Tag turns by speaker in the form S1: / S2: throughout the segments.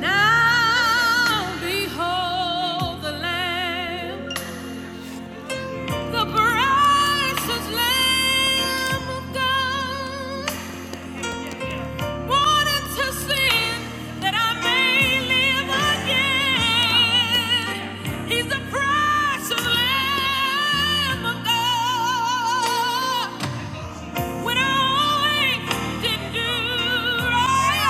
S1: Now behold the Lamb, the precious Lamb of God, born into sin that I may live again. He's the precious Lamb of God. When I didn't do right,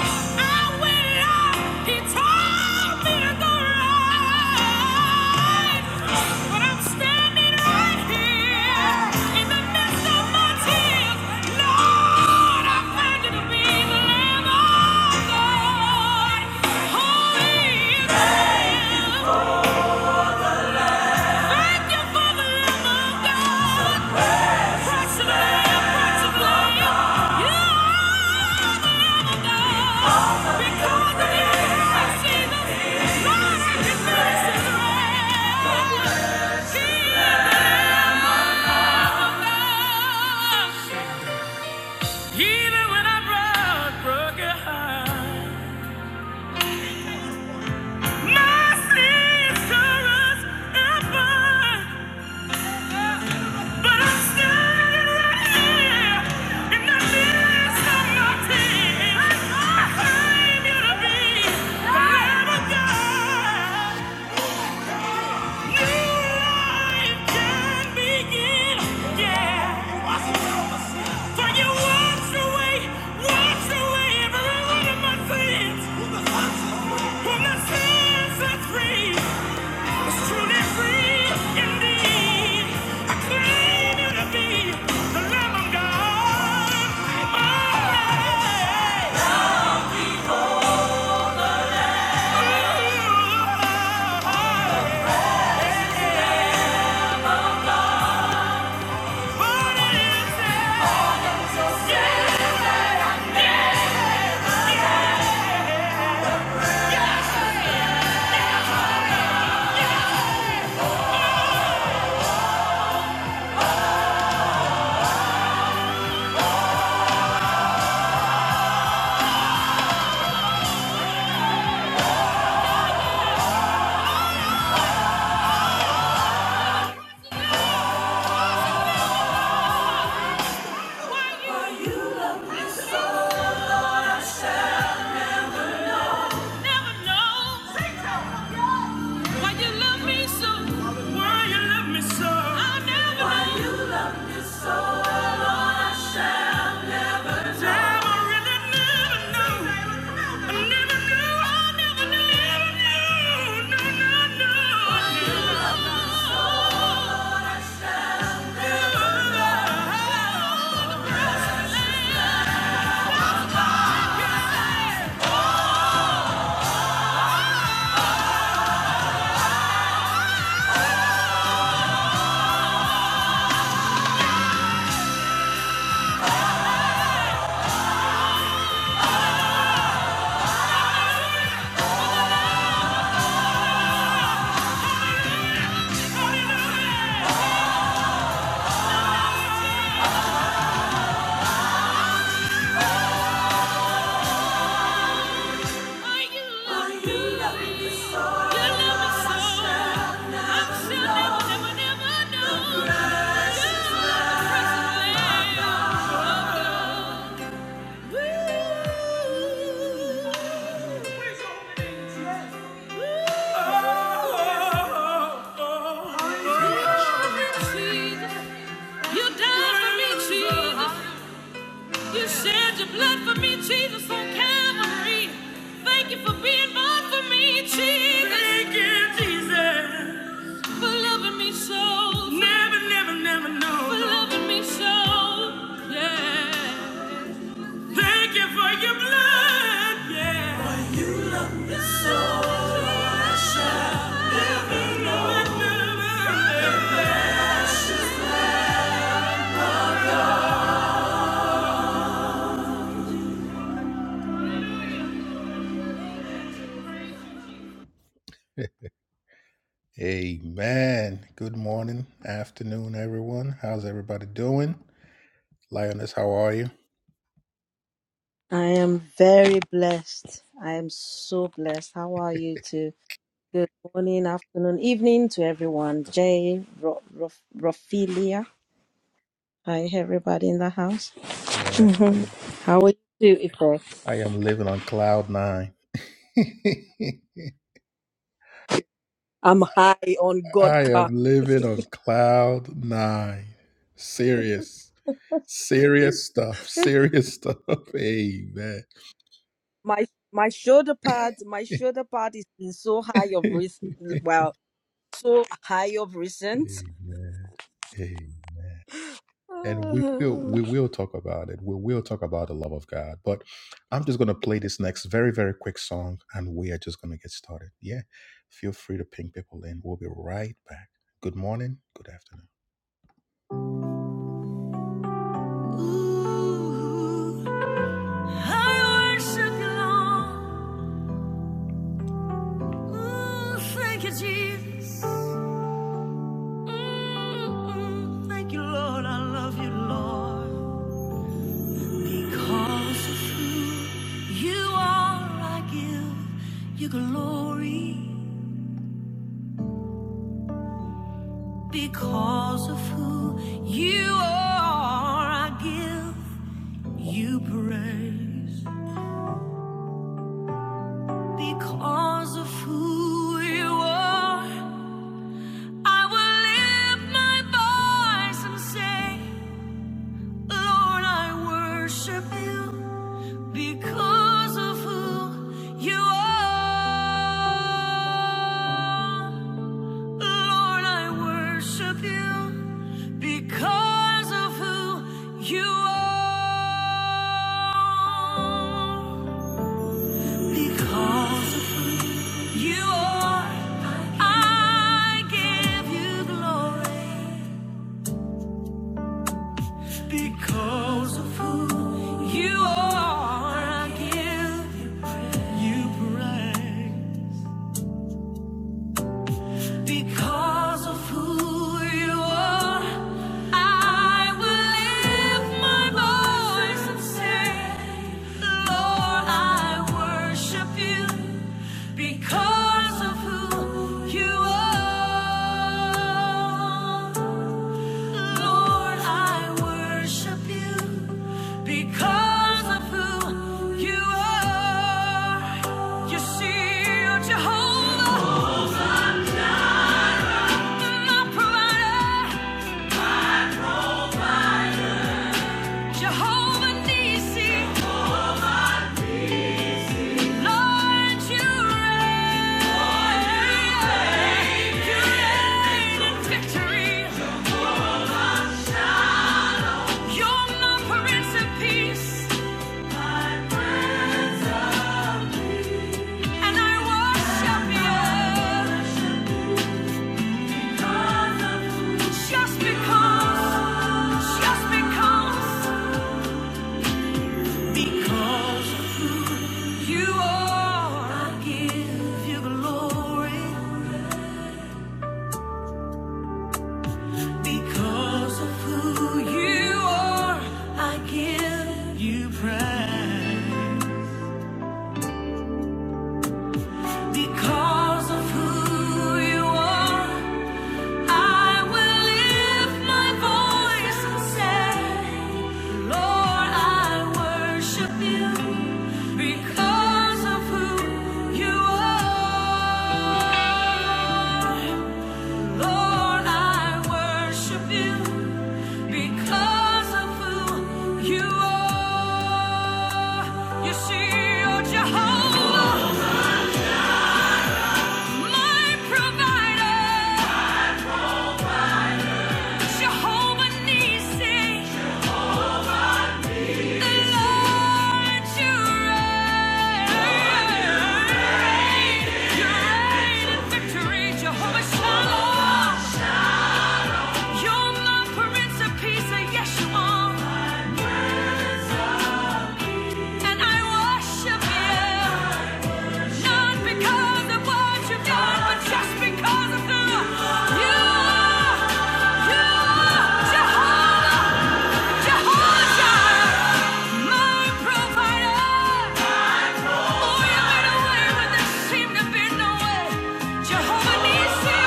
S1: I went up. He told me to go right, but I'm standing right here in the midst of my tears. Lord, I found you to be the Lamb of God, holy and Thank you for the Lamb of God. Even when I'm broke, broken heart, my sister's effort. But I'm standing right here in the midst of my tears. I claim you to be forever God. Yeah! You died for me, Jesus. You shed your blood for me, Jesus, on Calvary. Thank you for being born for me, Jesus. Thank you, Jesus. so. so. Yeah. Yeah. Amen. Good morning, afternoon, everyone. How's everybody doing? Lioness, how are you?
S2: I am very blessed. I am so blessed. How are you too? Good morning, afternoon, evening to everyone. Jay, Ro- Ro- Rofilia. Hi, everybody in the house.
S1: Yeah,
S2: Mhm. How are you too,
S1: I
S2: Ife?
S1: am living on cloud nine.
S2: I'm high on God
S1: I
S2: car.
S1: am living on cloud nine. Serious, serious stuff, serious stuff. Amen.
S2: My my shoulder pad, my shoulder pad is been so high of
S1: Amen.
S2: recent. Well, so high of recent.
S1: Amen. And we will we
S2: Oh,
S1: will talk about it. We will talk about the love of God. But I'm just gonna play this next very, very quick song and we are just gonna get started. Yeah. Feel free to ping people in. We'll be right back. Good morning, good afternoon. Ooh, I worship you, Lord. Ooh, thank you, Jesus. Mm, mm, thank you, Lord. I love you, Lord. Because of who you are, I give you glory. Because of who you are, I give you praise. Because of who you are, I will lift my voice and say, Lord, I worship you. Because because of who you are. Lord, I worship you because of who you are. Because of who you are, I give you glory. Because of who you are, I give you praise. Because of who you are, I will lift my voice and say, Lord, I worship you because of who you are. Lord, I worship you because of who you are. You see, you're Jehovah my provider, Jehovah Nissi, Lord, you reign. You reign in victory. You're my Prince of Peace, and I worship you. Just because, just because, because you are, I give you glory. Because of who you are, I give you praise. Because of who you are, I will lift my voice and say, Lord, I worship you because of who you are. Lord, I worship you because of who you are. You see, you're Jehovah, my provider, Jehovah the Lord you reign. You reign in victory, Jehovah You're my Prince of Peace, yes you are. And I worship you, not because of what you've done, but just because of who you are. You are Jehovah, Jehovah Jireh, my provider. Oh, you made a way when there seemed to be no way. Jehovah Nissi,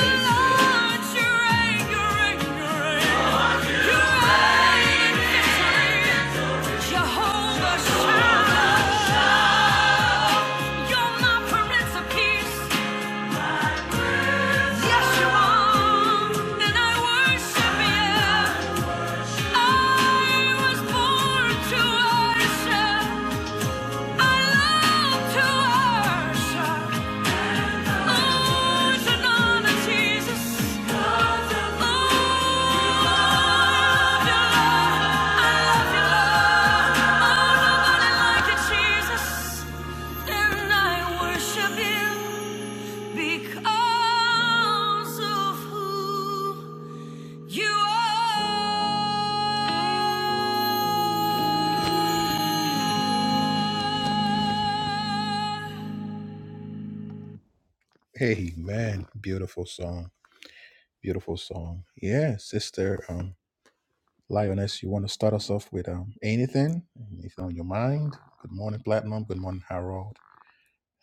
S1: the Lord, you reign, you reign, you reign. You reign in victory. Jehovah Shammah, you're my Prince of Peace. Yes, you are, and I worship you. I was born to worship. Because of who you are. Hey man, beautiful song, beautiful song. Yeah, sister, um, Lioness, you want to start us off with um anything, anything on your mind? Good morning, Platinum. Good morning, Harold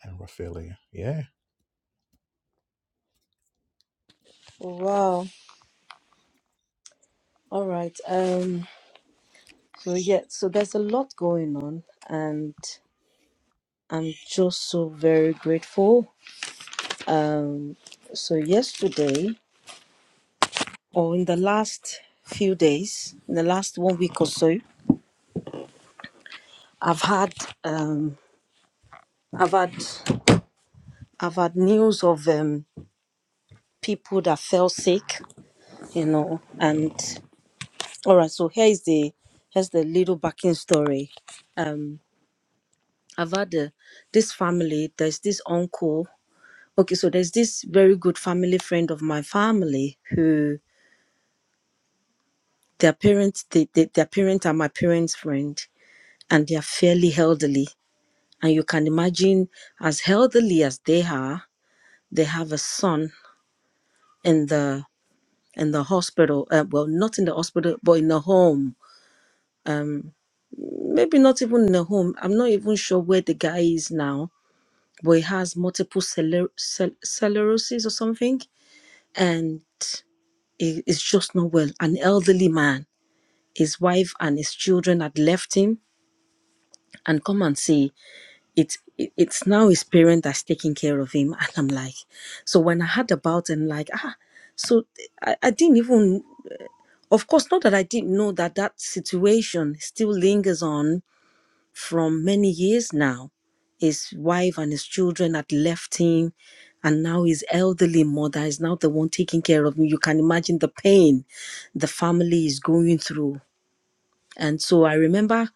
S1: and Raphaelia. Yeah.
S2: wow. All right. Um. So yeah, so there's a lot going on, and I'm just so very grateful. Um, so yesterday, or in the last few days, in the last one week or so, I've had um, I've had I've had news of um, people that fell sick, you know, and all right. So here is the here's the little backing story. Um, I've had a, this family. There's this uncle Okay, so there's this very good family friend of my family who their parents, they, they, their parents are my parents' friend, and they are fairly elderly. And you can imagine, as elderly as they are, they have a son in the in the hospital. Uh, well, not in the hospital, but in the home. Um, maybe not even in the home. I'm not even sure where the guy is now. But he has multiple celer- cel- sclerosis or something, and he is just not well. An elderly man his wife and his children had left him and come and see it's it- it's now his parent that's taking care of him and i'm like so when i heard about him like ah so I, I didn't even of course not that i didn't know that that situation still lingers on from many years now his wife and his children had left him and now his elderly mother is now the one taking care of him you can imagine the pain the family is going through And so I remember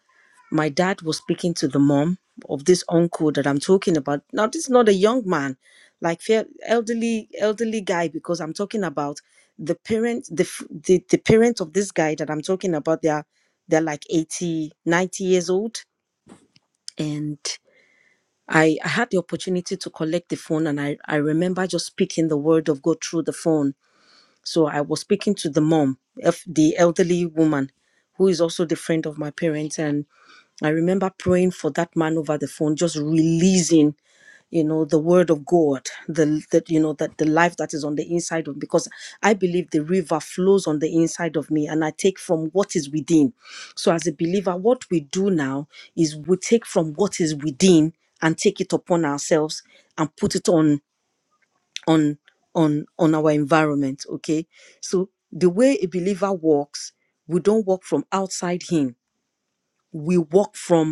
S2: my dad was speaking to the mom of this uncle that I'm talking about. Now, this is not a young man, like fair- elderly, elderly guy, because I'm talking about the parent, the, f- the the parent of this guy that I'm talking about. They're they're like 80, 90 years old. And I, I had the opportunity to collect the phone and I, I remember just speaking the word of God through the phone. So I was speaking to the mom, of the elderly woman, who is also the friend of my parents. and. I remember praying for that man over the phone, just releasing, you know, the word of God, the that you know that the life that is on the inside of because I believe the river flows on the inside of me and I take from what is within. So as a believer, what we do now is we take from what is within and take it upon ourselves and put it on on on on our environment. Okay. So the way a believer walks, we don't walk from outside him. We walk from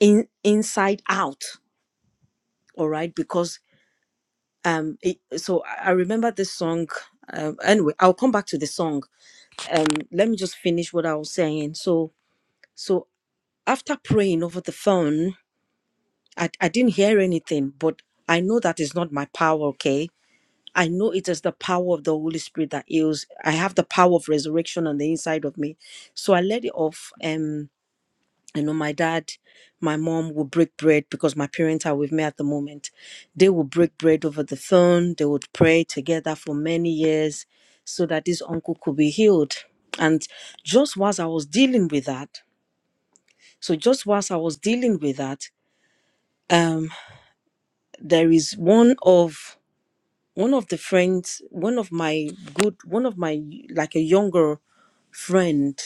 S2: in inside out all right because um it, so i I remember this song um, anyway i'll come back to the song um let me just finish what i was saying so so after praying over the phone i, I didn't hear anything but i know that is not my power okay i know it is the power of the holy spirit that heals i have the power of resurrection on the inside of me so i let it off Um, I know my dad, my mom will break bread because my parents are with me at the moment. They will break bread over the phone. They would pray together for many years so that this uncle could be healed. And just whilst I was dealing with that, so just whilst I was dealing with that, um, there is one of one of the friends, one of my good, one of my like a younger friend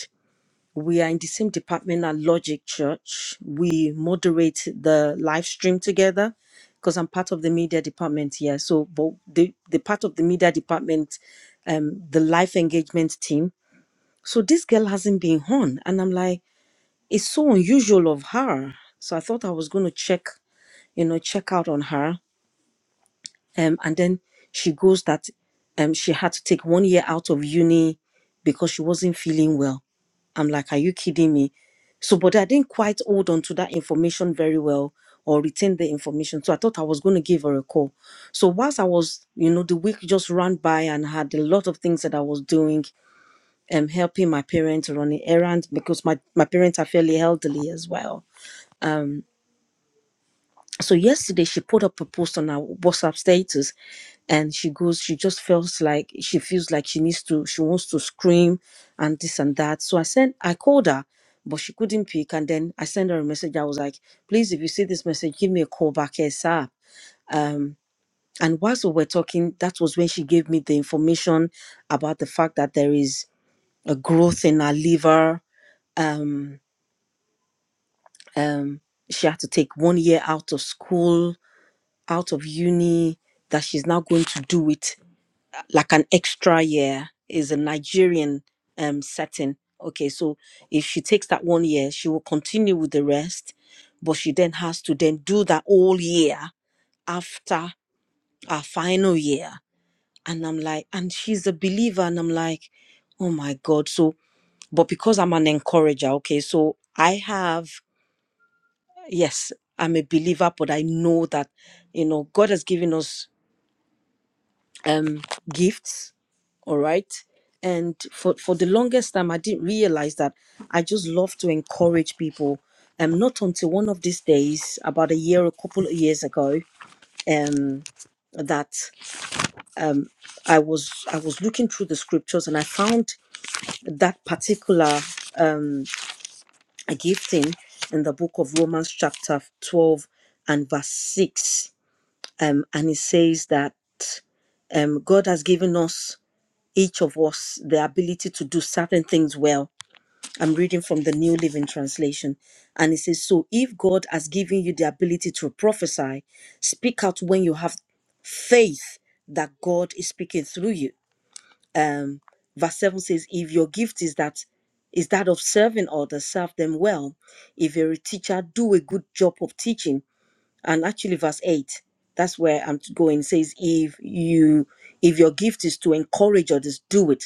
S2: We are in the same department at Logic Church. We moderate the live stream together because I'm part of the media department here. So, but the, the part of the media department, um, the life engagement team. So this girl hasn't been on, and I'm like, it's so unusual of her. So I thought I was going to check, you know, check out on her um, and then she goes that um, she had to take one year out of uni because she wasn't feeling well. I'm like, are you kidding me? So, but I didn't quite hold on to that information very well or retain the information. So I thought I was going to give her a call. So whilst I was, you know, the week just ran by and had a lot of things that I was doing, um, helping my parents running errands because my, my parents are fairly elderly as well So yesterday she put up a post on our WhatsApp status and she goes, she just feels like she feels like she needs to, she wants to scream and this and that. So I sent, I called her, but she couldn't pick. And then I sent her a message. I was like, please, if you see this message, give me a call back ASAP. Um, and whilst we were talking, that was when she gave me the information about the fact that there is a growth in her liver. Um, um, she had to take one year out of school out of uni that she's now going to do it uh, like an extra year is a Nigerian um setting. Okay, so if she takes that one year, she will continue with the rest, but she then has to then do that whole year after our final year. And I'm like, and she's a believer, and I'm like, oh my God. So, but because I'm an encourager, okay, so I have, yes, I'm a believer, but I know that, you know, God has given us um gifts all right and for for the longest time i didn't realize that i just love to encourage people um not until one of these days about a year a couple of years ago um that i was i was looking through the scriptures and i found that particular gifting in the book of romans chapter 12 and verse 6 um and it says that um god has given us each of us the ability to do certain things well I'm reading from the New Living Translation. And it says, So if God has given you the ability to prophesy, speak out when you have faith that God is speaking through you. Um, verse 7 says, If your gift is that is that of serving others, serve them well. If you're a teacher, do a good job of teaching. And actually, verse 8, that's where I'm going, says, if you if your gift is to encourage others, do it.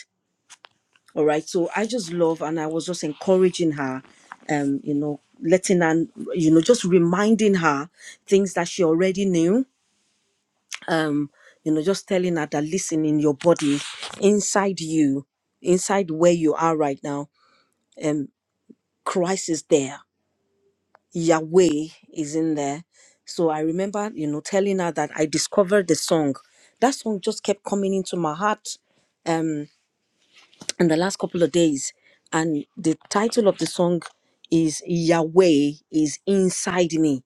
S2: All right. So I just love, and I was just encouraging her, um, you know, letting her, you know, just reminding her things that she already knew. Um, you know, just telling her that listen in your body, inside you, inside where you are right now, um, Christ is there. Yahweh is in there. So I remember, you know, telling her that I discovered the song. That song just kept coming into my heart. Um, in the last couple of days and the title of the song is yahweh is inside me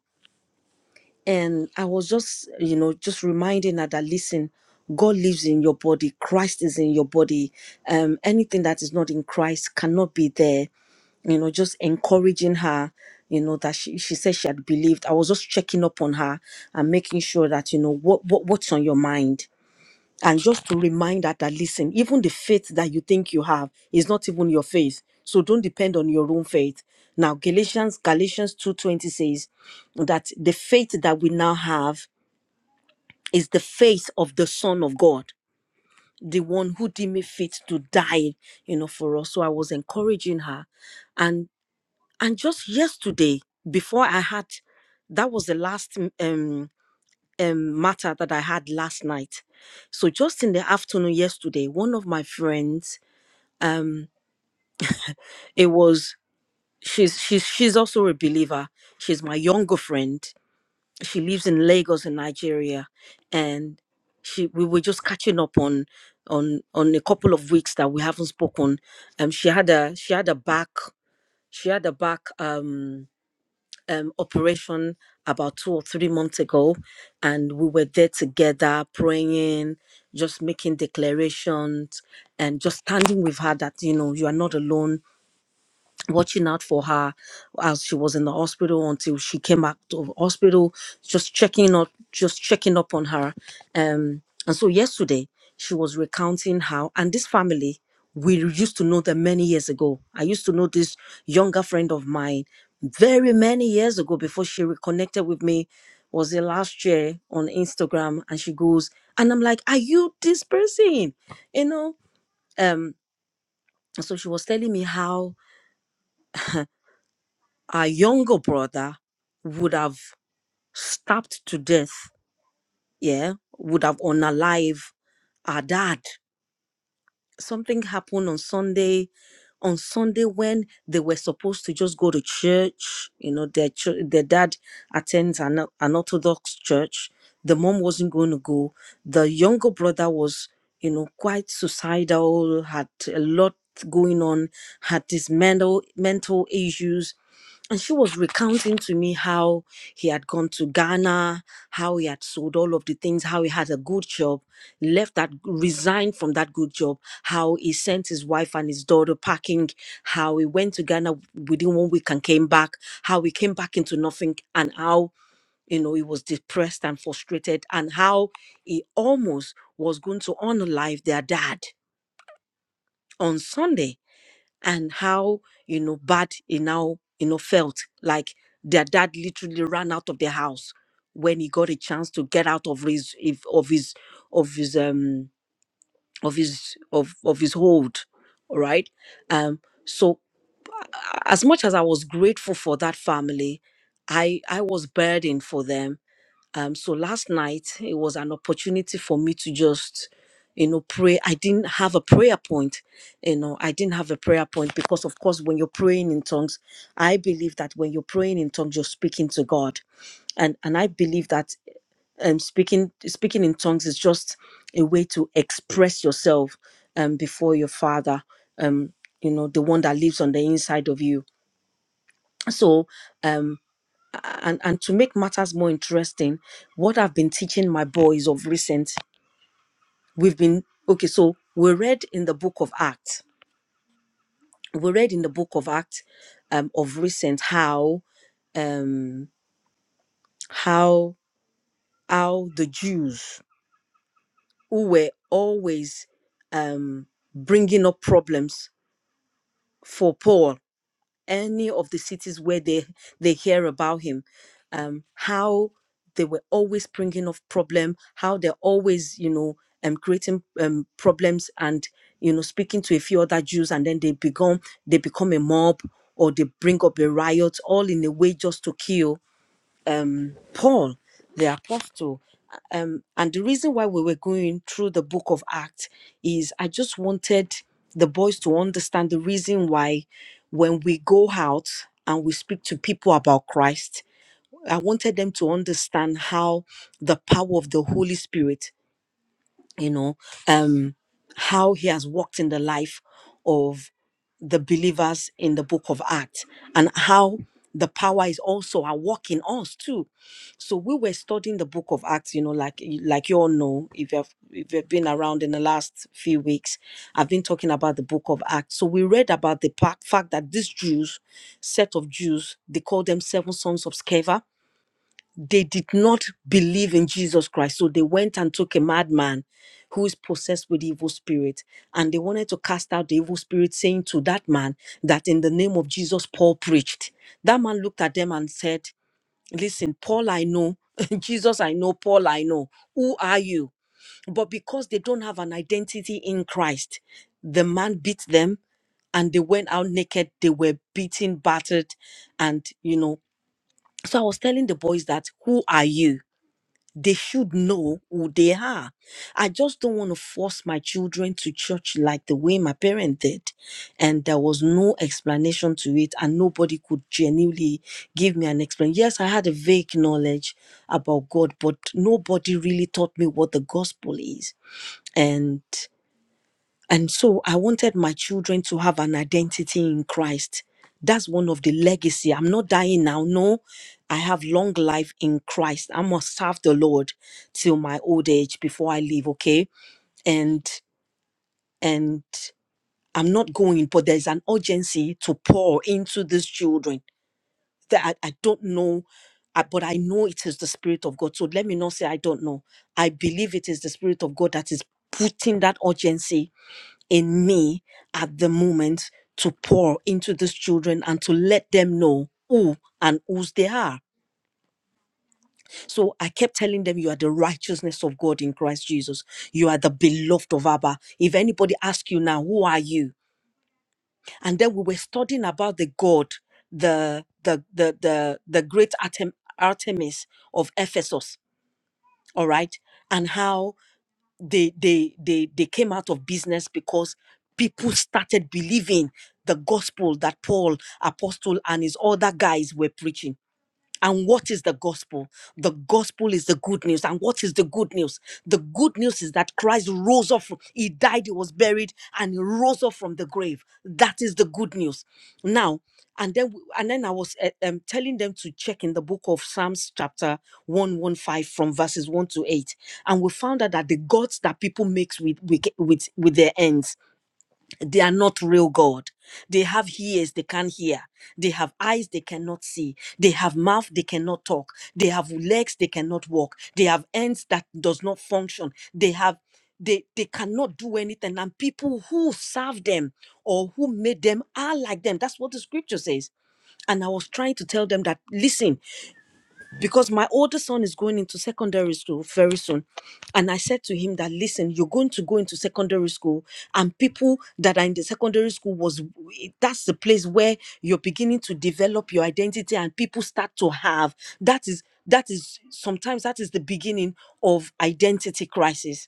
S2: and i was just you know just reminding her that listen god lives in your body christ is in your body um anything that is not in christ cannot be there you know, just encouraging her, you know, that she, she said she had believed. I was just checking up on her and making sure that, you know, what, what what's on your mind and just to remind her that listen even the faith that you think you have is not even your faith so don't depend on your own faith now galatians galatians 2.20 says that the faith that we now have is the faith of the son of god the one who deemed it fit to die you know for us so i was encouraging her and and just yesterday before i had that was the last mm, um um, matter that I had last night. So just in the afternoon yesterday, one of my friends, it was she's she's she's also a believer. She's my younger friend. She lives in Lagos in Nigeria, and she we were just catching up on on on a couple of weeks that we haven't spoken. Um, she had a she had a back she had a back um um, operation about two or three months ago, and we were there together praying, just making declarations, and just standing with her that you know you are not alone watching out for her as she was in the hospital until she came out of hospital just checking up just checking up on her um and so yesterday she was recounting how and this family we used to know them many years ago i used to know this younger friend of mine very many years ago before she reconnected with me was it last year on instagram and she goes and i'm like are you this person you know um and so she was telling me how our younger brother would have stabbed to death, yeah, would have unalive our dad something happened on Sunday. On Sunday, when they were supposed to just go to church, you know, their chur- their dad attends an, an Orthodox church. The mom wasn't going to go. The younger brother was, you know, quite suicidal, had a lot going on, had these mental mental issues and she was recounting to me how he had gone to Ghana, how he had sold all of the things, how he had a good job left that resigned from that good job how he sent his wife and his daughter packing how he went to ghana within one week and came back how he came back into nothing and how you know he was depressed and frustrated and how he almost was going to honor their dad on sunday and how you know bad he now you know felt like their dad literally ran out of their house when he got a chance to get out of his if- of his of his um of his of of his hold all right um so uh, as much as i was grateful for that family i i was burdened for them um so last night it was an opportunity for me to just you know pray i didn't have a prayer point you know i didn't have a prayer point because of course when you're praying in tongues i believe that when you're praying in tongues you're speaking to god and and i believe that um, speaking speaking in tongues is just a way to express yourself um, before your father um, you know the one that lives on the inside of you so um, a- and and to make matters more interesting what i've been teaching my boys of recent we've been okay so we read in the book of acts we read in the book of acts um, of recent how um, how how the jews who were always um, bringing up problems for Paul, any of the cities where they, they hear about him, um, how they were always bringing up problem, how they're always, you know, um, creating um, problems and, you know, speaking to a few other Jews and then they become, they become a mob or they bring up a riot all in a way just to kill um, Paul, the apostle. Um, and the reason why we were going through the book of Acts is I just wanted the boys to understand the reason why when we go out and we speak to people about Christ, I wanted them to understand how the power of the Holy Spirit you know, um, how he has walked in the life of the believers in the book of Acts and how the power is also at work in us too. So we were studying the book of Acts, you know, like like you all know, if you've if you've been around in the last few weeks, I've been talking about the book of Acts. So we read about the pa- fact that these Jews, set of Jews, they call them seven sons of Sceva they did not believe in Jesus Christ. So they went and took a madman who is possessed with evil spirit. And they wanted to cast out the evil spirit, saying to that man that in the name of Jesus, Paul preached. That man looked at them and said, Listen, Paul, I know. Jesus, I know. Paul, I know. Who are you? But because they don't have an identity in Christ, the man beat them and they went out naked. They were beaten, battered, and, you know. So I was telling the boys that, Who are you? they should know who they are. I just don't want to force my children to church like the way my parents did. And there was no explanation to it, and nobody could genuinely give me an explanation. Yes, I had a vague knowledge about God, but nobody really taught me what the gospel is. And and so I wanted my children to have an identity in Christ. That's one of the legacy. I'm not dying now. No, I have long life in Christ. I must serve the Lord till my old age before I leave, okay? And and I'm not going, but there's an urgency to pour into these children that I, I don't know, I- but I know it is the Spirit of God. So let me not say I don't know. I believe it is the Spirit of God that is putting that urgency in me at the moment to pour into these children and to let them know who and whose they are. So I kept telling them, You are the righteousness of God in Christ Jesus. You are the beloved of Abba. If anybody asks you now, Who are you? And then we were studying about the God, the the the the, the great Artem, Artemis of Ephesus, all right, and how. they they they they came out of business because people started believing the gospel that Paul, Apostle, and his other guys were preaching. And what is the gospel? The gospel is the good news. And what is the good news? The good news is that Christ rose up. fro- He died, he was buried, and he rose up from the grave. That is the good news. Now, and then and then I was eh, um, telling them to check in the book of Psalms chapter 115 from verses 1 to 8. And we found out that the gods that people makes with with with, with their ends they are not real God. They have ears they can't hear. They have eyes they cannot see. They have mouth they cannot talk. They have legs they cannot walk. They have hands that does not function. They have they they cannot do anything. And people who serve them or who made them are like them. That's what the scripture says. And I was trying to tell them that listen, because my older son is going into secondary school very soon and i said to him that listen you're going to go into secondary school and people that are in the secondary school was that's the place where you're beginning to develop your identity and people start to have that is that is sometimes that is the beginning of identity crisis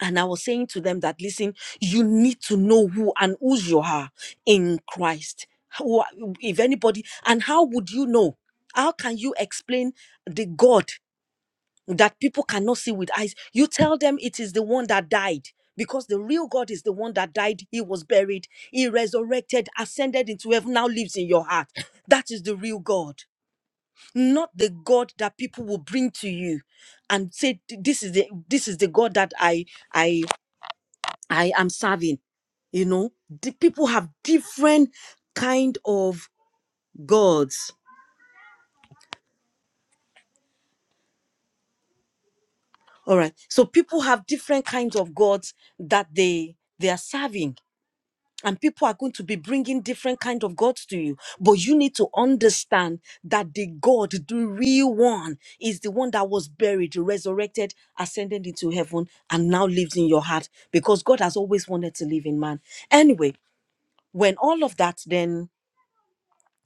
S2: and I was saying to them that, listen, you need to know who and whose you are in Christ. Who are- If anybody, and how would you know? How can you explain the God that people cannot see with eyes? You tell them it is the one that died. Because the real God is the one that died, he was buried, he resurrected, ascended into heaven, now lives in your heart. That is the real God, not the God that people will bring to you and say, This is the this is the God that I I I am serving. You know, the people have different kind of gods. All right. So people have different kinds of gods that they they are serving. And people are going to be bringing different kind of gods to you. But you need to understand that the God, the real one, is the one that was buried, resurrected, ascended into heaven, and now lives in your heart because God has always wanted to live in man. Anyway, when all of that then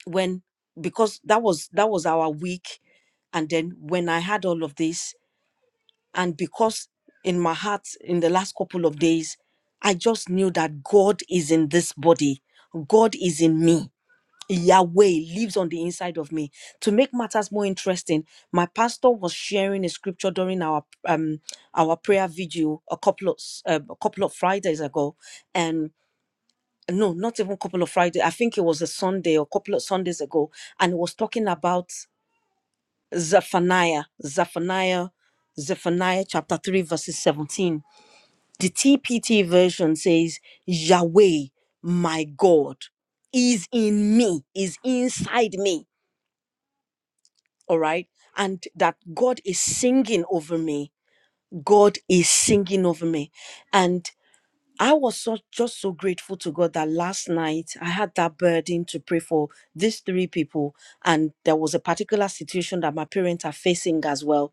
S2: when because that was that was our week and then when i had all of this and because in my heart in the last couple of days i just knew that god is in this body god is in me yahweh lives on the inside of me to make matters more interesting my pastor was sharing a scripture during our um our prayer video a couple of s- um, a couple of fridays ago and no, not even couple of Friday. I think it was a Sunday or couple of Sundays ago, and it was talking about Zephaniah, Zephaniah, Zephaniah chapter 3, verses 17. The TPT version says, Yahweh, my God, is in me, is inside me. All right. And that God is singing over me. God is singing over me. and." I was so, just so grateful to God that last night I had that burden to pray for these three people. And there was a particular situation that my parents are facing as well.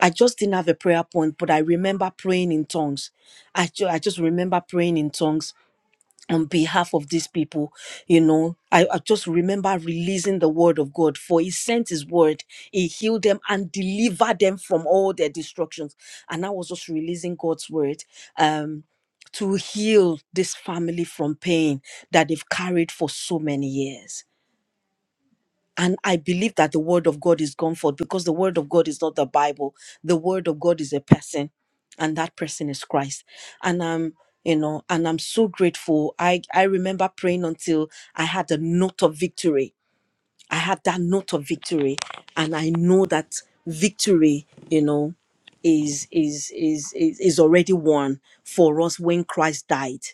S2: I just didn't have a prayer point, but I remember praying in tongues. I, ju- I just remember praying in tongues on behalf of these people you know I, I just remember releasing the word of god for he sent his word he healed them and delivered them from all their destructions and i was just releasing god's word um to heal this family from pain that they've carried for so many years and I believe that the word of God is gone forth because the word of God is not the Bible. The word of God is a person, and that person is Christ. And I'm, you know, and I'm so grateful. I I remember praying until I had a note of victory. I had that note of victory, and I know that victory, you know, is is is is, is already won for us when Christ died.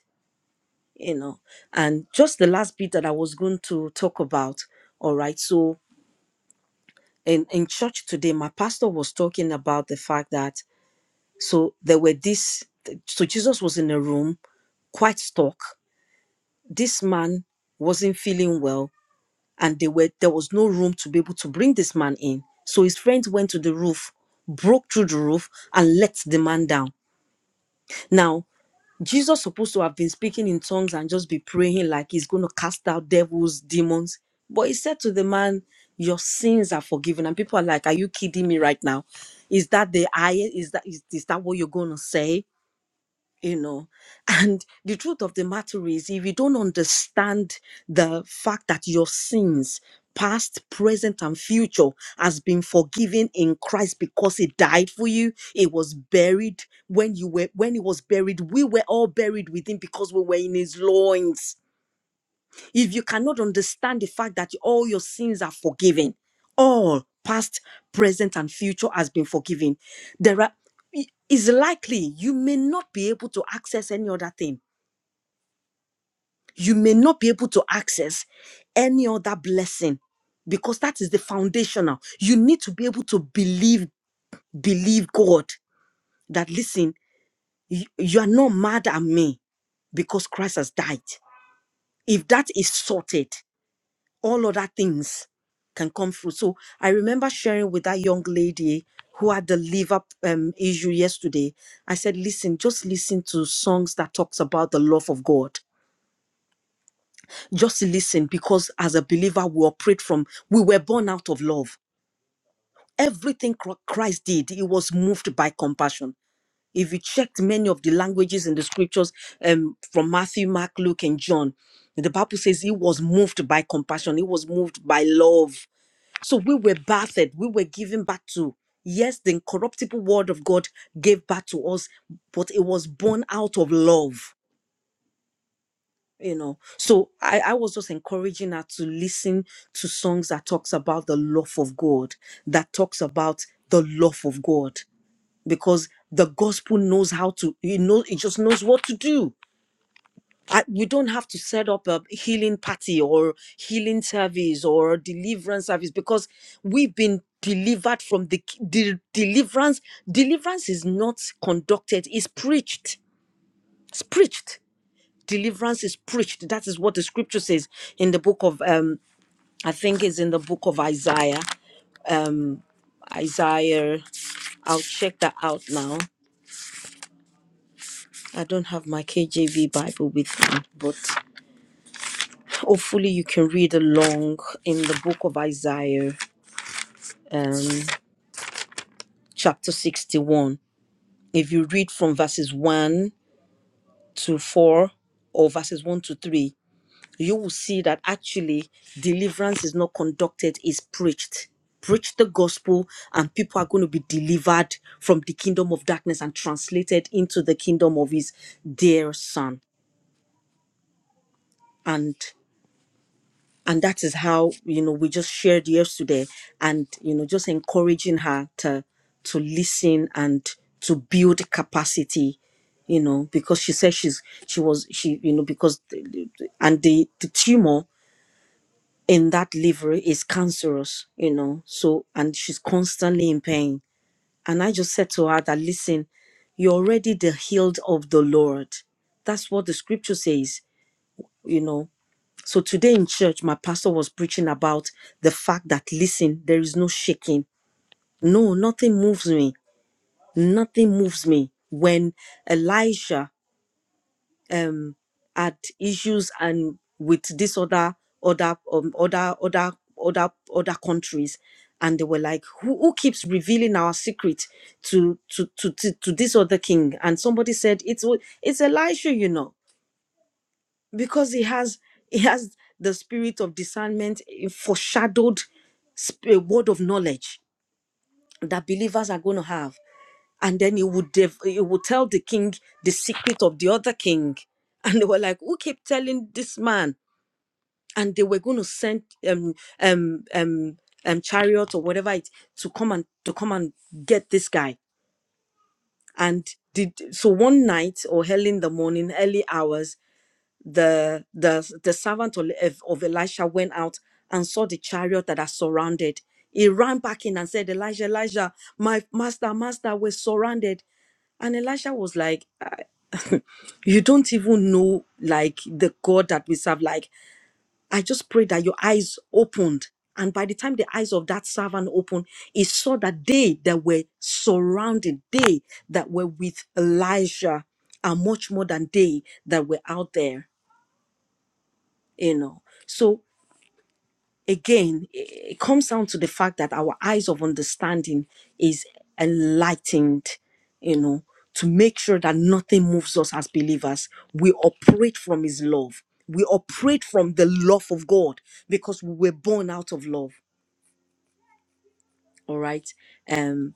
S2: You know, and just the last bit that I was going to talk about. All right, so in in church today my pastor was talking about the fact that so there were this so jesus was in a room quite stuck this man wasn't feeling well and they were there was no room to be able to bring this man in so his friends went to the roof broke through the roof and let the man down now Jesus supposed to have been speaking in tongues and just be praying like he's going to cast out devils, demons. But he said to the man, "Your sins are forgiven." And people are like, "Are you kidding me right now? Is that the highest? Is that is, is that what you're going to say?" you know and the truth of the matter is if you don't understand the fact that your sins past present and future has been forgiven in christ because he died for you it was buried when you were when he was buried we were all buried with him because we were in his loins if you cannot understand the fact that all your sins are forgiven, all past, present, and future has been forgiven, there are is likely you may not be able to access any other thing. You may not be able to access any other blessing because that is the foundational. You need to be able to believe, believe God that listen, you, you are not mad at me because Christ has died. If that is sorted, all other things can come through. So I remember sharing with that young lady who had the liver um, issue yesterday. I said, listen, just listen to songs that talks about the love of God. Just listen, because as a believer, we operate from, we were born out of love. Everything Chr- Christ did, he was moved by compassion. If you checked many of the languages in the scriptures um, from Matthew, Mark, Luke, and John, the Bible says he was moved by compassion. He was moved by love So we were bathed, we were given back to. Yes, the incorruptible word of God gave back to us, but it was born out of love. You know, so I, I was just encouraging her to listen to songs that talks about the love of God, that talks about the love of God, because the gospel knows how to, you know, it just knows what to do I, we don't have to set up a healing party or healing service or deliverance service because we've been delivered from the, k- the deliverance. Deliverance is not conducted, it's preached. It's preached. Deliverance is preached. That is what the scripture says in the book of um, I think it's in the book of Isaiah. Isaiah, I'll check that out now. I don't have my KJV Bible with me, but hopefully you can read along in the book of Isaiah um, chapter 61. If you read from verses 1 to 4 or verses 1 to 3, you will see that actually deliverance is not conducted, it's preached. Preach the gospel, and people are going to be delivered from the kingdom of darkness and translated into the kingdom of his dear son. And and that is how you know we just shared yesterday and you know just encouraging her to to listen and to build capacity you know because she said she's she was she you know because the- the- and the the tumor in that liver is cancerous you know so and she's constantly in pain and i just said to her that listen you're already the healed of the lord that's what the scripture says you know so today in church, my pastor was preaching about the fact that, listen, there is no shaking. No, nothing moves me. Nothing moves me. When Elijah um, had issues and with this other, other, um, other, other, other, other countries, and they were like, who, who keeps revealing our secret to, to to to to this other king? And somebody said, it's it's Elijah, you know because he has he has the spirit of discernment a foreshadowed sp- a word of knowledge that believers are going to have and then he would dev- he would tell the king the secret of the other king and they were like who keep telling this man and they were going to send um um um um chariot or whatever it to come and to come and get this guy and did so one night or early in the morning early hours the the the servant of of Elisha went out and saw the chariot that are surrounded. He ran back in and said, Elijah, Elijah, my master, master, we're surrounded. And Elisha was like, "Ah, You don't even know like the God that we serve. Like, I just pray that your eyes opened. And by the time the eyes of that servant opened, he saw that they that were surrounded, they that were with Elijah are much more than they that were out there, you know. So again, it comes down to the fact that our eyes of understanding is enlightened, you know, to make sure that nothing moves us as believers. We operate from His love, we operate from the love of God because we were born out of love. All right. Um,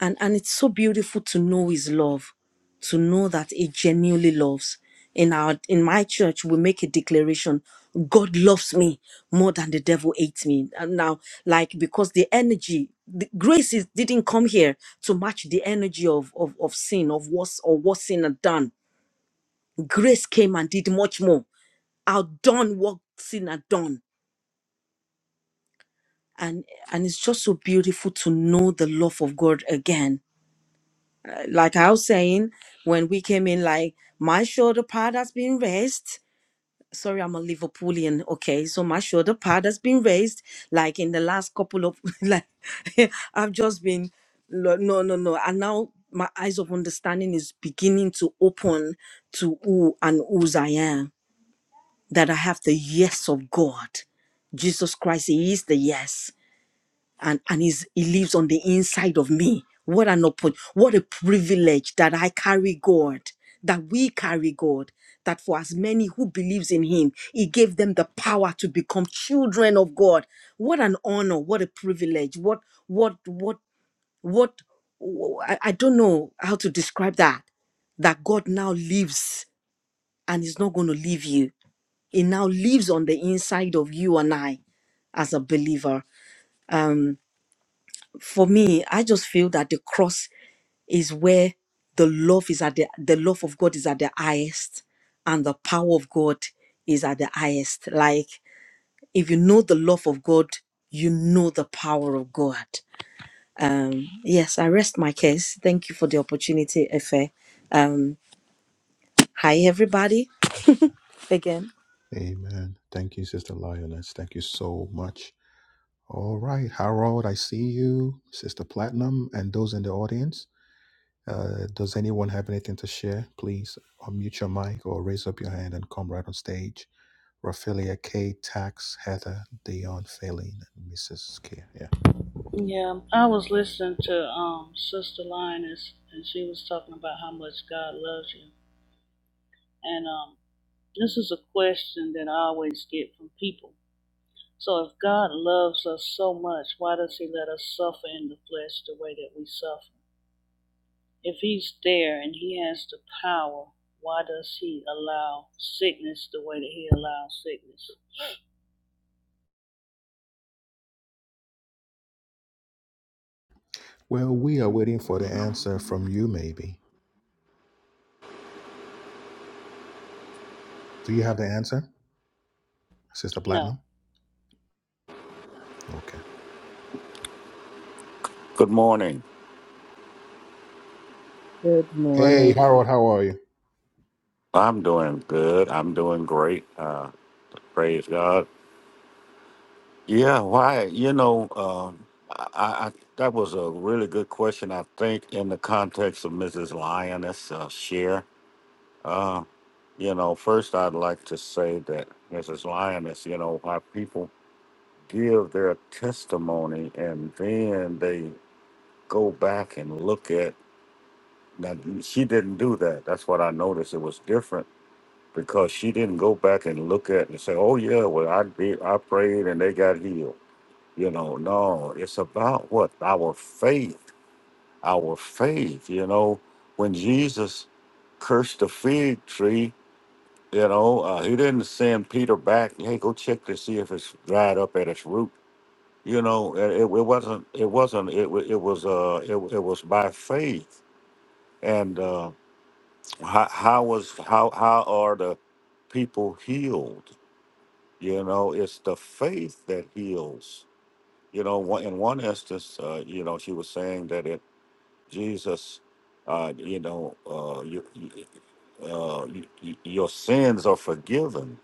S2: and and it's so beautiful to know his love to know that he genuinely loves in our in my church we make a declaration god loves me more than the devil hates me and now like because the energy the grace is, didn't come here to match the energy of of, of sin of what's or what sin had done grace came and did much more outdone what sin had done and and it's just so beautiful to know the love of god again like I was saying when we came in, like my shoulder pad has been raised. Sorry, I'm a Liverpoolian. Okay, so my shoulder pad has been raised. Like in the last couple of like, I've just been no, no, no, no, and now my eyes of understanding is beginning to open to who and whose I am. That I have the yes of God. Jesus Christ, He is the yes and and he's, he lives on the inside of me what an oppor- what a privilege that i carry god that we carry god that for as many who believes in him he gave them the power to become children of god what an honor what a privilege what what what what i, I don't know how to describe that that god now lives and is not going to leave you he now lives on the inside of you and i as a believer for me, I just feel that the cross is where the love is at the the love of God is at the highest, and the power of God is at the highest. Like if you know the love of God, you know the power of God. Um, yes, I rest my case. Thank you for the opportunity, Efe. Um, hi everybody again.
S1: Amen. Thank you, sister Lioness. Thank you so much. All right, Harold, I see you, sister Platinum, and those in the audience. Uh, does anyone have anything to share? Please unmute your mic or raise up your hand and come right on stage. Raphaelia, K, Tax, Heather, Dion, Phelan, and Mrs. K. Yeah.
S3: Yeah, I was listening to um Sister Lioness, and she was talking about how much God loves you. And um, this is a question that I always get from people. So if God loves us so much, why does He let us suffer in the flesh the way that we suffer? If He's there and He has the power, why does He allow sickness the way that He allows sickness?
S1: Well, we are waiting for the answer from you, maybe. Do you have the answer, Sister
S3: No.
S1: Platinum? Okay.
S4: Good morning.
S2: Good
S1: Hey,
S2: morning.
S1: Harold, how are you?
S4: I'm doing good. I'm doing great. Uh, praise God. Yeah, why? You know, um, I, I, I- that was a really good question. I think in the context of Mrs. Lioness uh, share. Uh, you know, first I'd like to say that Mrs. Lioness, you know, why people give their testimony and then they go back and look at. Now she didn't do that. That's what I noticed. It was different because she didn't go back and look at it and say, "Oh yeah, well I did, I prayed and they got healed." You know, no, it's about what our faith, our faith. You know, when Jesus cursed the fig tree, you know, uh, he didn't send Peter back. Hey, go check to see if it's dried up at its root. You know, it, it it wasn't. It wasn't. It wa- it was. Uh, it, it was by faith. And uh, how, how was how how are the people healed? You know, it's the faith that heals. You know, one- in one instance, uh, you know, she was saying that it Jesus, uh, you know, uh, you, you- uh, you, you- your sins are forgiven.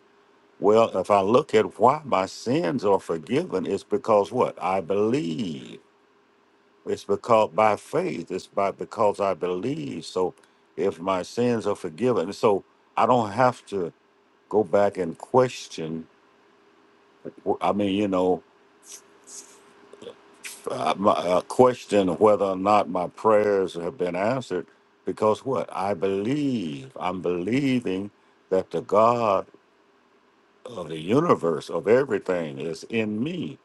S4: Well, if I look at why my sins are forgiven, it's because what I believe. It's because by faith. It's by because I believe. So, if my sins are forgiven, so I don't have to go back and question. I mean, you know, uh, my, uh, question whether or not my prayers have been answered because what I believe, I'm believing that the God of the universe, of everything, is in me.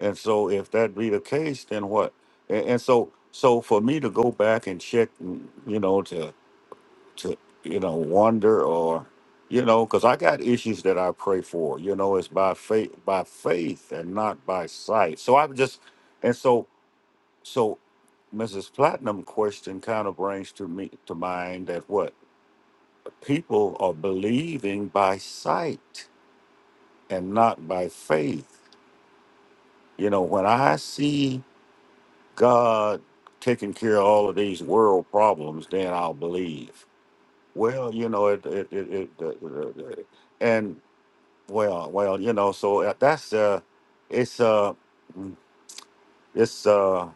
S4: And so, if that be the case, then what? And, and so, so for me to go back and check, mm, you know, to to you know wonder or you know, because I got issues that I pray for. You know, it's by faith, by faith, and not by sight. So I just and so so, Mrs. Platinum question kind of brings to me to mind that what people are believing by sight and not by faith. You know, when I see God taking care of all of these world problems, then I'll believe. Well, you know, it, it, it, it, uh, uh, uh, and well, well, you know, so uh, that's uh, it's uh, mm, it's uh,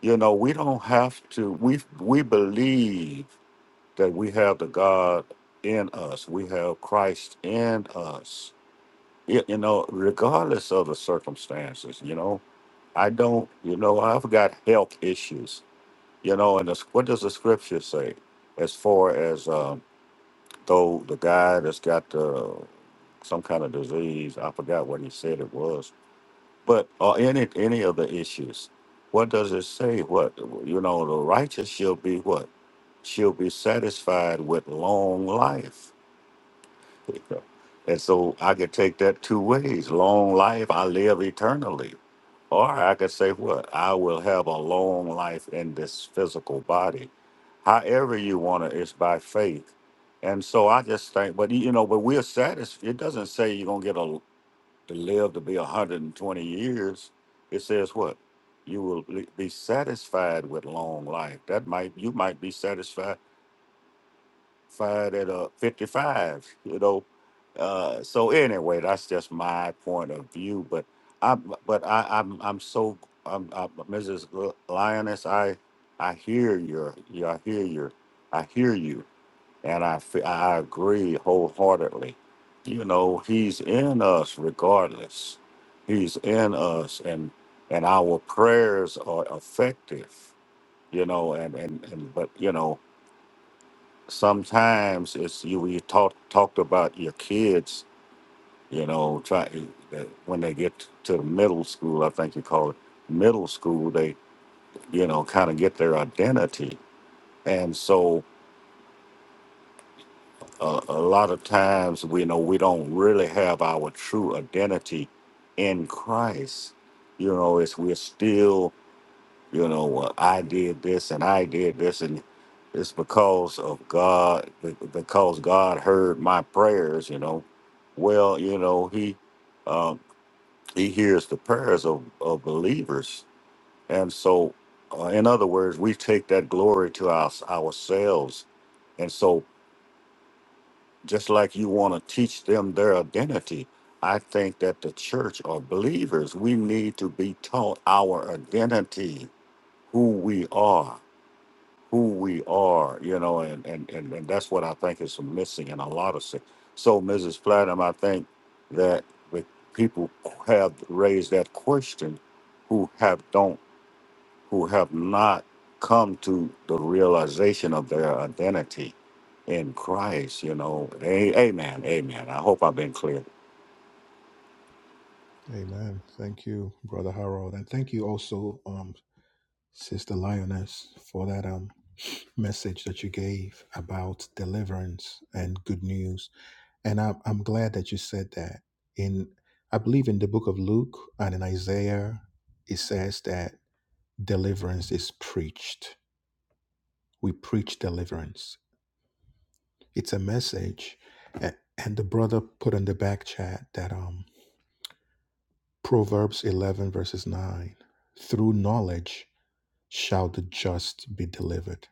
S4: you know, we don't have to. We we believe that we have the God in us. We have Christ in us. You, you know, regardless of the circumstances, you know, I don't, you know, I've got health issues, you know, and it's, what does the scripture say as far as um, though the guy that's got uh, some kind of disease, I forgot what he said it was, but or any any of the issues, what does it say? What, you know, the righteous shall be what? She'll be satisfied with long life And so I could take that two ways. Long life, I live eternally. Or I could say, what? I will have a long life in this physical body. However you want it, it's by faith. And so I just think, but you know, but we're satisfied. It doesn't say you're going to get a, to live to be 120 years. It says what? You will be be satisfied with long life. That might, you might be satisfied fired at uh 55 you know uh so anyway that's just my point of view but i but i i'm i'm so i'm, i mrs lioness i i hear your you i hear your i hear you and i fe- i agree wholeheartedly you know he's in us regardless he's in us and and our prayers are effective you know and and, and but you know sometimes it's you we talk talked about your kids you know try that when they get to the middle school i think you call it middle school they you know kind of get their identity and so uh, a lot of times we know we don't really have our true identity in christ you know it's we're still You know, well, I did this and I did this, and it's because of God, be- because God heard my prayers. You know, well, you know, He um, He hears the prayers of, of believers, and so, uh, in other words, we take that glory to our, ourselves. And so, just like you want to teach them their identity, I think that the church or believers, we need to be taught our identity, who we are who we are, you know, and and and, and that's what I think is missing in a lot of things. So, Mrs. Platinum, I think that with people have raised that question who have don't who have not come to the realization of their identity in Christ, you know. A- Amen. Amen. I hope I've been clear.
S1: Amen. Thank you, Brother Harold. And thank you also, um, Sister Lioness, for that um, message that you gave about deliverance and good news And I'm, I'm glad that you said that. In I believe in the book of Luke and in Isaiah, it says that deliverance is preached. We preach deliverance. It's a message. A- And the brother put in the back chat that um Proverbs 11 verses 9, through knowledge shall the just be delivered.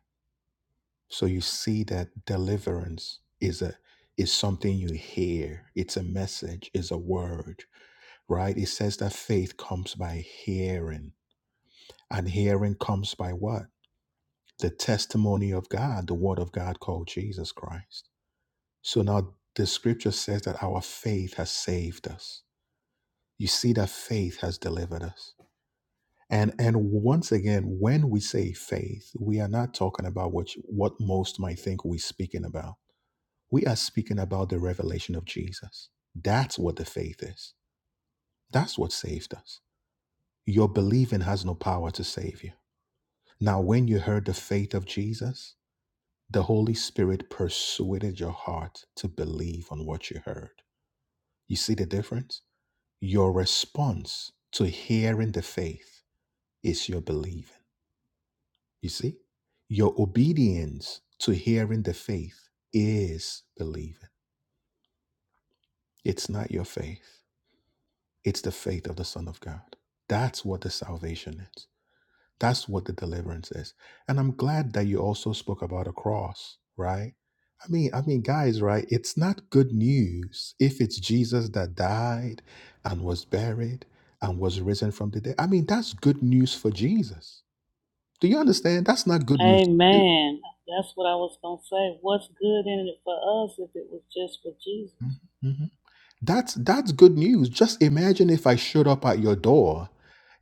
S1: So you see that deliverance is a is something you hear. It's a message, is a word right? It says that faith comes by hearing, and hearing comes by what? The testimony of God, the word of God called Jesus Christ. So now the scripture says that our faith has saved us. You see that faith has delivered us. And and once again, when we say faith, we are not talking about what you- what most might think we're speaking about. We are speaking about the revelation of Jesus. That's what the faith is. That's what saved us. Your believing has no power to save you Now, when you heard the faith of Jesus, the Holy Spirit persuaded your heart to believe on what you heard. You see the difference? Your response to hearing the faith is your believing. You see? Your obedience to hearing the faith is believing. It's not your faith, it's the faith of the Son of God. That's what the salvation is. That's what the deliverance is. And I'm glad that you also spoke about a cross, right? I mean, I mean, guys, right? It's not good news if it's Jesus that died and was buried and was risen from the dead. I mean, that's good news for Jesus. Do you understand? That's not good news. for you.
S3: Amen. That's what I was gonna say. What's good in it for us if it was just for Jesus?
S1: Mm-hmm. That's that's good news. Just imagine if I showed up at your door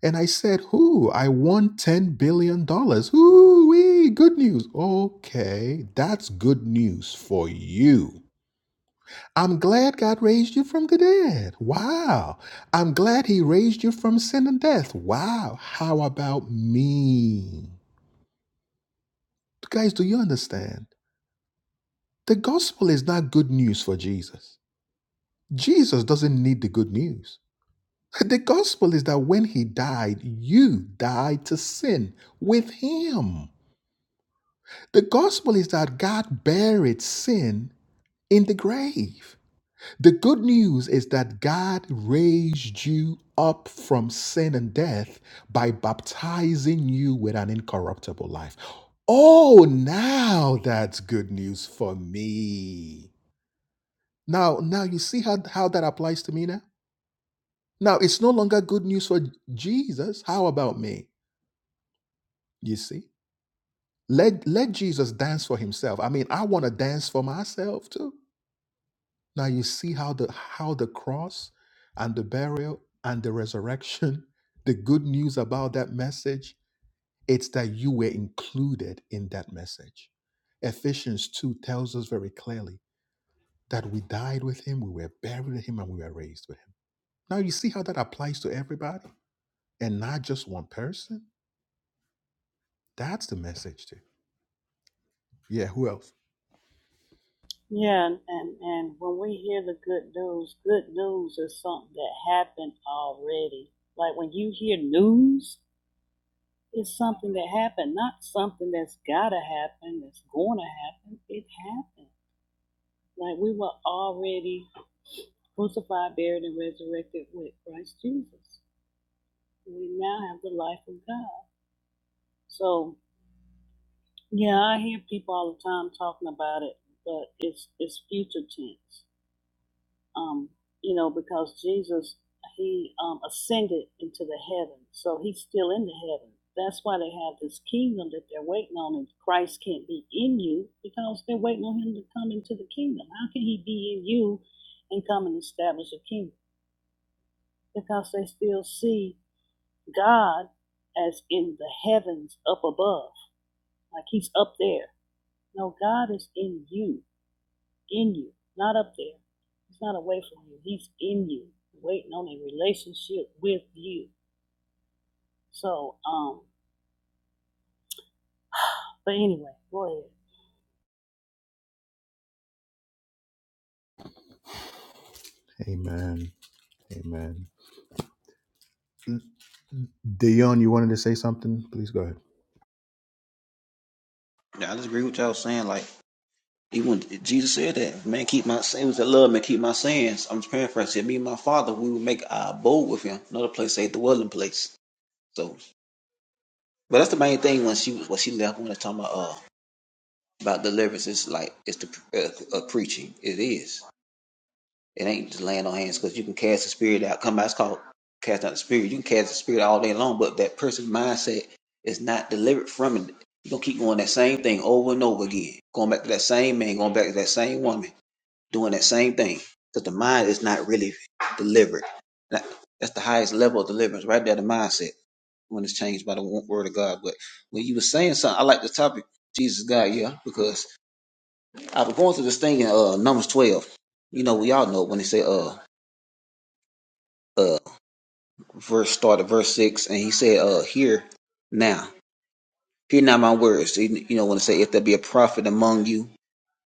S1: and I said, "Who? I won 10 billion dollars." Whoo, wee, good news. Okay, that's good news for you. I'm glad God raised you from the dead. Wow. I'm glad he raised you from sin and death. Wow. How about me? Guys, do you understand? The gospel is not good news for Jesus. Jesus doesn't need the good news. The gospel is that when he died, you died to sin with him. The gospel is that God buried sin in the grave. The good news is that God raised you up from sin and death by baptizing you with an incorruptible life. Oh, now that's good news for me. Now, now you see how, how that applies to me now? Now it's no longer good news for Jesus. How about me? You see? Let let Jesus dance for himself. I mean, I want to dance for myself too. Now you see how the how the cross and the burial and the resurrection, the good news about that message, it's that you were included in that message. Ephesians 2 tells us very clearly that we died with him, we were buried with him, and we were raised with him. Now you see how that applies to everybody and not just one person? That's the message too. Yeah, who else?
S3: Yeah, and, and and when we hear the good news, good news is something that happened already. Like when you hear news, it's something that happened, not something that's gotta happen, that's gonna happen. It happened. Like we were already crucified, buried, and resurrected with Christ Jesus. We now have the life of God. So yeah, I hear people all the time talking about it, but it's it's future tense. um, you know, because Jesus he um, ascended into the heaven, so he's still in the heaven. That's why they have this kingdom that they're waiting on, and Christ can't be in you because they're waiting on him to come into the kingdom. How can he be in you and come and establish a kingdom? Because they still see God as in the heavens up above, like he's up there. No, God is in you. in you, not up there. He's not away from you. He's in you, waiting on a relationship with you. So, um, but anyway, go
S1: Amen. Amen Dion, you wanted to say something? Please go ahead.
S5: Yeah, I just agree with y'all saying. Like, even when Jesus said that, man, keep my it that love, man, keep my sayings. I'm just paraphrasing. Said, Me and my father, we would make our abode with him. Another place, say the dwelling place. So, but that's the main thing when she was when she left. When I talking about uh about deliverance, it's like it's the uh, uh, preaching. It is. It ain't just laying on hands because you can cast the spirit out. Come out. It's called cast out the spirit. You can cast the spirit all day long, but that person's mindset is not delivered from it. You gonna keep going that same thing over and over again, going back to that same man, going back to that same woman doing that same thing because the mind is not really delivered. That, that's the highest level of deliverance right there, the mindset when it's changed by the wo- word of God. But when you were saying something, I like the topic, Jesus God, yeah, because I was going through this thing in uh, Numbers 12. You know, we all know when they say, uh, uh, verse start of verse 6, and he said, uh, hear now, hear now my words. you know, when they say, if there be a prophet among you,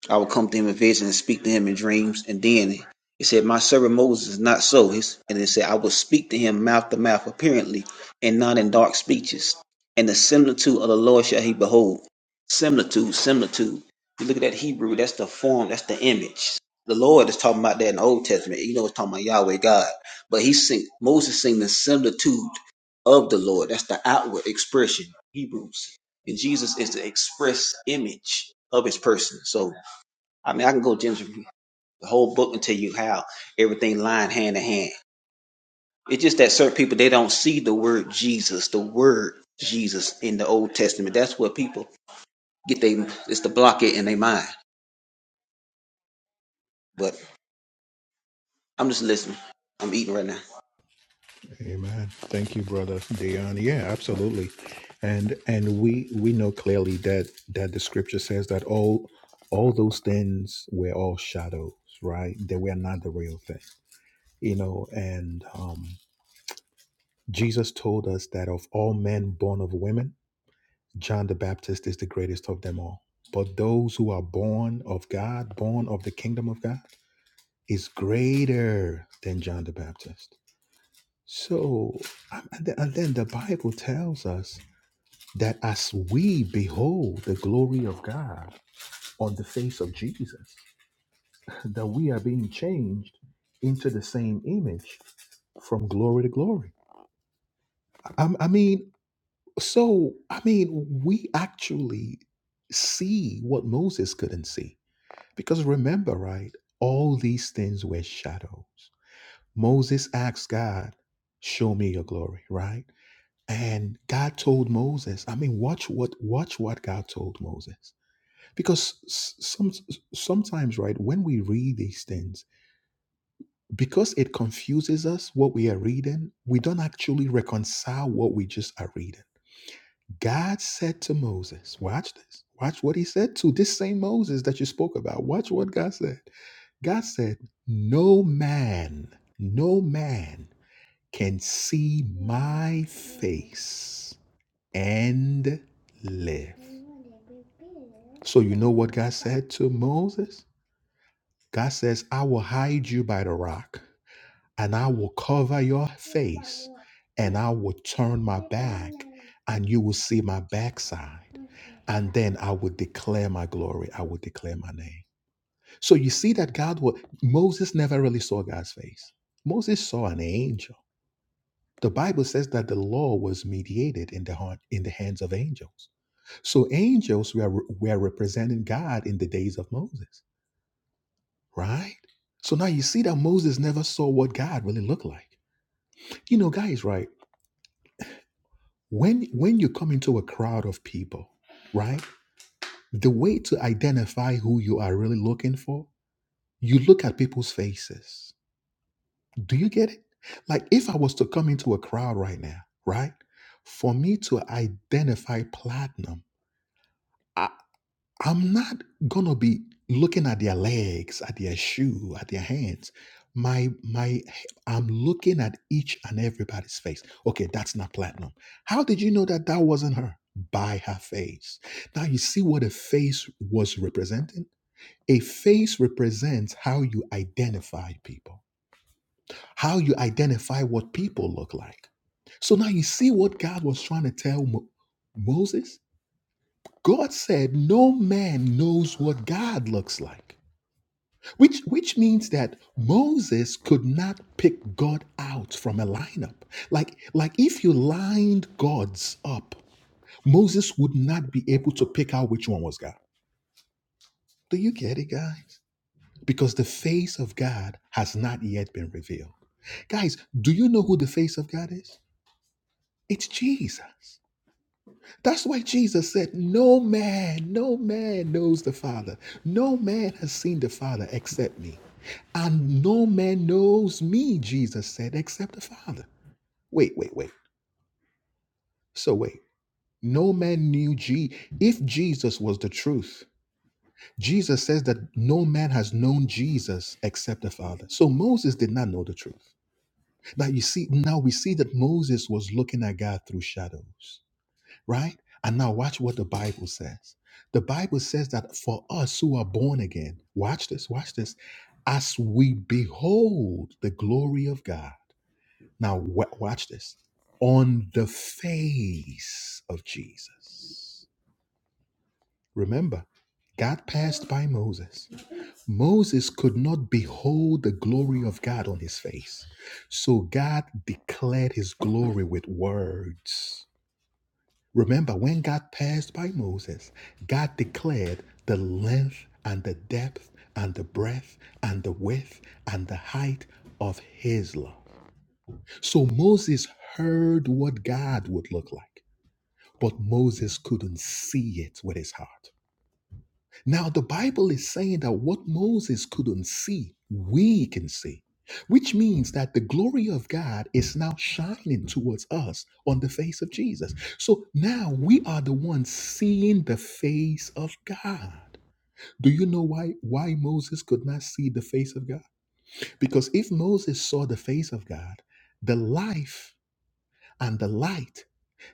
S5: I would come to him in vision and speak to him in dreams. And then it said, My servant Moses is not so. And it said, I will speak to him mouth to mouth apparently and not in dark speeches. And the similitude of the Lord shall he behold. Similitude, similitude. You look at that Hebrew, that's the form, that's the image. The Lord is talking about that in the Old Testament. You know, it's talking about Yahweh God. But he sing, Moses sing the similitude of the Lord. That's the outward expression, Hebrews. And Jesus is the express image of his person. So I mean, I can go into the whole book and tell you how everything lined hand in hand. It's just that certain people they don't see the word Jesus, the word Jesus in the Old Testament. That's what people get they it's the block it in their mind. But I'm just listening. I'm eating right now.
S1: Amen. Thank you, brother Dion. Yeah, absolutely. And and we we know clearly that that the scripture says that all all those things were all shadows, right? They were not the real thing. You know, and um Jesus told us that of all men born of women, John the Baptist is the greatest of them all. But those who are born of God, born of the kingdom of God, is greater than John the Baptist. So, and then and then the Bible tells us that as we behold the glory of God on the face of Jesus, that we are being changed into the same image from glory to glory. I, I mean, so, I mean, we actually see what Moses couldn't see. Because remember, right? All these things were shadows. Moses asked God, Show me your glory, right? And God told Moses, I mean, watch what watch what God told Moses. Because s- some sometimes, right, when we read these things, because it confuses us what we are reading, we don't actually reconcile what we just are reading. God said to Moses, watch this. Watch what he said to this same Moses that you spoke about. Watch what God said. God said, No man, no man can see my face and live. So, you know what God said to Moses? God says, I will hide you by the rock, and I will cover your, and I will turn my, and you will see my backside. And then I will declare my glory. I will declare my name. So you see that God will. Moses never really saw God's face. Moses saw an angel. The Bible says that the law was mediated in the heart, in the hands of angels. So angels were, were representing God in the days of Moses. right? So now you see that Moses never saw what God really looked like. You know, guys, right? When when you come into a crowd of people, right? The way to identify who you are really looking for, you look at people's faces. Do you get it? Like if I was to come into a crowd right now, right? For me to identify platinum, I'm not gonna be looking at their legs, at their shoe, at their hands. My my I'm looking at each and everybody's face. Okay, that's not platinum. How did you know that that wasn't her? By her face. Now you see what a face was representing? A face represents how you identify people, how you identify what people look like. So now you see what God was trying to tell Mo- Moses? God said, No man knows what God looks like, which, which means that Moses could not pick God out from a lineup. Like, like if you lined gods up, Moses would not be able to pick out which one was God. Do you get it, guys? Because the face of God has not yet been revealed. Guys, do you know who the face of God is? It's Jesus. That's why Jesus said, No man, no man knows the Father. No man has seen the Father except me. And no man knows me, Jesus said, except the Father. Wait, wait, wait. So wait. No man knew G if Jesus was the truth. Jesus says that no man has known Jesus except the Father. So Moses did not know the truth. Now you see, now we see that Moses was looking at God through shadows. right? And now watch what the Bible says. The Bible says that for us who are born again, watch this, watch this, as we behold the glory of God. Now wa- watch this. On the face of Jesus. Remember, God passed by Moses. Moses could not behold the glory of God on his face. So God declared his glory with words. Remember, when God passed by Moses, God declared the length and the depth and the breadth and the width and the height of his law. So Moses heard what God would look like, but Moses couldn't see it with his heart. Now, the Bible is saying that what Moses couldn't see, we can see, which means that the glory of God is now shining towards us on the face of Jesus. So now we are the ones seeing the face of God. Do you know why, why Moses could not see the face of God? Because if Moses saw the face of God, the life and the light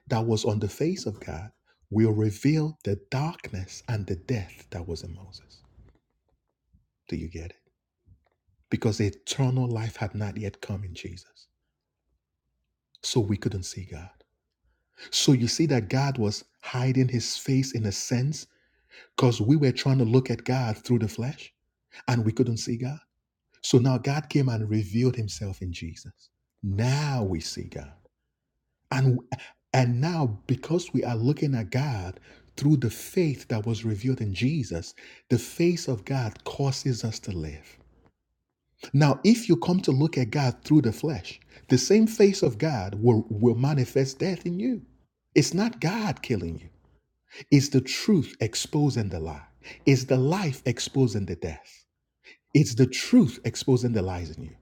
S1: that was on the face of God will reveal the darkness and the death that was in Moses. Do you get it? because eternal life had not yet come in Jesus. So we couldn't see God. So you see that God was hiding his face in a sense because we were trying to look at God through the flesh and we couldn't see God. So now God came and revealed himself in Jesus. Now we see God. And and now because we are looking at God through the faith that was revealed in Jesus, the face of God causes us to live. Now, if you come to look at God through the flesh, the same face of God will, will manifest death in you. It's not God killing you, it's the truth exposing the lie, it's the life exposing the death, it's the truth exposing the lies in you.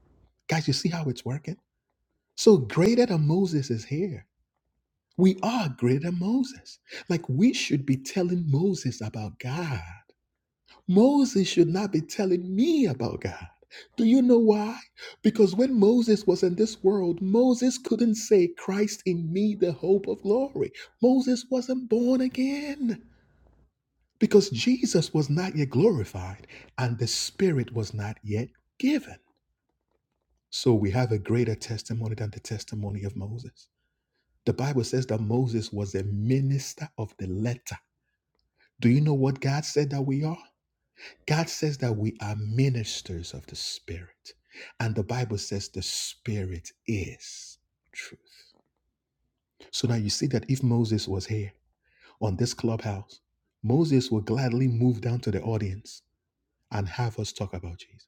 S1: Guys, you see how it's working? So, greater than Moses is here. We are greater than Moses. Like, we should be telling Moses about God. Moses should not be telling me about God. Do you know why? Because when Moses was in this world, Moses couldn't say, Christ in me, the hope of glory. Moses wasn't born again because Jesus was not yet glorified and the Spirit was not yet given. So we have a greater testimony than the testimony of Moses. The Bible says that Moses was a minister of the letter. Do you know what God said that we are? God says that we are ministers of the Spirit. And the Bible says the Spirit is truth. So now you see that if Moses was here on this clubhouse, Moses would gladly move down to the audience and have us talk about Jesus.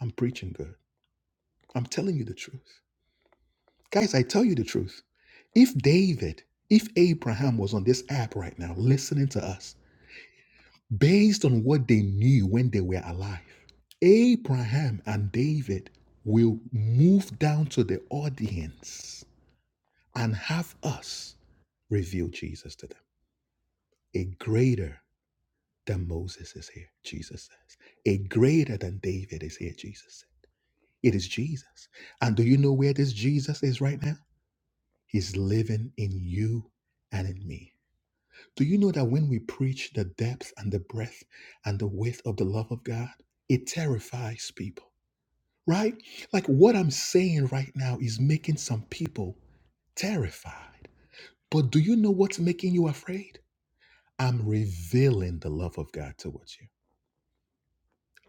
S1: I'm preaching good. I'm telling you the truth. Guys, I tell you the truth. If David, if Abraham was on this app right now listening to us, based on what they knew when they were alive. Abraham and David will move down to the audience and have us reveal Jesus to them. A greater than Moses is here, Jesus says. A greater than David is here, Jesus says. It is Jesus. And do you know where this Jesus is right now? He's living in you and in me. Do you know that when we preach the depth and the breadth and the width of the love of God, it terrifies people, right? Like what I'm saying right now is making some people terrified. But do you know what's making you afraid? I'm revealing the love of God towards you.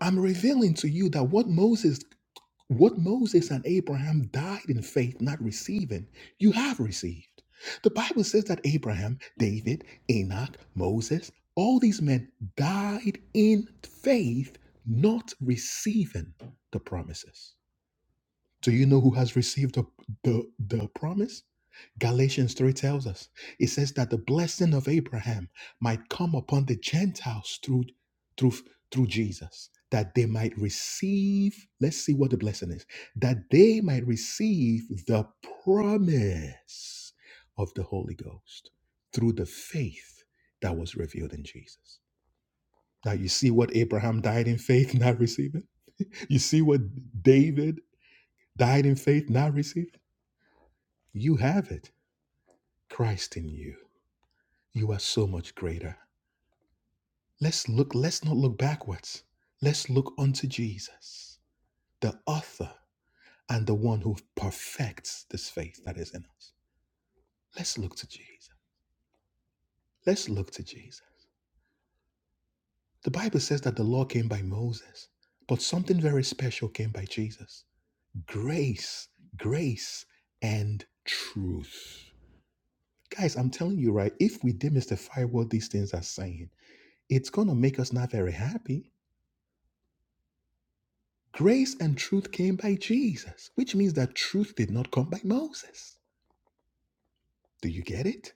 S1: I'm revealing to you that what Moses What Moses and Abraham died in faith, not receiving, you have received. The Bible says that Abraham, David, Enoch, Moses, all these men died in faith, not receiving the promises. Do you know who has received the, the, the promise? Galatians 3 tells us it says that the blessing of Abraham might come upon the Gentiles through through through Jesus that they might receive let's see what the blessing is that they might receive the promise of the Holy Ghost through the faith that was revealed in Jesus. Now you see what Abraham died in faith not receiving? You see what David died in faith not receiving? You have it. Christ in you. You are so much greater. Let's look, let's not look backwards. Let's look unto Jesus, the author and the one who perfects this faith that is in us. Let's look to Jesus. Let's look to Jesus. The Bible says that the law came by Moses, but something very special came by Jesus grace, grace, and truth. Guys, I'm telling you, right? If we demystify what these things are saying, it's going to make us not very happy Grace and truth came by Jesus, which means that truth did not come by Moses. Do you get it?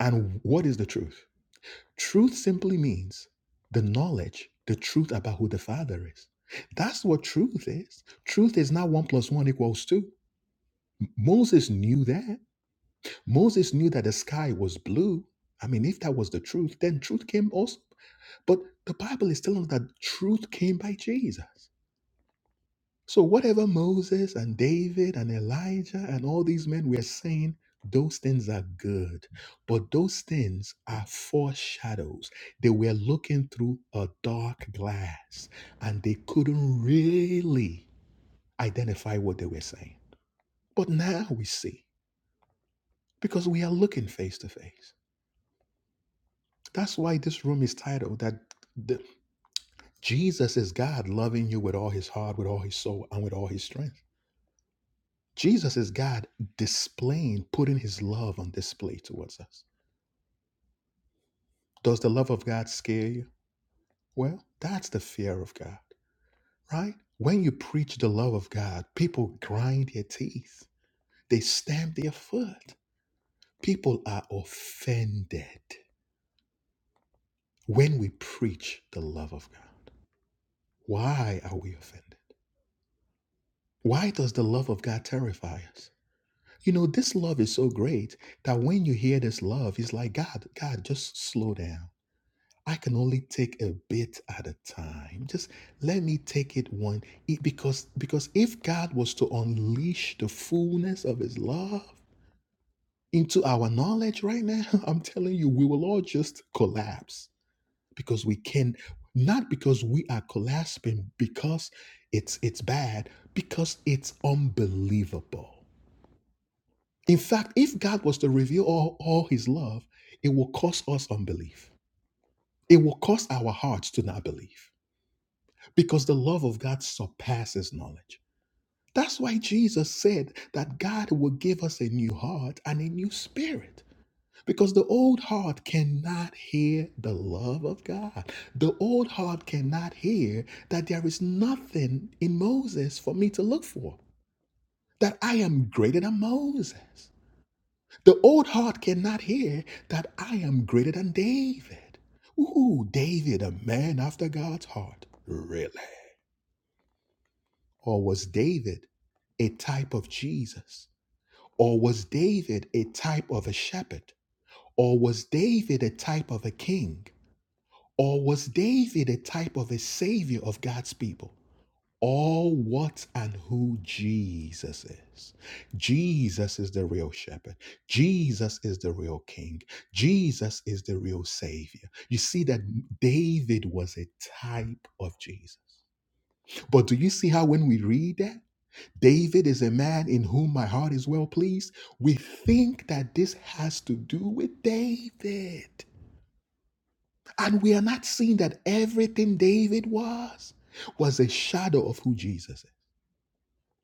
S1: And what is the truth? Truth simply means the knowledge, the truth about who the Father is. That's what truth is. Truth is not one plus one equals two. Moses knew that. Moses knew that the sky was blue. I mean, if that was the truth, then truth came also. But the Bible is telling us that truth came by Jesus. So, whatever Moses and David and Elijah and all these men were saying, those things are good. But those things are foreshadows. They were looking through a dark glass and they couldn't really identify what they were saying. But now we see because we are looking face to face. That's why this room is titled that the, Jesus is God loving you with all his heart, with all his soul, and with all his strength. Jesus is God displaying, putting his love on display towards us. Does the love of God scare you? Well, that's the fear of God, right? When you preach the love of God, people grind their teeth, they stamp their foot. People are offended when we preach the love of God. Why are we offended? Why does the love of God terrify us? You know, this love is so great that when you hear this love, it's like, God, God, just slow down. I can only take a bit at a time. Just let me take it one it- because because if God was to unleash the fullness of his love into our knowledge right now, I'm telling you we will all just collapse because we can not because we are collapsing because it's it's bad, because it's unbelievable. In fact, if God was to reveal all, all his love, it will cause us unbelief. It will cause our hearts to not believe because the love of God surpasses knowledge. That's why Jesus said that God will give us a new heart and a new spirit. Because the old heart cannot hear the love of God. The old heart cannot hear that there is nothing in Moses for me to look for, that I am greater than Moses. The old heart cannot hear that I am greater than David. Ooh, David, a man after God's heart. Really? Or was David a type of Jesus? Or was David a type of a shepherd? Or was David a type of a king? Or was David a type of a savior of God's people? All what and who Jesus is. Jesus is the real shepherd. Jesus is the real king. Jesus is the real savior. You see that David was a type of Jesus. But do you see how when we read that? David is a man in whom my heart is well pleased. We think that this has to do with David. And we are not seeing that everything David was was a shadow of who Jesus is.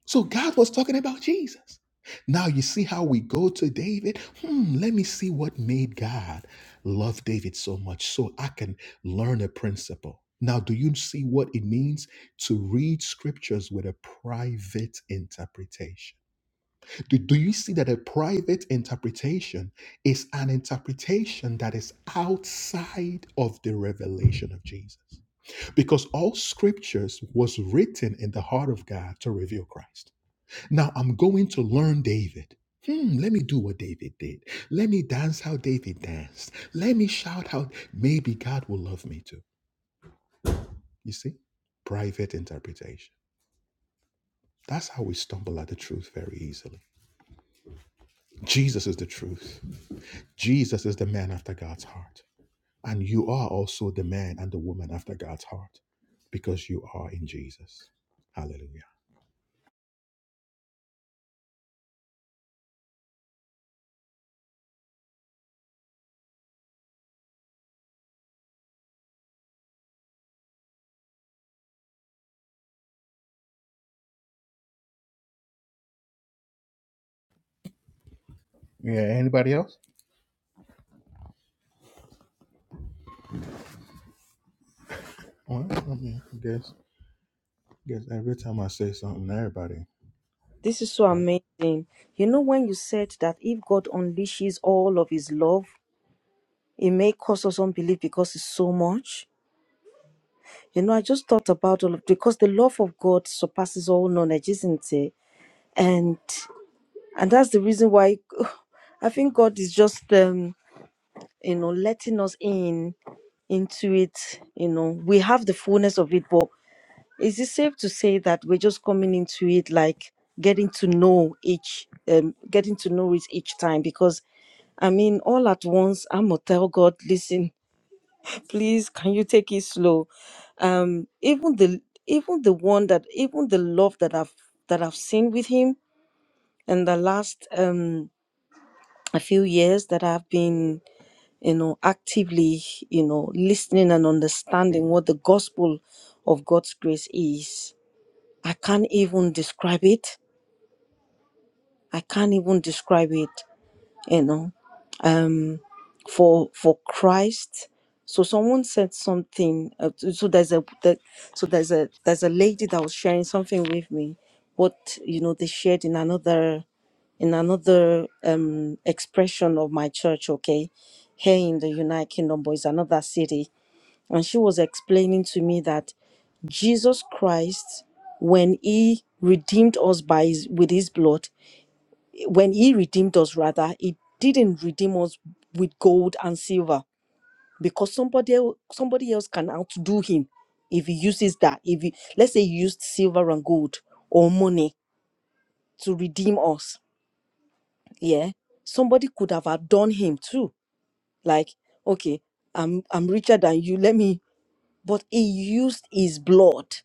S1: So God was talking about Jesus. Now you see how we go to David. Hmm, let me see what made God love David so much so I can learn a principle. Now, do you see what it means to read scriptures with a private interpretation? Do, do you see that a private interpretation is an interpretation that is outside of the revelation of Jesus? Because all scriptures was written in the heart of God to reveal Christ. Now I'm going to learn David. Hmm, let me do what David did. Let me dance how David danced. Let me shout out, maybe God will love me too. You see? Private interpretation. That's how we stumble at the truth very easily. Jesus is the truth. Jesus is the man after God's heart. And you are also the man and the woman after God's heart because you are in Jesus. Hallelujah. Yeah, anybody else? Well, I mean, I guess, I guess every time I say something, everybody
S2: This is so
S1: like,
S2: amazing. You know when you said that if God unleashes all of His love It may cause us unbelief because it's so much. You know, I just thought about all of because the love of God surpasses all knowledge, isn't it? And and that's the reason why I think God is just um, you know, letting us in into it. You know, we have the fullness of it, but is it safe to say that we're just coming into it like getting to know each um getting to know it each time because I mean, all at once, I'm gonna tell God, listen, please can you take it slow um even the even the one that even the love that i've that i've seen with him in the last um a few years that i've been you know actively you know listening and understanding what the gospel of god's grace is i can't even describe it i can't even describe it you know um for for christ so someone said something uh, so so there's a that, so there's a there's a lady that was sharing something with me what you know they shared in another in another um expression of my church okay here in the united kingdom but it's another city and she was explaining to me that jesus christ when he redeemed us by his with his blood when he redeemed us rather he didn't redeem us with gold and silver because somebody el- somebody else can outdo him if he uses that if he let's say he used silver and gold or money to redeem us yeah somebody could have outdone him too like okay i'm i'm richer than you let me but he used his blood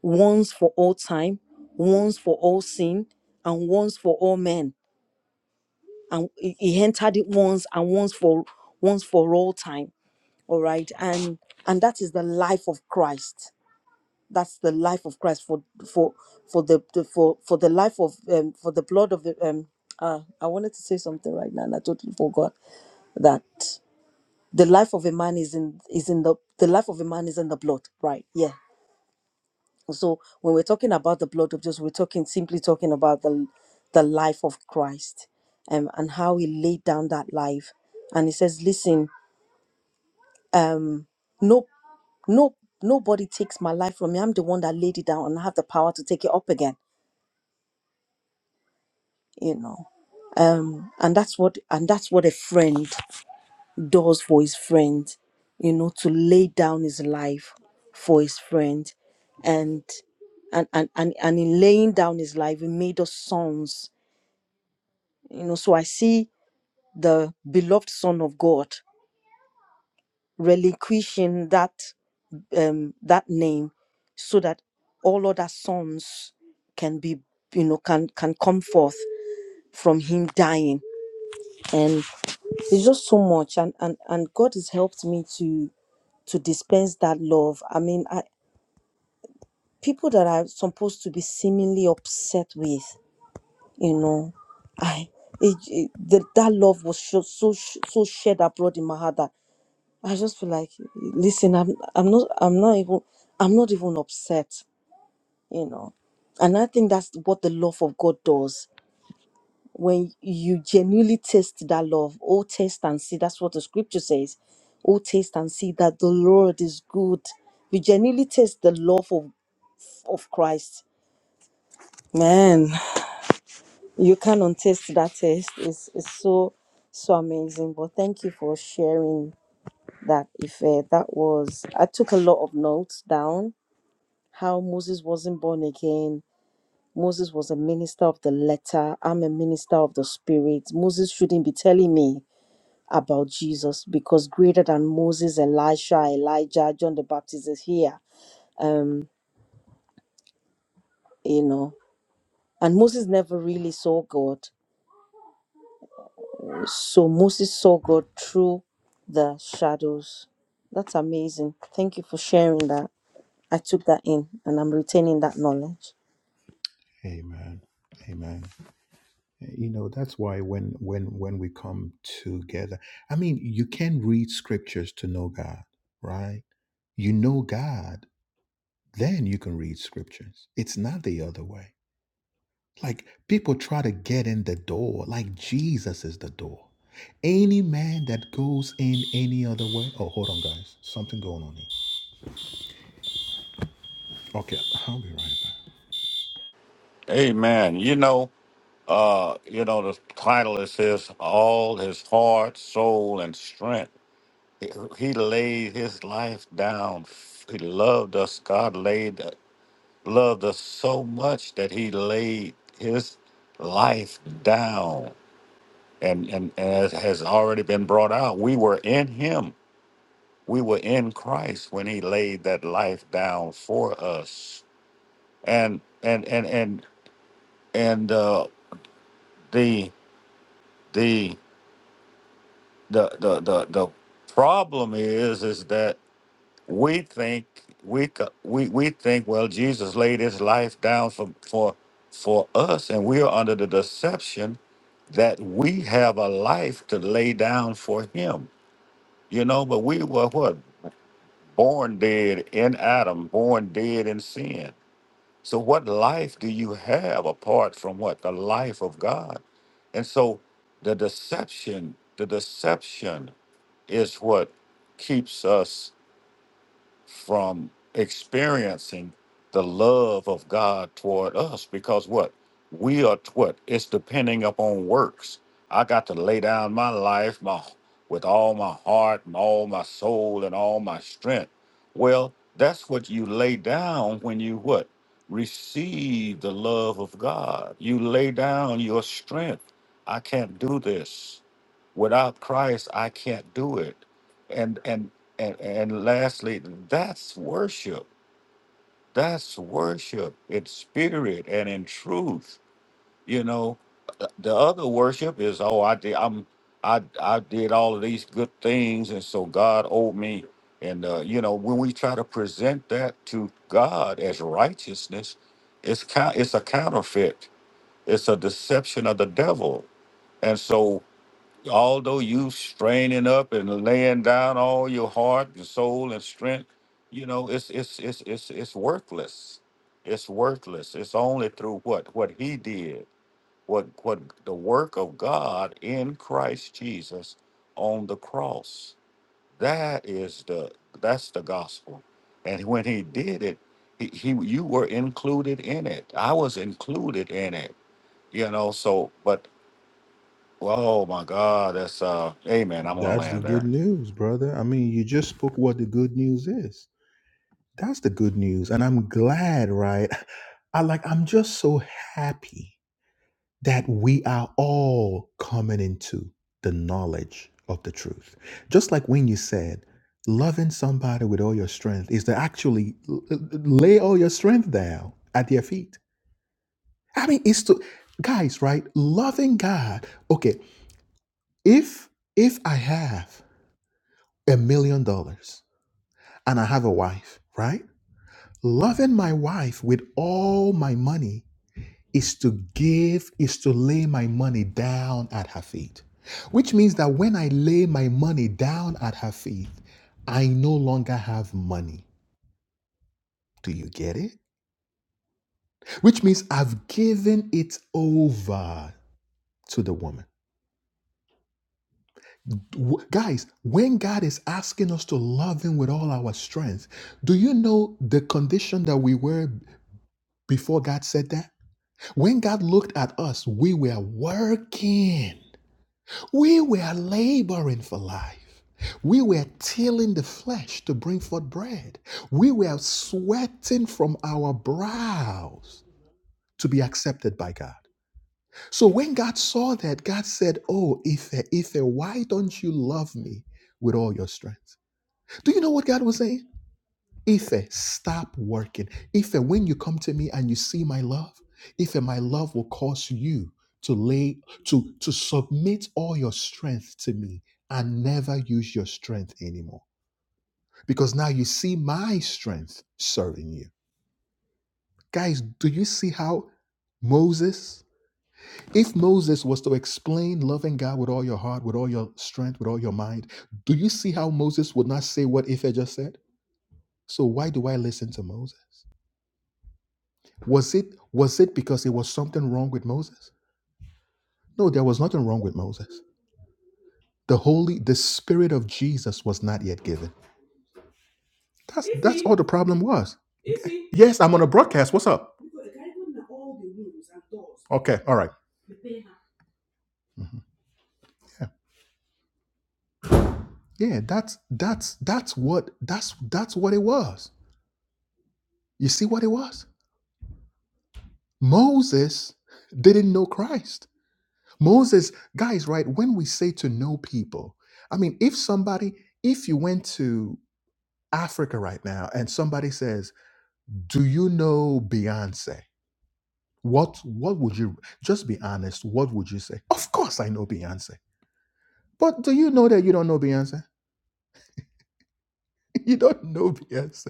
S2: once for all time once for all sin and once for all men and he he entered it once and once for once for all time all right and and that is the life of christ that's the life of christ for for for the, the for for the life of um for the blood of the um uh i wanted to say something right now and i totally forgot that the life of a man is in is in the the life of a man is in the blood right Yeah. So when we're talking about the blood of Jesus, we're talking simply talking about the the life of Christ um, and how he laid down that life. And he says, Listen, um, no no nobody takes my life from me. I'm the one that laid it down and I have the power to take it up again. You know. Um and that's what and that's what a friend does for his friend, you know, to lay down his life for his friend. And and and and, and in laying down his life, he made us sons You know, so I see the beloved Son of God relinquishing that um, that name, so that all other sons can be, you know, can can come forth from Him dying. And it's just so much, and and and God has helped me to to dispense that love. I mean, I, people that I'm supposed to be seemingly upset with, you know, I it, it, the, that love was so so so shared abroad in my heart that I just feel like listen, I'm I'm not I'm not even I'm not even upset, you know. And I think that's what the love of God does. When you genuinely taste that love, oh taste and see, that's what the scripture says. Oh taste and see that the Lord is good. You genuinely taste the love of, of Christ. Man, you can't untaste that taste. It's it's so so amazing. But thank you for sharing that Ife. That was I took a lot of notes down how Moses wasn't born again. Moses was a minister of the letter. I'm a minister of the spirit. Moses shouldn't be telling me about Jesus because greater than Moses, Elisha, Elijah, John the Baptist is here. Um, you know, and Moses never really saw God. So Moses saw God through the shadows. That's amazing. Thank you for sharing that. I took that in and I'm retaining that knowledge.
S1: Amen. Amen. You know, that's why when when when we come together, I mean, you can read scriptures to know God, right? You know God, then you can read scriptures. It's not the other way. Like people try to get in the door, like Jesus is the door. Any man that goes in any other way. Oh, hold on, guys. Something going on here. Okay, I'll be right back.
S4: Amen. You know, uh, you know, the title is says all his heart, soul, and strength He laid his life down. He loved us. God laid loved us so much that he laid his life down. And and, and as has already been brought out, we were in him. We were in Christ when he laid that life down for us. And and and and and uh, the the the the the the problem is is that we think we c- we we think well Jesus laid his life down for for for us and we are under the deception that we have a life to lay down for him you know but we were what born dead in Adam born dead in sin so what life do you have apart from what the life of God and so the deception the deception is what keeps us from experiencing the love of God toward us because what we are t- what it's depending upon works. I got to lay down my life my with all my heart and all my soul and all my strength. Well, that's what you lay down when you what receive the love of God. You lay down your strength. I can't do this without Christ. I can't do it and and and and lastly, that's worship. That's worship. It's spirit and in truth. You know, Uh, the other worship is oh, I did. I'm I I did all of these good things, and so God owed me. And uh, you know, when we try to present that to God as righteousness, it's count. it's a counterfeit. It's a deception of the devil. And so although you straining up and laying down all your heart and soul and strength, you know, it's it's it's it's it's worthless. It's worthless. It's only through what what he did, what what the work of God in Christ Jesus on the cross. That is the that's the gospel. And when he did it, he, he you were included in it. I was included in it. You know, so but Oh my God, that's uh, amen. I'm gonna
S1: That's the
S4: land
S1: good
S4: there.
S1: news, brother. I mean, you just spoke what the good news is. That's the good news. And I'm glad, right? I like, I'm just so happy that we are all coming into the knowledge of the truth. Just like when you said, loving somebody with all your strength is to actually l- l- lay all your strength down at their feet. I mean, it's to guys, right? Loving God. Okay, if if I have a million dollars and I have a wife, right? Loving my wife with all my money is to give, is to lay my money down at her feet. Which means that when I lay my money down at her feet, I no longer have money. Do you get it? Which means I've given it over to the woman. Guys, when God is asking us to love Him with all our strength, do you know the condition that we were before God said that? When God looked at us, we were working. We were laboring for life. We were tilling the flesh to bring forth bread. We were sweating from our brows to be accepted by God. So when God saw that, God said, Oh, Ife, Ife, why don't you love me with all your strength? Do you know what God was saying? Ife, stop working. Ife, when you come to me and you see my love, Ife, my love will cause you to lay to to submit all your strength to me and never use your strength anymore. Because now you see my strength serving you. Guys, do you see how Moses if Moses was to explain loving God with all your heart, with all your strength, with all your mind, do you see how Moses would not say what Ife just said? So why do I listen to Moses? Was it was it because there was something wrong with Moses? No, there was nothing wrong with Moses. The holy the spirit of Jesus was not yet given. That's that's all the problem was. Yes, I'm on a broadcast. What's up? Okay, all right. Yeah, that's that's that's what that's that's what it was. You see what it was? Moses didn't know Christ. Moses, guys, right? When we say to know people, I mean, if somebody, if you went to Africa right now and somebody says, Do you know Beyonce? What what would you just be honest? What would you say? Of course I know Beyonce. But do you know that you don't know Beyonce? You don't know Beyonce.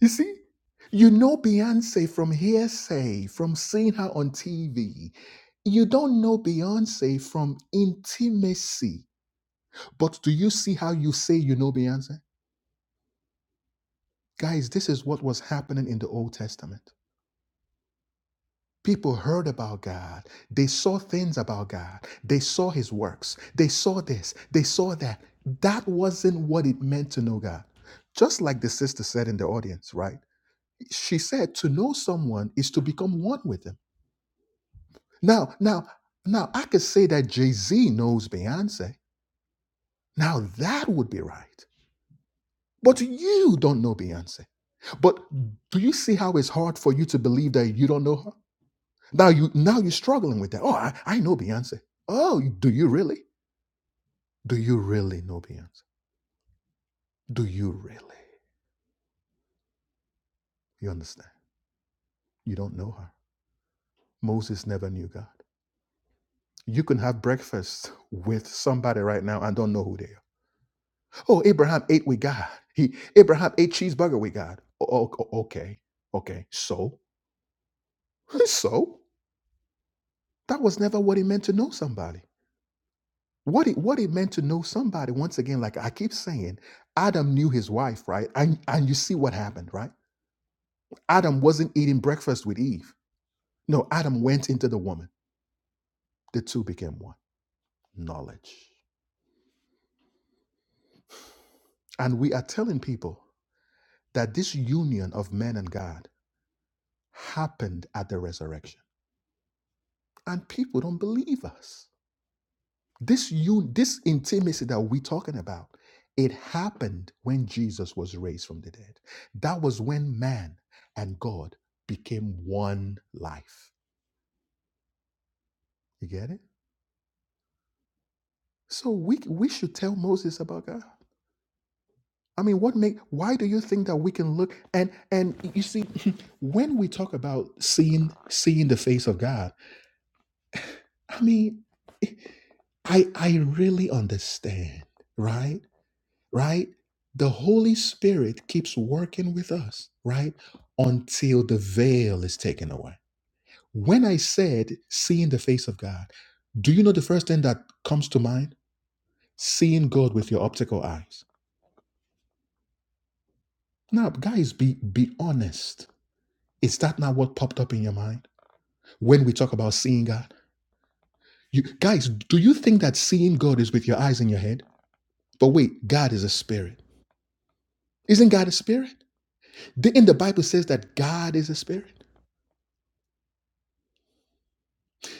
S1: You see? You know Beyonce from hearsay, from seeing her on TV. You don't know Beyonce from intimacy. But do you see how you say you know Beyonce? Guys, this is what was happening in the Old Testament. People heard about God. They saw things about God. They saw his works. They saw this. They saw that. That wasn't what it meant to know God. Just like the sister said in the audience, right? She said to know someone is to become one with him. Now, now, now I could say that Jay-Z knows Beyonce. Now that would be right. But you don't know Beyonce. But do you see how it's hard for you to believe that you don't know her? Now you now you're struggling with that. Oh, I, I know Beyonce. Oh, do you really? Do you really know Beyonce? Do you really? You understand? You don't know her. Moses never knew God. You can have breakfast with somebody right now and don't know who they are. Oh, Abraham ate with God. He Abraham ate cheeseburger with God. Oh, okay, okay. So, so that was never what he meant to know somebody. What it what it meant to know somebody once again, like I keep saying, Adam knew his wife, right? And and you see what happened, right? Adam wasn't eating breakfast with Eve. No, Adam went into the woman. The two became one. Knowledge. And we are telling people that this union of man and God happened at the resurrection. And people don't believe us. This un- this intimacy that we're talking about, it happened when Jesus was raised from the dead. That was when man and God became one life. You get it? So we we should tell Moses about God. I mean, what make why do you think that we can look and and you see when we talk about seeing seeing the face of God, I mean, I I really understand, right? Right? The Holy Spirit keeps working with us, right? Until the veil is taken away. When I said seeing the face of God, do you know the first thing that comes to mind? Seeing God with your optical eyes. Now, guys, be be honest. Is that not what popped up in your mind? when we talk about seeing God. You guys, do you think that seeing God is with your eyes in your head? But wait, God is a spirit. Isn't God a spirit? The, in the Bible it says that God is a spirit.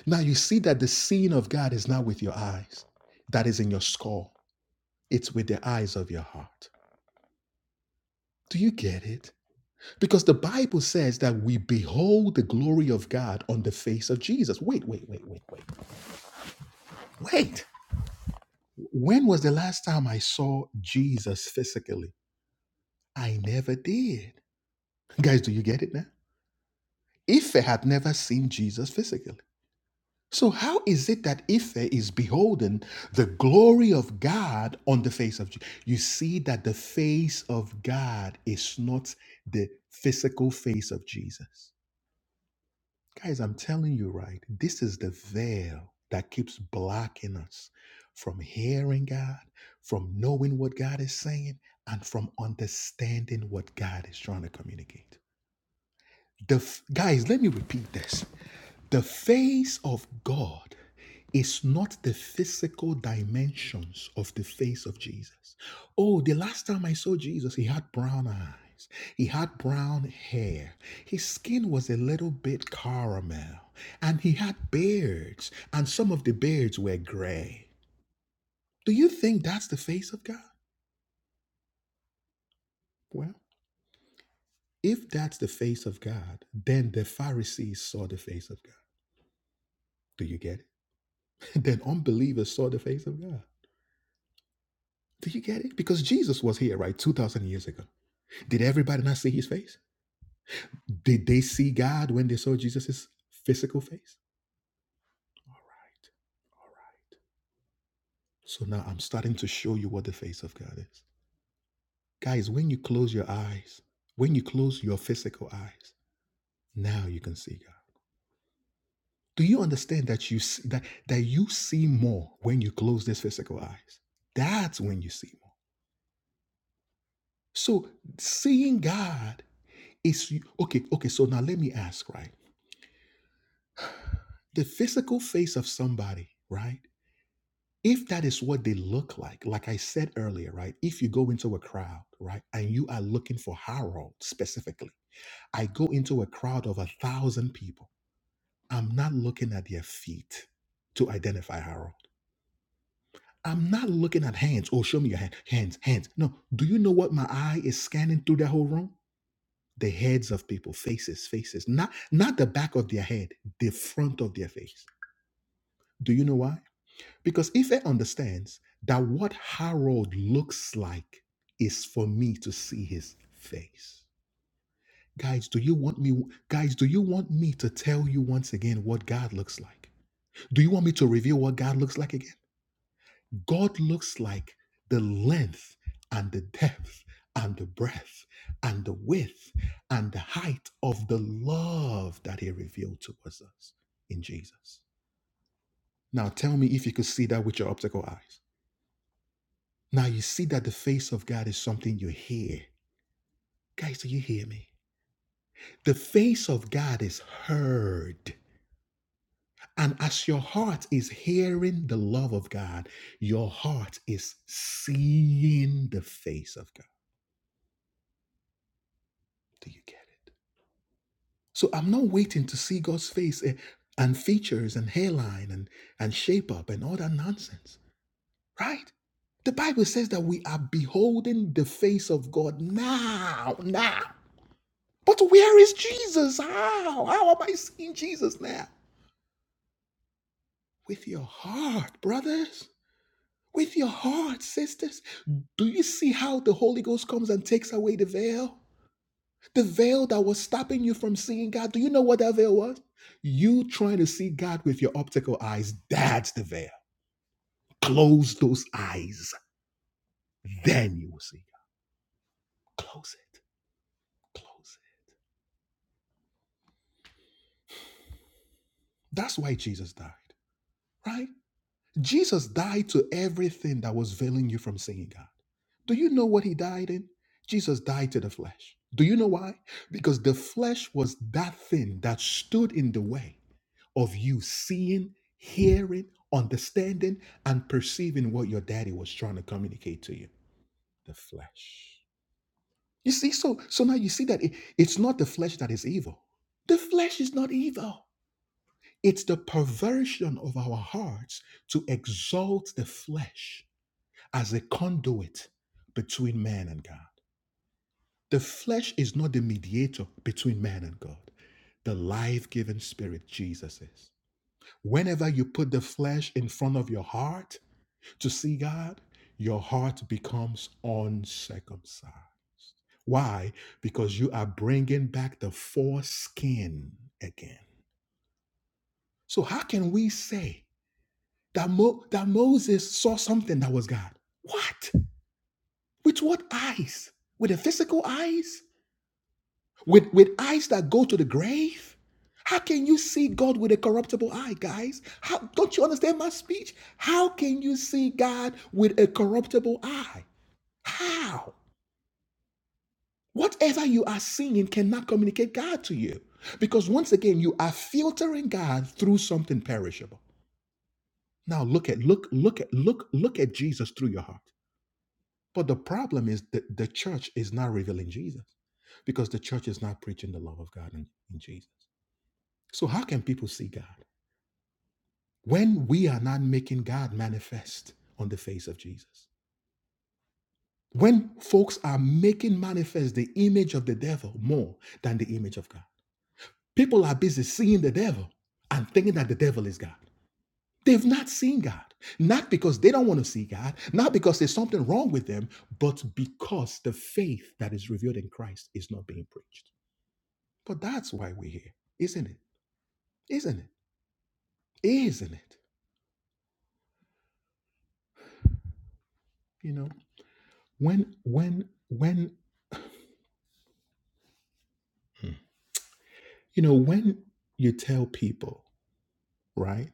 S1: Now you see that the seeing of God is not with your eyes. That is in your skull. It's with the eyes of your heart. Do you get it? Because the Bible says that we behold the glory of God on the face of Jesus. Wait, wait, wait, wait, wait. Wait. When was the last time I saw Jesus physically? I never did. Guys, do you get it now? Ife had never seen Jesus physically. So, how is it that Ife is beholding the glory of God on the face of Jesus? You see that the face of God is not the physical face of Jesus. Guys, I'm telling you right, this is the veil that keeps blocking us from hearing God, from knowing what God is saying, and from understanding what God is trying to communicate. The f- guys, let me repeat this. The face of God is not the physical dimensions of the face of Jesus. Oh, the last time I saw Jesus, he had brown eyes, he had brown hair, his skin was a little bit caramel, and he had beards, and some of the beards were gray. Do you think that's the face of God? Well, if that's the face of God, then the Pharisees saw the face of God. Do you get it? then unbelievers saw the face of God. Do you get it? Because Jesus was here, right, 2,000 years ago. Did everybody not see his face? Did they see God when they saw Jesus' physical face? All right, right. So now I'm starting to show you what the face of God is. Guys, when you close your eyes, when you close your physical eyes, now you can see God. Do you understand that you see, that, that you see more when you close these physical eyes? That's when you see more. So seeing God is okay, okay, so now let me ask, right? the physical face of somebody, right? If that is what they look like, like I said earlier, right? If you go into a crowd, right, and you are looking for Harold specifically, I go into a crowd of a thousand people. I'm not looking at their feet to identify Harold. I'm not looking at hands. Oh, show me your hand. Hands, hands. No. Do you know what my eye is scanning through that whole room? The heads of people, faces, faces. Not not the back of their head, the front of their face. Do you know why? Because Ife understands that what Harold looks like is for me to see his face. Guys, do you want me guys, do you want me to tell you once again what God looks like? Do you want me to reveal what God looks like again? God looks like the length and the depth and the breadth and the width and the height of the love that he revealed towards us in Jesus. Now tell me if you could see that with your optical eyes. Now you see that the face of God is something you hear. Guys, do you hear me? The face of God is heard. And as your heart is hearing the love of God, your heart is seeing the face of God. Do you get it? So I'm not waiting to see God's face eh, and features and hairline and, and shape up and all that nonsense, right? The Bible says that we are beholding the face of God now, now. But where is Jesus? How? How am I seeing Jesus now? With your heart, brothers. With your heart, sisters. Do you see how the Holy Ghost comes and takes away the veil? The veil that was stopping you from seeing God. Do you know what that veil was? You trying to see God with your optical eyes. That's the veil. Close those eyes. Then you will see God. Close it. Close it. That's why Jesus died, right? Jesus died to everything that was veiling you from seeing God. Do you know what he died in? Jesus died to the flesh. Do you know why? Because the flesh was that thing that stood in the way of you seeing, hearing, understanding, and perceiving what your daddy was trying to communicate to you. The flesh. You see, so so now you see that it- it's not the flesh that is evil. The flesh is not evil. It's the perversion of our hearts to exalt the flesh as a conduit between man and God. The flesh is not the mediator between man and God. The life giving spirit, Jesus is. Whenever you put the flesh in front of your heart to see God, your heart becomes uncircumcised. Why? Because you are bringing back the foreskin again. So, how can we say that, Mo- that Moses saw something that was God? What? With what eyes? With the physical eyes? with with eyes that go to the grave how can you see god with a corruptible eye guys how don't you understand my speech how can you see god with a corruptible eye how whatever you are seeing cannot communicate god to you because once again you are filtering god through something perishable now look at look look at look look at jesus through your heart but the problem is that the church is not revealing jesus because the church is not preaching the love of god in, in jesus So, how can people see God when we are not making God manifest on the face of Jesus? When folks are making manifest the image of the devil more than the image of God, people are busy seeing the devil and thinking that the devil is God. They've not seen God, not because they don't want to see God, not because there's something wrong with them, but because the faith that is revealed in Christ is not being preached. But that's why we're here, isn't it? Isn't it? Isn't it? You know, when when when Mm. You know, when you tell people, right?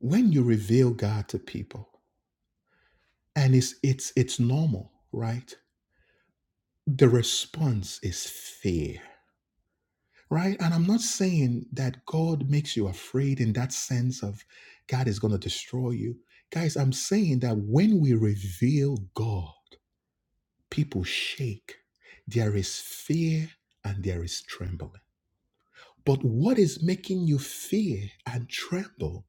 S1: When you reveal God to people, and it's it's it's normal, right? The response is fear, right? And I'm not saying that God makes you afraid in that sense of God is going to destroy you. Guys, I'm saying that when we reveal God, people shake. There is fear and there is trembling. But what is making you fear and tremble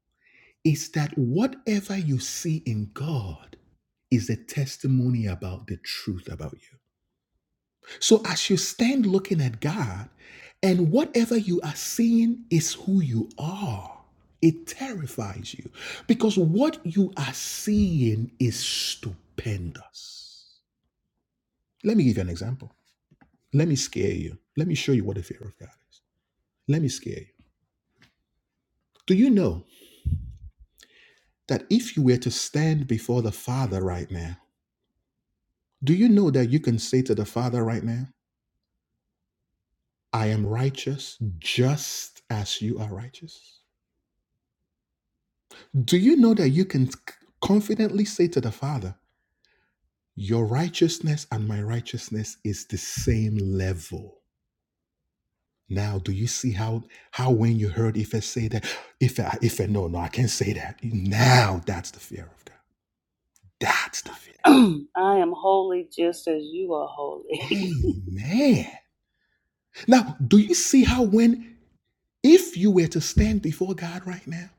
S1: is that whatever you see in God is a testimony about the truth about you. So as you stand looking at God, and whatever you are seeing is who you are, it terrifies you because what you are seeing is stupendous. Let me give you an example. Let me scare you. Let me show you what the fear of God is. Let me scare you. Do you know that if you were to stand before the Father right now, Do you know that you can say to the Father right now, I am righteous just as you are righteous? Do you know that you can confidently say to the Father, Your righteousness and my righteousness is the same level? Now, do you see how how when you heard Ife say that, Ife, Ife, no, no, I can't say that. Now that's the fear of God. That's the fear.
S3: ahead. I am holy just as you are holy.
S1: Amen. Now, do you see how when if you were to stand before God right now?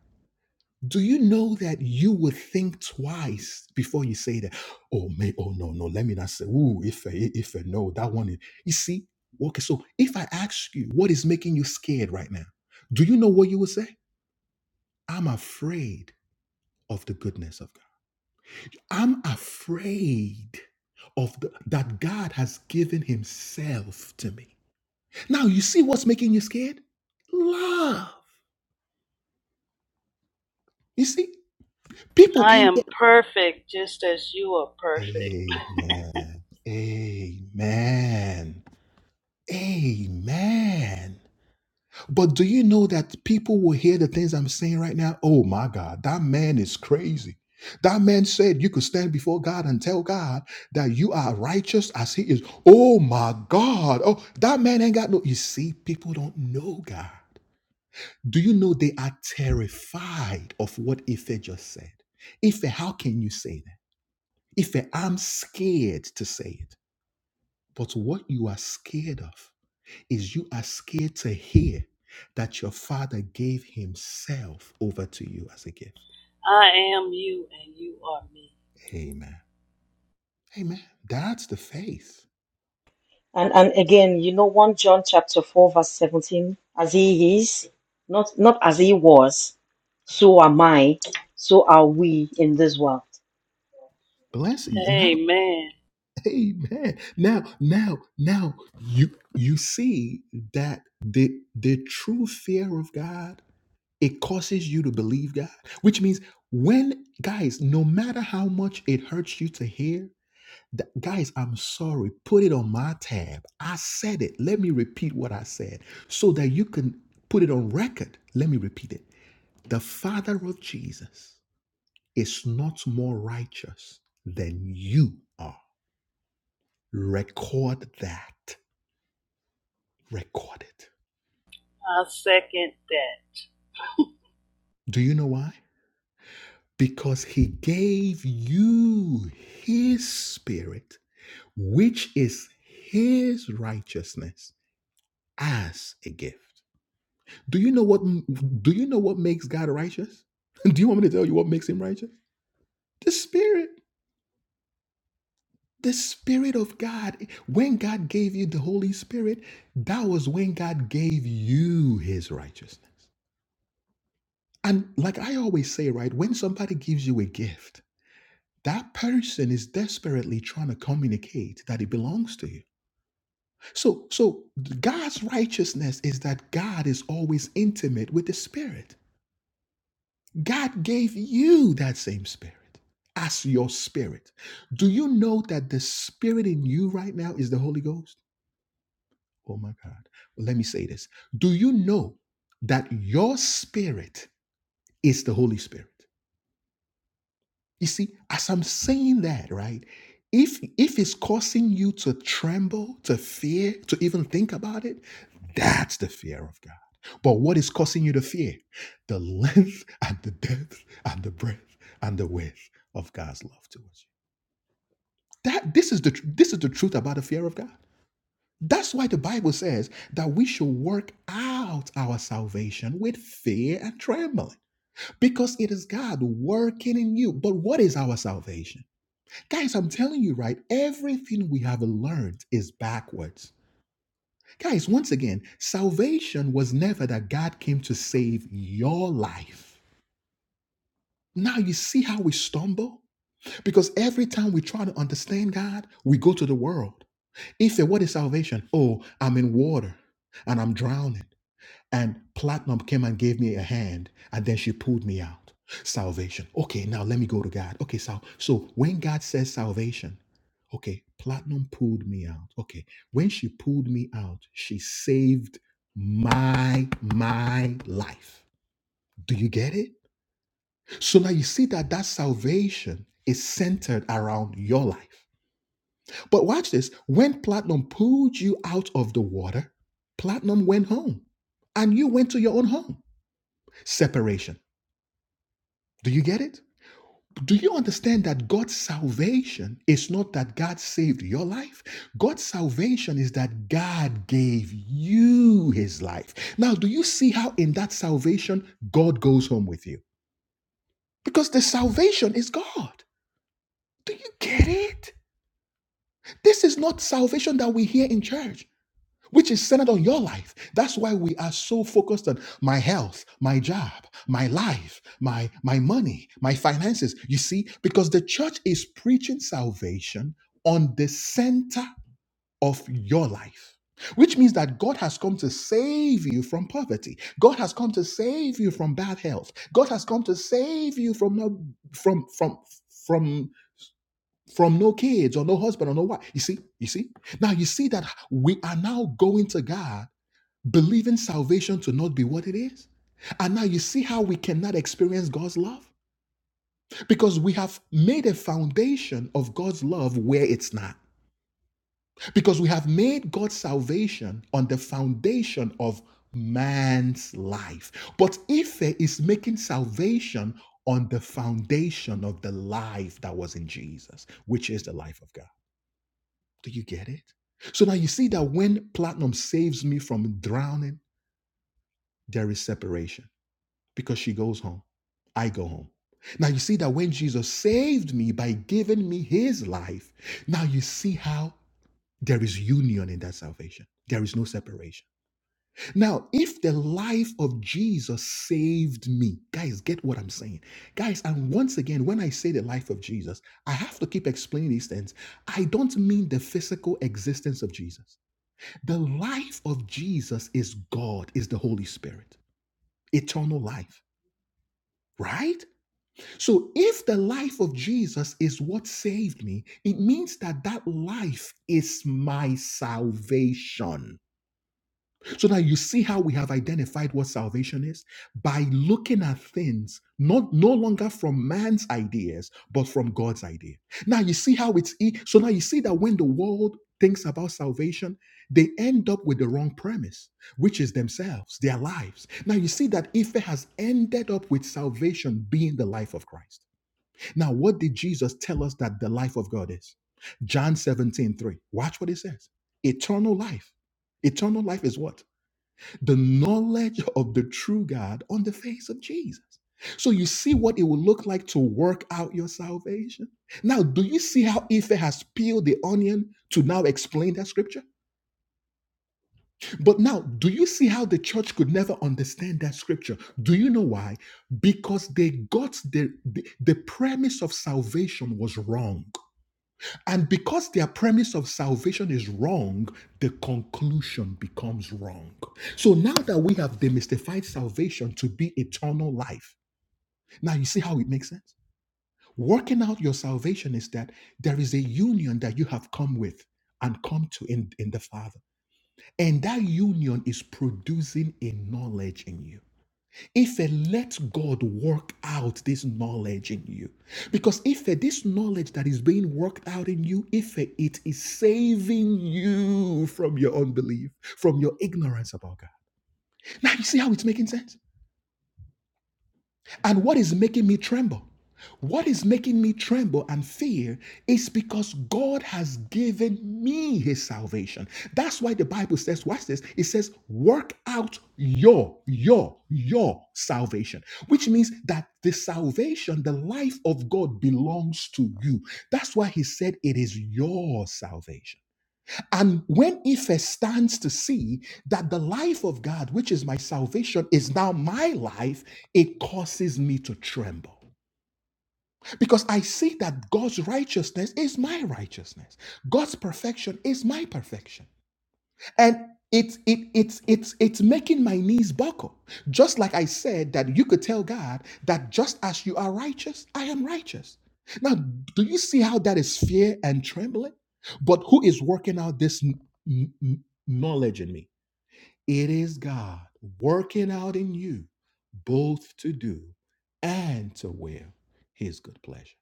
S1: Do you know that you would think twice before you say that? Oh, may, oh no, no, let me not say. Ooh, if if if eh, no, that one. Is, you see, okay. So if I ask you, what is making you scared right now? Do you know what you would say? I'm afraid of the goodness of God. I'm afraid of the, that God has given Himself to me. Now you see what's making you scared? Love. You see, people
S3: I
S1: can
S3: am perfect just as you are perfect.
S1: Amen. Amen. Amen. But do you know that people will hear the things I'm saying right now? Oh my God, that man is crazy. That man said you could stand before God and tell God that you are righteous as he is. Oh my God. Oh, that man ain't got no. You see, people don't know God. Do you know they are terrified of what Ife just said? Ife, how can you say that? Ife, I'm scared to say it. But what you are scared of is you are scared to hear that your father gave himself over to you as a gift.
S3: I am you and you are me.
S1: Amen. Amen. That's the faith.
S2: And and again, you know, 1 John chapter 4, verse 17, as he is, not not as he was, so am I, so are we in this world.
S1: Bless you. Now,
S3: Amen.
S1: amen. Now, now, now you you see that the the true fear of God, it causes you to believe God, which means when guys, no matter how much it hurts you to hear, Th- guys, I'm sorry. Put it on my tab. I said it. Let me repeat what I said so that you can put it on record. Let me repeat it. The Father of Jesus is not more righteous than you are. Record that. Record it.
S3: I second that.
S1: Do you know why? Because he gave you his spirit, which is his righteousness, as a gift. Do you know what do you know what makes God righteous? Do you want me to tell you what makes him righteous? The spirit. The spirit of God. When God gave you the Holy Spirit, that was when God gave you his righteousness. And like I always say, right, when somebody gives you a gift, that person is desperately trying to communicate that it belongs to you. So so God's righteousness is that God is always intimate with the spirit. God gave you that same spirit as your spirit. Do you know that the spirit in you right now is the Holy Ghost? Oh my God. Well, let me say this. Do you know that your spirit is the Holy Spirit? You see, as I'm saying that, right? If if it's causing you to tremble, to fear, to even think about it, that's the fear of God. But what is causing you to fear? The length and the depth and the breadth and the width of God's love towards you. That this is the tr- this is the truth about the fear of God. That's why the Bible says that we should work out our salvation with fear and trembling because it is God working in you. But what is our salvation? Guys, I'm telling you, right? Everything we have learned is backwards. Guys, once again, salvation was never that God came to save your life. Now you see how we stumble? Because every time we try to understand God, we go to the world. If it what is salvation? Oh, I'm in water and I'm drowning. And Platinum came and gave me a hand, and then she pulled me out. Salvation. Okay, now let me go to God. Okay, so, so when God says salvation, okay, Platinum pulled me out. Okay, when she pulled me out, she saved my my life. Do you get it? So now you see that that salvation is centered around your life. But watch this: when Platinum pulled you out of the water, Platinum went home, and you went to your own home. Separation. Do you get it? Do you understand that God's salvation is not that God saved your life? God's salvation is that God gave you his life. Now, do you see how in that salvation, God goes home with you? Because the salvation is God. Do you get it? This is not salvation that we hear in church. which is centered on your life. That's why we are so focused on my health, my job, my life, my my money, my finances. You see, because the church is preaching salvation on the center of your life. Which means that God has come to save you from poverty. God has come to save you from bad health. God has come to save you from no, from from from from no kids or no husband or no wife. You see, you see. Now you see that we are now going to God believing salvation to not be what it is. And now you see how we cannot experience God's love? Because we have made a foundation of God's love where it's not. Because we have made God's salvation on the foundation of man's life. But Ife is making salvation on the foundation of the life that was in Jesus, which is the life of God. Do you get it? So now you see that when platinum saves me from drowning, there is separation. because she goes home. I go home. Now you see that when Jesus saved me by giving me his life, now you see how there is union in that salvation. There is no separation. Now, if the life of Jesus saved me, guys, get what I'm saying. Guys, and once again, when I say the life of Jesus, I have to keep explaining these things. I don't mean the physical existence of Jesus. The life of Jesus is God, is the Holy Spirit, eternal life, right? So if the life of Jesus is what saved me, it means that that life is my salvation. So now you see how we have identified what salvation is by looking at things not no longer from man's ideas but from God's idea. Now you see how it's e- so now you see that when the world thinks about salvation, they end up with the wrong premise, which is themselves, their lives. Now you see that Ife has ended up with salvation being the life of Christ. Now, what did Jesus tell us that the life of God is? John 17 3. Watch what it says. Eternal life. Eternal life is what? The knowledge of the true God on the face of Jesus. So you see what it will look like to work out your salvation. Now, do you see how Ife has peeled the onion to now explain that scripture? But now, do you see how the church could never understand that scripture? Do you know why? Because they got the, the, the premise of salvation was wrong. And because their premise of salvation is wrong, the conclusion becomes wrong. So now that we have demystified salvation to be eternal life, now you see how it makes sense? Working out your salvation is that there is a union that you have come with and come to in, in the Father. And that union is producing a knowledge in you. If I let God work out this knowledge in you, because if I- this knowledge that is being worked out in you, if I- it is saving you from your unbelief, from your ignorance about God. Now you see how it's making sense? And what is making me tremble? What is making me tremble and fear is because God has given me his salvation. That's why the Bible says, watch this, it says, work out your, your, your salvation, which means that the salvation, the life of God belongs to you. That's why he said it is your salvation. And when Ife stands to see that the life of God, which is my salvation, is now my life, it causes me to tremble. Because I see that God's righteousness is my righteousness, God's perfection is my perfection and it's it, it's it's it's making my knees buckle just like i said that you could tell god that just as you are righteous i am righteous now do you see how that is fear and trembling but who is working out this n- n- n- knowledge in me it is god working out in you both to do and to will his good pleasure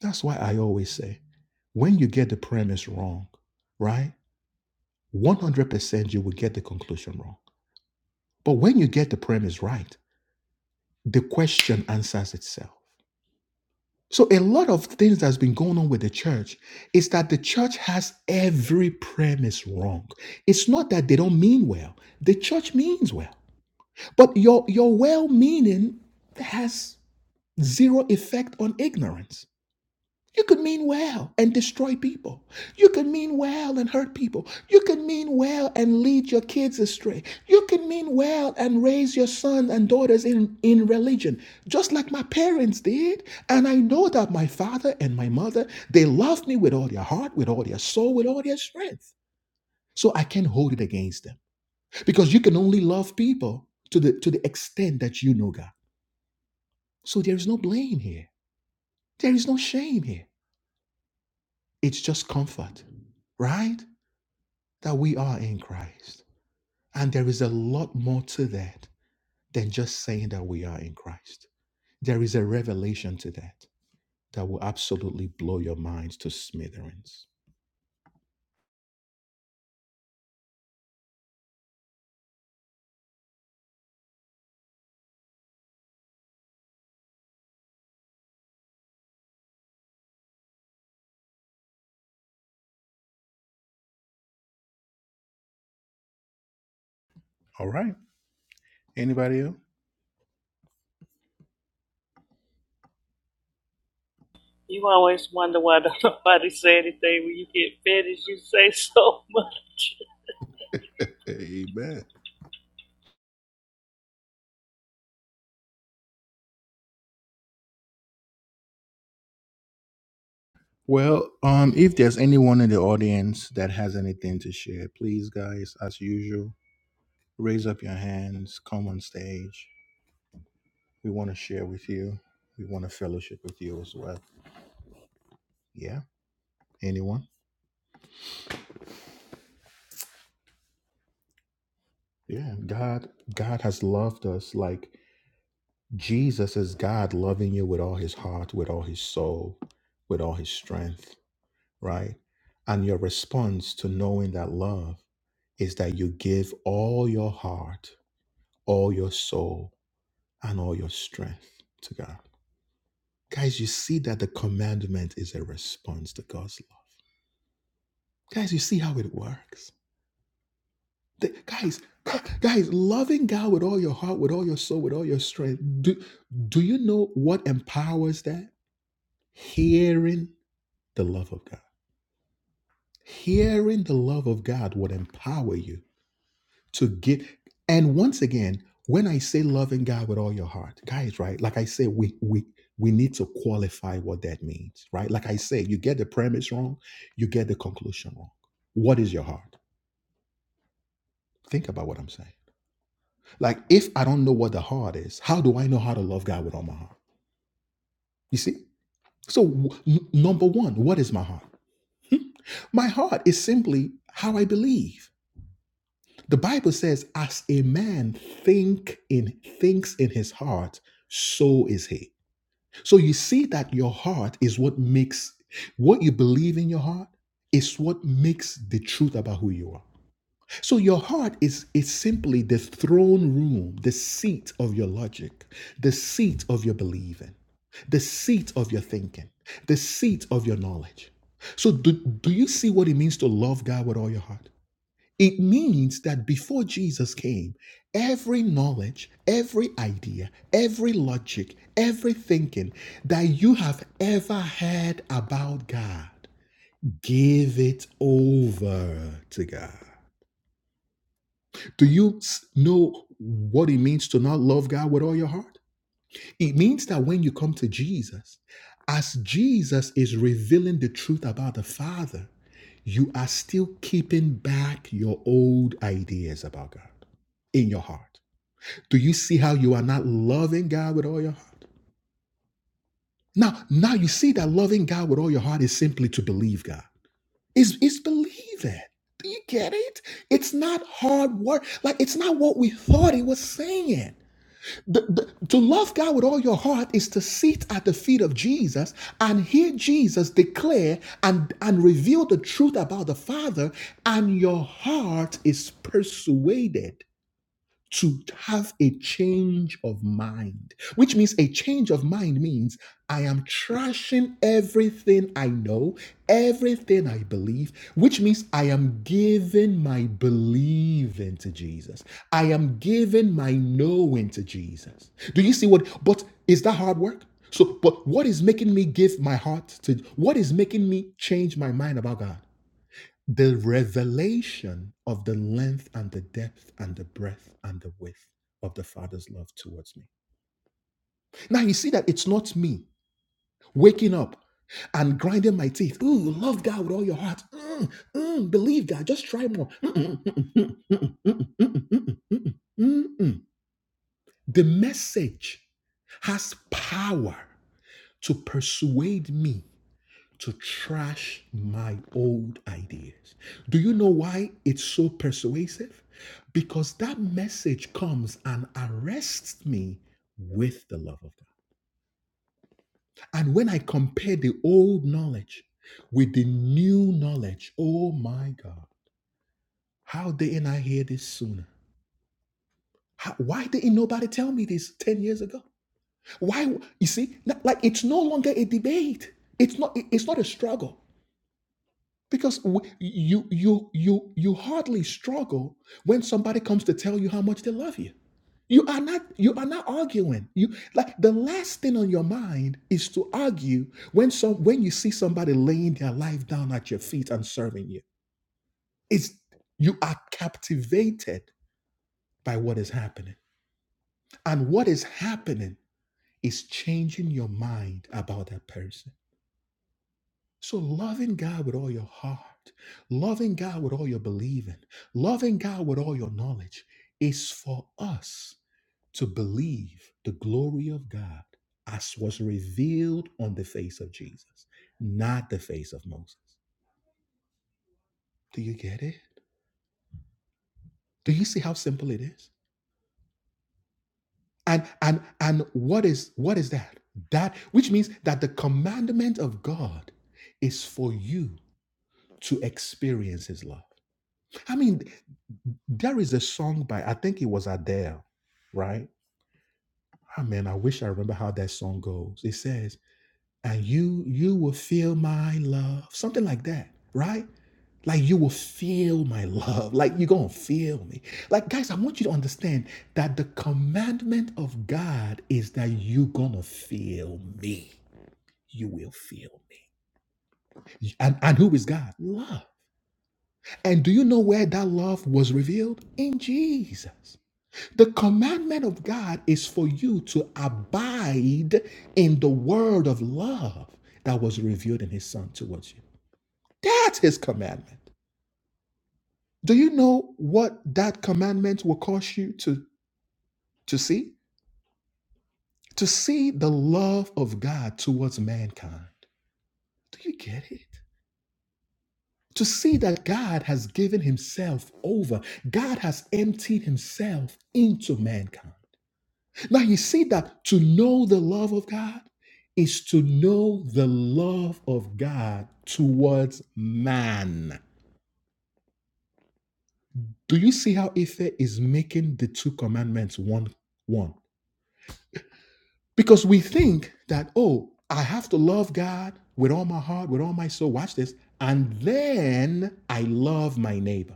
S1: that's why i always say when you get the premise wrong right 100% you will get the conclusion wrong But when you get the premise right, the question answers itself. So a lot of things that's been going on with the church is that the church has every premise wrong. It's not that they don't mean well. The church means well. But your your well-meaning has zero effect on ignorance. You could mean well and destroy people. You could mean well and hurt people. You could mean well and lead your kids astray. You could mean well and raise your sons and daughters in, in religion, just like my parents did. And I know that my father and my mother, they loved me with all their heart, with all their soul, with all their strength. So I can't hold it against them because you can only love people to the, to the extent that you know God. So there is no blame here. There is no shame here. It's just comfort, right? that we are in Christ. And there is a lot more to that than just saying that we are in Christ. There is a revelation to that that will absolutely blow your minds to smithereens. All right. Anybody else?
S3: You always wonder why don't nobody say anything when you get finished. You say so much.
S1: Amen. Well, um, if there's anyone in the audience that has anything to share, please, guys, as usual, raise up your hands, come on stage. We want to share with you. We want to fellowship with you as well. Yeah. Anyone? Yeah, God God has loved us like Jesus is God loving you with all his heart, with all his soul, with all his strength, right? And your response to knowing that love is that you give all your heart, all your soul, and all your strength to God. Guys, you see that the commandment is a response to God's love. Guys, you see how it works. Th- guys, guys, loving God with all your heart, with all your soul, with all your strength. Do, do you know what empowers that? Hearing the love of God. Hearing the love of God would empower you to get. And once again, when I say loving God with all your heart, guys, right? Like I say, we we we need to qualify what that means, right? Like I say, you get the premise wrong, you get the conclusion wrong. What is your heart? Think about what I'm saying. Like, if I don't know what the heart is, how do I know how to love God with all my heart? You see? So, w- n- number one, what is my heart? My heart is simply how I believe. The Bible says, as a man think in thinks in his heart, so is he. So you see that your heart is what makes what you believe in your heart is what makes the truth about who you are. So your heart is is simply the throne room, the seat of your logic, the seat of your believing, the seat of your thinking, the seat of your knowledge. So do, do you see what it means to love God with all your heart? It means that before Jesus came, every knowledge, every idea, every logic, every thinking that you have ever had about God, give it over to God. Do you s- know what it means to not love God with all your heart? It means that when you come to Jesus, as Jesus is revealing the truth about the Father, you are still keeping back your old ideas about God in your heart. Do you see how you are not loving God with all your heart? Now, now you see that loving God with all your heart is simply to believe God. Is is believe it. Do you get it? It's not hard work. Like it's not what we thought it was saying. The- the- to love God with all your heart is to sit at the feet of Jesus and hear Jesus declare and, and reveal the truth about the Father, and your heart is persuaded to have a change of mind, which means a change of mind means I am trashing everything I know, everything I believe, which means I am giving my believing to Jesus. I am giving my knowing to Jesus. Do you see what? But is that hard work? So, but what is making me give my heart to, what is making me change my mind about God? the revelation of the length and the depth and the breadth and the width of the Father's love towards me. Now you see that it's not me waking up and grinding my teeth. Ooh, love God with all your heart. Mm, mm, believe God. Just try more. Mm-mm, mm-mm, mm-mm, mm-mm, mm-mm, mm-mm, mm-mm, The message has power to persuade me to trash my old ideas. Do you know why it's so persuasive? Because that message comes and arrests me with the love of God. And when I compare the old knowledge with the new knowledge, oh my God, how didn't I hear this sooner? How- why didn't nobody tell me this 10 years ago? Why, you see, like it's no longer a debate. It's not, it's not a struggle. because w- you you you you hardly struggle when somebody comes to tell you how much they love you you are not you are not arguing you like the last thing on your mind is to argue when some when you see somebody laying their life down at your feet and serving you it's you are captivated by what is happening and what is happening is changing your mind about that person So loving God with all your heart, loving God with all your believing, loving God with all your knowledge is for us to believe the glory of God as was revealed on the face of Jesus, not the face of Moses. Do you get it? Do you see how simple it is? And and and what is what is that? That which means that the commandment of God is for you to experience his love. I mean, There is a song by, I think it was Adele, right? Ah man, I wish I remember how that song goes. It says, and you, you will feel my love, something like that, right? Like you will feel my love, like you're gonna feel me. Like, guys, I want you to understand that the commandment of God is that you're gonna feel me. You will feel me. And, and who is God? Love. And do you know where that love was revealed? In Jesus. The commandment of God is for you to abide in the word of love that was revealed in his son towards you. That's his commandment. Do you know what that commandment will cause you to, to see? To see the love of God towards mankind. Do you get it? To see that God has given himself over, God has emptied himself into mankind. Now you see that to know the love of God is to know the love of God towards man. Do you see how Ife is making the two commandments one one? Because we think that, oh, I have to love God with all my heart, with all my soul. Watch this. And then I love my neighbor.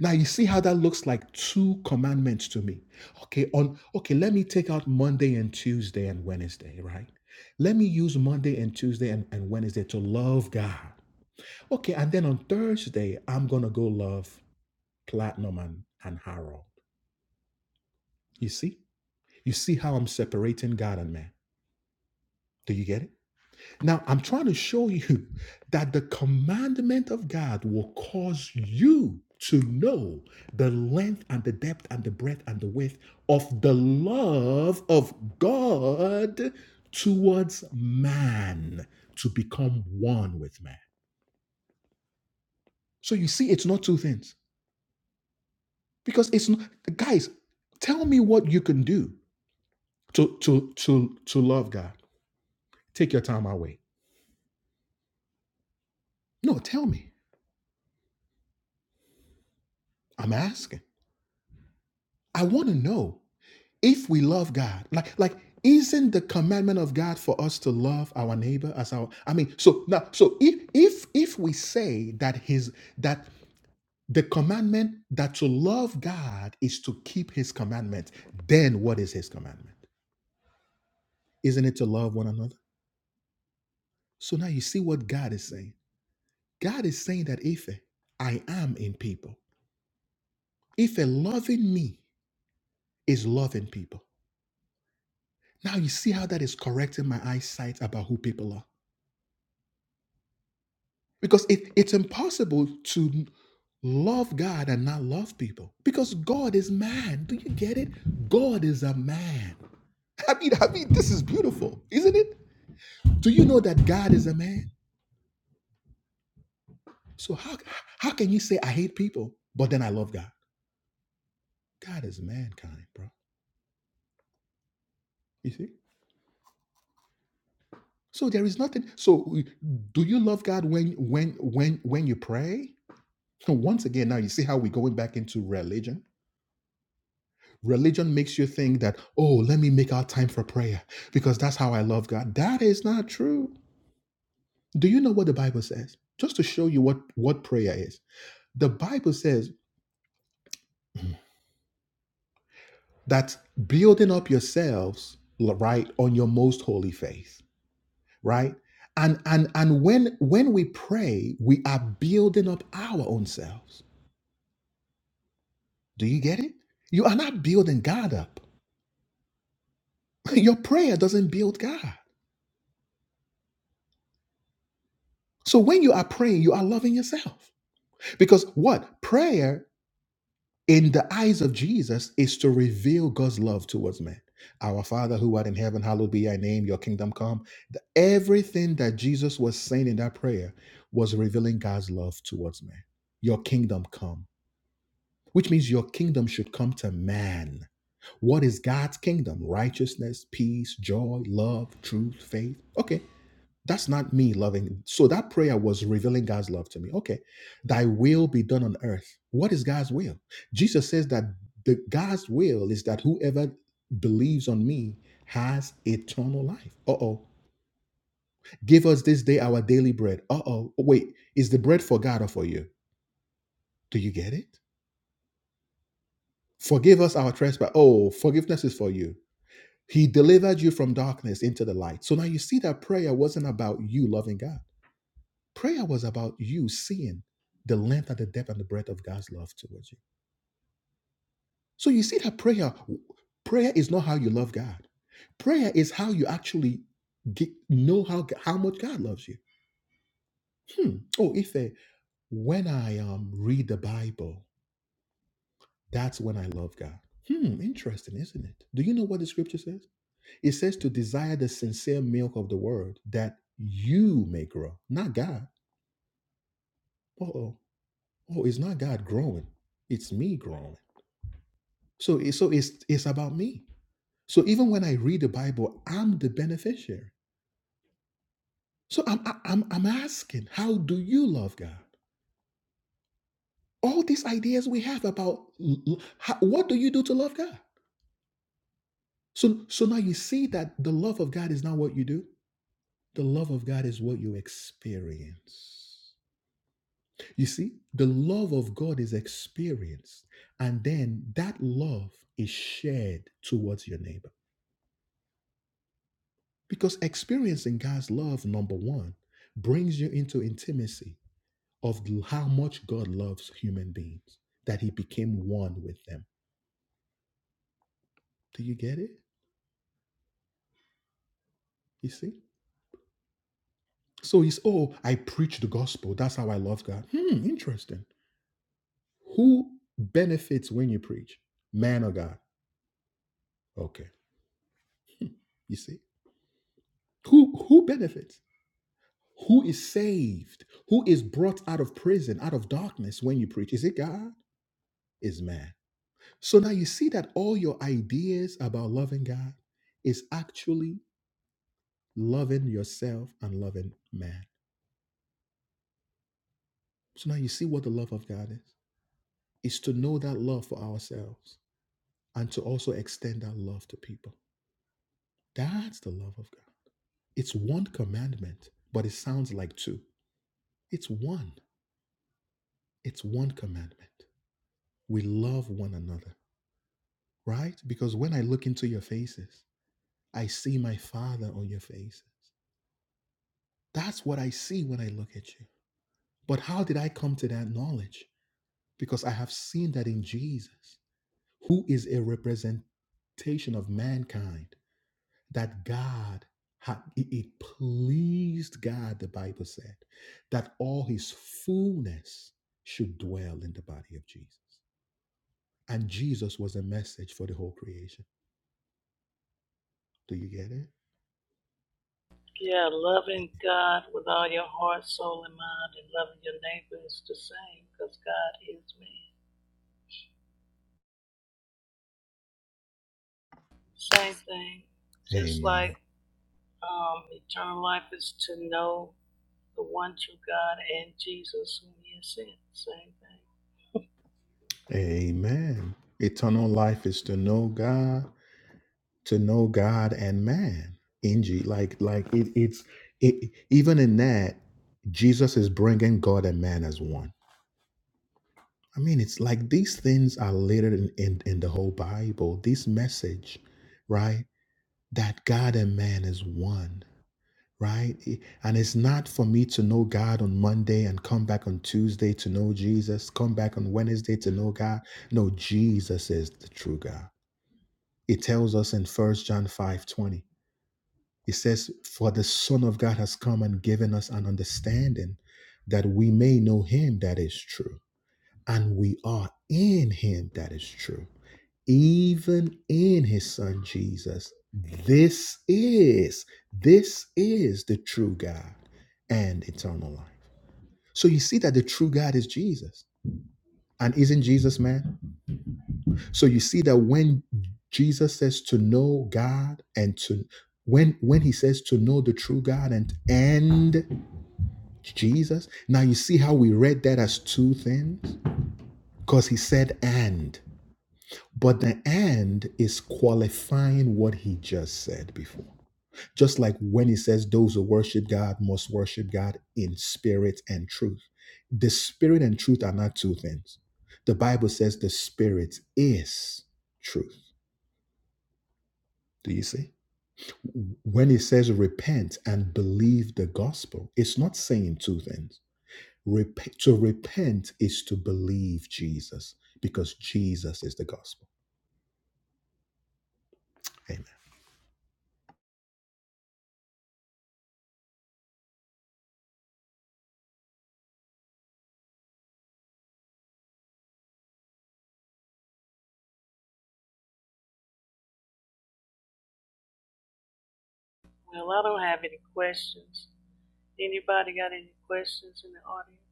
S1: Now you see how that looks like two commandments to me. Okay, on okay, let me take out Monday and Tuesday and Wednesday, right? Let me use Monday and Tuesday and, and Wednesday to love God. Okay, and then on Thursday, I'm gonna go love Platinum and, and Harold. You see? You see how I'm separating God and man. Do you get it? Now, I'm trying to show you that the commandment of God will cause you to know the length and the depth and the breadth and the width of the love of God towards man to become one with man. So you see, it's not two things because it's not, guys, tell me what you can do to, to, to, to love God. Take your time, i wait. No, tell me. I'm asking. I want to know if we love God, like like isn't the commandment of God for us to love our neighbor as our I mean, so now so if if if we say that his that the commandment that to love God is to keep his commandment, then what is his commandment? Isn't it to love one another? So now you see what God is saying. God is saying that if I am in people. Ife loving me is loving people. Now you see how that is correcting my eyesight about who people are. Because it, it's impossible to love God and not love people. Because God is man. Do you get it? God is a man. I mean, I mean, this is beautiful, isn't it? Do you know that God is a man? So how how can you say I hate people, but then I love God? God is mankind, bro. You see? So there is nothing. So do you love God when when when when you pray? So once again, now you see how we're going back into religion Religion makes you think that, oh, let me make out time for prayer because that's how I love God. That is not true. Do you know what the Bible says? Just to show you what, what prayer is. The Bible says that building up yourselves, right, on your most holy faith, right? And and and when when we pray, we are building up our own selves. Do you get it? You are not building God up. Your prayer doesn't build God. So when you are praying, you are loving yourself. Because what? Prayer in the eyes of Jesus is to reveal God's love towards man. Our Father who art in heaven, hallowed be thy name, your kingdom come. The- everything that Jesus was saying in that prayer was revealing God's love towards man. Your kingdom come, which means your kingdom should come to man. What is God's kingdom? Righteousness, peace, joy, love, truth, faith. Okay that's not me loving. So that prayer was revealing God's love to me. Okay. Thy will be done on earth. What is God's will? Jesus says that the God's will is that whoever believes on me has eternal life. Uh-oh. Give us this day our daily bread. Uh-oh. Wait, is the bread for God or for you? Do you get it? Forgive us our trespass. Oh, forgiveness is for you. He delivered you from darkness into the light. So now you see that prayer wasn't about you loving God. Prayer was about you seeing the length and the depth and the breadth of God's love towards you. So you see that prayer, prayer is not how you love God. Prayer is how you actually get, know how how much God loves you. Hmm. Oh, Ife, when I um read the Bible, that's when I love God. Hmm, interesting, isn't it? Do you know what the scripture says? It says to desire the sincere milk of the word that you may grow, not God. Uh oh. Oh, it's not God growing. It's me growing. So, it- so it's it's about me. So even when I read the Bible, I'm the beneficiary. So I'm I- I'm I'm asking, how do you love God? All these ideas we have about l- l- how, what do you do to love God? So so now you see that the love of God is not what you do. The love of God is what you experience. You see, the love of God is experienced, and then that love is shared towards your neighbor. Because experiencing God's love, number one, brings you into intimacy of how much God loves human beings, that He became one with them. Do you get it? You see? So He's, oh, I preach the gospel. That's how I love God. Hmm, interesting. Who benefits when you preach? Man or God? Okay. You see? Who who benefits? Who is saved? Who is brought out of prison, out of darkness when you preach? Is it God? Is man? So now you see that all your ideas about loving God is actually loving yourself and loving man. So now you see what the love of God is. It's to know that love for ourselves and to also extend that love to people. That's the love of God. It's one commandment, but it sounds like two. It's one. It's one commandment. We love one another, right? Because when I look into your faces, I see my Father on your faces. That's what I see when I look at you. But how did I come to that knowledge? Because I have seen that in Jesus, who is a representation of mankind, that God had, it it pleased God, the Bible said, that all his fullness should dwell in the body of Jesus. And Jesus was a message for the whole creation. Do you get it?
S3: Yeah, loving God with all your heart, soul, and mind, and loving your neighbor is the same because God is man. Same thing. Just
S1: Amen.
S3: like um, eternal life is to know the one true God and Jesus whom He has sent. Same thing.
S1: Amen. Eternal life is to know God to know God and man Inji, Like like it, it's it, even in that Jesus is bringing God and man as one. I mean, it's like these things are littered in, in, in the whole Bible. This message, right? That God and man is one, right? It- And it's not for me to know God on Monday and come back on Tuesday to know Jesus, come back on Wednesday to know God. No, Jesus is the true God. It tells us in First John five twenty. It says, For the Son of God has come and given us an understanding that we may know him that is true, and we are in him that is true, even in his Son Jesus. This is, this is the true God and eternal life. So you see that the true God is Jesus. And isn't Jesus man? So you see that when Jesus says to know God and to when when he says to know the true God and and Jesus, now you see how we read that as two things because he said and but the and is qualifying what he just said before. Just like when he says those who worship God must worship God in spirit and truth. The spirit and truth are not two things. The Bible says the spirit is truth. Do you see? when it says repent and believe the gospel, it's not saying two things. Rep- to repent is to believe Jesus because Jesus is the gospel. Amen.
S3: Well, I don't have any questions. Anybody got any questions in the audience?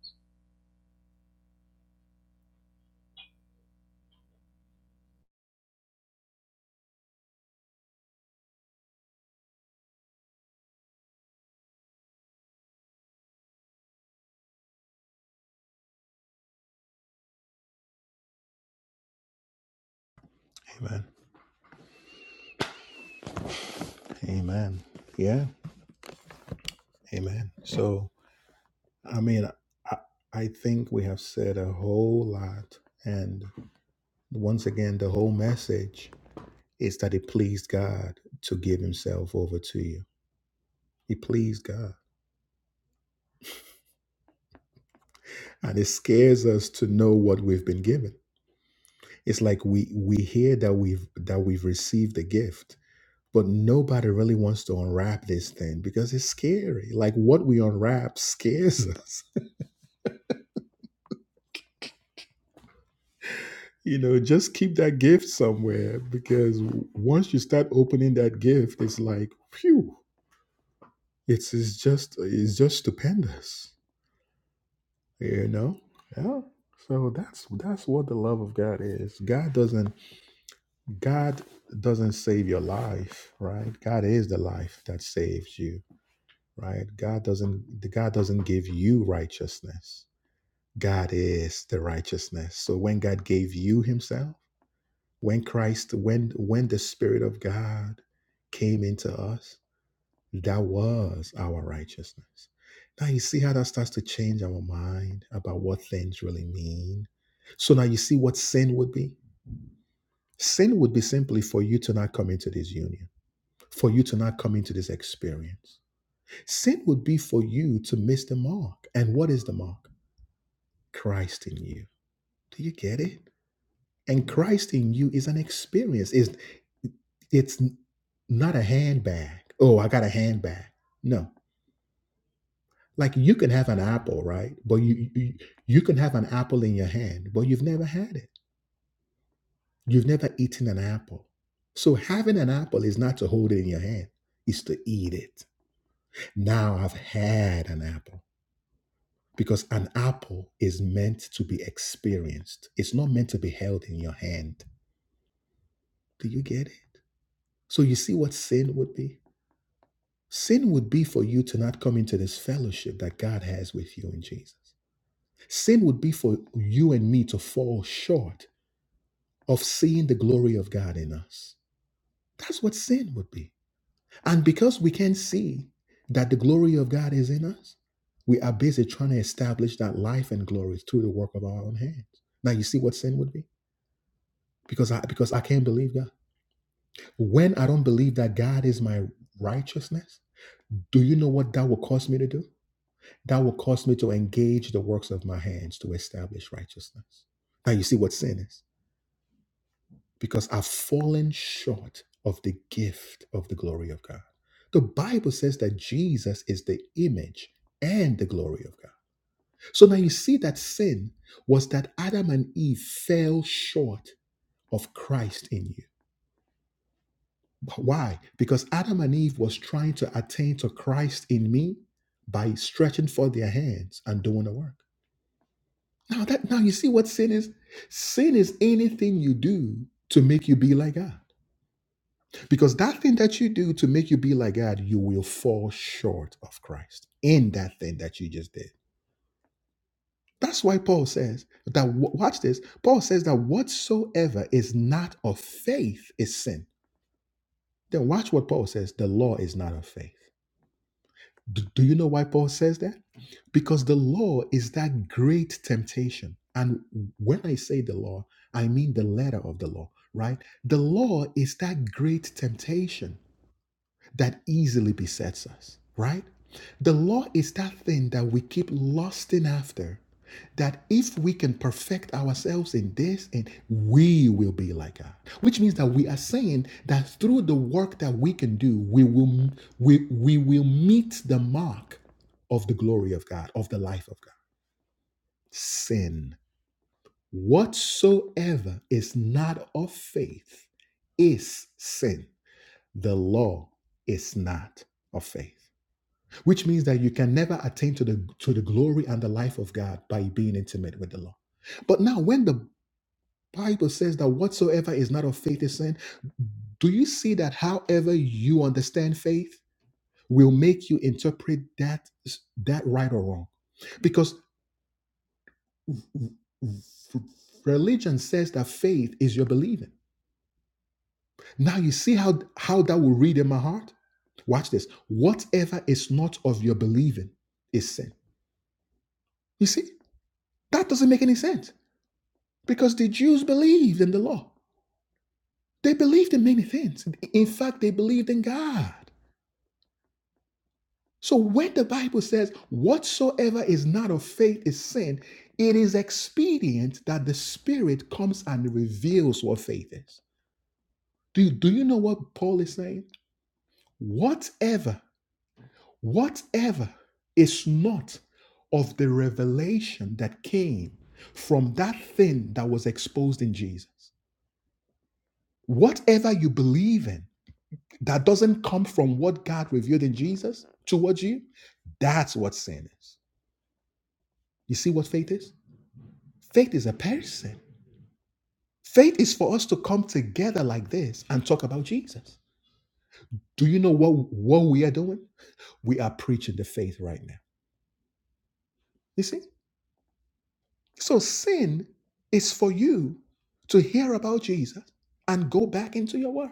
S1: Amen. Amen. Yeah. Amen. So, I mean, I, I think we have said a whole lot. And once again, the whole message is that it pleased God to give himself over to you. It pleased God. And it scares us to know what we've been given It's like we we hear that we've that we've received the gift, but nobody really wants to unwrap this thing because it's scary. Like what we unwrap scares us. you know, just keep that gift somewhere because once you start opening that gift, it's like, phew, it's, it's just it's just stupendous. You know? Yeah. So that's that's what the love of God is. God doesn't God doesn't save your life, right? God is the life that saves you right god doesn't god doesn't give you righteousness god is the righteousness so when god gave you himself when christ when when the spirit of god came into us that was our righteousness now you see how that starts to change our mind about what things really mean so now you see what sin would be sin would be simply for you to not come into this union for you to not come into this experience Sin would be for you to miss the mark. And what is the mark? Christ in you. Do you get it? And Christ in you is an experience. Is it's it's not a handbag. Oh, I got a handbag. No. Like you can have an apple, right? But you, you you can have an apple in your hand, but you've never had it. You've never eaten an apple. So having an apple is not to hold it in your hand, it's to eat it. Now I've had an apple. because an apple is meant to be experienced. It's not meant to be held in your hand. Do you get it? So you see what sin would be? Sin would be for you to not come into this fellowship that God has with you in Jesus. Sin would be for you and me to fall short of seeing the glory of God in us. That's what sin would be. And because we can't see that the glory of God is in us, we are busy trying to establish that life and glory through the work of our own hands. Now you see what sin would be? because I because I can't believe God. When I don't believe that God is my righteousness, do you know what that will cause me to do? That will cause me to engage the works of my hands to establish righteousness. Now you see what sin is. Because I've fallen short of the gift of the glory of God. The Bible says that Jesus is the image and the glory of God. So now you see that sin was that Adam and Eve fell short of Christ in you. Why? Because Adam and Eve was trying to attain to Christ in me by stretching forth their hands and doing the work. Now that now you see what sin is? Sin is anything you do to make you be like God. Because that thing that you do to make you be like God, you will fall short of Christ in that thing that you just did. That's why Paul says that w- watch this. Paul says that whatsoever is not of faith is sin. Then watch what Paul says, the law is not of faith. Do, do you know why Paul says that? Because the law is that great temptation. And when I say the law, I mean the letter of the law, right? The law is that great temptation that easily besets us, right? The law is that thing that we keep lusting after, that if we can perfect ourselves in this, and we will be like God. Which means that we are saying that through the work that we can do, we will we, we will meet the mark of the glory of God, of the life of God. Sin. Whatsoever is not of faith is sin. The law is not of faith which means that you can never attain to the to the glory and the life of God by being intimate with the law. But now when the Bible says that whatsoever is not of faith is sin, do you see that however you understand faith will make you interpret that that right or wrong? Because religion says that faith is your believing. Now you see how how that will read in my heart? Watch this. Whatever is not of your believing is sin. You see? That doesn't make any sense. Because the Jews believed in the law. They believed in many things. In fact, they believed in God. So when the Bible says, whatsoever is not of faith is sin, it is expedient that the Spirit comes and reveals what faith is. Do, you, do you know what Paul is saying? Whatever, whatever is not of the revelation that came from that thing that was exposed in Jesus, whatever you believe in, that doesn't come from what God revealed in Jesus towards you, that's what sin is. You see what faith is? Faith is a person. Faith is for us to come together like this and talk about Jesus. Do you know what, what we are doing? We are preaching the faith right now. You see? So sin is for you to hear about Jesus and go back into your world.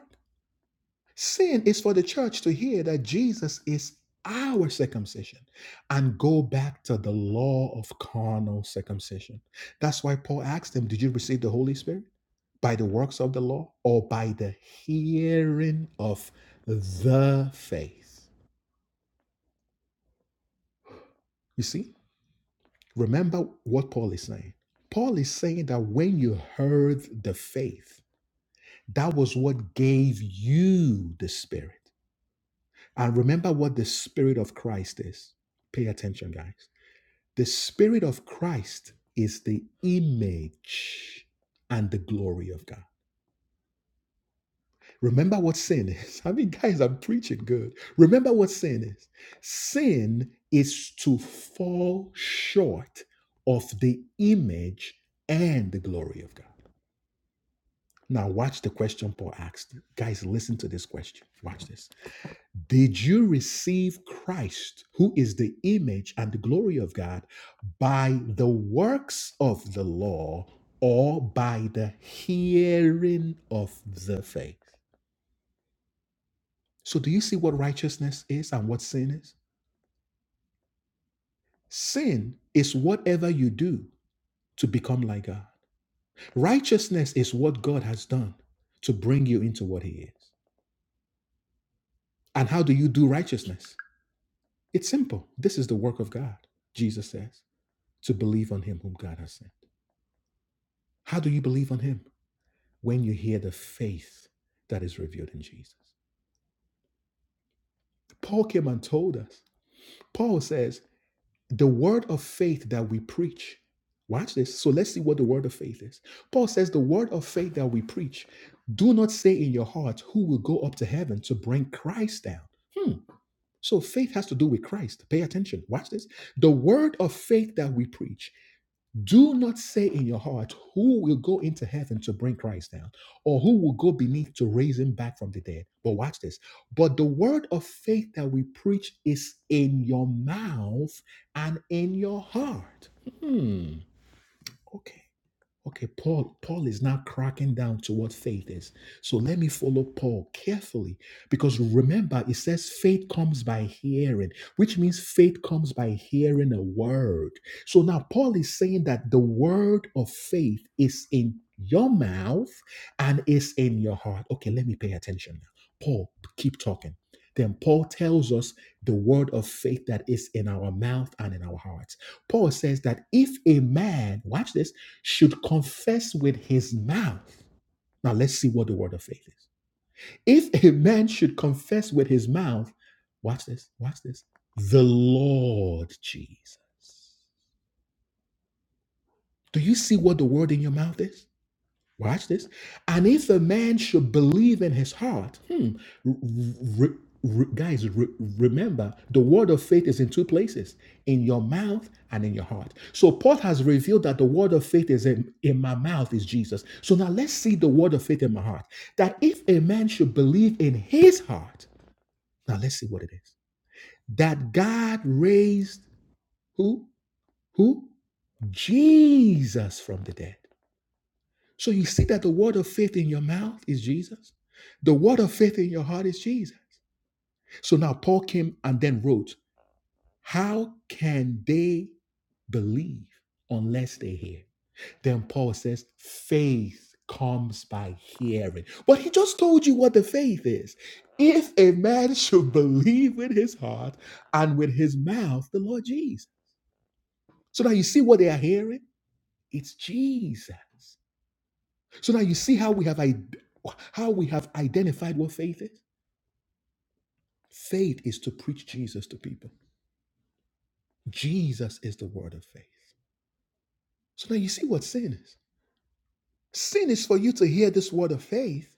S1: Sin is for the church to hear that Jesus is our circumcision and go back to the law of carnal circumcision. That's why Paul asked them, Did you receive the Holy Spirit by the works of the law or by the hearing of the faith? You see, remember what Paul is saying. Paul is saying that when you heard the faith, that was what gave you the Spirit. And remember what the Spirit of Christ is. Pay attention, guys. The Spirit of Christ is the image and the glory of God. Remember what sin is. I mean, guys, I'm preaching good. Remember what sin is. Sin is to fall short of the image and the glory of God. Now, watch the question Paul asked. Guys, listen to this question. Watch this. Did you receive Christ, who is the image and the glory of God, by the works of the law or by the hearing of the faith? So, do you see what righteousness is and what sin is? Sin is whatever you do to become like God, righteousness is what God has done to bring you into what He is. And how do you do righteousness? It's simple. This is the work of God, Jesus says, to believe on Him whom God has sent. How do you believe on him? When you hear the faith that is revealed in Jesus. Paul came and told us. Paul says, the word of faith that we preach. Watch this. So let's see what the word of faith is. Paul says, the word of faith that we preach, do not say in your heart, who will go up to heaven to bring Christ down. Hmm. So faith has to do with Christ. Pay attention. Watch this. The word of faith that we preach Do not say in your heart, Who will go into heaven to bring Christ down, or who will go beneath to raise him back from the dead? But watch this. But the word of faith that we preach is in your mouth and in your heart. Hmm. Okay. Okay, Paul, Paul is now cracking down to what faith is. So let me follow Paul carefully because remember, it says faith comes by hearing, which means faith comes by hearing a word. So now Paul is saying that the word of faith is in your mouth and is in your heart. Okay, let me pay attention now. Paul, keep talking. Then Paul tells us the word of faith that is in our mouth and in our hearts. Paul says that if a man, watch this, should confess with his mouth. Now let's see what the word of faith is. If a man should confess with his mouth, watch this, watch this, the Lord Jesus. Do you see what the word in your mouth is? Watch this. And if a man should believe in his heart, hmm, re- re- guys, re- remember the word of faith is in two places in your mouth and in your heart. So Paul has revealed that the word of faith is in, in my mouth is Jesus. So now let's see the word of faith in my heart. That if a man should believe in his heart, now let's see what it is. That God raised who? Who? Jesus from the dead. So you see that the word of faith in your mouth is Jesus. The word of faith in your heart is Jesus. So now Paul came and then wrote, How can they believe unless they hear? Then Paul says, Faith comes by hearing. But he just told you what the faith is. If a man should believe with his heart and with his mouth, the Lord Jesus. So now you see what they are hearing? It's Jesus. So now you see how we have id- how we have identified what faith is. Faith is to preach Jesus to people. Jesus is the word of faith. So now you see what sin is. Sin is for you to hear this word of faith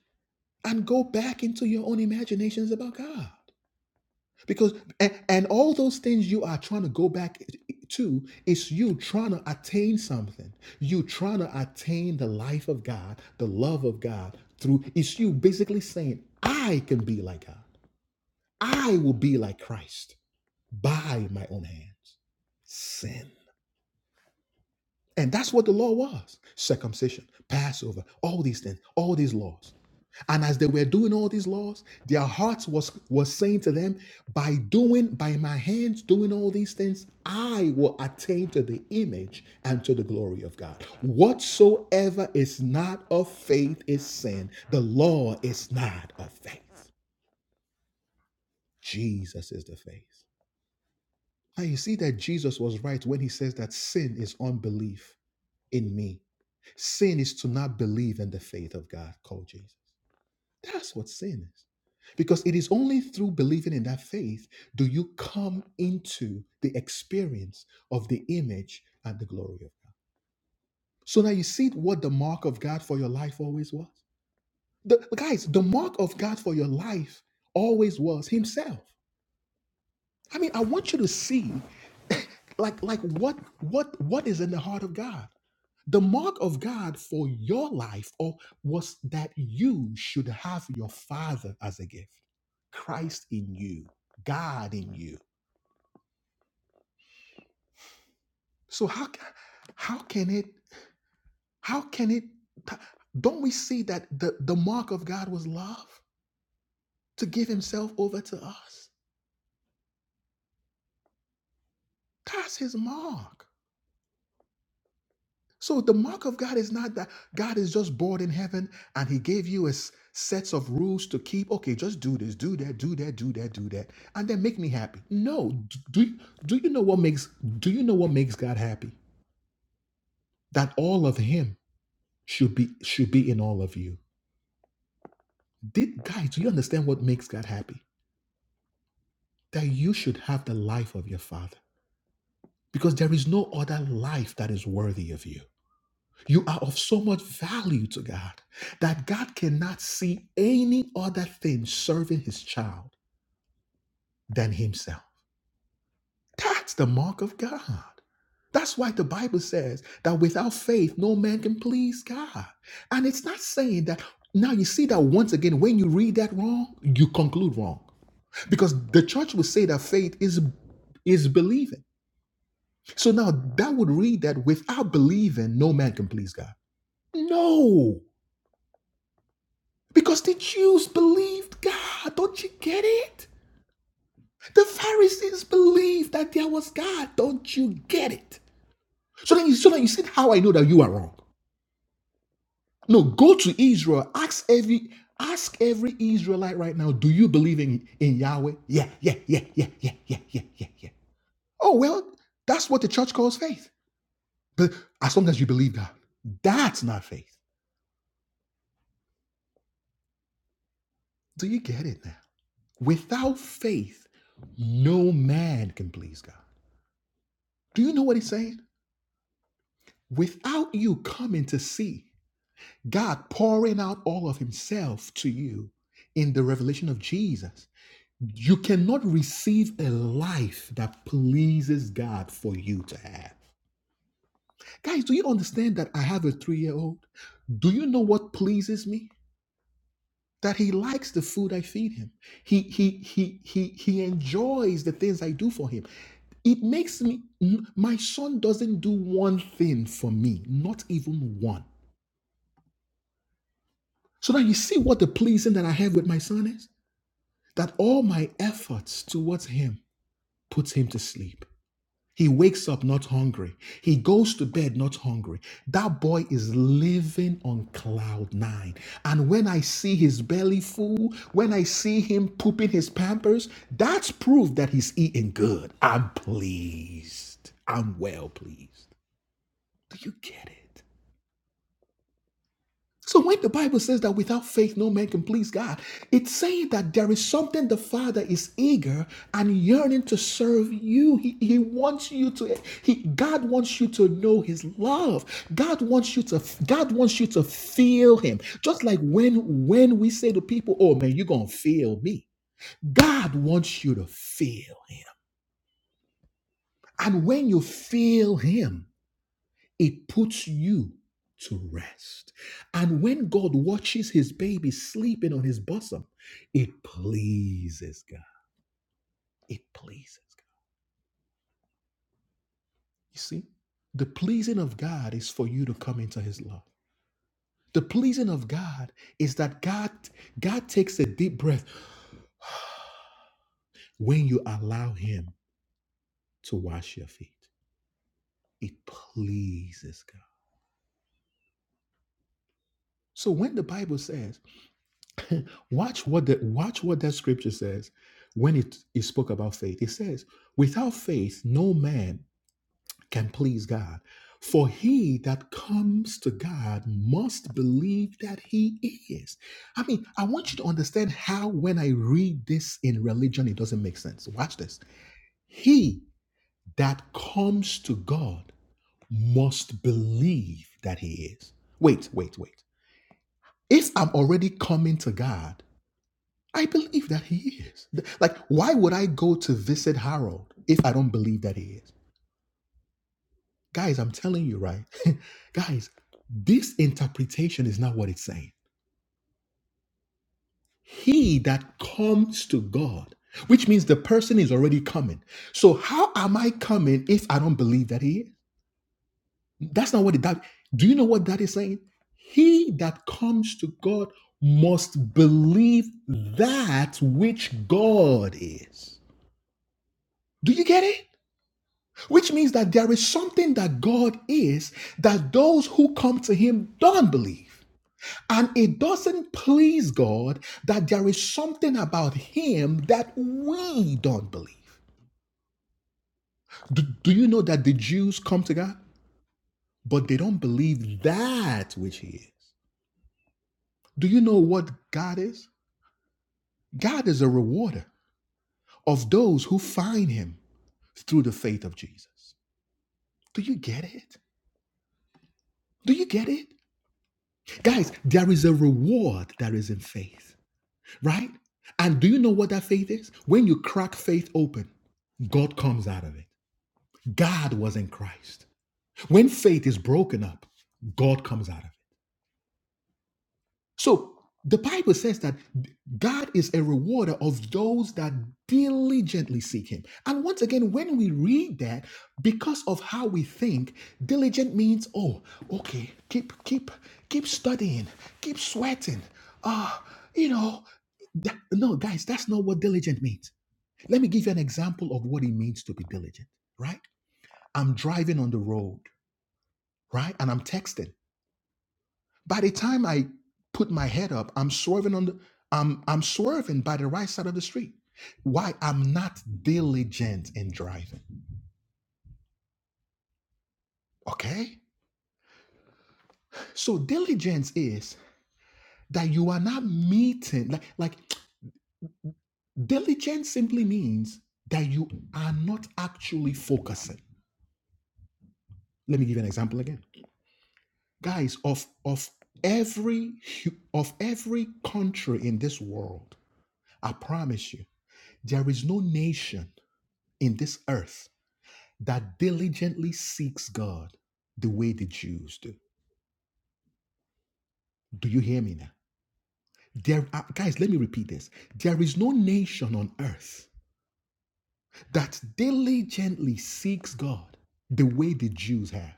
S1: and go back into your own imaginations about God. Because and, and all those things you are trying to go back to is you trying to attain something. You trying to attain the life of God, the love of God through it's you basically saying, I can be like God. I will be like Christ by my own hands. Sin. And that's what the law was circumcision, Passover, all these things, all these laws. And as they were doing all these laws, their hearts was, was saying to them, By doing, by my hands doing all these things, I will attain to the image and to the glory of God. Whatsoever is not of faith is sin. The law is not of faith. Jesus is the faith. And you see that Jesus was right when he says that sin is unbelief in me. Sin is to not believe in the faith of God called Jesus. That's what sin is. Because it is only through believing in that faith do you come into the experience of the image and the glory of God. So now you see what the mark of God for your life always was. The, guys, the mark of God for your life always was Himself. I mean, I want you to see like like what what what is in the heart of God. The mark of God for your life or was that you should have your father as a gift. Christ in you, God in you. So how ca- how can it how can it don't we see that the, the mark of God was love to give himself over to us? That's his mark. So the mark of God is not that God is just bored in heaven and he gave you a s- sets of rules to keep. Okay, just do this, do that, do that, do that, do that, and then make me happy. No, d- do you- do you know what makes do you know what makes God happy? That all of him should be should be in all of you. Did guys, do you understand what makes God happy? That you should have the life of your father. Because there is no other life that is worthy of you. You are of so much value to God that God cannot see any other thing serving his child than himself. That's the mark of God. That's why the Bible says that without faith, no man can please God. And it's not saying that now you see that once again, when you read that wrong, you conclude wrong. Because the church will say that faith is is believing. So now that would read that without believing, no man can please God. No. Because the Jews believed God. Don't you get it? The Pharisees believed that there was God. Don't you get it? So then you so then you see how I know that you are wrong. No, go to Israel. Ask every ask every Israelite right now, do you believe in, in Yahweh? Yeah, yeah, yeah, yeah, yeah, yeah, yeah, yeah, yeah. Oh well, that's what the church calls faith. But as long as you believe God, that's not faith. Do you get it now? Without faith, no man can please God. Do you know what he's saying? Without you coming to see God pouring out all of Himself to you in the revelation of Jesus, you cannot receive a life that pleases God for you to have. Guys, do you understand that I have a three year old? Do you know what pleases me? That he likes the food I feed him. He he he he he enjoys the things I do for him. It makes me my son doesn't do one thing for me, not even one. So now you see what the pleasing that I have with my son is? That all my efforts towards him puts him to sleep. He wakes up not hungry. He goes to bed not hungry. That boy is living on cloud nine. And when I see his belly full, when I see him pooping his pampers, that's proof that he's eating good. I'm pleased. I'm well pleased. Do you get it? So when the Bible says that without faith no man can please God, it's saying that there is something the Father is eager and yearning to serve you. He, he wants you to he God wants you to know his love. God wants you to God wants you to feel him. Just like when when we say to people, "Oh man, you're going to feel me." God wants you to feel him. And when you feel him, it puts you to rest. And when God watches his baby sleeping on his bosom, it pleases God. It pleases God. You see, the pleasing of God is for you to come into his love. The pleasing of God is that God God takes a deep breath when you allow him to wash your feet. It pleases God. So when the Bible says Watch what the watch what that scripture says when it, it spoke about faith. It says, without faith, no man can please God. For he that comes to God must believe that he is. I mean, I want you to understand how when I read this in religion, it doesn't make sense. Watch this. He that comes to God must believe that he is. Wait, wait, wait. If I'm already coming to God, I believe that he is. Like, why would I go to visit Harold if I don't believe that he is? Guys, I'm telling you, right? Guys, this interpretation is not what it's saying. He that comes to God, which means the person is already coming. So, how am I coming if I don't believe that he is? That's not what it that. Do you know what that is saying? He that comes to God must believe that which God is. Do you get it? Which means that there is something that God is that those who come to Him don't believe. And it doesn't please God that there is something about Him that we don't believe. Do, do you know that the Jews come to God, but they don't believe that which He is? Do you know what God is? God is a rewarder of those who find Him through the faith of Jesus. Do you get it? Do you get it? Guys, there is a reward that is in faith. right? And do you know what that faith is? When you crack faith open, God comes out of it. God was in Christ. When faith is broken up, God comes out of it. So the Bible says that God is a rewarder of those that diligently seek Him. And once again, when we read that, because of how we think, diligent means oh, okay, keep keep keep studying, keep sweating. Ah, you know, that, no, guys, that's not what diligent means. Let me give you an example of what it means to be diligent, right? I'm driving on the road, right? And I'm texting. By the time I put my head up, I'm swerving on the I'm I'm swerving by the right side of the street. Why? I'm not diligent in driving. Okay? So diligence is that you are not meeting like like diligence simply means that you are not actually focusing. Let me give you an example again. guys of of every hu- of every country in this world i promise you there is no nation in this earth that diligently seeks god the way the jews do do you hear me now there are, guys let me repeat this there is no nation on earth that diligently seeks god the way the jews have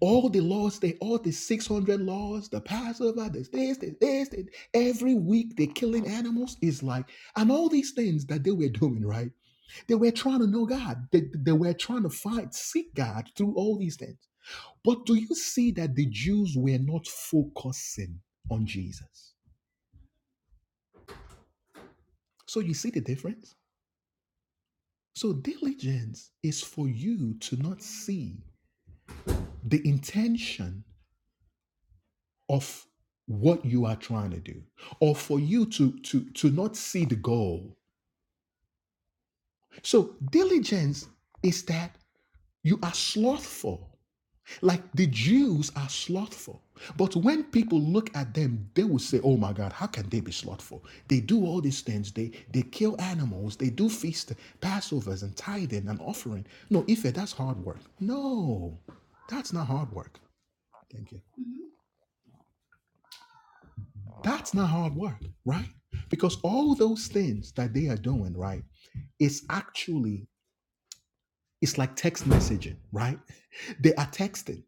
S1: all the laws they all the 600 laws the passover the this the this the, every week they are killing animals is like and all these things that they were doing right they were trying to know god they, they were trying to find seek god through all these things but do you see that the jews were not focusing on jesus so you see the difference so diligence is for you to not see the intention of what you are trying to do or for you to to to not see the goal so diligence is that you are slothful like the jews are slothful but when people look at them they will say oh my god how can they be slothful they do all these things they they kill animals they do feast passovers and tithing and offering no Ife, that's hard work no that's not hard work thank you That's not hard work, right? Because all those things that they are doing, right, is actually it's like text messaging, right? They are texting,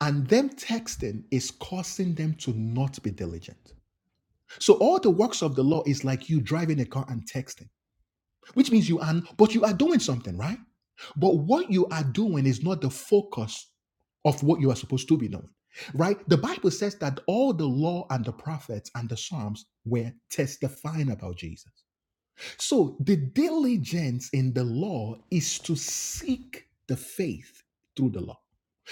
S1: and them texting is causing them to not be diligent. So all the works of the law is like you driving a car and texting which means you are but you are doing something right but what you are doing is not the focus of what you are supposed to be doing right the bible says that all the law and the prophets and the psalms were testifying about jesus so the diligence in the law is to seek the faith through the law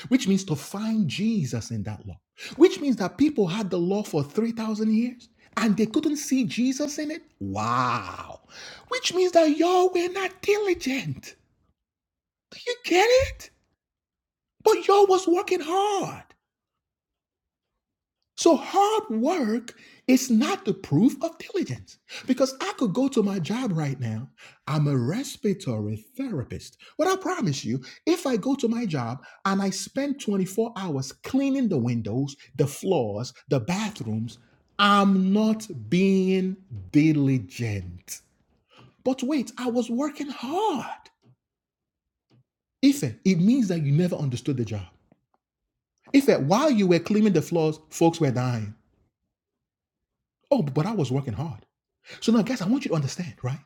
S1: which means to find Jesus in that law, which means that people had the law for 3,000 years and they couldn't see Jesus in it. Wow. Which means that y'all were not diligent. Do you get it? But y'all was working hard. So hard work is not the proof of diligence because I could go to my job right now. I'm a respiratory therapist. But I promise you, if I go to my job and I spend 24 hours cleaning the windows, the floors, the bathrooms, I'm not being diligent. But wait, I was working hard. Ife, it means that you never understood the job. Ife, while you were cleaning the floors, folks were dying. Oh, but I was working hard. So now, guys, I want you to understand, right?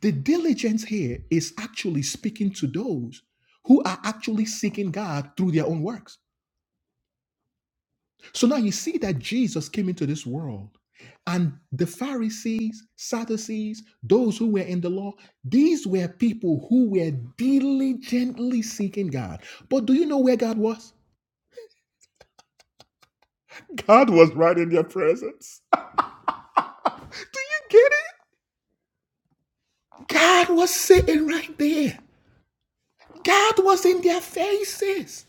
S1: The diligence here is actually speaking to those who are actually seeking God through their own works. So now you see that Jesus came into this world, and the Pharisees, Sadducees, those who were in the law, these were people who were diligently seeking God. But do you know where God was? God was right in their presence. Do you get it? God was sitting right there. God was in their faces.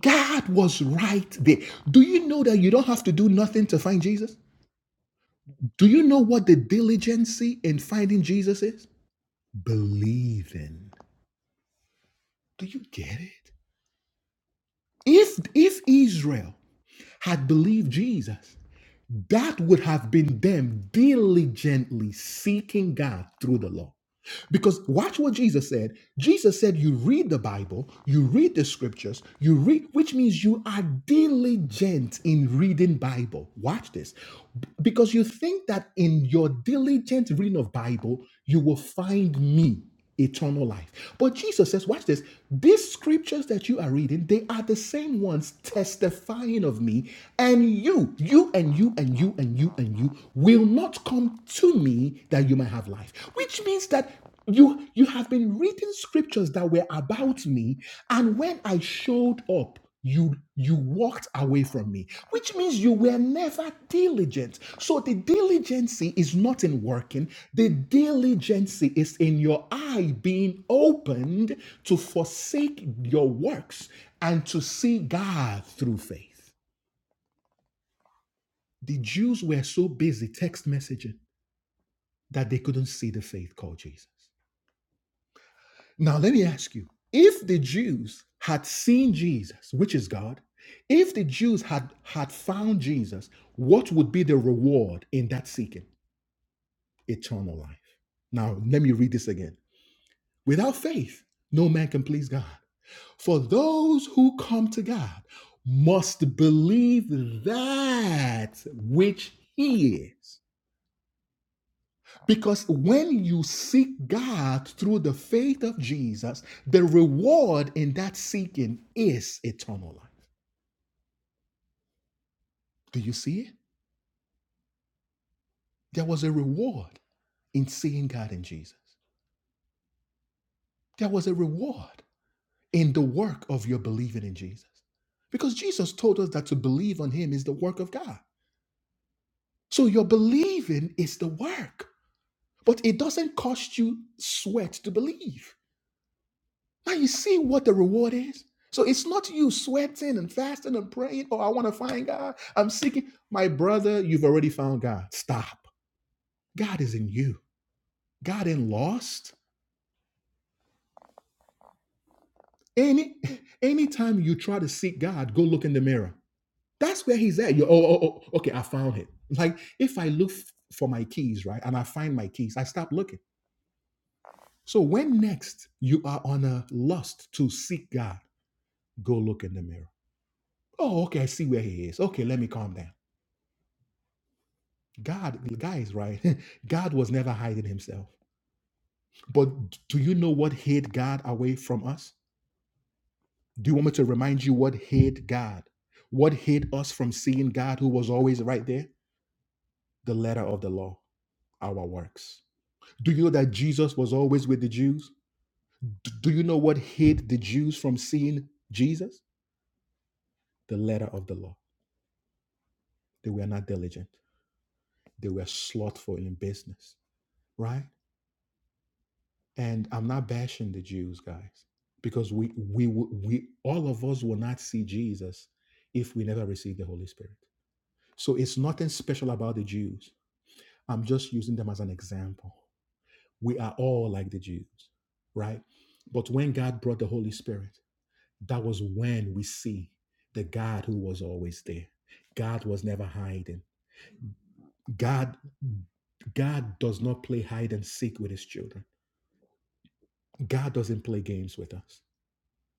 S1: God was right there. Do you know that you don't have to do nothing to find Jesus? Do you know what the diligency in finding Jesus is? Believing. Do you get it? If if Israel had believed Jesus, that would have been them diligently seeking God through the law. Because watch what Jesus said. Jesus said, You read the Bible, you read the scriptures, you read, which means you are diligent in reading Bible. Watch this. B- Because you think that in your diligent reading of Bible, you will find me eternal life. But Jesus says, watch this, these scriptures that you are reading, they are the same ones testifying of me, and you, you and you and you and you and you will not come to me that you might have life. Which means that you you have been reading scriptures that were about me, and when I showed up, you you walked away from me, which means you were never diligent. So the diligency is not in working, the diligency is in your eye being opened to forsake your works and to see God through faith. The Jews were so busy text messaging that they couldn't see the faith called Jesus. Now, let me ask you if the Jews had seen Jesus, which is God, if the Jews had, had found Jesus, what would be the reward in that seeking? Eternal life. Now, let me read this again. Without faith, no man can please God. For those who come to God must believe that which He is Because when you seek God through the faith of Jesus, the reward in that seeking is eternal life. Do you see it? There was a reward in seeing God in Jesus, there was a reward in the work of your believing in Jesus. Because Jesus told us that to believe on Him is the work of God. So your believing is the work, but it doesn't cost you sweat to believe. Now you see what the reward is. So it's not you sweating and fasting and praying, oh, I want to find God. I'm seeking. My brother, you've already found God. Stop. God is in you. God ain't lost. Any anytime you try to seek God, go look in the mirror. That's where he's at. You oh, oh, oh okay, I found it. Like if I look f- for my keys, right? And I find my keys, I stop looking. So when next you are on a lust to seek God, go look in the mirror. Oh, okay, I see where he is. Okay, let me calm down. God, the guy is right. God was never hiding himself. But do you know what hid God away from us? Do you want me to remind you what hid God? What hid us from seeing God who was always right there? The letter of the law, our works. Do you know that Jesus was always with the Jews? D- Do you know what hid the Jews from seeing Jesus? The letter of the law. They were not diligent, they were slothful in business, right? And I'm not bashing the Jews, guys, because we we w- we all of us will not see Jesus if we never receive the Holy Spirit. So it's nothing special about the Jews. I'm just using them as an example. We are all like the Jews, right? But when God brought the Holy Spirit, that was when we see the God who was always there. God was never hiding. God God does not play hide and seek with his children. God doesn't play games with us.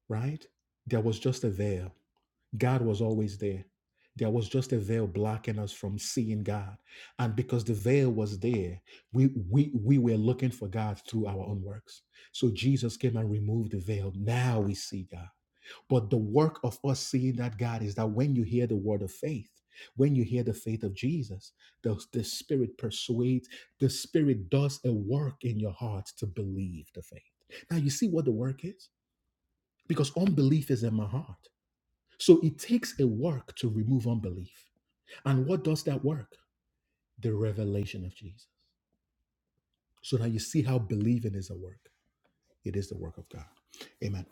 S1: right? There was just a veil. God was always there. There was just a veil blocking us from seeing God. And because the veil was there, we, we, we were looking for God through our own works. So Jesus came and removed the veil. Now we see God. But the work of us seeing that God is that when you hear the word of faith, when you hear the faith of Jesus, the, the Spirit persuades, the Spirit does a work in your heart to believe the faith. Now, you see what the work is? because unbelief is in my heart. So it takes a work to remove unbelief. And what does that work? The revelation of Jesus. So now you see how believing is a work. It is the work of God. Amen.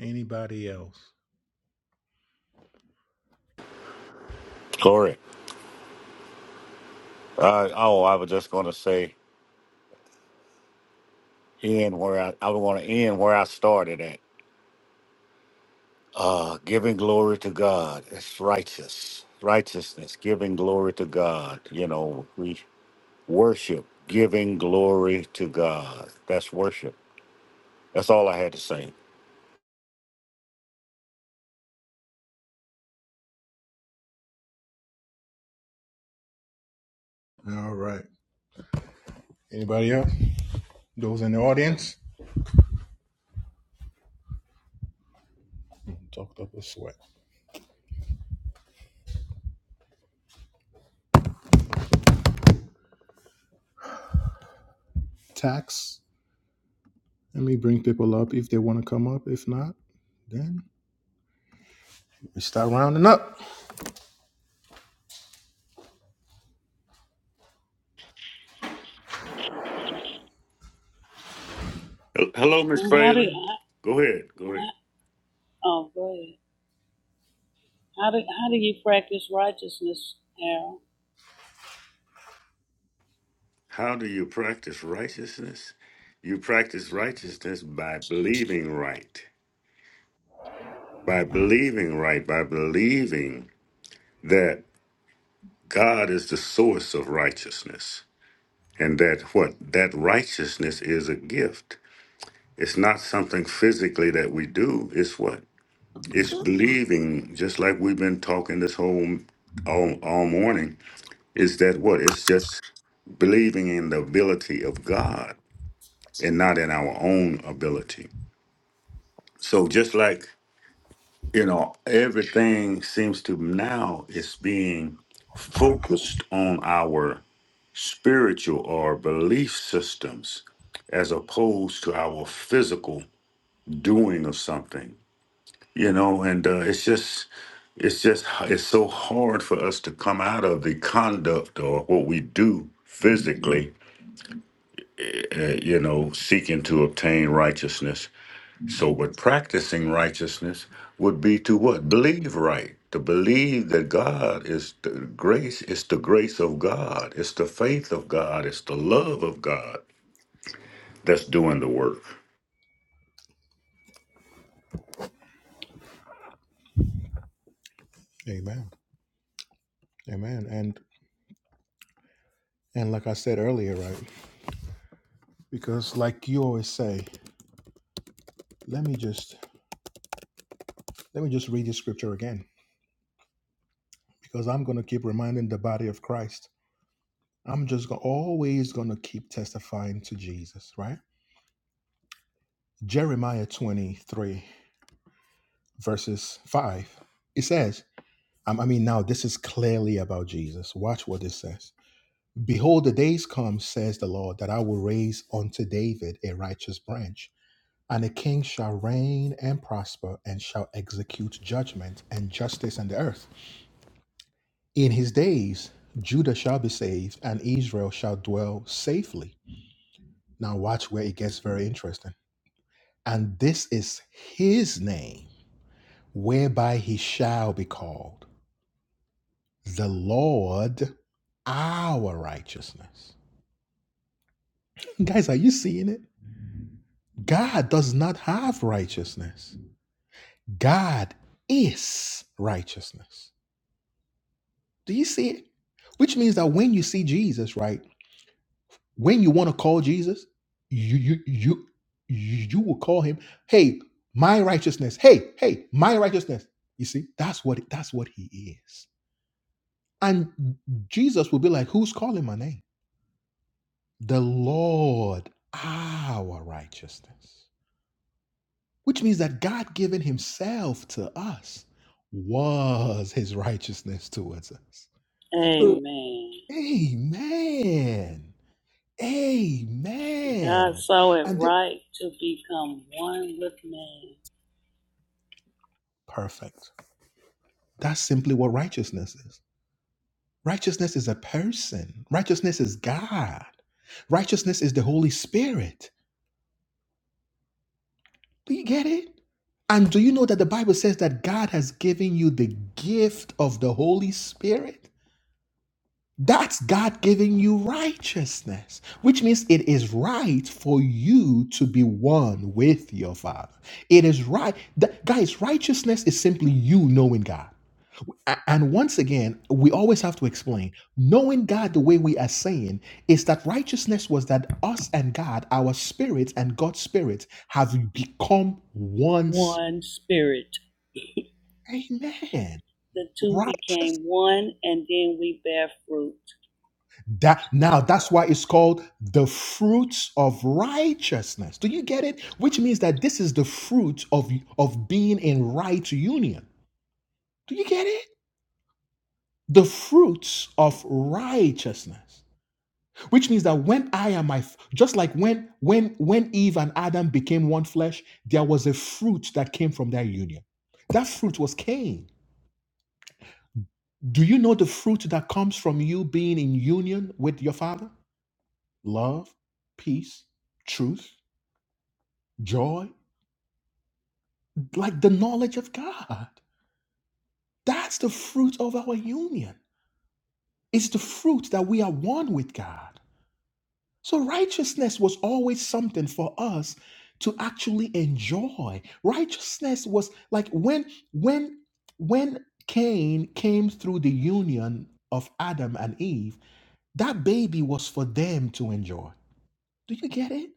S1: Anybody else?
S4: Glory. Uh, oh, I was just gonna say, end where I, I want to end where I started at. Uh, giving glory to God. It's righteous, righteousness. Giving glory to God. You know, we worship, giving glory to God. That's worship. That's all I had to say.
S1: Those in the audience? Fucked up with sweat. Tax. Let me bring people up if they want to come up. If not, then we start rounding up.
S4: Hel- Hello, Miss
S3: And how do
S4: Phelan. Go ahead. Go
S3: how,
S4: ahead.
S3: oh go ahead. How do how do you practice righteousness, Harold?
S4: How do you practice righteousness? You practice righteousness by believing right. by believing right, by believing that God is the source of righteousness and that what that righteousness is a gift. It's not something physically that we do. It's what? It's believing, just like we've been talking this whole all, all morning, is that what? It's just believing in the ability of God and not in our own ability. So just like you know, everything seems to now is being focused on our spiritual or belief systems as opposed to our physical doing of something, you know, and uh, it's just. It's just it's so hard for us to come out of the conduct or what we do physically, uh, you know, seeking to obtain righteousness So, what practicing righteousness would be to what? Believe right. To believe that God is the grace, it's the grace of God, it's the faith of God, it's the love of God that's doing the work.
S1: Amen. Amen. And and like I said earlier, right? Because like you always say, let me just let me just read the scripture again because I'm going to keep reminding the body of Christ. I'm just go- always going to keep testifying to Jesus, right? Jeremiah 23, verses 5. It says, um, I mean, now this is clearly about Jesus. Watch what it says. Behold, the days come, says the Lord, that I will raise unto David a righteous branch, and a king shall reign and prosper, and shall execute judgment and justice in the earth. In his days, Judah shall be saved, and Israel shall dwell safely. Now, watch where it gets very interesting. And this is his name, whereby he shall be called the Lord our righteousness. Guys, are you seeing it? God does not have righteousness, God is righteousness. Do you see it? Which means that when you see Jesus, right? When you want to call Jesus, you you you you will call him, "Hey, my righteousness. Hey, hey, my righteousness." You see, that's what that's what he is. And Jesus will be like, "Who's calling my name?" The Lord, our righteousness. Which means that God giving himself to us was his righteousness towards us. So,
S3: Amen.
S1: Amen.
S3: God
S1: Amen.
S3: saw it
S1: And then,
S3: right to become one with man,
S1: perfect. That's simply what righteousness is. Righteousness is a person, righteousness is God, righteousness is the Holy Spirit. Do you get it? And do you know that the Bible says that God has given you the gift of the Holy Spirit? That's God giving you righteousness, which means it is right for you to be one with your Father. It is right. That, guys, righteousness is simply you knowing God. A- And once again, we always have to explain knowing God the way we are saying is that righteousness was that us and God, our spirits and God's spirit, have become one. sp-
S3: one spirit.
S1: Amen.
S3: The two
S1: Right.
S3: became one, and then we bear fruit
S1: That now
S3: together.
S1: that's why it's called the fruits of righteousness. Do you get it? Which means that this is the fruit of of being in right union. Do you get it? The fruits of righteousness. which means that when i am my just like when when when eve and adam became one flesh there was a fruit that came from their union that fruit was cain do you know the fruit that comes from you being in union with your father love peace truth joy like the knowledge of god that's the fruit of our union it's the fruit that we are one with god So righteousness was always something for us to actually enjoy. Righteousness was like when when when Cain came through the union of Adam and Eve, that baby was for them to enjoy. Do you get it?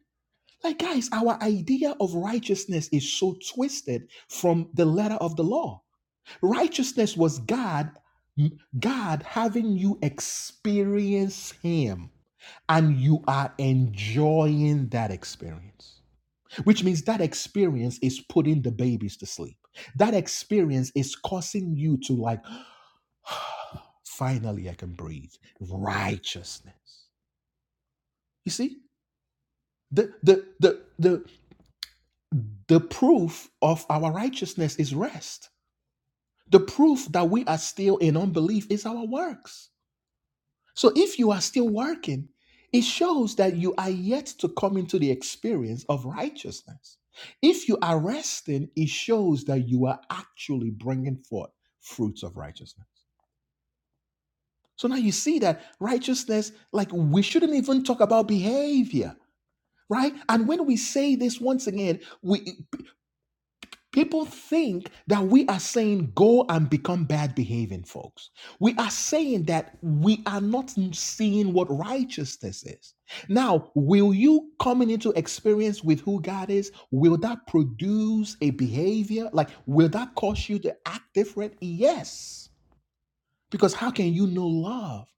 S1: Like guys, our idea of righteousness is so twisted from the letter of the law. Righteousness was God God having you experience him and you are enjoying that experience, which means that experience is putting the babies to sleep. That experience is causing you to, like, finally I can breathe. Righteousness. You see, the, the, the, the, the proof of our righteousness is rest. The proof that we are still in unbelief is our works. So if you are still working, it shows that you are yet to come into the experience of righteousness. If you are resting, it shows that you are actually bringing forth fruits of righteousness. So now you see that righteousness, like we shouldn't even talk about behavior, right? And when we say this once again, we People think that we are saying go and become bad behaving folks. We are saying that we are not seeing what righteousness is. Now, will you coming into experience with who God is, will that produce a behavior? Like, will that cause you to act different? Yes. Because how can you know love?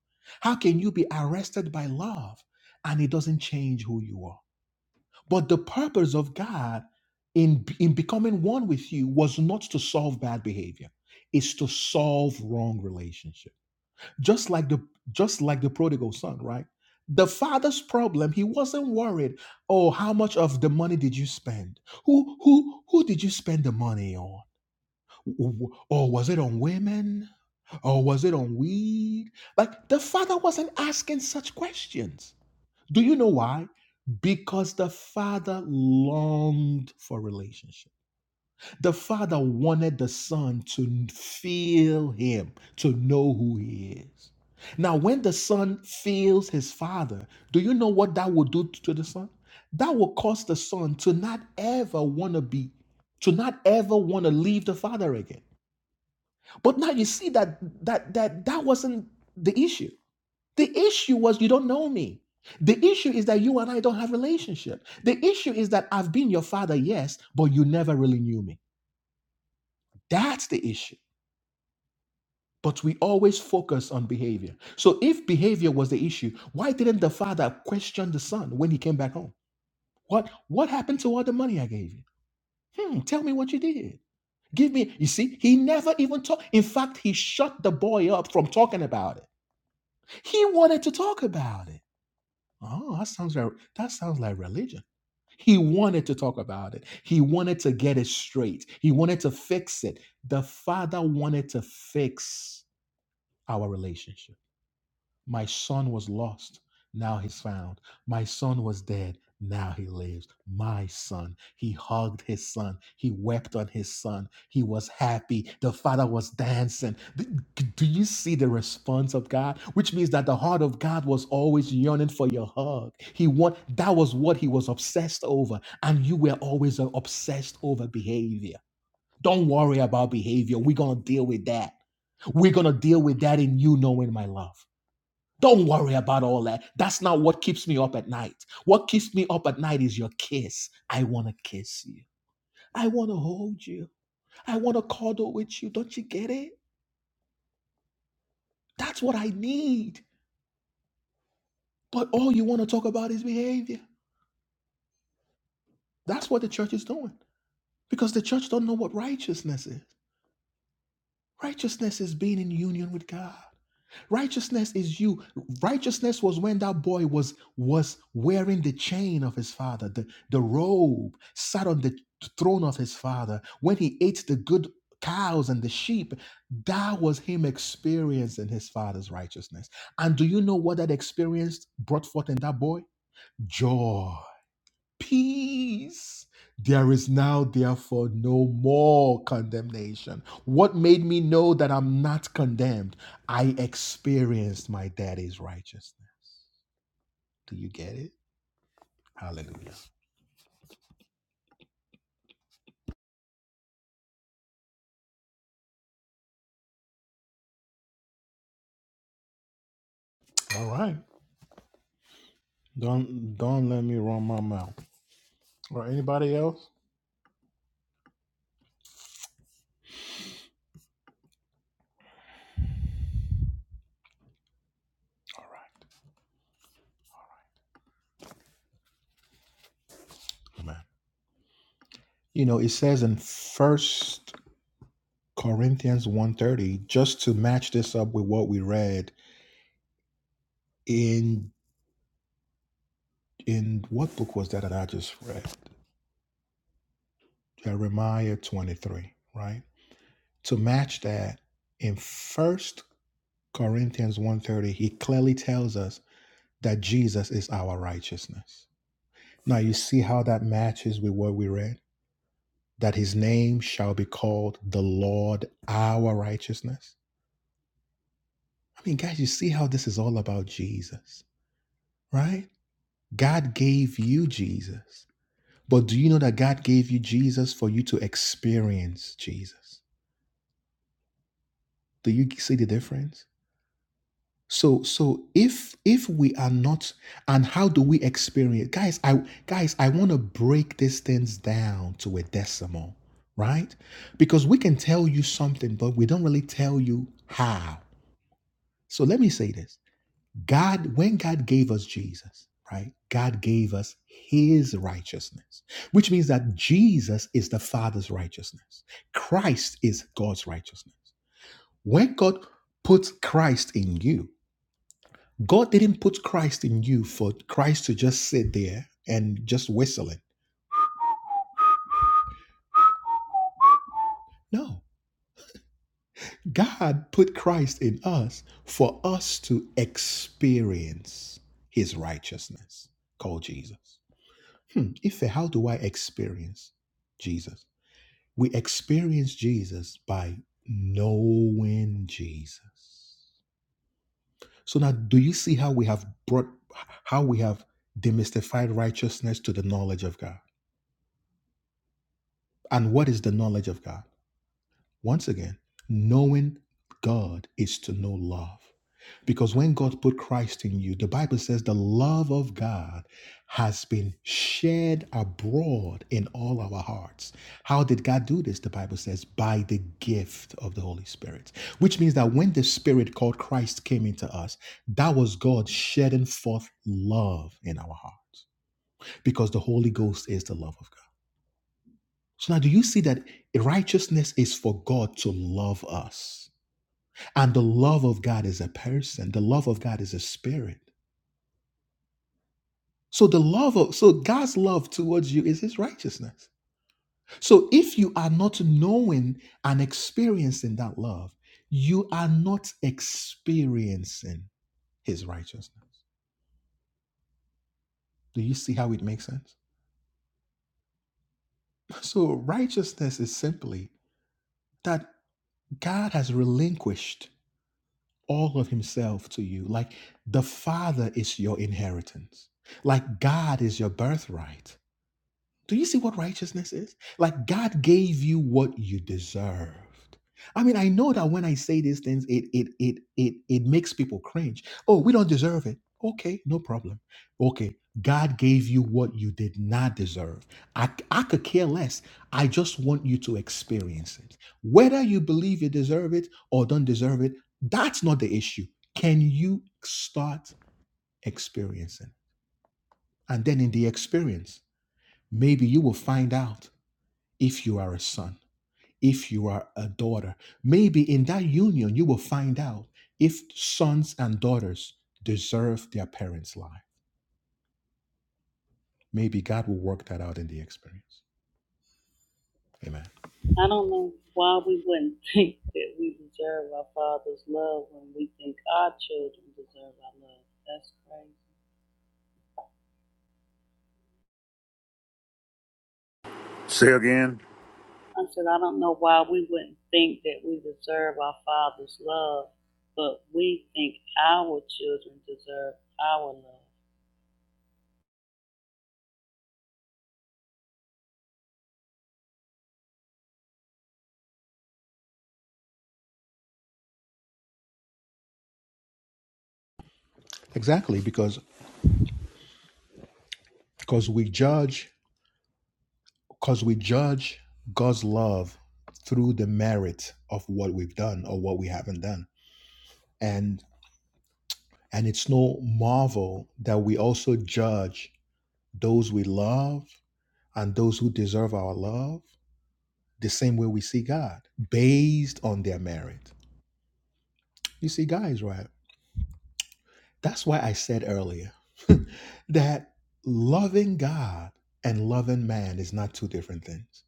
S1: How can you be arrested by love and it doesn't change who you are? But the purpose of God in, in becoming one with you was not to solve bad behavior, it's to solve wrong relationship. Just like the just like the prodigal son, right? The father's problem, he wasn't worried, oh, how much of the money did you spend? Who who who did you spend the money on? Or was it on women? Or was it on weed? Like the father wasn't asking such questions. Do you know why? Because the father longed for relationship. The father wanted the son to feel him, to know who he is. Now, when the son feels his father, do you know what that will do to the son? That will cause the son to not ever want to be, to not ever want to leave the father again. But now you see that that that that wasn't the issue. The issue was you don't know me. The issue is that you and I don't have relationship. The issue is that I've been your father, yes, but you never really knew me. That's the issue. But we always focus on behavior. So if behavior was the issue, why didn't the father question the son when he came back home? What what happened to all the money I gave you? Hmm, tell me what you did. Give me, you see, he never even talked. In fact, he shut the boy up from talking about it. He wanted to talk about it. Oh, that sounds like that sounds like religion. He wanted to talk about it. He wanted to get it straight. He wanted to fix it. The Father wanted to fix our relationship. My son was lost, now he's found. My son was dead, now he lives. My son. He hugged his son. He wept on his son. He was happy. The father was dancing. D- Do you see the response of God? Which means that the heart of God was always yearning for your hug. He want that was what he was obsessed over. And you were always uh, obsessed over behavior. Don't worry about behavior. We're gonna deal with that. We're gonna deal with that in you knowing my love. Don't worry about all that. That's not what keeps me up at night. What keeps me up at night is your kiss. I want to kiss you. I want to hold you. I want to cuddle with you. Don't you get it? That's what I need. But all you want to talk about is behavior. That's what the church is doing. Because the church don't know what righteousness is. Righteousness is being in union with God. Righteousness is you. Righteousness was when that boy was was wearing the chain of his father, the, the robe, sat on the throne of his father. When he ate the good cows and the sheep, that was him experiencing his father's righteousness. And do you know what that experience brought forth in that boy? Joy peace. There is now, therefore, no more condemnation. What made me know that I'm not condemned? I experienced my daddy's righteousness. Do you get it? Hallelujah. All right. Don't don't let me run my mouth. Or anybody else? All right. Amen. You know, it says in First Corinthians one thirty. just to match this up with what we read in in what book was that that I just read? Jeremiah 23, right? To match that, in First Corinthians one thirty, he clearly tells us that Jesus is our righteousness. Now you see how that matches with what we read? That his name shall be called the Lord our righteousness. I mean, guys, you see how this is all about Jesus, right? God gave you Jesus. But do you know that God gave you Jesus for you to experience Jesus? Do you see the difference? So so if if we are not and how do we experience guys I guys I want to break these things down to a decimal, right? Because we can tell you something but we don't really tell you how. So let me say this. God when God gave us Jesus, right? God gave us his righteousness, which means that Jesus is the Father's righteousness. Christ is God's righteousness. When God puts Christ in you, God didn't put Christ in you for Christ to just sit there and just whistling. No. God put Christ in us for us to experience his righteousness called Jesus. Hmm. Ife, how do I experience Jesus? We experience Jesus by knowing Jesus. So now do you see how we have brought how we have demystified righteousness to the knowledge of God? And what is the knowledge of God? Once again, knowing God is to know love. Because when God put Christ in you, the Bible says the love of God has been shed abroad in all our hearts. How did God do this? The Bible says by the gift of the Holy Spirit, which means that when the Spirit called Christ came into us, that was God shedding forth love in our hearts because the Holy Ghost is the love of God. So now, do you see that righteousness is for God to love us? And the love of God is a person. The love of God is a spirit. So the love of so God's love towards you is his righteousness. So if you are not knowing and experiencing that love, you are not experiencing his righteousness. Do you see how it makes sense? So righteousness is simply that God has relinquished all of himself to you. Like the Father is your inheritance. Like God is your birthright. Do you see what righteousness is? Like God gave you what you deserved. I mean, I know that when I say these things, it it it it it makes people cringe. Oh, we don't deserve it. Okay, no problem. Okay, God gave you what you did not deserve. I I could care less. I just want you to experience it. Whether you believe you deserve it or don't deserve it, that's not the issue. Can you start experiencing? And then in the experience, maybe you will find out if you are a son, if you are a daughter. Maybe in that union, you will find out if sons and daughters deserve their parents' life. Maybe God will work that out in the experience. Amen.
S3: I don't know why we wouldn't think that we deserve our Father's love when we think our children deserve our love. That's crazy.
S4: Say again.
S3: I said, I don't know why we wouldn't think that we deserve our Father's love, but we think our children deserve our love.
S1: Exactly, because because we judge because we judge God's love through the merit of what we've done or what we haven't done. And and it's no marvel that we also judge those we love and those who deserve our love the same way we see God, based on their merit. You see, guys, right? That's why I said earlier that loving God and loving man is not two different things,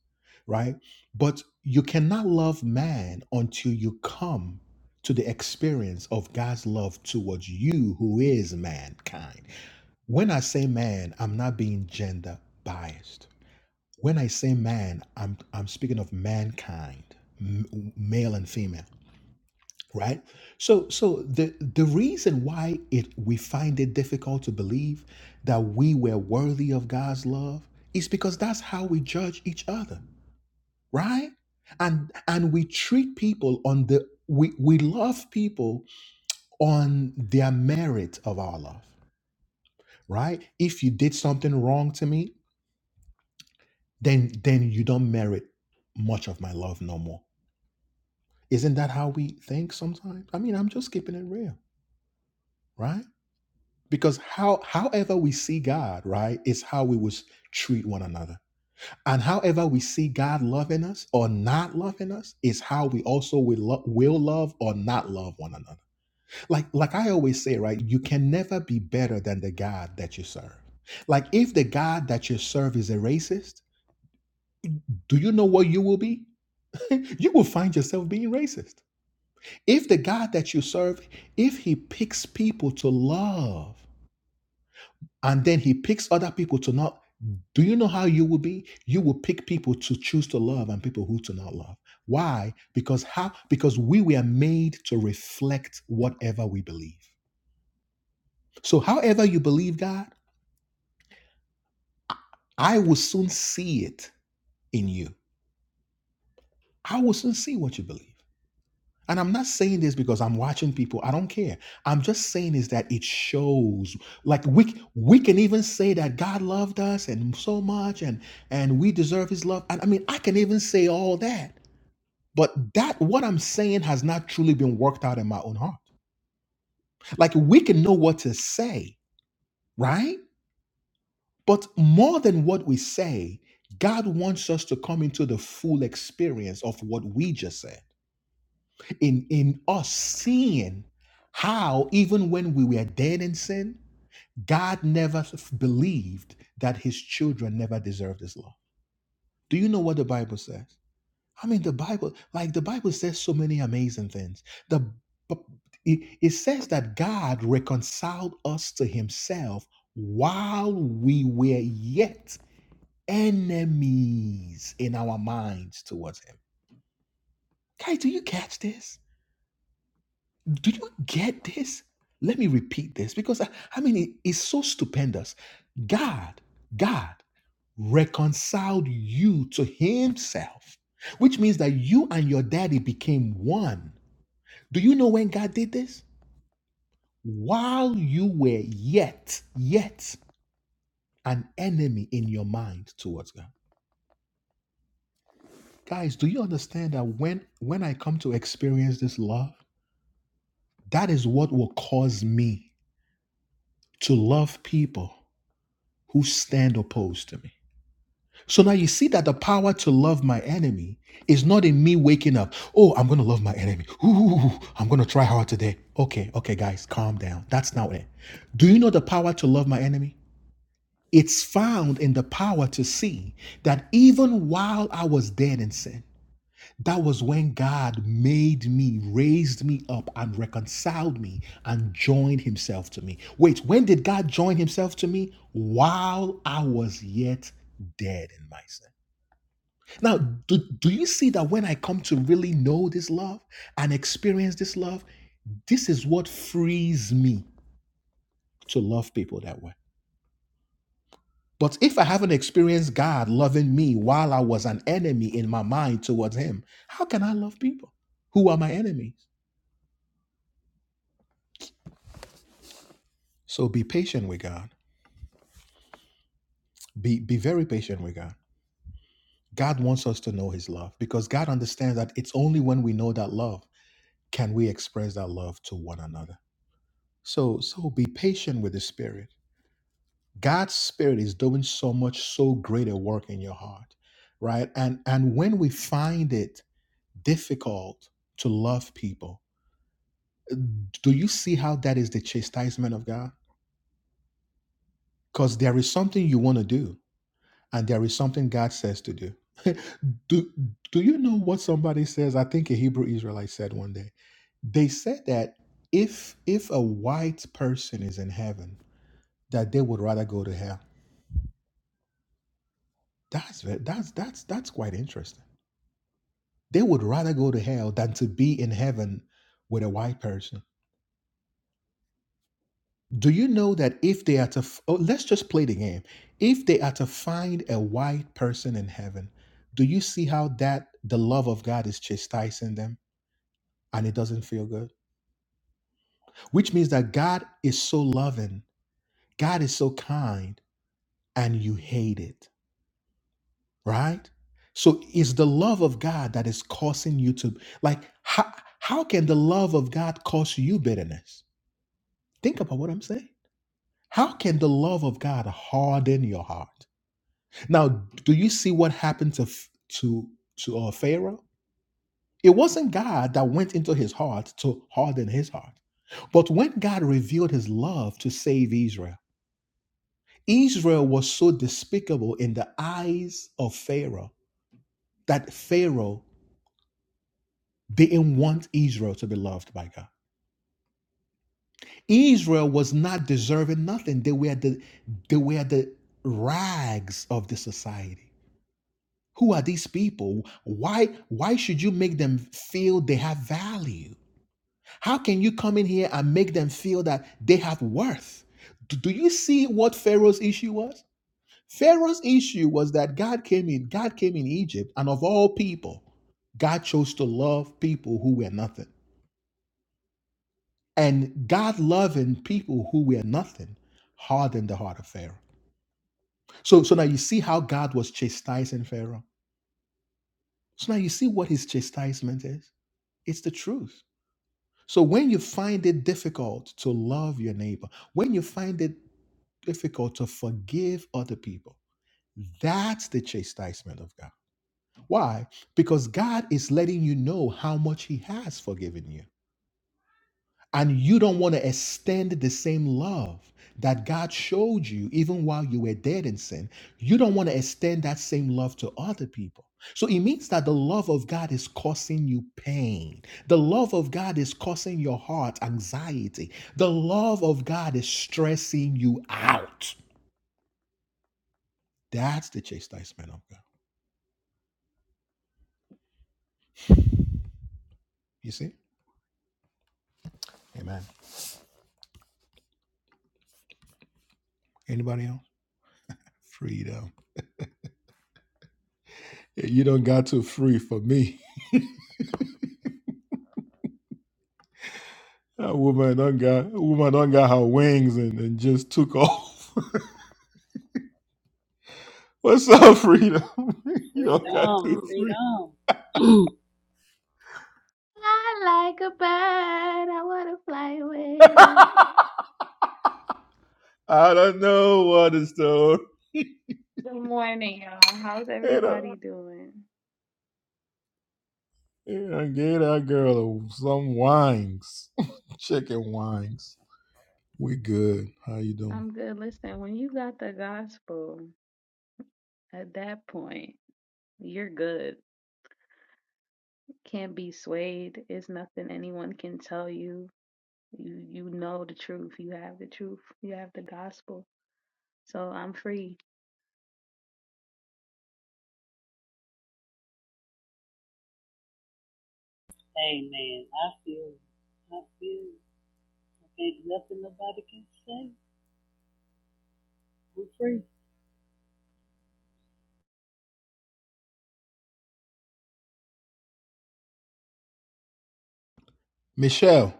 S1: right? But you cannot love man until you come to the experience of God's love towards you, who is mankind. When I say man, I'm not being gender biased. When I say man, I'm, I'm speaking of mankind, m- male and female. right so so the the reason why it we find it difficult to believe that we were worthy of god's love is because that's how we judge each other right and and we treat people on the we we love people on their merit of our love right if you did something wrong to me then then you don't merit much of my love no more isn't that how we think sometimes i mean i'm just keeping it real right because how however we see god right is how we would treat one another and however we see god loving us or not loving us is how we also will, lo- will love or not love one another like like i always say right you can never be better than the god that you serve like if the god that you serve is a racist do you know what you will be you will find yourself being racist if the god that you serve if he picks people to love and then he picks other people to not do you know how you will be you will pick people to choose to love and people who to not love why because how because we were made to reflect whatever we believe so however you believe god i will soon see it in you i will soon see what you believe And I'm not saying this because I'm watching people. I don't care. I'm just saying is that it shows. Like we we can even say that God loved us and so much, and and we deserve His love. And I mean, I can even say all that. But that what I'm saying has not truly been worked out in my own heart. Like we can know what to say, right? But more than what we say, God wants us to come into the full experience of what we just said. in in us seeing how even when we were dead in sin god never f- believed that his children never deserved his love do you know what the bible says i mean the bible like the bible says so many amazing things the b- it, it says that god reconciled us to himself while we were yet enemies in our minds towards him guys do you catch this Do you get this? Let me repeat this because I, I mean, it- it's so stupendous. God, God reconciled you to Himself, which means that you and your daddy became one. Do you know when God did this? While you were yet, yet an enemy in your mind towards God. Guys, do you understand that when when I come to experience this love, that is what will cause me to love people who stand opposed to me. So now you see that the power to love my enemy is not in me waking up. Oh, I'm going to love my enemy. Ooh, I'm going to try hard today. Okay, okay, guys, calm down. That's not it. Do you know the power to love my enemy? It's found in the power to see that even while I was dead in sin, that was when God made me, raised me up, and reconciled me and joined himself to me. Wait, when did God join himself to me? While I was yet dead in my sin. Now, do, do you see that when I come to really know this love and experience this love, this is what frees me to love people that way. But if I haven't experienced God loving me while I was an enemy in my mind towards Him, how can I love people who are my enemy? So be patient with God. Be be very patient with God. God wants us to know his love because God understands that it's only when we know that love can we express that love to one another. So so be patient with the spirit. God's spirit is doing so much so great a work in your heart, right? And and when we find it difficult to love people, do you see how that is the chastisement of God? Cuz there is something you want to do and there is something God says to do. do do you know what somebody says? I think a Hebrew Israelite said one day. They said that if if a white person is in heaven, that they would rather go to hell. That's ve- that's that's that's quite interesting. They would rather go to hell than to be in heaven with a white person. Do you know that if they are to f- oh, let's just play the game. If they are to find a white person in heaven, do you see how that the love of God is chastising them? and it doesn't feel good. Which means that God is so loving, God is so kind, and you hate it, right? So it's the love of God that is causing you to, like, how, how can the love of God cause you bitterness? Think about what I'm saying. How can the love of God harden your heart? Now, do you see what happened to F- to to uh, Pharaoh? It wasn't God that went into his heart to harden his heart, but when God revealed His love to save Israel. Israel was so despicable in the eyes of Pharaoh that Pharaoh didn't want Israel to be loved by God. Israel was not deserving nothing. They were the they were the rags of the society. Who are these people? Why why should you make them feel they have value? How can you come in here and make them feel that they have worth? Do do you see what Pharaoh's issue was? Pharaoh's issue was that God came in, God came in Egypt, and of all people, God chose to love people who were nothing. And God loving people who were nothing hardened the heart of Pharaoh. So, so now you see how God was chastising Pharaoh. So now you see what his chastisement is. It's the truth. So when you find it difficult to love your neighbor, when you find it difficult to forgive other people, that's the chastisement of God. Why? Because God is letting you know how much He has forgiven you. And you don't want to extend the same love that God showed you even while you were dead in sin. You don't want to extend that same love to other people. So it means that the love of God is causing you pain. The love of God is causing your heart anxiety. The love of God is stressing you out. That's the chastisement of God. You see? Amen. Anybody else? Freedom. You done got too free for me. That woman done got woman done got her wings and, and just took off. What's up, freedom? you don't got
S3: Freedom,
S1: too free.
S3: freedom.
S6: Fly like a bird. I wanna fly away.
S1: I don't know what is though.
S6: Good morning, y'all. How's
S1: And I,
S6: everybody doing?
S1: and I gave that girl some wings, chicken wings. We good. How you doing,
S6: I'm good. Listen, when you got the gospel, at that point, you're good. Can't be swayed. It's nothing anyone can tell you. You you know the truth. You have the truth. You have the gospel. So I'm free.
S3: Amen. I feel I feel I think nothing nobody can say. We're free.
S1: Michelle?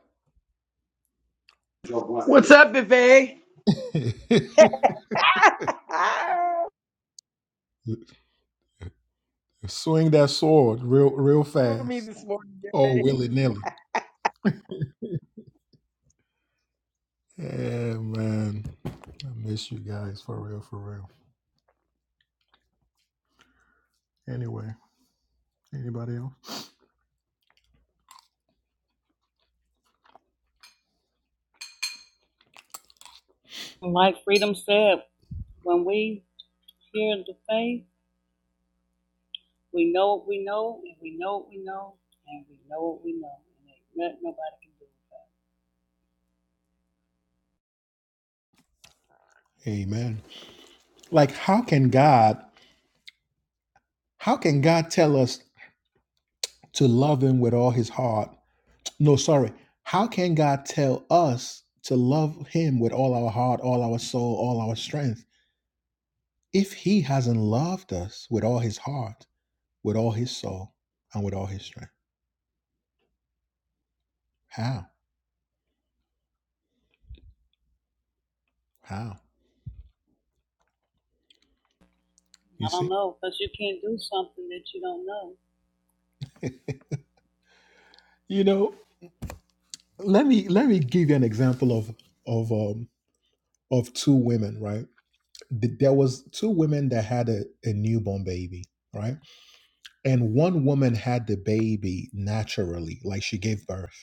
S7: What's up, Buffet?
S1: Swing that sword, real, real.
S7: For me this morning.
S3: Like Freedom said, when we hear the faith, we know what we know, and we know what we know, and we know what we know. And ain't nothing nobody can do.
S1: Amen. Like, how can God? How can God tell us to love Him with all His heart? No, sorry. How can God tell us to love Him with all our heart, all our soul, all our strength, if He hasn't loved us with all His heart, with all His soul, and with all His strength? How? How?
S3: I
S1: You
S3: don't
S1: see?
S3: know, because you can't do something that you don't know.
S1: You know, let me let me give you an example of of um of two women, right? Th- There was two women that had a, a newborn baby, right? And one woman had the baby naturally, like she gave birth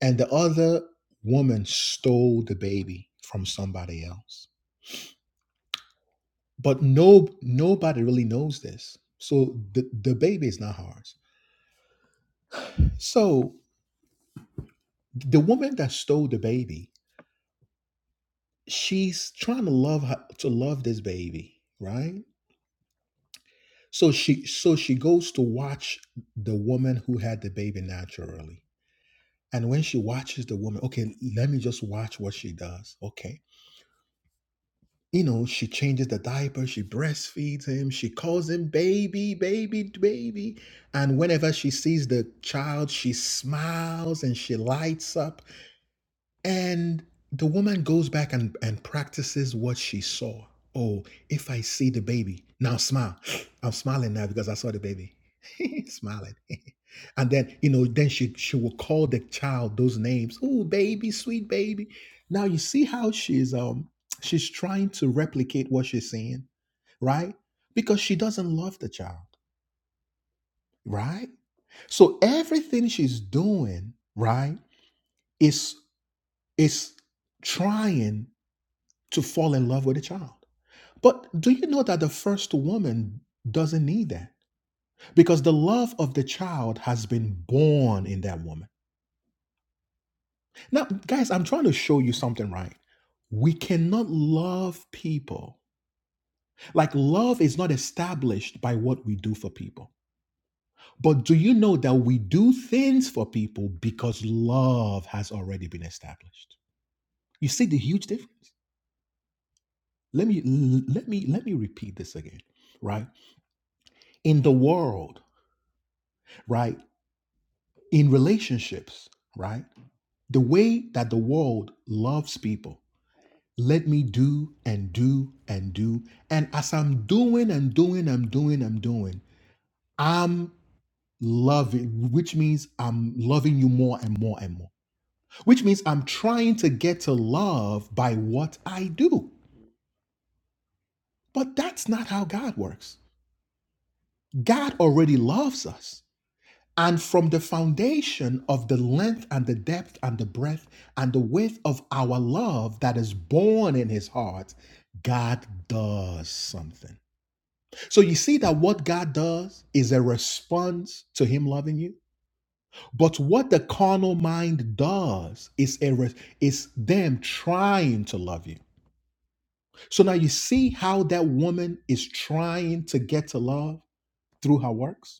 S1: and the other woman stole the baby from somebody else but no nobody really knows this so the, the baby is not hers so the woman that stole the baby she's trying to love her, to love this baby right so she so she goes to watch the woman who had the baby naturally and when she watches the woman okay let me just watch what she does okay you know, she changes the diaper, she breastfeeds him, she calls him baby, baby, baby. And whenever she sees the child, she smiles and she lights up. And the woman goes back and, and practices what she saw. Oh, if I see the baby, now smile. I'm smiling now because I saw the baby. smiling. and then, you know, then she, she will call the child those names. Oh, baby, sweet baby. Now you see how she's um she's trying to replicate what she's seeing, right? Because she doesn't love the child, right? So everything she's doing, right, is is trying to fall in love with a child. But do you know that the first woman doesn't need that? Because the love of the child has been born in that woman. Now, guys, I'm trying to show you something, right? We cannot love people. Like, love is not established by what we do for people. But do you know that we do things for people because love has already been established? You see the huge difference? Let me let me let me repeat this again, right? In the world, right? in relationships, right? The way that the world loves people. Let me do and do and do. And as I'm doing and doing, I'm doing, I'm doing, I'm loving, which means I'm loving you more and more and more, which means I'm trying to get to love by what I do. But that's not how God works. God already loves us. And from the foundation of the length and the depth and the breadth and the width of our love that is born in his heart, God does something. So you see that what God does is a response to him loving you. But what the carnal mind does is a re- is them trying to love you. So now you see how that woman is trying to get to love through her works,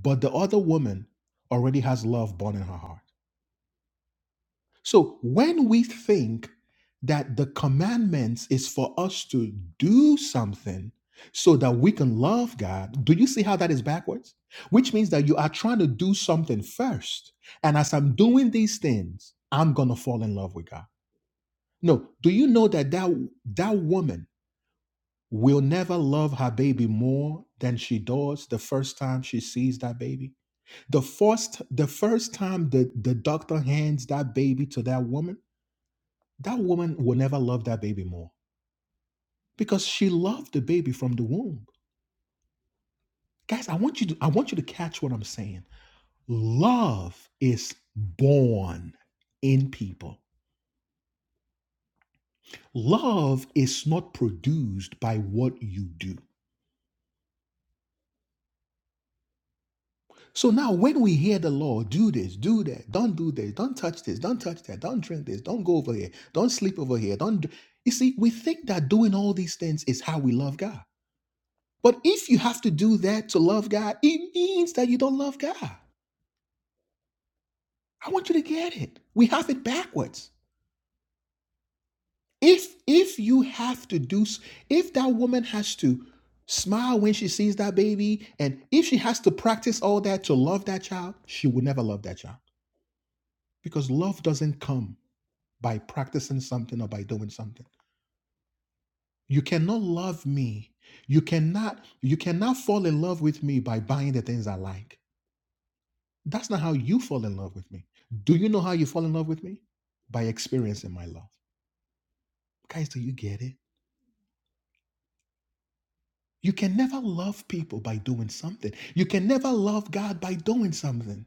S1: but the other woman already has love born in her heart. So when we think that the commandments is for us to do something so that we can love God, do you see how that is backwards? Which means that you are trying to do something first. And as I'm doing these things, I'm going to fall in love with God. No, do you know that, that that woman will never love her baby more than she does the first time she sees that baby? The first the first time the, the doctor hands that baby to that woman, that woman will never love that baby more because she loved the baby from the womb. Guys, I want you to I want you to catch what I'm saying. Love is born in people. Love is not produced by what you do. So now when we hear the law, do this, do that, don't do this, don't touch this, don't touch that, don't drink this, don't go over here, don't sleep over here, don't do-" you see, we think that doing all these things is how we love God. But if you have to do that to love God, it means that you don't love God. I want you to get it. We have it backwards. If if you have to do if that woman has to smile when she sees that baby and if she has to practice all that to love that child, she will never love that child because love doesn't come by practicing something or by doing something. You cannot love me. You cannot you cannot fall in love with me by buying the things I like. That's not how you fall in love with me. Do you know how you fall in love with me? By experiencing my love. Guys, do you get it? You can never love people by doing something. You can never love God by doing something.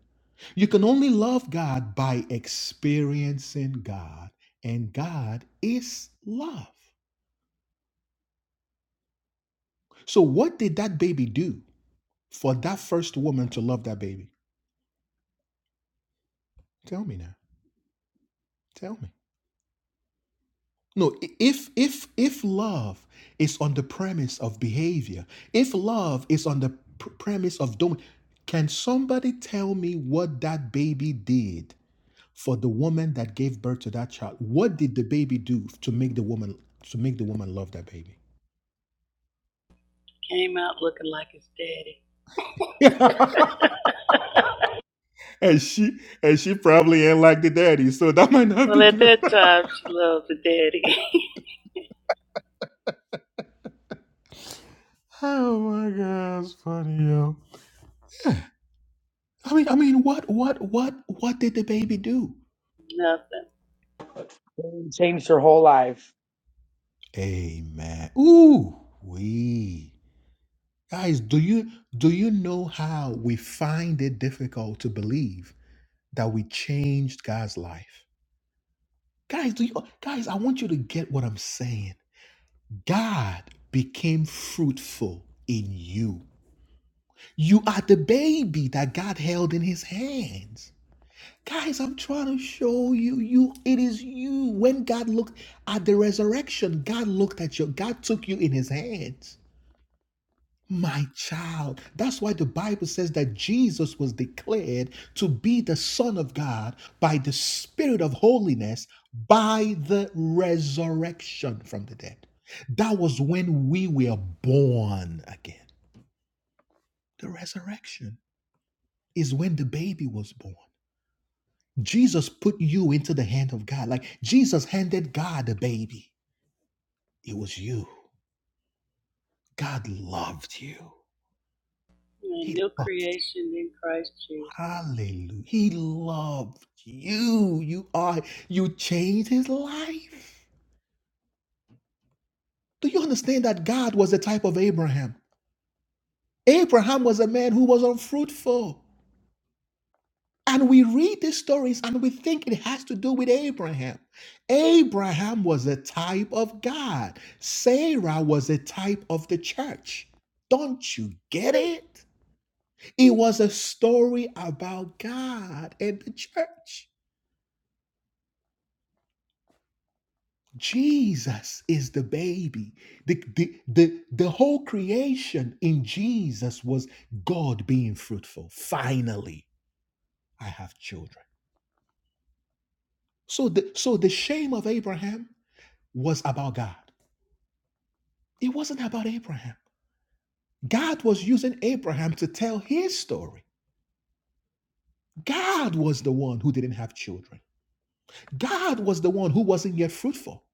S1: You can only love God by experiencing God. And God is love. So, what did that baby do for that first woman to love that baby? Tell me now. Tell me. No, i- if if if love is on the premise of behavior, if love is on the pr- premise of domain, can somebody tell me what that baby did for the woman that gave birth to that child? What did the baby do to make the woman to make the woman love that baby?
S3: Came out looking like his daddy.
S1: and she and she probably ain't like the daddy, so that might not
S3: Well,
S1: be
S3: at
S1: good.
S3: that time, she loved the daddy.
S1: oh my gosh. I mean, I mean, what what what what did the baby do?
S3: Nothing.
S7: Changed her whole life.
S1: Amen. Ooh, we. Guys, do you do you know how we find it difficult to believe that we changed God's life? Guys, do you guys, I want you to get what I'm saying. God became fruitful in you. You are the baby that God held in his hands. Guys, I'm trying to show you, you it is you. When God looked at the resurrection, God looked at you, God took you in his hands. my child. That's why the Bible says that Jesus was declared to be the Son of God by the Spirit of holiness by the resurrection from the dead. That was when we were born again. The resurrection is when the baby was born. Jesus put you into the hand of God. Like Jesus handed God a baby. It was you. God loved you.
S3: A
S1: He
S3: new
S1: loved
S3: creation in Christ Jesus.
S1: Hallelujah. He loved you. You are, you changed his life. Do you understand that God was the type of Abraham? Abraham was a man who was unfruitful. And we read these stories and we think it has to do with Abraham. Abraham was a type of God. Sarah was a type of the church. Don't you get it? It was a story about God and the church. Jesus is the baby. The, the, the, the whole creation in Jesus was God being fruitful. Finally, I have children. So the, so the shame of Abraham was about God. It wasn't about Abraham. God was using Abraham to tell his story. God was the one who didn't have children. God was the one who wasn't yet fruitful.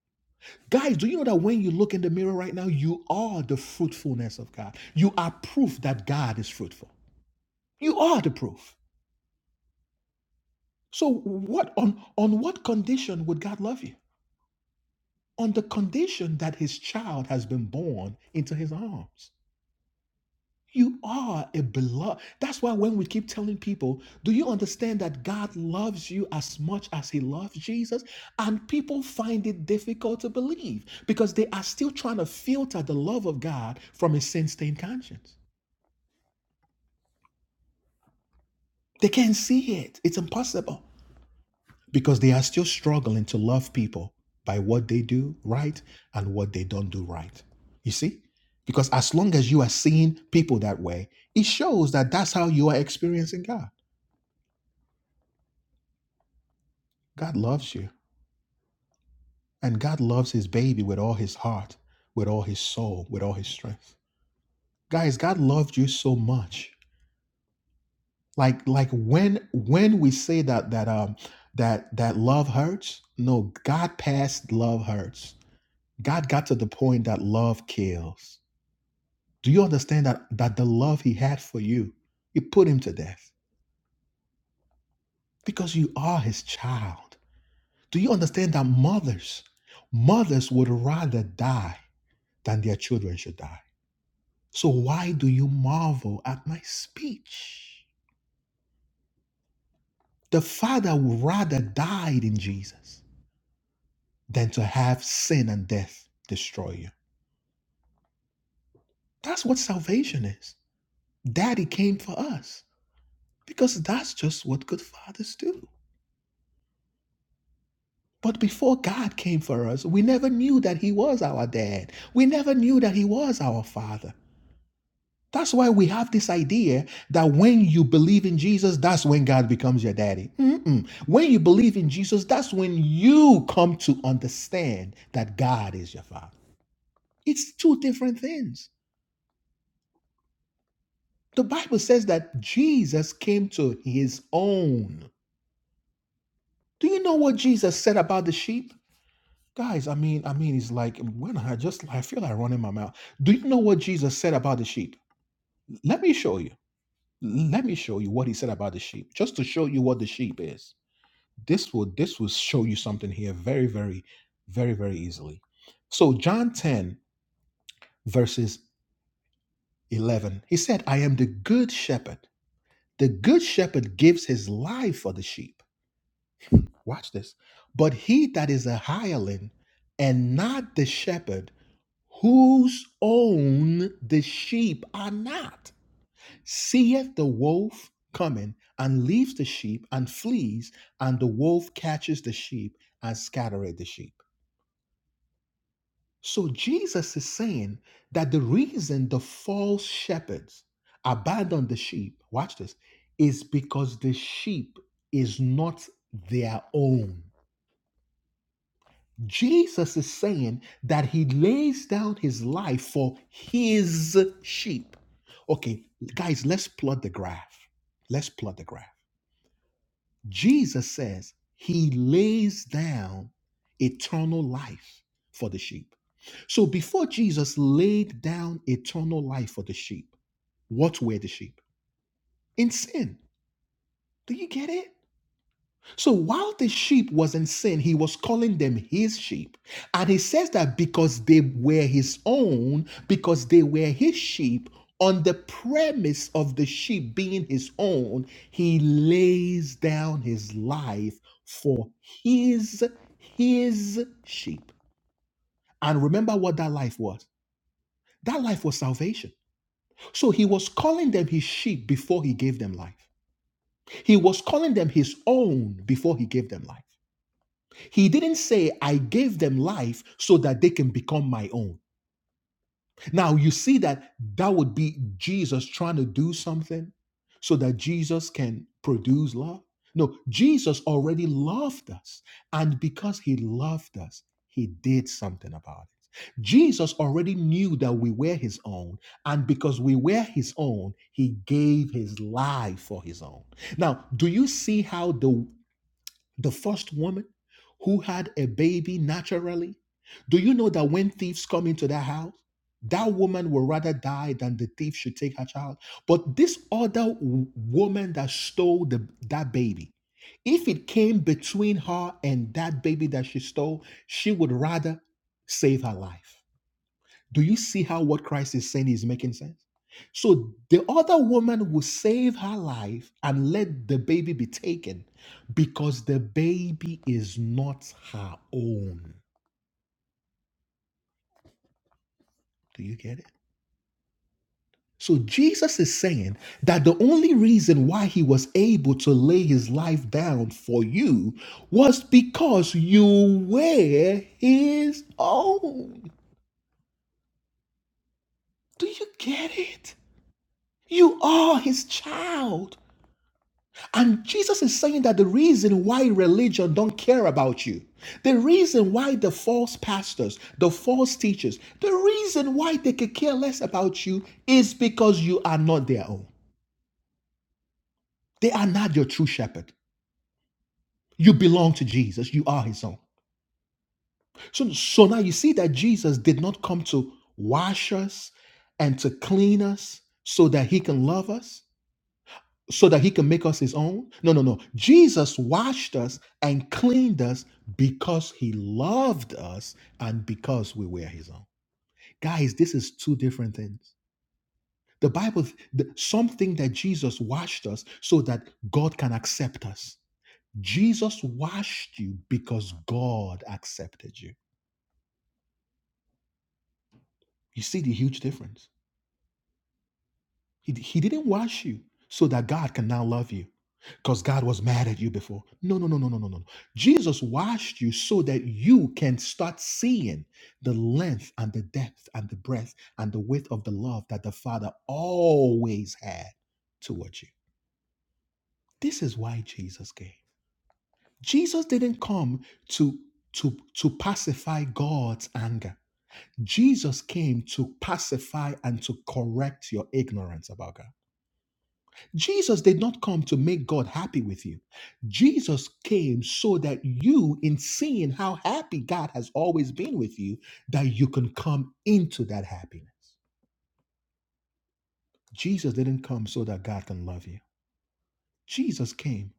S1: Guys, do you know that when you look in the mirror right now, you are the fruitfulness of God? You are proof that God is fruitful. You are the proof. So what on on what condition would God love you? On the condition that his child has been born into his arms. You are a beloved. That's why when we keep telling people, do you understand that God loves you as much as he loves Jesus? And people find it difficult to believe because they are still trying to filter the love of God from a sin-stained conscience. They can't see it. It's impossible. because they are still struggling to love people by what they do right and what they don't do right. You see? Because as long as you are seeing people that way, it shows that that's how you are experiencing God. God loves you, and God loves his baby with all his heart, with all his soul, with all his strength. Guys, God loved you so much. Like like when when we say that that um that that love hurts, no, God passed love hurts. God got to the point that love kills. Do you understand that, that the love he had for you, it put him to death because you are his child? Do you understand that mothers, mothers would rather die than their children should die? So why do you marvel at my speech? The father would rather died in Jesus than to have sin and death destroy you. That's what salvation is. Daddy came for us because that's just what good fathers do. But before God came for us, we never knew that He was our dad. We never knew that He was our father. That's why we have this idea that when you believe in Jesus, that's when God becomes your daddy. Mm-mm. When you believe in Jesus, that's when you come to understand that God is your father. It's two different things. The Bible says that Jesus came to his own. Do you know what Jesus said about the sheep? Guys, I mean, I mean, it's like when I just I feel like running my mouth. Do you know what Jesus said about the sheep? Let me show you. Let me show you what he said about the sheep, just to show you what the sheep is. This will this will show you something here very, very, very, very easily. So John 10, verses 11, he said, I am the good shepherd. The good shepherd gives his life for the sheep. Watch this. But he that is a hireling and not the shepherd whose own the sheep are not, seeth the wolf coming and leaves the sheep and flees, and the wolf catches the sheep and scattereth the sheep. So Jesus is saying that the reason the false shepherds abandon the sheep, watch this, is because the sheep is not their own. Jesus is saying that he lays down his life for his sheep. Okay, guys, let's plot the graph. Let's plot the graph. Jesus says he lays down eternal life for the sheep. So before Jesus laid down eternal life for the sheep, what were the sheep? In sin. Do you get it? So while the sheep was in sin, he was calling them his sheep. And he says that because they were his own, because they were his sheep, on the premise of the sheep being his own, he lays down his life for his his sheep. And remember what that life was. That life was salvation. So he was calling them his sheep before he gave them life. He was calling them his own before he gave them life. He didn't say, I gave them life so that they can become my own. Now, you see that that would be Jesus trying to do something so that Jesus can produce love? No, Jesus already loved us. And because he loved us, he did something about it. Jesus already knew that we were his own. And because we were his own, he gave his life for his own. Now, do you see how the the first woman who had a baby naturally, do you know that when thieves come into that house, that woman will rather die than the thief should take her child? But this other w- woman that stole the, that baby, if it came between her and that baby that she stole, she would rather save her life. Do you see how what Christ is saying is making sense? So the other woman will save her life and let the baby be taken because the baby is not her own. Do you get it? So Jesus is saying that the only reason why he was able to lay his life down for you was because you were his own. Do you get it? You are his child. And Jesus is saying that the reason why religion don't care about you, the reason why the false pastors, the false teachers, the reason why they could care less about you is because you are not their own. They are not your true shepherd. You belong to Jesus. You are his own. So, so now you see that Jesus did not come to wash us and to clean us so that he can love us. so that he can make us his own? No, no, no. Jesus washed us and cleaned us because he loved us and because we were his own. Guys, this is two different things. The Bible, the, something that Jesus washed us so that God can accept us. Jesus washed you because God accepted you. You see the huge difference. He, he didn't wash you so that God can now love you because God was mad at you before. No, no, no, no, no, no, no. no. Jesus washed you so that you can start seeing the length and the depth and the breadth and the width of the love that the Father always had towards you. This is why Jesus came. Jesus didn't come to to to pacify God's anger. Jesus came to pacify and to correct your ignorance about God. Jesus did not come to make God happy with you. Jesus came so that you, in seeing how happy God has always been with you, that you can come into that happiness. Jesus didn't come so that God can love you. Jesus came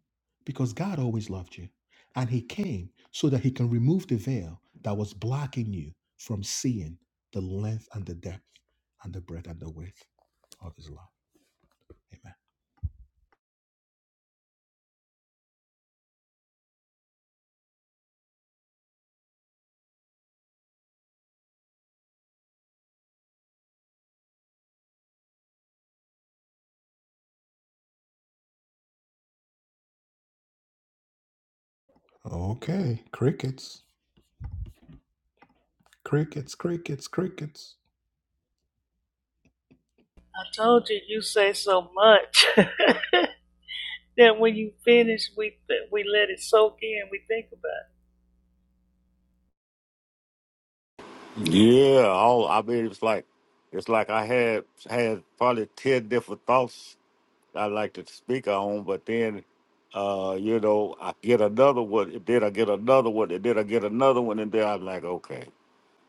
S1: because God always loved you. And he came so that he can remove the veil that was blocking you from seeing the length and the depth and the breadth and the width of his love. Amen. Okay, crickets, crickets, crickets.
S3: I told you, you say so much that when you finish, we we let it soak in. We think about it.
S4: Yeah, all I mean it's like it's like I had had probably ten different thoughts I like to speak on, but then uh, you know, I get another one, and then I get another one, and then I get another one, and then I'm like, okay.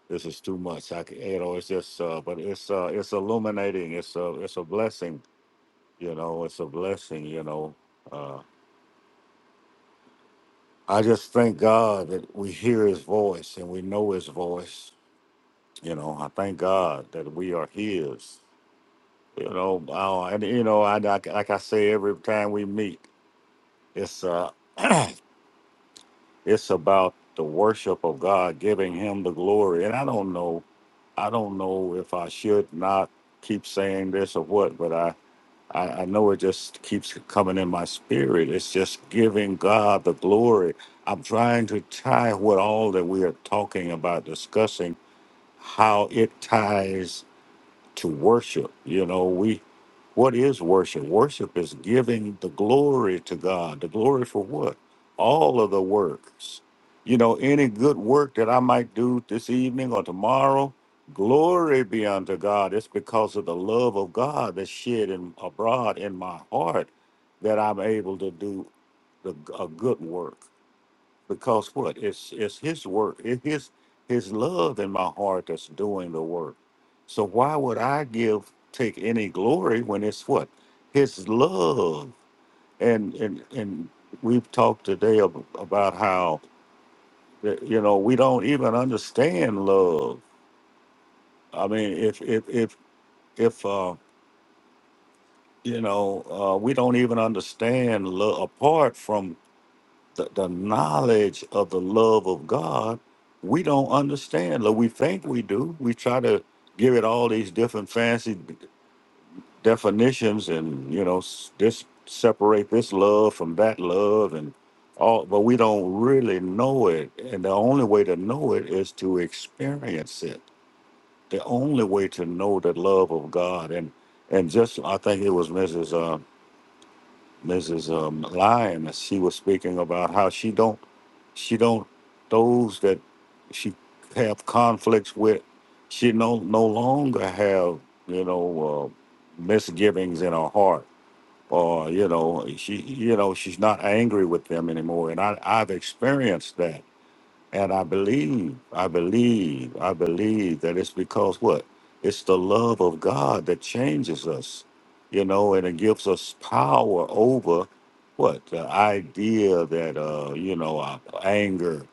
S4: This is too much. I c- you know, it's just, uh, but it's, uh, it's illuminating. It's a, it's a blessing. You know, it's a blessing. You know, uh, I just thank God that we hear His voice and we know His voice. You know, I thank God that we are His. You know, uh, and you know, I like like I say every time we meet, it's uh, it's about the worship of God, giving Him the glory. And I don't know, I don't know if I should not keep saying this or what, but I. I, I know it just keeps coming in my spirit. It's just giving God the glory. I'm trying to tie what all that we are talking about, discussing, how it ties to worship. You know, we what is worship? Worship is giving the glory to God. The glory for what? All of the works. You know, any good work that I might do this evening or tomorrow, glory be unto God. It's because of the love of God that's shed in, abroad in my heart that I'm able to do the, a good work because what it's it's his work it's his his love in my heart that's doing the work so why would i give take any glory when it's what his love and and and we've talked today ab- about how that, you know we don't even understand love i mean if if if if uh you know uh we don't even understand love apart from the, the knowledge of the love of God, we don't understand. Like we think we do. We try to give it all these different fancy d- definitions, and you know, s- this separate this love from that love, and all. But we don't really know it, and the only way to know it is to experience it. The only way to know the love of God, and and just I think it was Mrs. Uh, Mrs. Um, Lyon. She was speaking about how she don't she don't those that she have conflicts with. She no no longer have you know uh, misgivings in her heart, or you know she you know she's not angry with them anymore. And I I've experienced that, and I believe I believe I believe that it's because what it's the love of God that changes us, you know, and it gives us power over what the idea that uh you know uh, anger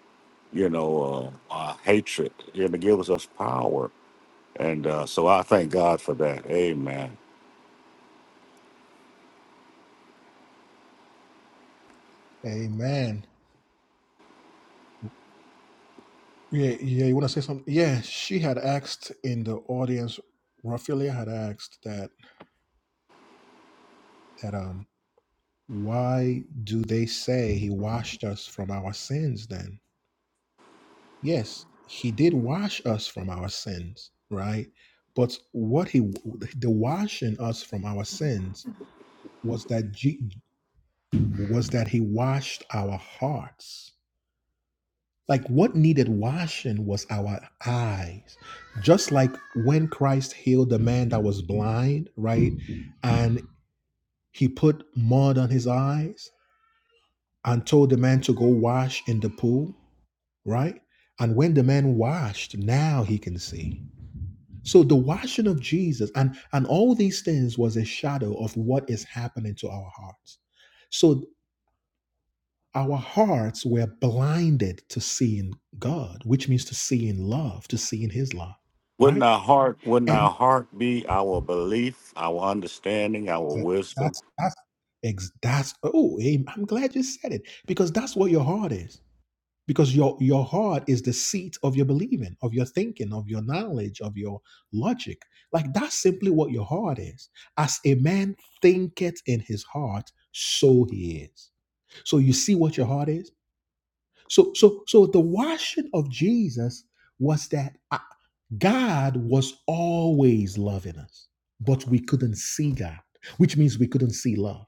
S4: you know, uh, uh, hatred and it gives us power. And uh, so I thank God for that. Amen.
S1: Amen. yeah, you want to say something? Yeah, she asked the audience, Raphaelia asked that that um why do they say he washed us from our sins then? Yes, he did wash us from our sins, right? But what he the washing us from our sins was that was that he washed our hearts Like what needed washing was our eyes. Just like when Christ healed the man that was blind, right? And he put mud on his eyes and told the man to go wash in the pool, right? And when the man washed, now he can see. So the washing of Jesus and and all these things was a shadow of what is happening to our hearts. So our hearts were blinded to seeing God, which means to see in love, to see in His love,
S4: Wouldn't
S1: right?
S4: our heart, wouldn't
S1: And
S4: our heart be our belief, our understanding, our
S1: that-
S4: wisdom?
S1: that's that's ex- that's oh, am- I'm glad you said it because that's what your heart is. Because your your heart is the seat of your believing, of your thinking, of your knowledge, of your logic. Like that's simply what your heart is. As a man thinketh in his heart, so he is. So you see what your heart is So, so, so the washing of Jesus was that uh, God was always loving us, but we couldn't see God, which means we couldn't see love.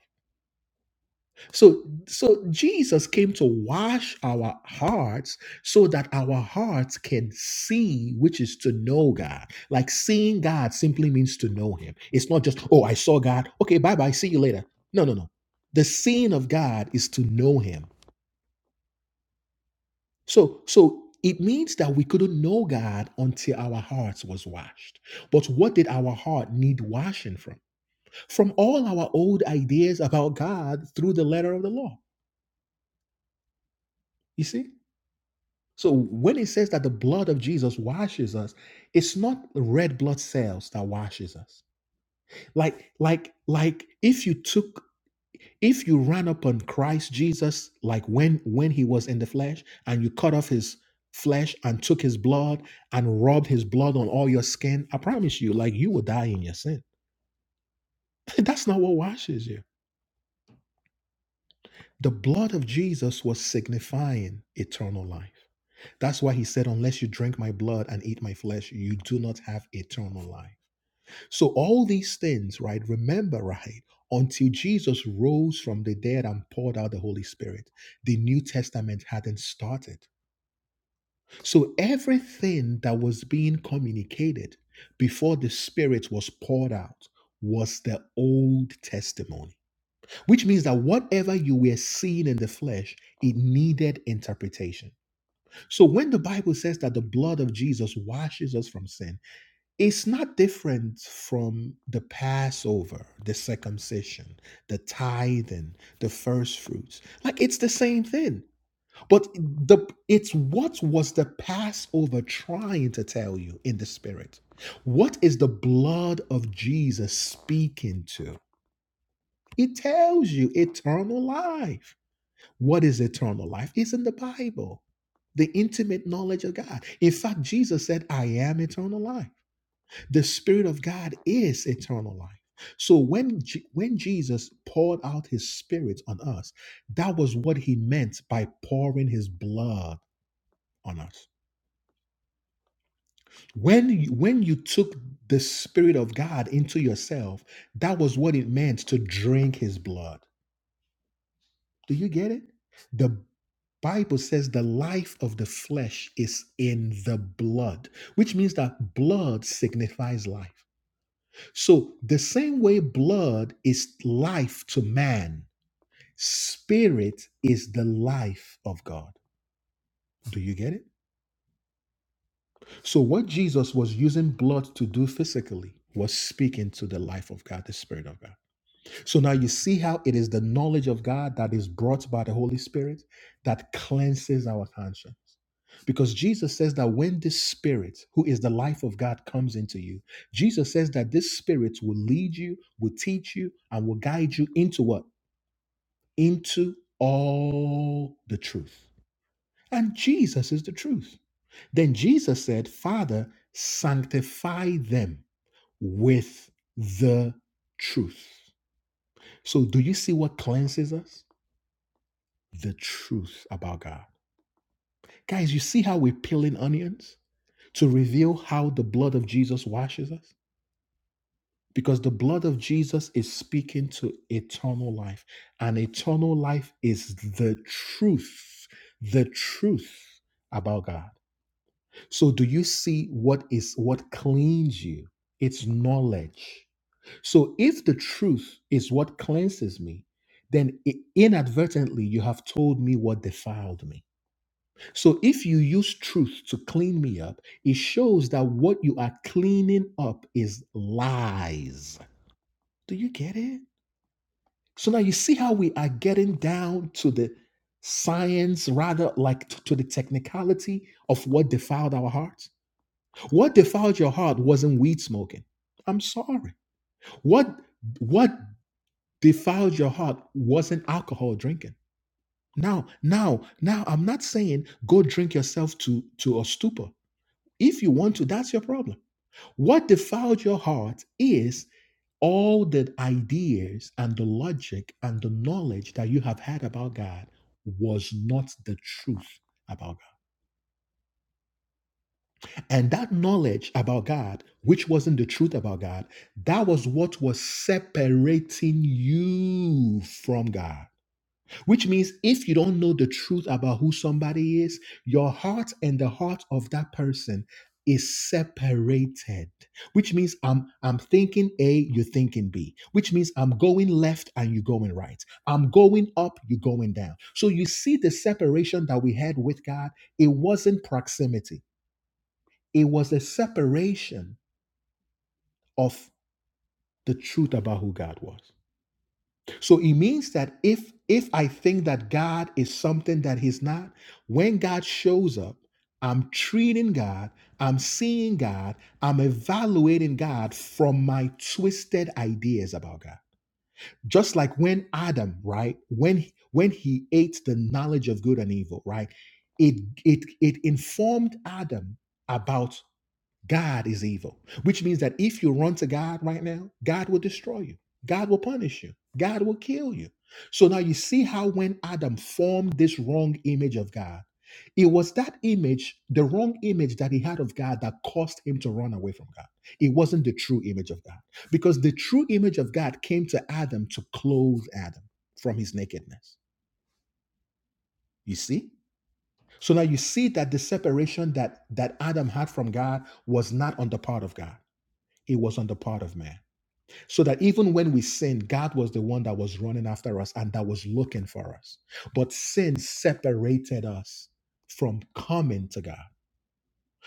S1: So, so Jesus came to wash our hearts so that our hearts can see, which is to know God. Like seeing God simply means to know Him. It's not just, oh, I saw God. Okay, bye bye. See you later. No, no, no. The seeing of God is to know Him So, so it means that we couldn't know God until our hearts was washed. But what did our heart need washing from? From all our old ideas about God through the letter of the law. You see? So when it says that the blood of Jesus washes us, it's not the red blood cells that washes us. Like like like if you took if you ran upon Christ Jesus like when when he was in the flesh and you cut off his flesh and took his blood and rubbed his blood on all your skin i promise you like you will die in your sin that's not what washes you the blood of jesus was signifying eternal life that's why he said unless you drink my blood and eat my flesh you do not have eternal life So all these things, right? Remember, right? Until Jesus rose from the dead and poured out the Holy Spirit, the New Testament hadn't started. So everything that was being communicated before the Spirit was poured out was the Old Testimony, which means that whatever you were seeing in the flesh, it needed interpretation. So when the Bible says that the blood of Jesus washes us from sin, it's not different from the Passover, the circumcision, the tithing, the first fruits. Like it's the same thing. But the it's what was the Passover trying to tell you in the spirit? What is the blood of Jesus speaking to? It tells you eternal life. What is eternal life? It's in the Bible. The intimate knowledge of God. In fact, Jesus said, I am eternal life. The Spirit of God is eternal life. So when Je- when Jesus poured out His Spirit on us, that was what He meant by pouring His blood on us. When you- when you took the Spirit of God into yourself, that was what it meant to drink His blood. Do you get it? The Bible says the life of the flesh is in the blood, which means that blood signifies life. So, the same way blood is life to man, spirit is the life of God. Do you get it? So, what Jesus was using blood to do physically was speaking to the life of God, the Spirit of God. So, now you see how it is the knowledge of God that is brought by the Holy Spirit that cleanses our conscience. Because Jesus says that when this spirit, who is the life of God, comes into you, Jesus says that this spirit will lead you, will teach you, and will guide you into what? Into all the truth. And Jesus is the truth. Then Jesus said, Father, sanctify them with the truth. So, do you see what cleanses us? The truth about God. Guys, you see how we're peeling onions? to reveal how the blood of Jesus washes us? because the blood of Jesus is speaking to eternal life, and eternal life is the truth, the truth about God. So, do you see what is what cleans you? It's knowledge. So, if the truth is what cleanses me, then i- inadvertently you have told me what defiled me. So, if you use truth to clean me up, it shows that what you are cleaning up is lies. Do you get it? So now you see how we are getting down to the science, rather like t- to the technicality of what defiled our hearts. What defiled your heart wasn't weed smoking. I'm sorry. What what defiled your heart wasn't alcohol drinking. Now, now, now I'm not saying go drink yourself to to a stupor. If you want to, that's your problem. What defiled your heart is all the ideas and the logic and the knowledge that you have had about God was not the truth about God. And that knowledge about God, which wasn't the truth about God, that was what was separating you from God. Which means if you don't know the truth about who somebody is, your heart and the heart of that person is separated. Which means I'm I'm thinking A, you're thinking B. Which means I'm going left and you're going right. I'm going up, you're going down. So you see the separation that we had with God, it wasn't proximity. It was a separation of the truth about who God was. So it means that if if I think that God is something that he's not, when God shows up, I'm treating God, I'm seeing God, I'm evaluating God from my twisted ideas about God. Just like when Adam, right? When when he ate the knowledge of good and evil, right? It it it informed Adam about. God is evil, which means that if you run to God right now, God will destroy you. God will punish you. God will kill you. So now you see how when Adam formed this wrong image of God, it was that image, the wrong image that he had of God, that caused him to run away from God. It wasn't the true image of God because the true image of God came to Adam to clothe Adam from his nakedness. You see? So now you see that the separation that, that Adam had from God was not on the part of God. It was on the part of man. So that even when we sinned, God was the one that was running after us and that was looking for us. But sin separated us from coming to God.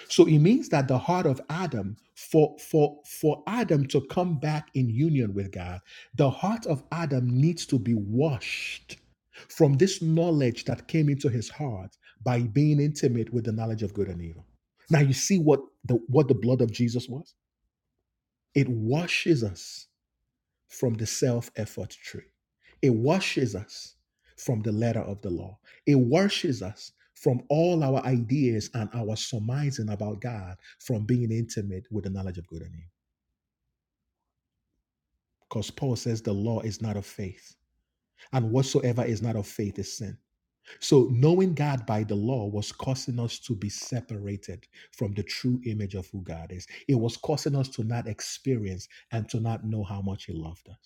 S1: So it means that the heart of Adam, for for for Adam to come back in union with God, the heart of Adam needs to be washed from this knowledge that came into his heart by being intimate with the knowledge of good and evil. Now you see what the what the blood of Jesus was? It washes us from the self effort tree. It washes us from the letter of the law. It washes us from all our ideas and our surmising about God from being intimate with the knowledge of good and evil. Because Paul says the law is not of faith, and whatsoever is not of faith is sin. So knowing God by the law was causing us to be separated from the true image of who God is. It was causing us to not experience and to not know how much He loved us.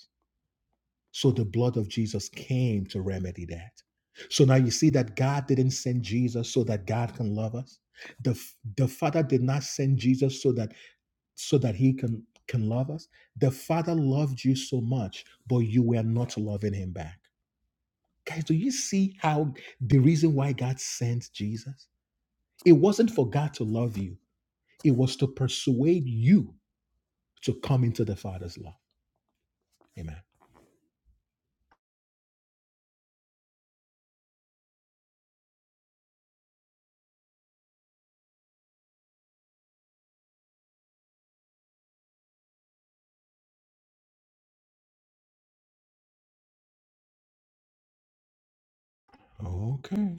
S1: So the blood of Jesus came to remedy that. So now you see that God didn't send Jesus so that God can love us. The, the Father did not send Jesus so that so that he can can love us. The Father loved you so much, but you were not loving him back. Guys, do you see how the reason why God sent Jesus? It wasn't for God to love you. It was to persuade you to come into the Father's love. Amen. Okay.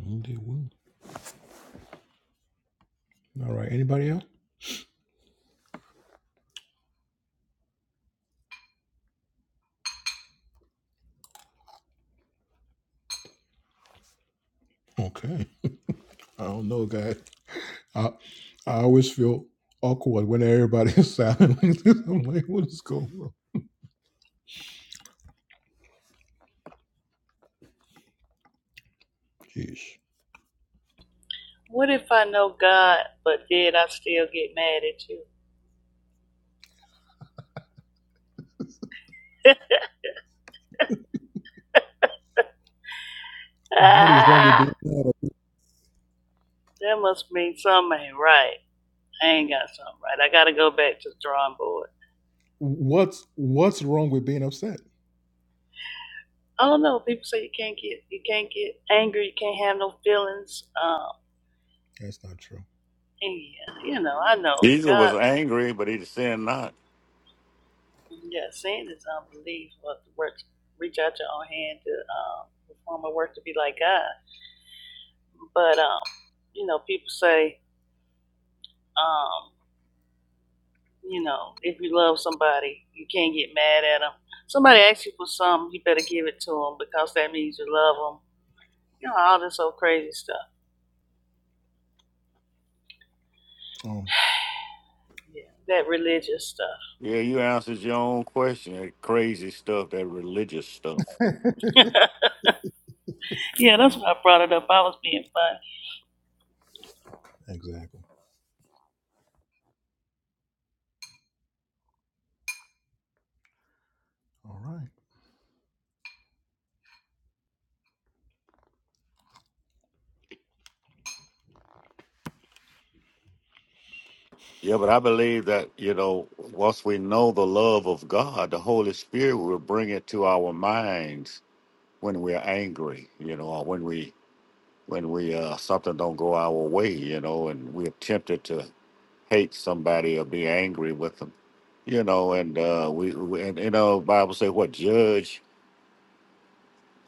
S1: Mm, they will. All right. Anybody else? Okay. I don't know, guys. I I always feel awkward when everybody is silent like this. I'm like, what is going on? Jeez.
S3: What if I know God, but then I still get mad at you?
S1: What is wrong with
S3: ah,
S1: being
S3: that must mean something ain't right. I ain't got something right. I got to go back to the drawing board.
S1: upset?
S3: I don't know. People say you can't get you can't get angry. You can't have no feelings. Um, Yeah, you know, I know
S4: Jesus was
S3: God.
S4: angry, but he sinned not.
S3: Yeah, sin is unbelief. but the work reach out your own hand to um, perform a work to be like God. But um, you know, people say um, you know, if you love somebody, you can't get mad at them. Somebody asks you for something, you better give it to them because that means you love them. You know, all this old crazy stuff. Yeah, that religious stuff.
S4: Yeah, you answered your own question. That crazy stuff, that religious stuff.
S3: yeah, that's why I brought it up. I was being funny.
S4: Yeah, but I believe that, you know, once we know the love of God, the Holy Spirit will bring it to our minds when we're angry, you know, or when we when we uh, something don't go our way, you know, and we're tempted to hate somebody or be angry with them, you know, and uh, we, we and you know, Bible say what judge,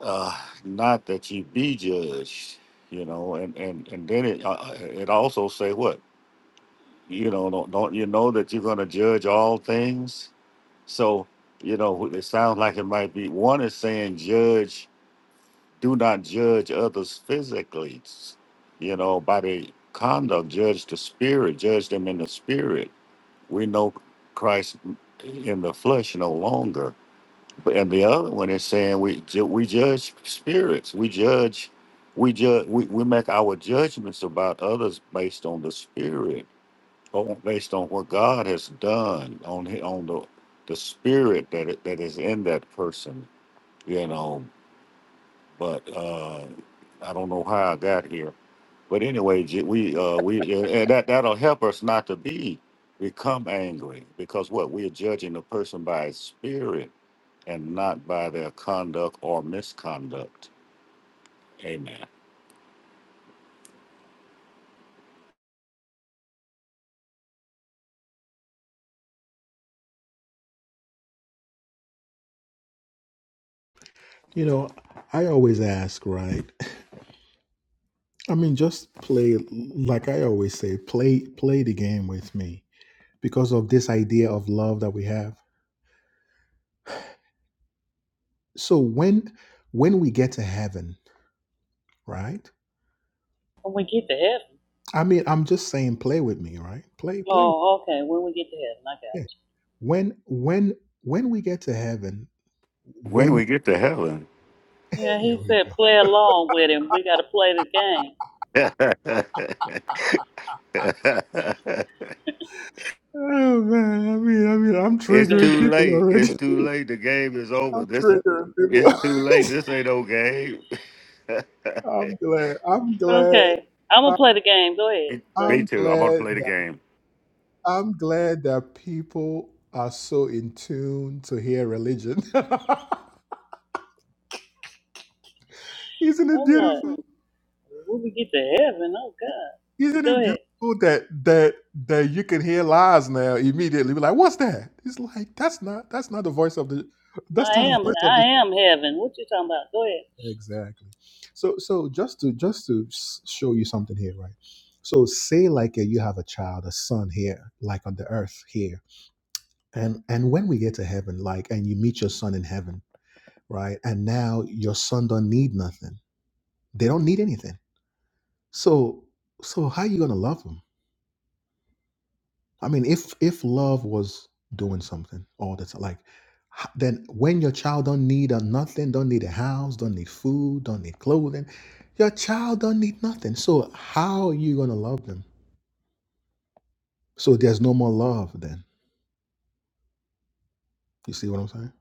S4: uh, not that you be judged, you know, and and and then it uh, uh, it also say what you know don't, don't you know that you're going to judge all things, so you know it sounds like it might be one is saying judge do not judge others physically, you know, by the conduct, judge the spirit, judge them in the spirit. We know Christ in the flesh no longer. But and the other one is saying we ju- we judge spirits, we judge, we judge, we, we make our judgments about others based on the spirit, or based on what God has done on hi- on the the spirit that it- that is in that person, you know but uh, I don't know how I got here. But anyway, J- we uh, we uh, and that that'll help us not to be become angry because what we're judging a person by his spirit and not by their conduct or misconduct. Amen.
S1: You know, I always ask, right? I mean, just play like I always say, play play the game with me because of this idea of love that we have. So when when we get to heaven, right?
S3: When we get to heaven.
S1: I mean, I'm just saying play with me, right? Play play.
S3: Oh, okay. When we get to heaven, I got it.
S1: Yeah. When when when we get to heaven,
S4: When
S1: when.
S4: we get to heaven,
S3: Yeah,
S1: Here
S3: he
S1: we go.
S3: said play along with him. We got to play the game.
S4: it's too late. It's too late. The game is over. This it's too late. This ain't no game.
S3: okay, I'm gonna play the game. Go ahead.
S4: me
S3: Go ahead.
S4: me too. I'm gonna play the game.
S1: Isn't it
S3: I'm like,
S1: beautiful?
S3: when we get to heaven, oh God.
S1: Isn't
S3: But go
S1: it beautiful
S3: ahead.
S1: that that that you can hear lies now immediately? Be like, what's that? It's like that's not that's not the voice of the that's not
S3: I
S1: the
S3: am.
S1: voice of
S3: I
S1: the
S3: am heaven. What you talking about? Go ahead.
S1: exactly. So so just to just to s- show you something here, right? So say like uh, you have a child, a son here, like on the earth here, and and when we get to heaven, like and you meet your son in heaven, right? And now your son don't need nothing. They don't need anything. So so how you gonna love them? I mean, if if love was doing something all the time, like h- then when your child don't need a nothing, don't need a house, don't need food, don't need clothing, your child don't need nothing. So how are you gonna love them? So there's no more love then. You see what I'm saying?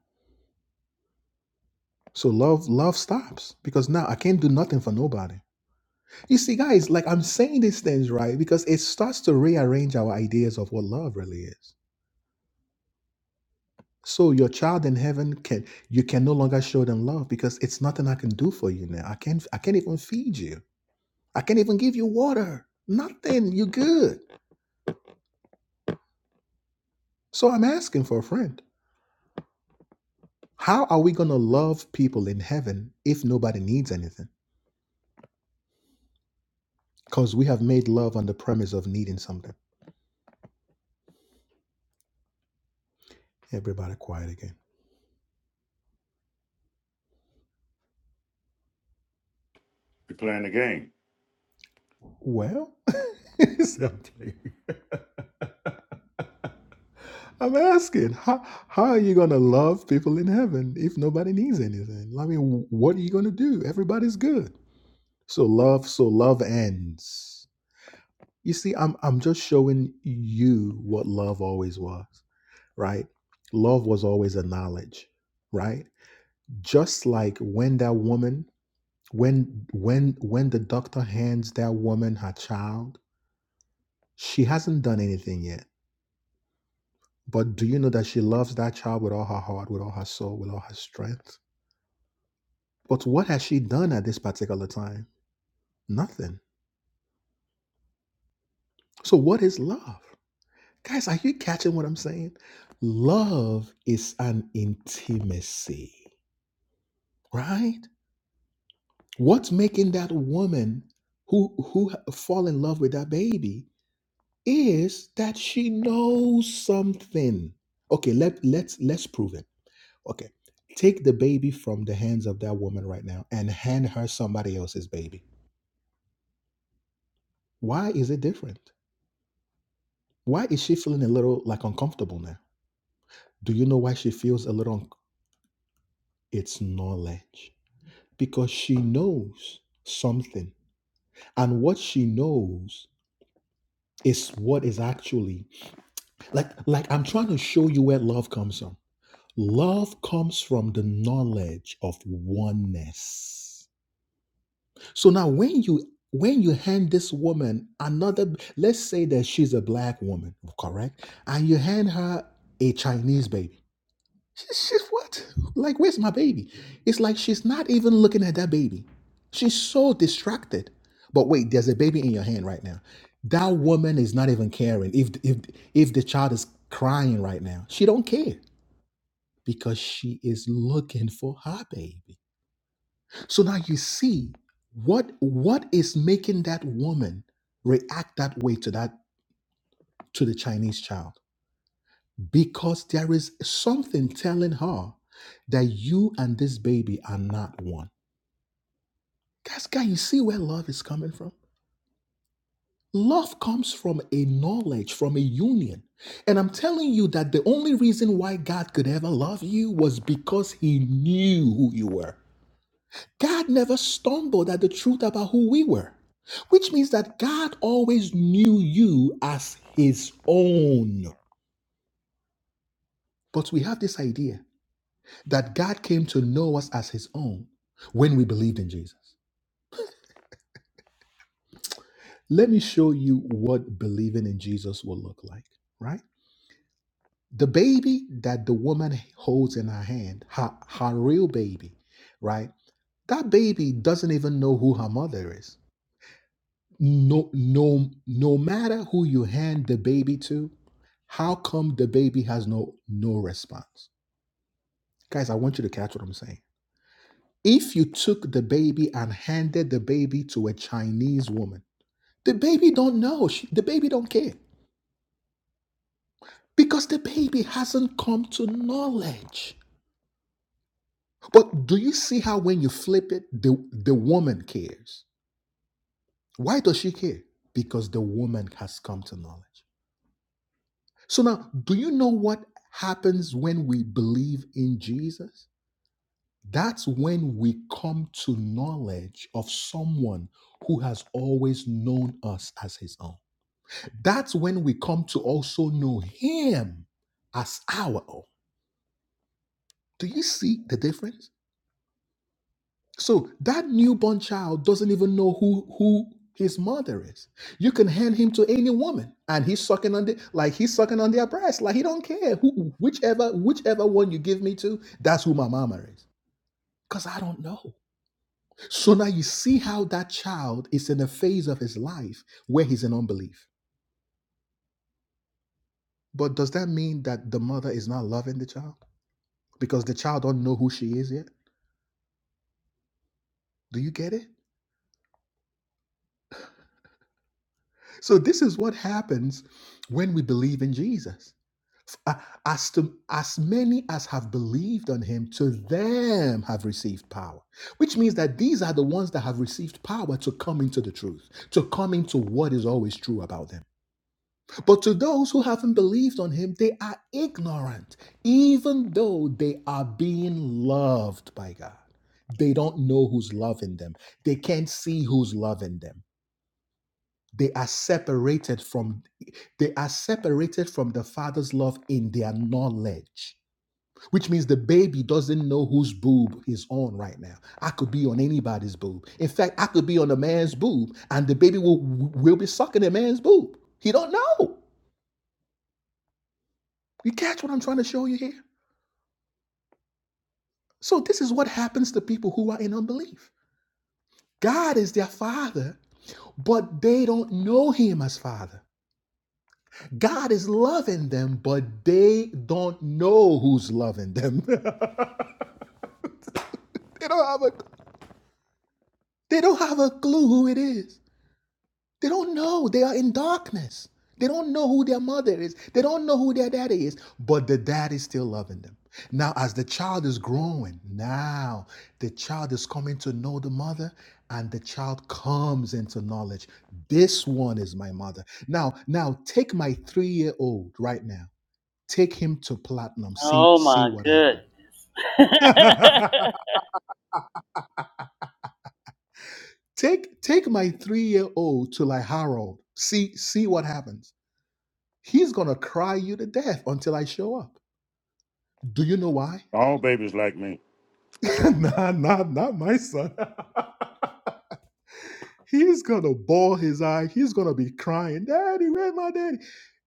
S1: So love love stops because now I can't do nothing for nobody. You see, guys, like I'm saying these things right because it starts to rearrange our ideas of what love really is. So your child in heaven can you can no longer show them love because it's nothing I can do for you now. I can't I can't even feed you. I can't even give you water. Nothing. You're good. So I'm asking for a friend. How are we gonna love people in heaven if nobody needs anything? Because we have made love on the premise of needing something. Everybody quiet again.
S4: You're playing the game.
S1: Well, something. I'm asking, how, how are you going to love people in heaven if nobody needs anything? I mean, what are you going to do? Everybody's good. So love, so love ends. You see, I'm I'm just showing you what love always was, right? Love was always a knowledge, right? Just like when that woman, when when when the doctor hands that woman her child, she hasn't done anything yet. But do you know that she loves that child with all her heart, with all her soul, with all her strength? But what has she done at this particular time? Nothing. So what is love? Guys, are you catching what I'm saying? Love is an intimacy, right? What's making that woman who who fall in love with that baby is that she knows something. Okay, let let's let's prove it. Okay. Take the baby from the hands of that woman right now and hand her somebody else's baby. Why is it different? Why is she feeling a little like uncomfortable now? Do you know why she feels a little? unc- it's knowledge because she knows something and what she knows is what is actually like like i'm trying to show you where love comes from love comes from the knowledge of oneness so now when you when you hand this woman another let's say that she's a black woman correct and you hand her a chinese baby She's, she's what? Like, where's my baby? It's like she's not even looking at that baby. She's so distracted. But wait, there's a baby in your hand right now. That woman is not even caring if if if the child is crying right now. She don't care because she is looking for her baby. So now you see what what is making that woman react that way to that to the Chinese child. because there is something telling her that you and this baby are not one. Guys, guys, you see where love is coming from? Love comes from a knowledge, from a union. And I'm telling you that the only reason why God could ever love you was because He knew who you were. God never stumbled at the truth about who we were, which means that God always knew you as His own. But we have this idea that God came to know us as his own when we believed in Jesus. Let me show you what believing in Jesus will look like, right? The baby that the woman holds in her hand, her, her real baby, right? That baby doesn't even know who her mother is. No, no, no matter who you hand the baby to, how come the baby has no no response? Guys, I want you to catch what I'm saying. If you took the baby and handed the baby to a Chinese woman, The baby don't know. She- the baby don't care because the baby hasn't come to knowledge. But do you see how when you flip it, the, the woman cares? Why does she care? Because the woman has come to knowledge. So now, do you know what happens when we believe in Jesus? That's when we come to knowledge of someone who has always known us as his own. That's when we come to also know him as our own. Do you see the difference? So that newborn child doesn't even know who who his mother is. You can hand him to any woman, and he's sucking on the like he's sucking on their breast, like he don't care who whichever whichever one you give me to, that's who my mama is. Cause I don't know. So now you see how that child is in a phase of his life where he's in unbelief. But does that mean that the mother is not loving the child because the child don't know who she is yet? Do you get it? So this is what happens when we believe in Jesus. Uh, As to as many as have believed on him, to them have received power. Which means that these are the ones that have received power to come into the truth, to come into what is always true about them. But to those who haven't believed on him, they are ignorant, even though they are being loved by God. They don't know who's loving them. They can't see who's loving them they are separated from they are separated from the father's love in their knowledge which means the baby doesn't know whose boob is on right now i could be on anybody's boob in fact i could be on a man's boob and the baby will will be sucking a man's boob he don't know you catch what i'm trying to show you here so this is what happens to people who are in unbelief god is their father but they don't know him as father God is loving them, but they don't know who's loving them. they don't have a they don't have a clue who it is. They don't know. They are in darkness. They don't know who their mother is. They don't know who their daddy is, but the dad is still loving them. Now, as the child is growing, now the child is coming to know the mother, and the child comes into knowledge. This one is my mother. Now, now take my three-year-old right now. take him to platinum see
S3: Oh
S1: see
S3: my
S1: what
S3: good.
S1: happens take take my three-year-old to like harold see see what happens he's gonna cry you to death until i show up do you know why
S4: All babies like me.
S1: nah nah not my son He's gonna bawl his eye. He's gonna be crying, Daddy, where my daddy?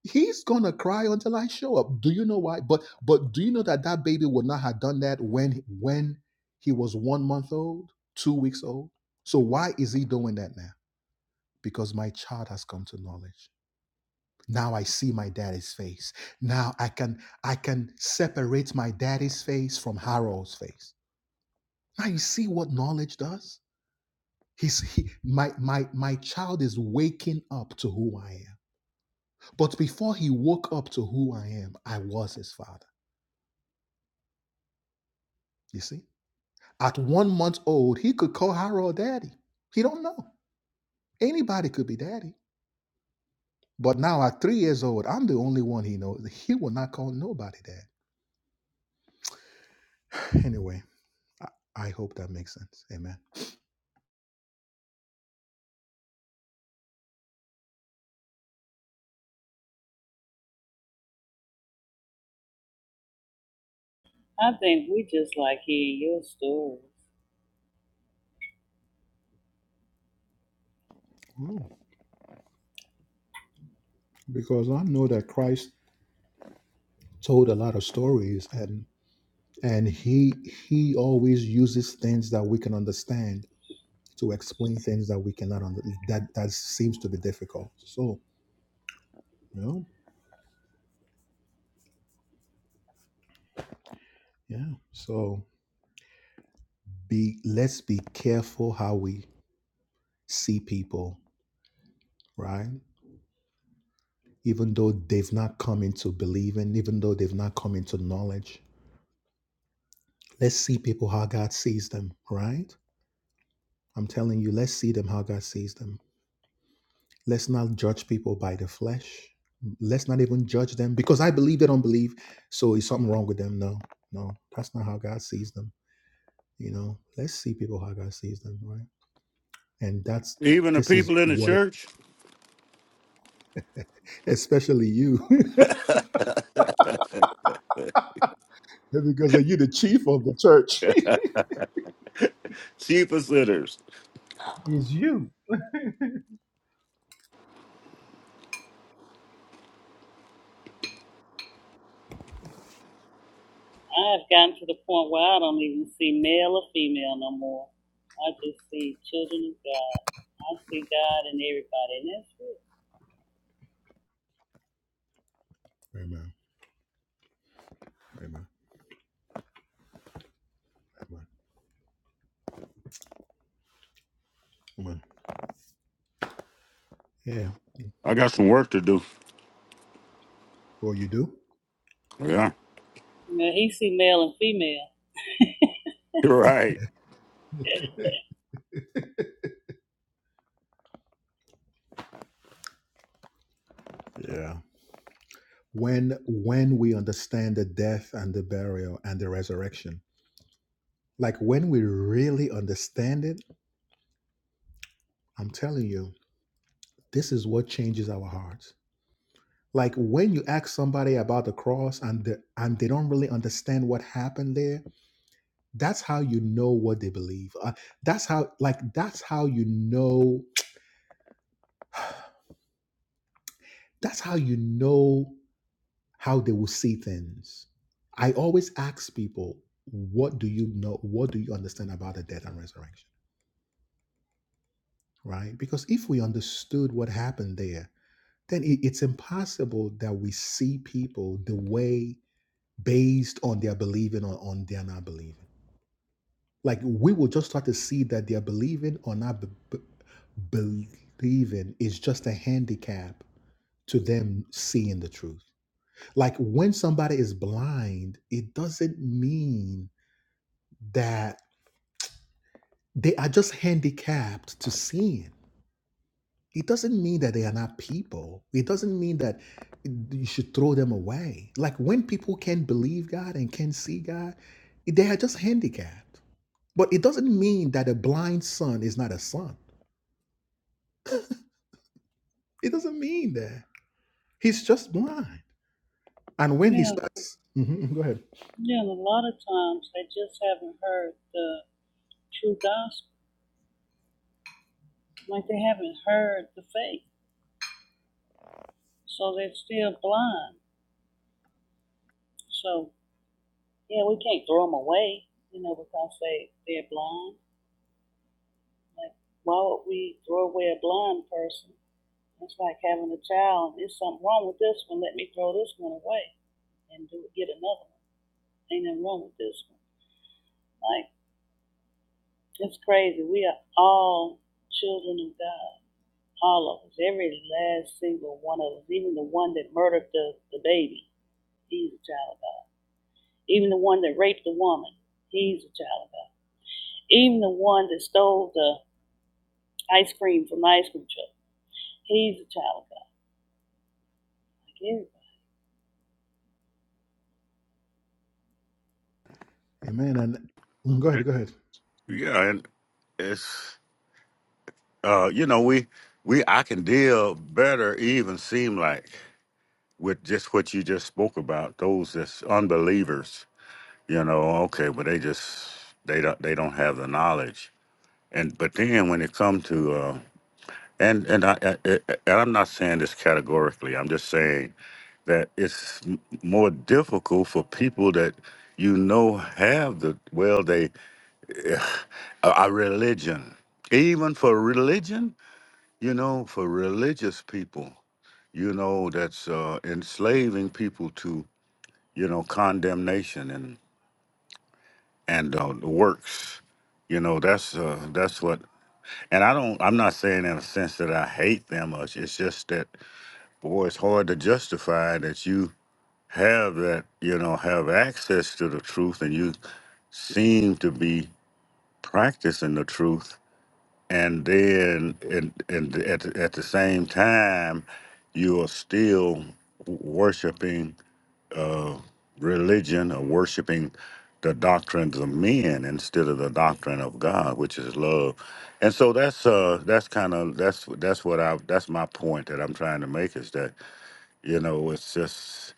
S1: He's gonna cry until I show up. Do you know why? But but do you know that that baby would not have done that when when he was one month old, two weeks old? So why is he doing that now? Because my child has come to knowledge. Now I see my daddy's face. Now I can I can separate my daddy's face from Harold's face. Now you see what knowledge does He's he, my my my child is waking up to who I am. But before he woke up to who I am, I was his father. You see, at one month old, he could call Harold daddy. He don't know anybody could be daddy. But now at three years old, I'm the only one he knows. He will not call nobody dad. Anyway, I hope that makes sense. Amen.
S3: I think we just like hearing your stories.
S1: Oh, because I know that Christ told a lot of stories and and he he always uses things that we can understand to explain things that we cannot understand, that that seems to be difficult so you know yeah so be let's be careful how we see people right even though they've not come into believing even though they've not come into knowledge let's see people how god sees them right i'm telling you let's see them how god sees them let's not judge people by the flesh let's not even judge them because i believe they don't believe so is something wrong with them no no that's not how god sees them You know, let's see people how God sees them, right? And that's
S4: Even the
S1: this is
S4: people in the
S1: what, it,
S4: church,
S1: especially you, because you're the chief of the church.
S4: sheep are sinners.
S1: It's you.
S3: I have gotten to the point where I don't even see male or female no more. I just see children of God. I see God in everybody, and that's it.
S1: Amen. Amen. Amen. Amen. Yeah.
S4: I got some work to do.
S1: Or you do.
S4: Yeah,
S3: You know, he see male and female.
S4: you're right.
S1: Yeah. When when we understand the death and the burial and the resurrection, like when we really understand it, I'm telling you, this is what changes our hearts. Like when you ask somebody about the cross and the, and they don't really understand what happened there, that's how you know what they believe Uh, that's how like that's how you know that's how you know how they will see things i always ask people what do you know what do you understand about the death and resurrection right because if we understood what happened there then it- it's impossible that we see people the way based on their believing or on their not believing Like we will just start to see that their believing or not be- be- believing is just a handicap to them seeing the truth. Like when somebody is blind, it doesn't mean that they are just handicapped to seeing. It doesn't mean that they are not people. It doesn't mean that you should throw them away. Like when people can believe God and can see God, they are just handicapped. But it doesn't mean that a blind son is not a son. It doesn't mean that. He's just blind. And when he
S3: Yeah,
S1: starts, Mhm, go ahead.
S3: yeah, and a lot of times they just haven't heard the true gospel. Like they haven't heard the faith. So they're still blind. So, yeah, we can't throw them away, you know, because they, they're blind. Like, why would we throw away a blind person? It's like having a child. There's something wrong with this one. Let me throw this one away and do get another one. Ain't nothing wrong with this one. Like, it's crazy. We are all children of God all of us, every last single one of us, even the one that murdered the, the baby, he's a child of God. Even the one that raped the woman, he's a child of God. Even the one that stole the ice cream from the ice cream truck, he's a child of God. Like
S1: Amen. And mm, go ahead, go ahead.
S4: Yeah, and it's uh, you know, we we I can deal better. Even seem like with just what you just spoke about those that's unbelievers. You know, okay, but they just they don't they don't have the knowledge. And but then when it comes to uh And and I, I I- and I'm not saying this categorically. I'm just saying that it's m- more difficult for people that you know have the well they a, a religion. Even for religion, you know, for religious people, you know, that's uh, enslaving people to you know condemnation and and uh, works. You know, that's uh, that's what. And I don't. I'm not saying in a sense that I hate them much. It's just that boy, it's hard to justify that you have that, you know, have access to the truth and you seem to be practicing the truth. And then and, and at, the- at the same time, you are still worshiping uh, religion or worshiping the doctrines of men instead of the doctrine of God, which is love. And so that's uh, that's kind of that's that's what I that's my point that I'm trying to make is that you know, it's just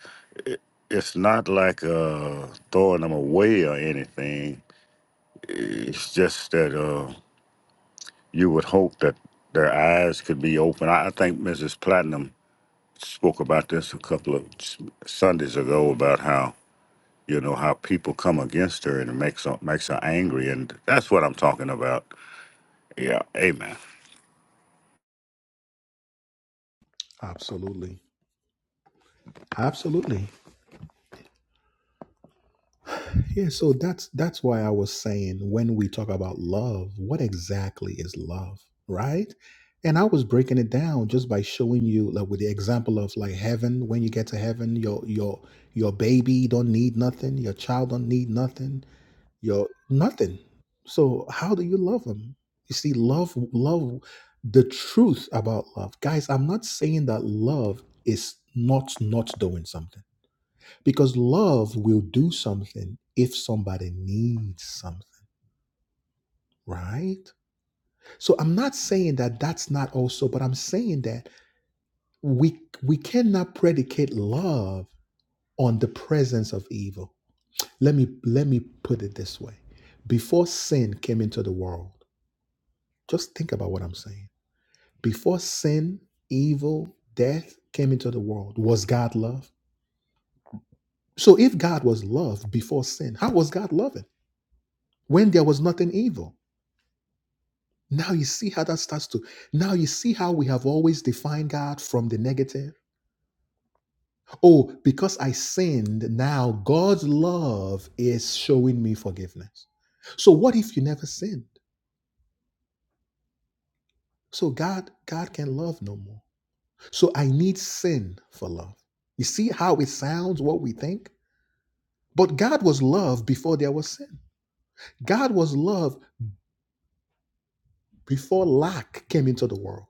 S4: it's not like uh throwing them away or anything. It's just that uh you would hope that their eyes could be open. I, I think Mrs. Platinum spoke about this a couple of s- Sundays ago about how you know how people come against her and it makes her makes her angry, and that's what I'm talking about. Yeah, Amen.
S1: Absolutely. Absolutely. Yeah, so that's that's why I was saying when we talk about love, what exactly is love, right? And I was breaking it down just by showing you like with the example of like heaven, when you get to heaven, your your your baby don't need nothing, your child don't need nothing Yo, nothing. So how do you love them? You see, love, love, the truth about love. Guys, I'm not saying that love is not not doing something because love will do something if somebody needs something, right? So I'm not saying that that's not also, but I'm saying that we we cannot predicate love on the presence of evil. Let me let me put it this way. Before sin came into the world, Just think about what I'm saying. Before sin, evil, death came into the world, was God love? So if God was love before sin, how was God loving? When there was nothing evil. Now you see how that starts to. Now you see how we have always defined God from the negative. Oh, because I sinned, now God's love is showing me forgiveness. So what if you never sinned? So God, God can love no more. So I need sin for love. You see how it sounds, what we think? But God was love before there was sin. God was love before lack came into the world.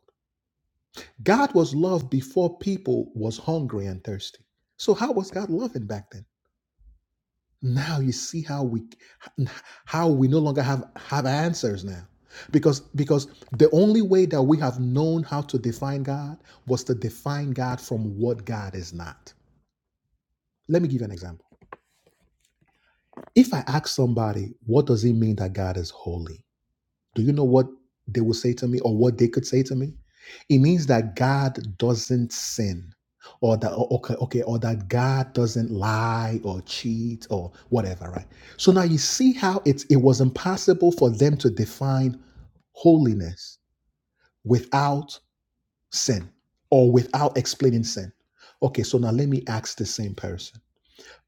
S1: God was love before people was hungry and thirsty. So how was God loving back then? Now you see how we how we no longer have have answers now. Because because the only way that we have known how to define God was to define God from what God is not. Let me give you an example. If I ask somebody, what does it mean that God is holy? Do you know what they will say to me or what they could say to me? It means that God doesn't sin or that okay, okay, or that God doesn't lie or cheat or whatever, right? So now you see how it's it was impossible for them to define holiness without sin or without explaining sin. Okay, so now let me ask the same person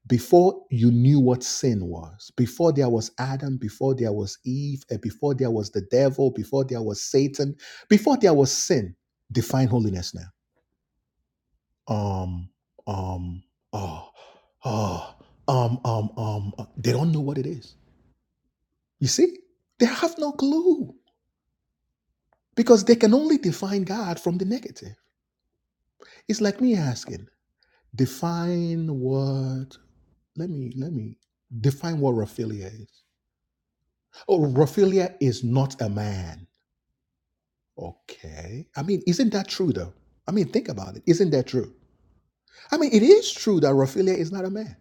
S1: before you knew what sin was, before there was Adam, before there was Eve, and before there was the devil, before there was Satan, before there was sin, define holiness now. Um, um, oh, oh, um, um, um, uh, they don't know what it is. You see, they have no clue because they can only define God from the negative. It's like me asking, define what? Let me, let me define what raphilia is. Oh, Raphaelia is not a man. Okay. I mean, isn't that true though? I mean, think about it. Isn't that true? I mean, it is true that Raphaelia is not a man.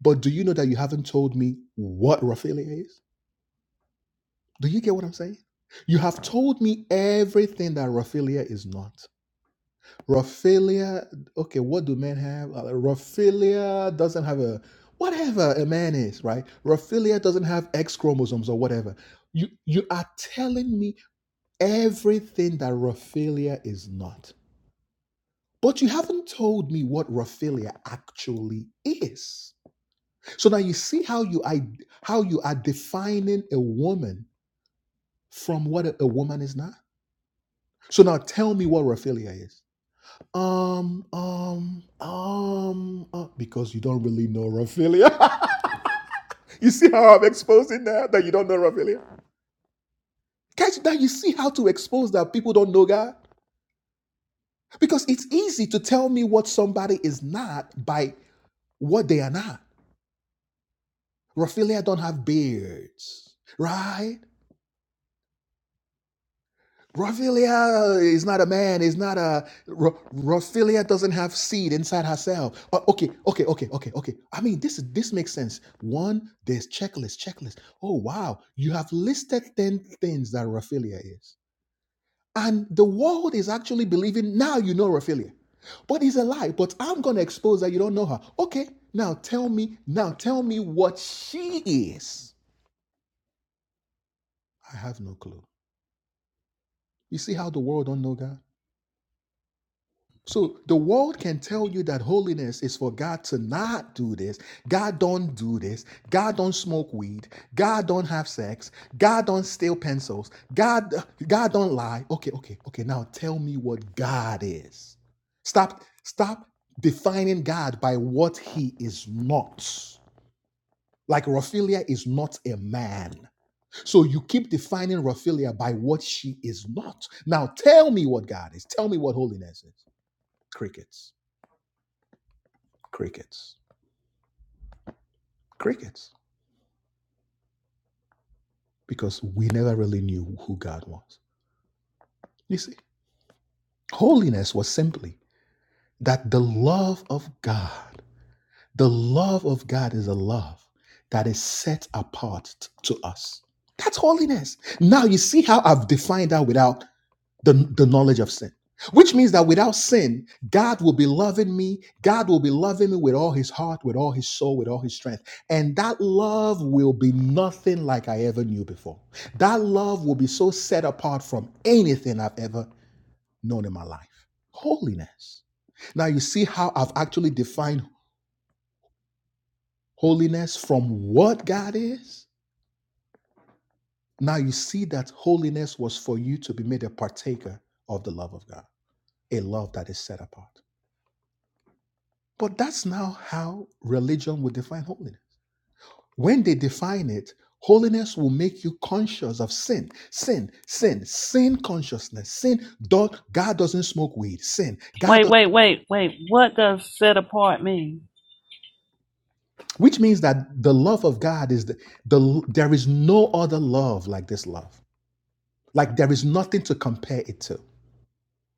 S1: But do you know that you haven't told me what Raphaelia is? Do you get what I'm saying? You have told me everything that Raphaelia is not. Raphaelia, okay, what do men have? Uh, Raphaelia doesn't have a whatever a man is, right? Raphaelia doesn't have X chromosomes or whatever. You you are telling me everything that Raphaelia is not. But you haven't told me what Raphaelia actually is. So now you see how you I, how you are defining a woman from what a, a woman is not. So now tell me what Raphaelia is. Um, um, um, uh, because you don't really know Raphaelia. you see how I'm exposing that that you don't know Raphaelia. Guys, now you see how to expose that people don't know God. Because it's easy to tell me what somebody is not by what they are not. Raphaelia don't have beards, right? Raphaelia is not a man, is not a Ra- Raphaelia doesn't have seed inside herself. Uh, okay, okay, okay, okay, okay. I mean, this is this makes sense. One, there's checklist, checklist. Oh wow, you have listed 10 things that Raphaelia is. And the world is actually believing now you know Raphaelia. But it's a lie. But I'm gonna expose that you don't know her. Okay, now tell me, now tell me what she is. I have no clue. You see how the world don't know God? So the world can tell you that holiness is for God to not do this. God don't do this. God don't smoke weed. God don't have sex. God don't steal pencils. God God don't lie. Okay, okay, okay. Now tell me what God is. Stop stop defining God by what he is not. Like Raphaelia is not a man. So you keep defining Raphaelia by what she is not. Now tell me what God is. Tell me what holiness is. Crickets, crickets, crickets. Because we never really knew who God was. You see, holiness was simply that the love of God, the love of God is a love that is set apart t- to us. That's holiness. Now you see how I've defined that without the, the knowledge of sin, which means that without sin, God will be loving me. God will be loving me with all his heart, with all his soul, with all his strength. And that love will be nothing like I ever knew before. That love will be so set apart from anything I've ever known in my life. Holiness. Now you see how I've actually defined holiness from what God is? Now you see that holiness was for you to be made a partaker of the love of God, a love that is set apart. But that's now how religion will define holiness. When they define it, holiness will make you conscious of sin, sin, sin, sin consciousness, sin. do- God doesn't smoke weed, sin. God,
S3: Wait,
S1: does,
S3: wait, wait, wait. What does set apart mean?
S1: which means that the love of God is the, the there is no other love like this love. Like there is nothing to compare it to.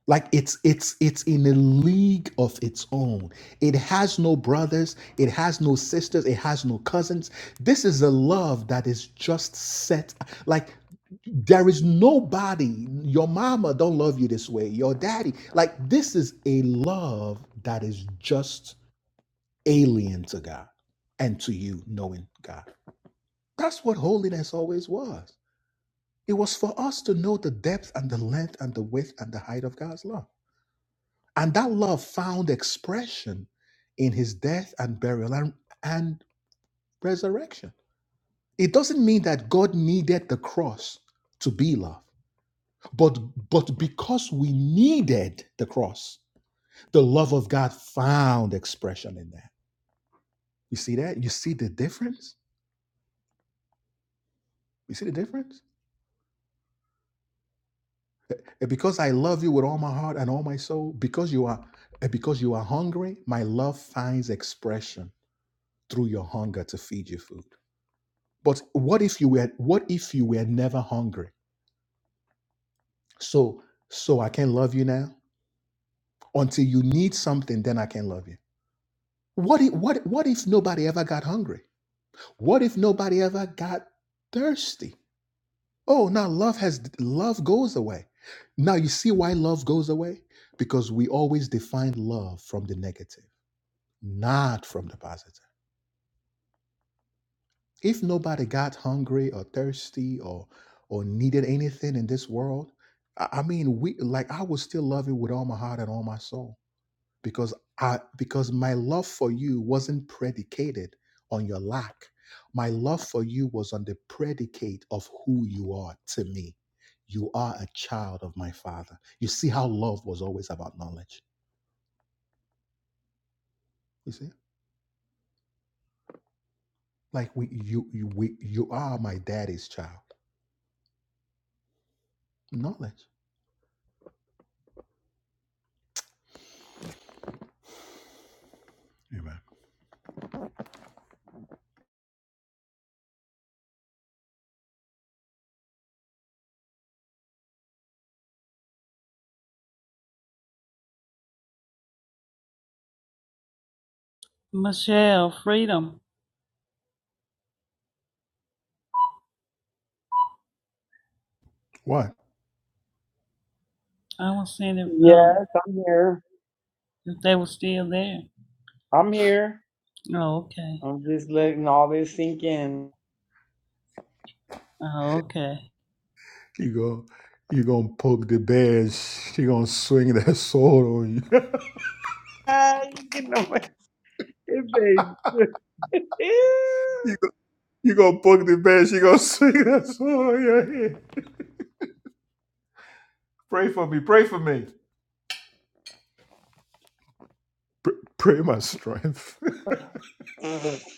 S1: like it's it's it's in a league of its own it has no brothers it has no sisters it has no cousins this is a love that is just set like there is nobody your mama don't love you this way your daddy like this is a love that is just alien to god and to you knowing god that's what holiness always was it was for us to know the depth and the length and the width and the height of god's love and that love found expression in his death and burial and, and resurrection. It doesn't mean that God needed the cross to be love, but, but because we needed the cross, the love of God found expression in that. You see that? You see the difference? You see the difference? Eh, eh, Because I love you with all my heart and all my soul, because you are eh, because you are hungry, my love finds expression through your hunger to feed you food But what if you were what if you were never hungry? So so I can love you now until you need something then I can love you. What if, what what if nobody ever got hungry? What if nobody ever got thirsty? Oh, now love has love goes away. Now you see why love goes away? Because we always define love from the negative, not from the positive. If nobody got hungry or thirsty or or needed anything in this world, I, I mean, we like I would still love you with all my heart and all my soul because I because my love for you wasn't predicated on your lack. My love for you was on the predicate of who you are to me. You are a child of my father. You see how love was always about knowledge. You see, like we, you, you, we, you are my daddy's child. Knowledge. Amen.
S3: Michelle, freedom. I was seeing if,
S7: Yes,
S3: um,
S7: I'm here.
S3: if they were still there.
S7: I'm here.
S3: Oh, okay.
S7: I'm just letting all this sink in.
S3: Oh, okay.
S7: Ah, you know, on my face.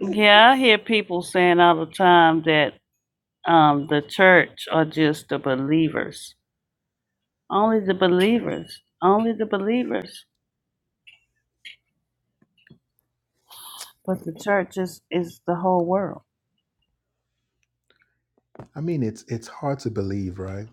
S3: Yeah, I hear people saying all the time that um, the church or just the believers. Only the believers. Only the believers. But the church is, is the whole world.
S1: I mean, it's it's hard to believe, right?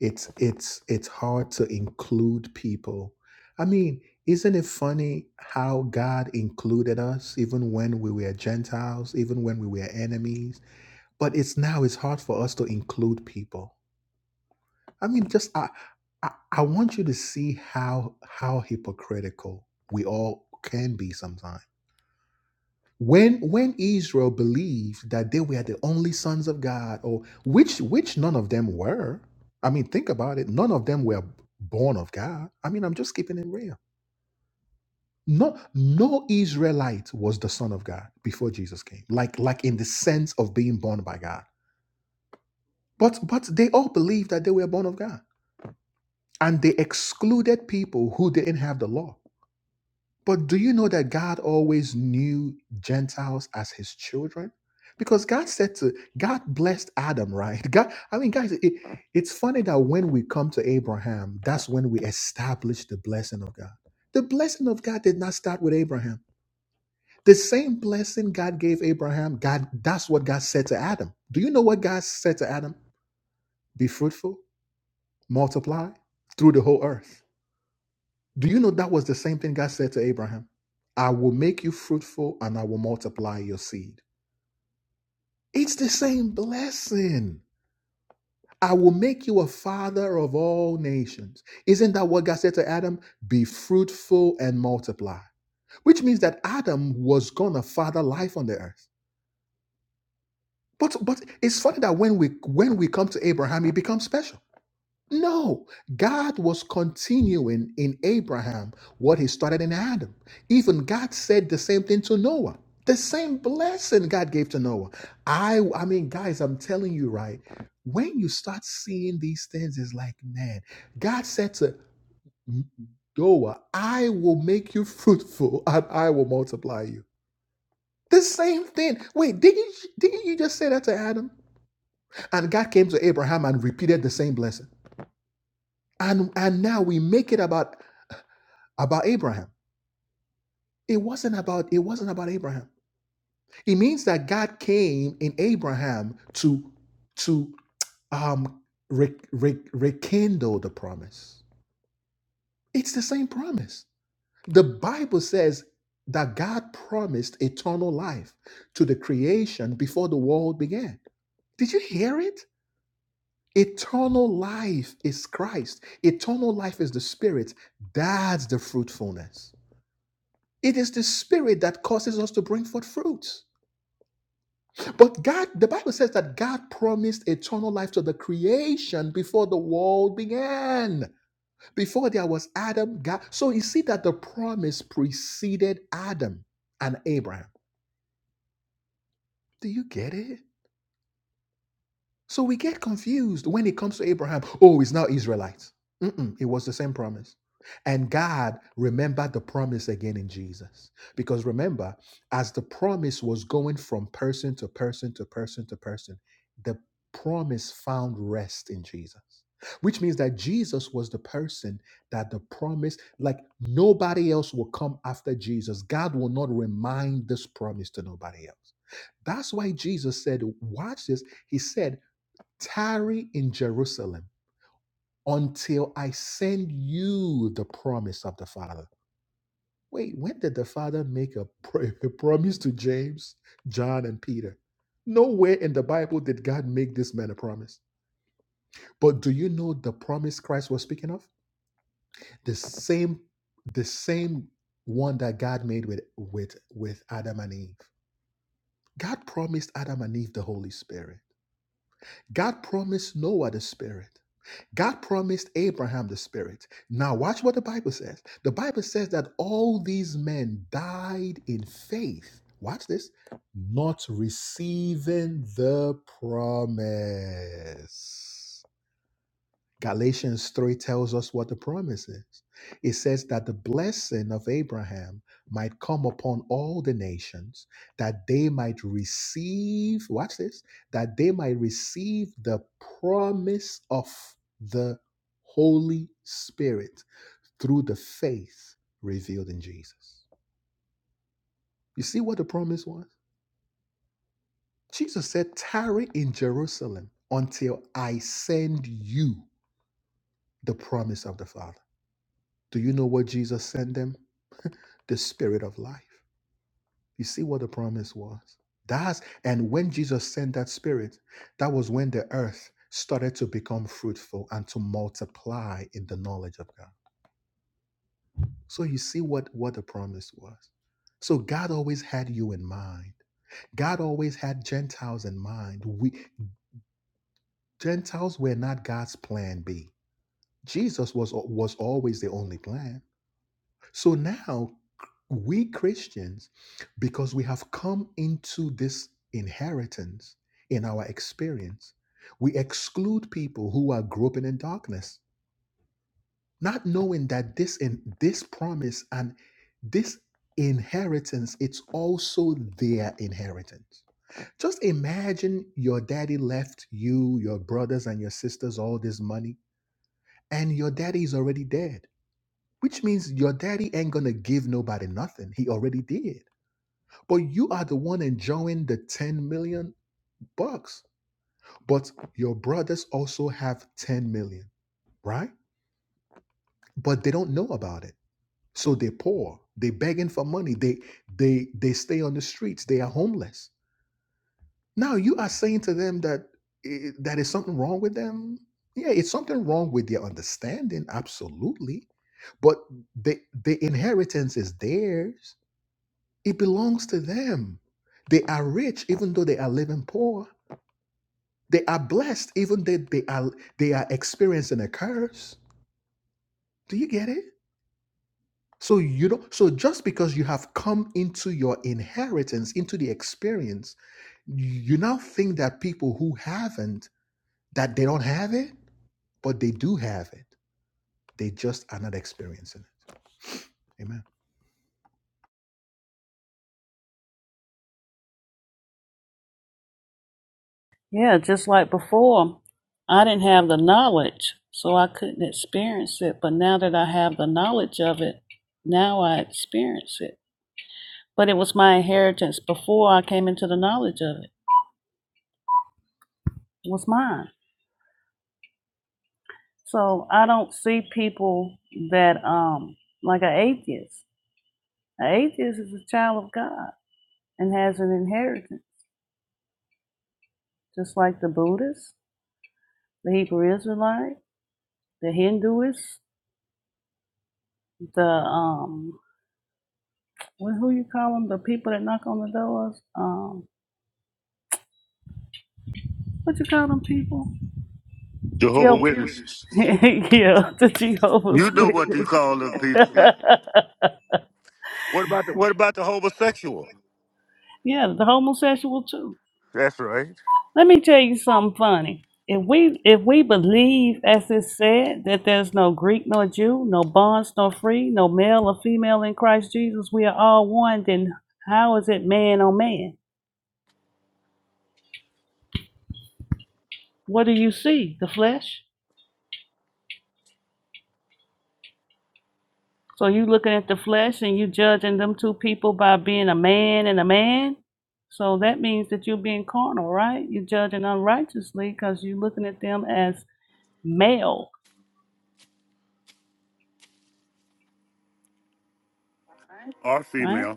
S1: It's it's it's hard to include people. I mean, isn't it funny how God included us even when we were Gentiles, even when we were enemies? But it's now it's hard for us to include people. I mean, just I I, I want you to see how how hypocritical we all can be sometimes. when when Israel believed that they were the only sons of God, or which which none of them were. I mean, think about it. None of them were born of God. I mean, I'm just keeping it real. No, no Israelite was the son of God before Jesus came. Like like in the sense of being born by God. But but they all believed that they were born of God, and they excluded people who didn't have the law. But do you know that God always knew Gentiles as his children? Because God said to God blessed Adam, right? God, I mean, guys, it, it's funny that when we come to Abraham, that's when we establish the blessing of God. The blessing of God did not start with Abraham. The same blessing God gave Abraham, God, that's what God said to Adam. Do you know what God said to Adam? Be fruitful, multiply through the whole earth. Do you know that was the same thing God said to Abraham? I will make you fruitful and I will multiply your seed. It's the same blessing. I will make you a father of all nations. Isn't that what God said to Adam? Be fruitful and multiply. Which means that Adam was gonna father life on the earth. But but it's funny that when we when we come to Abraham, he becomes special. No, God was continuing in Abraham what he started in Adam. Even God said the same thing to Noah. The same blessing God gave to Noah. I I mean guys, I'm telling you right. When you start seeing these things it's like, man, God said to Noah, I will make you fruitful and I will multiply you. The same thing. Wait, didn't you, didn't you just say that to Adam? And God came to Abraham and repeated the same blessing and and now we make it about about Abraham. It wasn't about it wasn't about Abraham. It means that God came in Abraham to to um re- re- rekindle the promise. It's the same promise. The Bible says that God promised eternal life to the creation before the world began. Did you hear it? Eternal life is Christ. Eternal life is the Spirit. That's the fruitfulness. It is the Spirit that causes us to bring forth fruits. But God, the Bible says that God promised eternal life to the creation before the world began. Before there was Adam, God. So you see that the promise preceded Adam and Abraham. Do you get it? So we get confused when it comes to Abraham. Oh, he's now Israelite. Mm-mm, it was the same promise. And God remembered the promise again in Jesus. Because remember, as the promise was going from person to person to person to person, the promise found rest in Jesus. Which means that Jesus was the person that the promise, like nobody else will come after Jesus. God will not remind this promise to nobody else. That's why Jesus said, Watch this. He said, Tarry in Jerusalem until I send you the promise of the Father. Wait, when did the Father make a, pro- a promise to James, John, and Peter? Nowhere in the Bible did God make this man a promise. But do you know the promise Christ was speaking of? The same, the same one that God made with with with Adam and Eve. God promised Adam and Eve the Holy Spirit. God promised Noah the Spirit. God promised Abraham the Spirit. Now, watch what the Bible says. The Bible says that all these men died in faith. Watch this, not receiving the promise. Galatians 3 tells us what the promise is. It says that the blessing of Abraham might come upon all the nations, that they might receive, watch this, that they might receive the promise of the Holy Spirit through the faith revealed in Jesus. You see what the promise was? Jesus said, Tarry in Jerusalem until I send you the promise of the Father. Do you know what Jesus sent them? the spirit of life. You see what the promise was. That's and when Jesus sent that spirit, that was when the earth started to become fruitful and to multiply in the knowledge of God. So you see what what the promise was. So God always had you in mind. God always had Gentiles in mind. We Gentiles were not God's plan B. Jesus was was always the only plan. So now we Christians, because we have come into this inheritance in our experience, we exclude people who are groping in darkness, not knowing that this in this promise and this inheritance, it's also their inheritance. Just imagine your daddy left you, your brothers and your sisters all this money, and your daddy is already dead which means your daddy ain't gonna give nobody nothing. He already did. But you are the one enjoying the 10 million bucks. But your brothers also have 10 million, right? But they don't know about it. So they're poor. They are begging for money. They they they stay on the streets. They are homeless. Now you are saying to them that eh, that is something wrong with them. Yeah, it's something wrong with their understanding, absolutely. But the the inheritance is theirs It belongs to them. They are rich even though they are living poor. They are blessed even though they are they are experiencing a curse. Do you get it? So you don't so just because you have come into your inheritance, into the experience, you now think that people who haven't, that they don't have it, but they do have it. They just are not experiencing it. Amen.
S3: Yeah, just like before, I didn't have the knowledge, so I couldn't experience it. But now that I have the knowledge of it, now I experience it. But it was my inheritance before I came into the knowledge of it. It was mine. So I don't see people that um like an atheist. An atheist is a child of God and has an inheritance, just like the Buddhists, the Hebrew Israelite, the Hinduists, the um, what, who you call them? The people that knock on the doors. Um, what you call them people?
S4: Jehovah
S3: Jehovah's
S4: Witnesses,
S3: Witnesses. yeah, the Jehovah's
S4: you know what you
S3: Witness.
S4: call them people. What about the, what about the homosexual?
S3: yeah, the homosexual too.
S4: That's right,
S3: Let me tell you something funny. If we if we believe, as it said, that there's no Greek nor Jew, no bonds nor free, no male or female in Christ Jesus, we are all one, then how is it man on man? What do you see? The flesh? So you looking at the flesh and you judging them two people by being a man and a man? So that means that you're being carnal, right? You're judging unrighteously because you're looking at them as male,
S4: or
S3: right?
S4: female.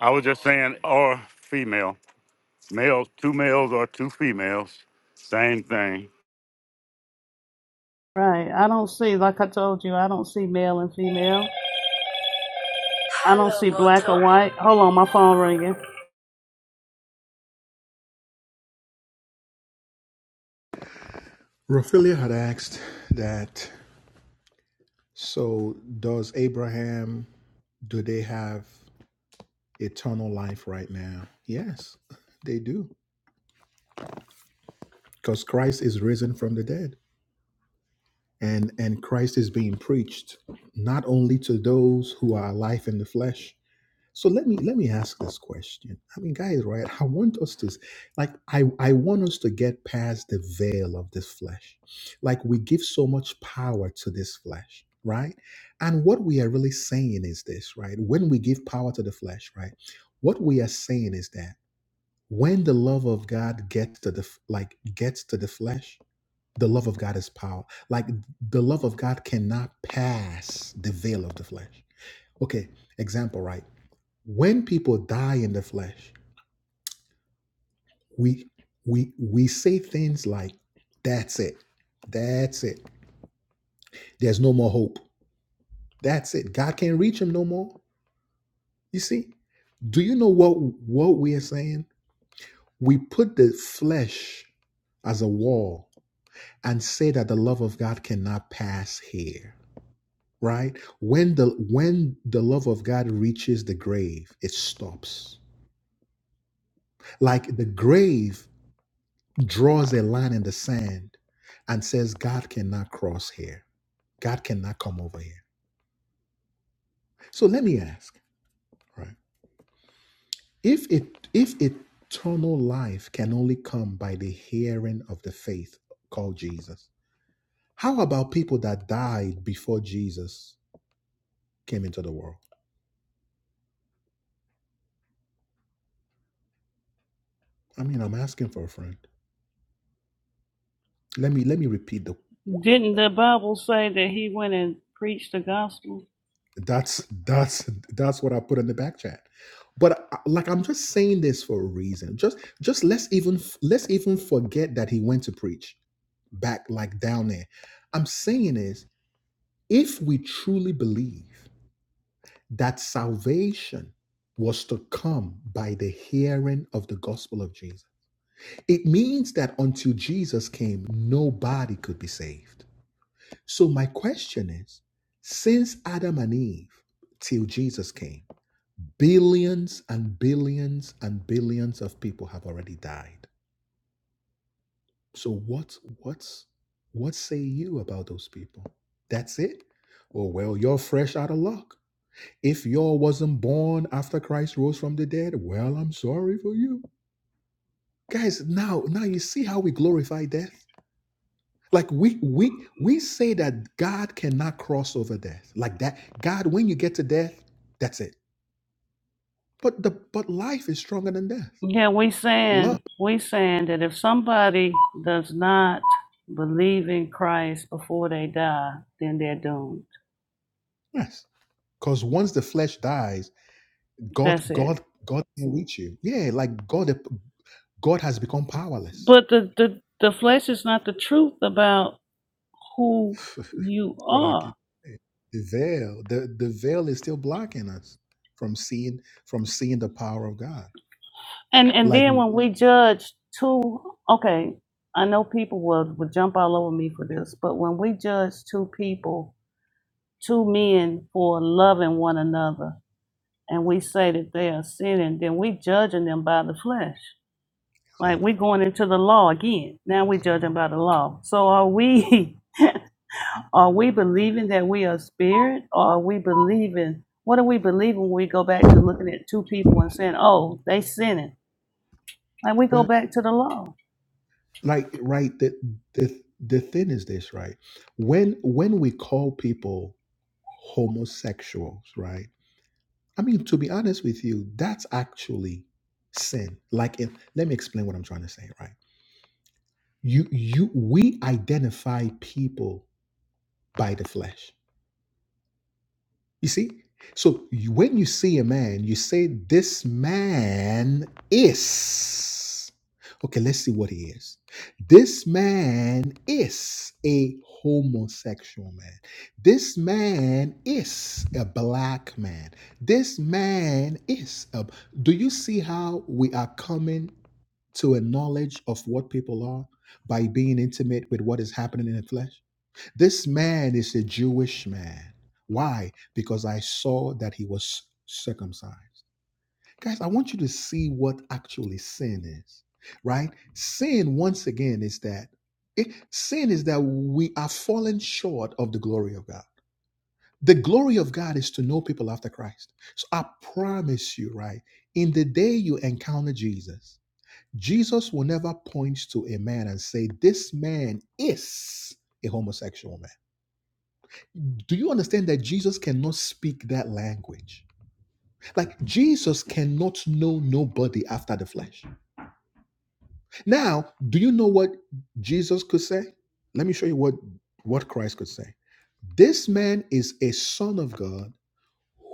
S4: I was just saying, or female, males, two males or two females, same thing.
S3: Right. I don't see, like I told you, I don't see male and female. I don't see black or white. Hold on, my phone ringing.
S1: Raphaelia had asked that so does Abraham do they have eternal life right now. Yes, they do. Because Christ is risen from the dead. And and Christ is being preached not only to those who are alive in the flesh. So let me let me ask this question. I mean, guys, right? I want us to like I, I want us to get past the veil of this flesh. Like we give so much power to this flesh, right? And what we are really saying is this, right? When we give power to the flesh, right? What we are saying is that when the love of God gets to the f- like gets to the flesh, the love of God is power. Like the love of God cannot pass the veil of the flesh. Okay, example, right? When people die in the flesh, we we we say things like, "That's it, that's it. There's no more hope. That's it. God can't reach him no more." You see? Do you know what what we are saying? We put the flesh as a wall and say that the love of God cannot pass here, right? When the when the love of God reaches the grave, it stops. Like the grave draws a line in the sand and says God cannot cross here. God cannot come over here. So let me ask, right? If it if eternal life can only come by the hearing of the faith called Jesus, how about people that died before Jesus came into the world? I mean, I'm asking for a friend. let me let me repeat the
S3: Didn't the Bible say that he went and preached the gospel?
S1: that's that's that's what i put in the back chat but I, like i'm just saying this for a reason just just let's even let's even forget that he went to preach back like down there i'm saying is if we truly believe that salvation was to come by the hearing of the gospel of jesus it means that until jesus came nobody could be saved So my question is, since Adam and Eve till Jesus came, billions and billions and billions of people have already died. So what what's what say you about those people? That's it? Oh well, you're fresh out of luck. If y'all wasn't born after Christ rose from the dead, well, I'm sorry for you. Guys, now now you see how we glorify death? Like we we we say that God cannot cross over death. Like that God when you get to death, that's it. But the but life is stronger than death.
S3: Yeah, we
S1: Love.
S3: saying we saying that if somebody does not believe in Christ before they die, then they're doomed.
S1: Yes. Cuz once the flesh dies,
S3: That's
S1: God
S3: it.
S1: God God can reach you. Yeah, like God God has become powerless.
S3: But the the, the flesh is not the truth about who you
S1: What I
S3: are.
S1: keep the veil, the the veil is still blocking us from seeing from seeing the power of God.
S3: And and
S1: Like
S3: then when we judge two, okay, I know people would would jump all over me for this, but when we judge two people, two men for loving one another, and we say that they are sinning, then we judging them by the flesh. Like we
S1: exactly.
S3: going into the law again. Now we judging by the law. So are we? Are we believing that we are spirit, or are we believing? What do we believe when we go back to looking at two people and saying, "Oh, they sinning"? Like we
S1: Well.
S3: go back to the law.
S1: like right the the the thing is this right when when we call people homosexuals right i mean to be honest with you that's actually sin like if let me explain what i'm trying to say right you you we identify people by the flesh You see? So you- when you see a man, you say, This man is. Okay, let's see what he is. This man is a homosexual man. This man is a black man. This man is a. Do you see how we are coming to a knowledge of what people are by being intimate with what is happening in the flesh? This man is a Jewish man. Why? Because I saw that he was circumcised. Guys, I want you to see what actually sin is, right? Sin, once again, is that it, sin is that we are falling short of the glory of God. The glory of God is to know people after Christ. So I promise you, right? In the day you encounter Jesus, Jesus will never point to a man and say, This man is a homosexual man do you understand that Jesus cannot speak that language? Like Jesus cannot know nobody after the flesh. Now, do you know what Jesus could say? Let me show you what what Christ could say. This man is a son of God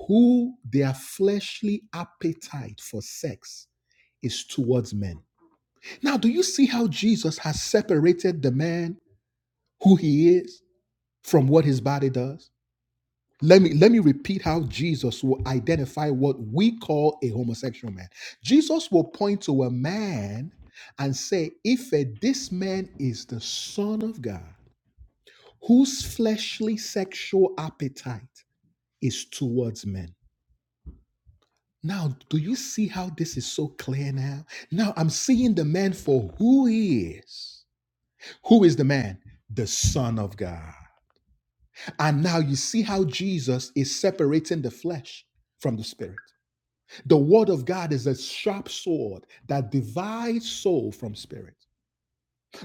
S1: who their fleshly appetite for sex is towards men. Now, do you see how Jesus has separated the man who he is from what his body does? Let me let me repeat how Jesus will identify what we call a homosexual man. Jesus will point to a man and say, if uh, this man is the son of God, whose fleshly sexual appetite is towards men. Now, do you see how this is so clear now? Now I'm seeing the man for who he is. Who is the man? The son of God. And now you see how Jesus is separating the flesh from the spirit. The word of God is a sharp sword that divides soul from spirit.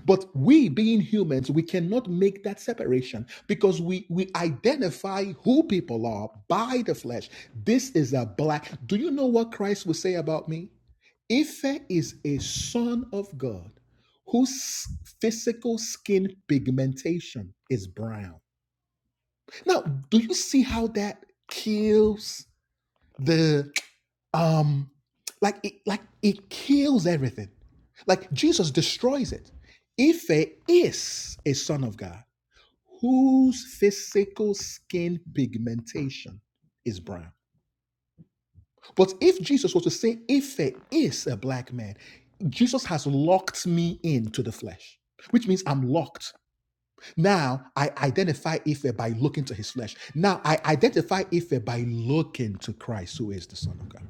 S1: But we, being humans, we cannot make that separation because we, we identify who people are by the flesh. This is a black. Do you know what Christ would say about me? Ife is a son of God whose physical skin pigmentation is brown. Now, do you see how that kills? the? um like it like it kills everything like jesus destroys it if he is a son of god whose physical skin pigmentation is brown but if jesus was to say if he is a black man jesus has locked me into the flesh which means I'm locked. Now I identify Ife by looking to his flesh. Now I identify Ife by looking to Christ, who is the Son of God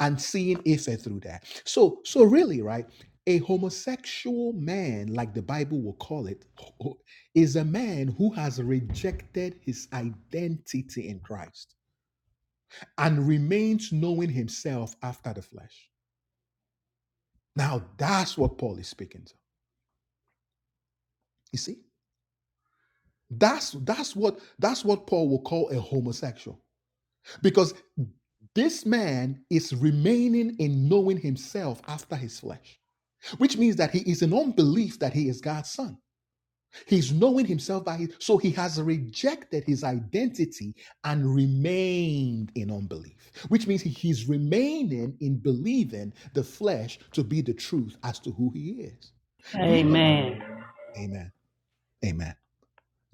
S1: and seeing Issa through that. So, so really, right, a homosexual man, like the Bible will call it, is a man who has rejected his identity in Christ and remains knowing himself after the flesh. Now, that's what Paul is speaking to. You see, that's that's what that's what Paul will call a homosexual because this man is remaining in knowing himself after his flesh, which means that he is in unbelief that he is God's son. He's knowing himself by his, so he has rejected his identity and remained in unbelief, which means he's remaining in believing the flesh to be the truth as to who he is. Do you know Mm. what?
S3: Amen.
S1: Amen. Amen.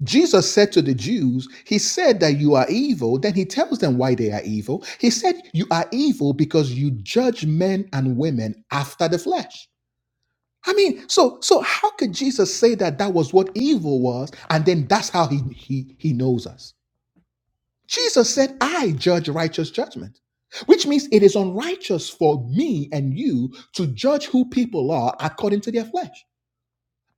S1: Jesus said to the Jews, He said that you are evil. Then He tells them why they are evil. He said, You are evil because you judge men and women after the flesh. I mean, so so how could Jesus say that that was what evil was, and then that's how he he he knows us? Jesus said, "I judge righteous judgment," which means it is unrighteous for me and you to judge who people are according to their flesh.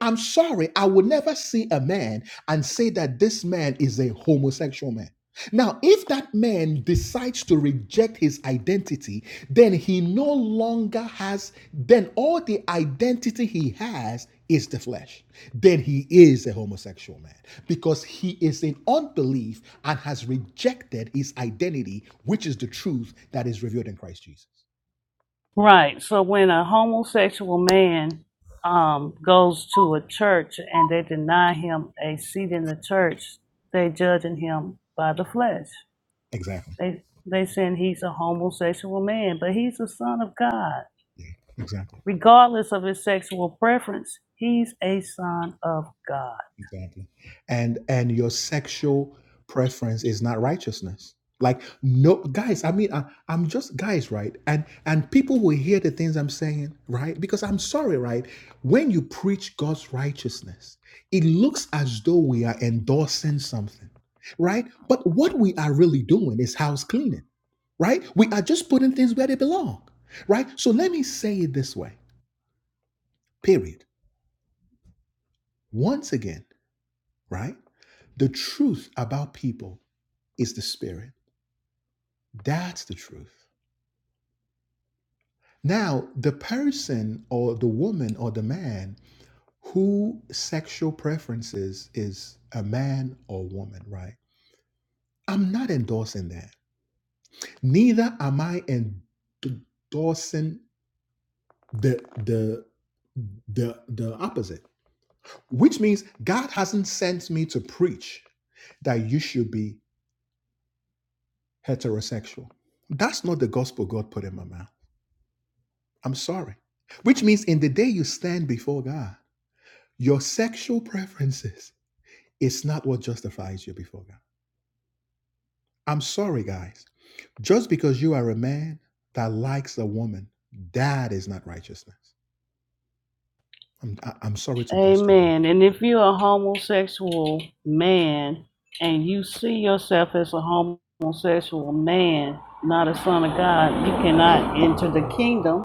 S1: I'm sorry, I would never see a man and say that this man is a homosexual man. Now, if that man decides to reject his identity, then he no longer has, then all the identity he has is the flesh. Then he is a homosexual man because he is in unbelief and has rejected his identity, which is the truth that is revealed in Christ Jesus.
S3: Right. So when a homosexual man um, goes to a church and they deny him a seat in the church, they judging him by the flesh.
S1: Exactly.
S3: They they saying he's a homosexual man, but he's a son of God.
S1: Yeah, exactly.
S3: Regardless of his sexual preference, he's a son of God.
S1: Exactly. And and your sexual preference is not righteousness. Like no guys, I mean I, I'm just guys, right? And and people will hear the things I'm saying, right? Because I'm sorry, right? When you preach God's righteousness, it looks as though we are endorsing something, right? But what we are really doing is house cleaning, right? We are just putting things where they belong, right? So let me say it this way. Period. Once again, right? The truth about people is the Spirit. That's the truth. Now, the person or the woman or the man who sexual preferences is a man or woman, right? I'm not endorsing that. Neither am I endorsing the the the the opposite, which means God hasn't sent me to preach that you should be heterosexual. That's not the gospel God put in my mouth. I'm sorry. Which means in the day you stand before God, Your sexual preferences is not what justifies you before God. I'm sorry, guys. Just because you are a man that likes a woman, that is not righteousness. I'm, I- am i am sorry to bust your
S3: Amen.
S1: bubble.
S3: And if you're a homosexual man and you see yourself as a homosexual man, not a son of God, you cannot enter the kingdom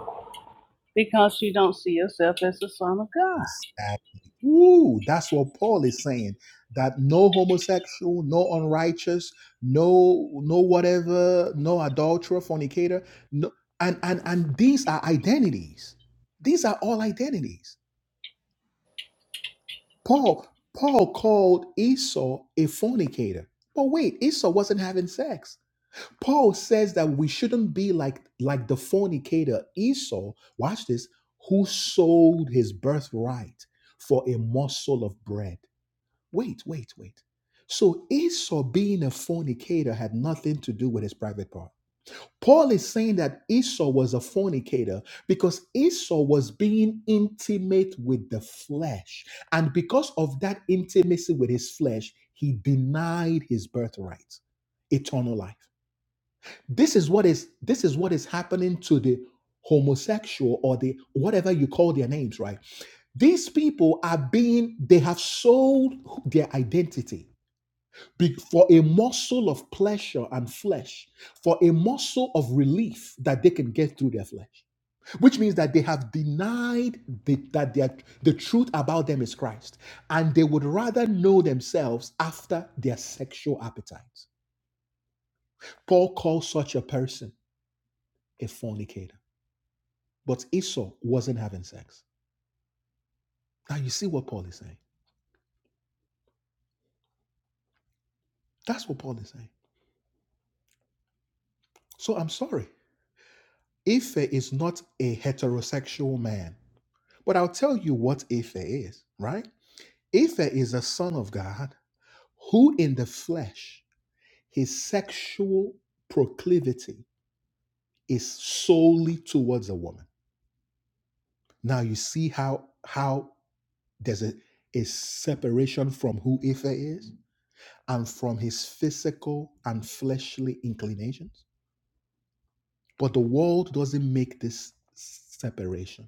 S3: because you don't see yourself as a son of God.
S1: That- Ooh, that's what Paul is saying. That no homosexual, no unrighteous, no no whatever, no adulterer, fornicator, no, and and and these are identities. These are all identities. Paul, Paul called Esau a fornicator. But wait, Esau wasn't having sex. Paul says that we shouldn't be like like the fornicator Esau. Watch this, who sold his birthright for a morsel of bread. Wait, wait, wait. So Esau being a fornicator had nothing to do with his private part. Paul is saying that Esau was a fornicator because Esau was being intimate with the flesh. And because of that intimacy with his flesh, he denied his birthright, eternal life. This is what is this is what is happening to the homosexual or the whatever you call their names, right? These people are being they have sold their identity be- for a morsel of pleasure and flesh, for a morsel of relief that they can get through their flesh. Which means that they have denied the, that they are- the truth about them is Christ, and they would rather know themselves after their sexual appetites. Paul calls such a person a fornicator, but Esau wasn't having sex. Now you see what Paul is saying. That's what Paul is saying. So I'm sorry. Ife is not a heterosexual man But I'll tell you what Ife is, right? Ife is a son of God who, in the flesh, his sexual proclivity is solely towards a woman. Now you see how how there's a, a separation from who Ife is and from his physical and fleshly inclinations. But the world doesn't make this separation.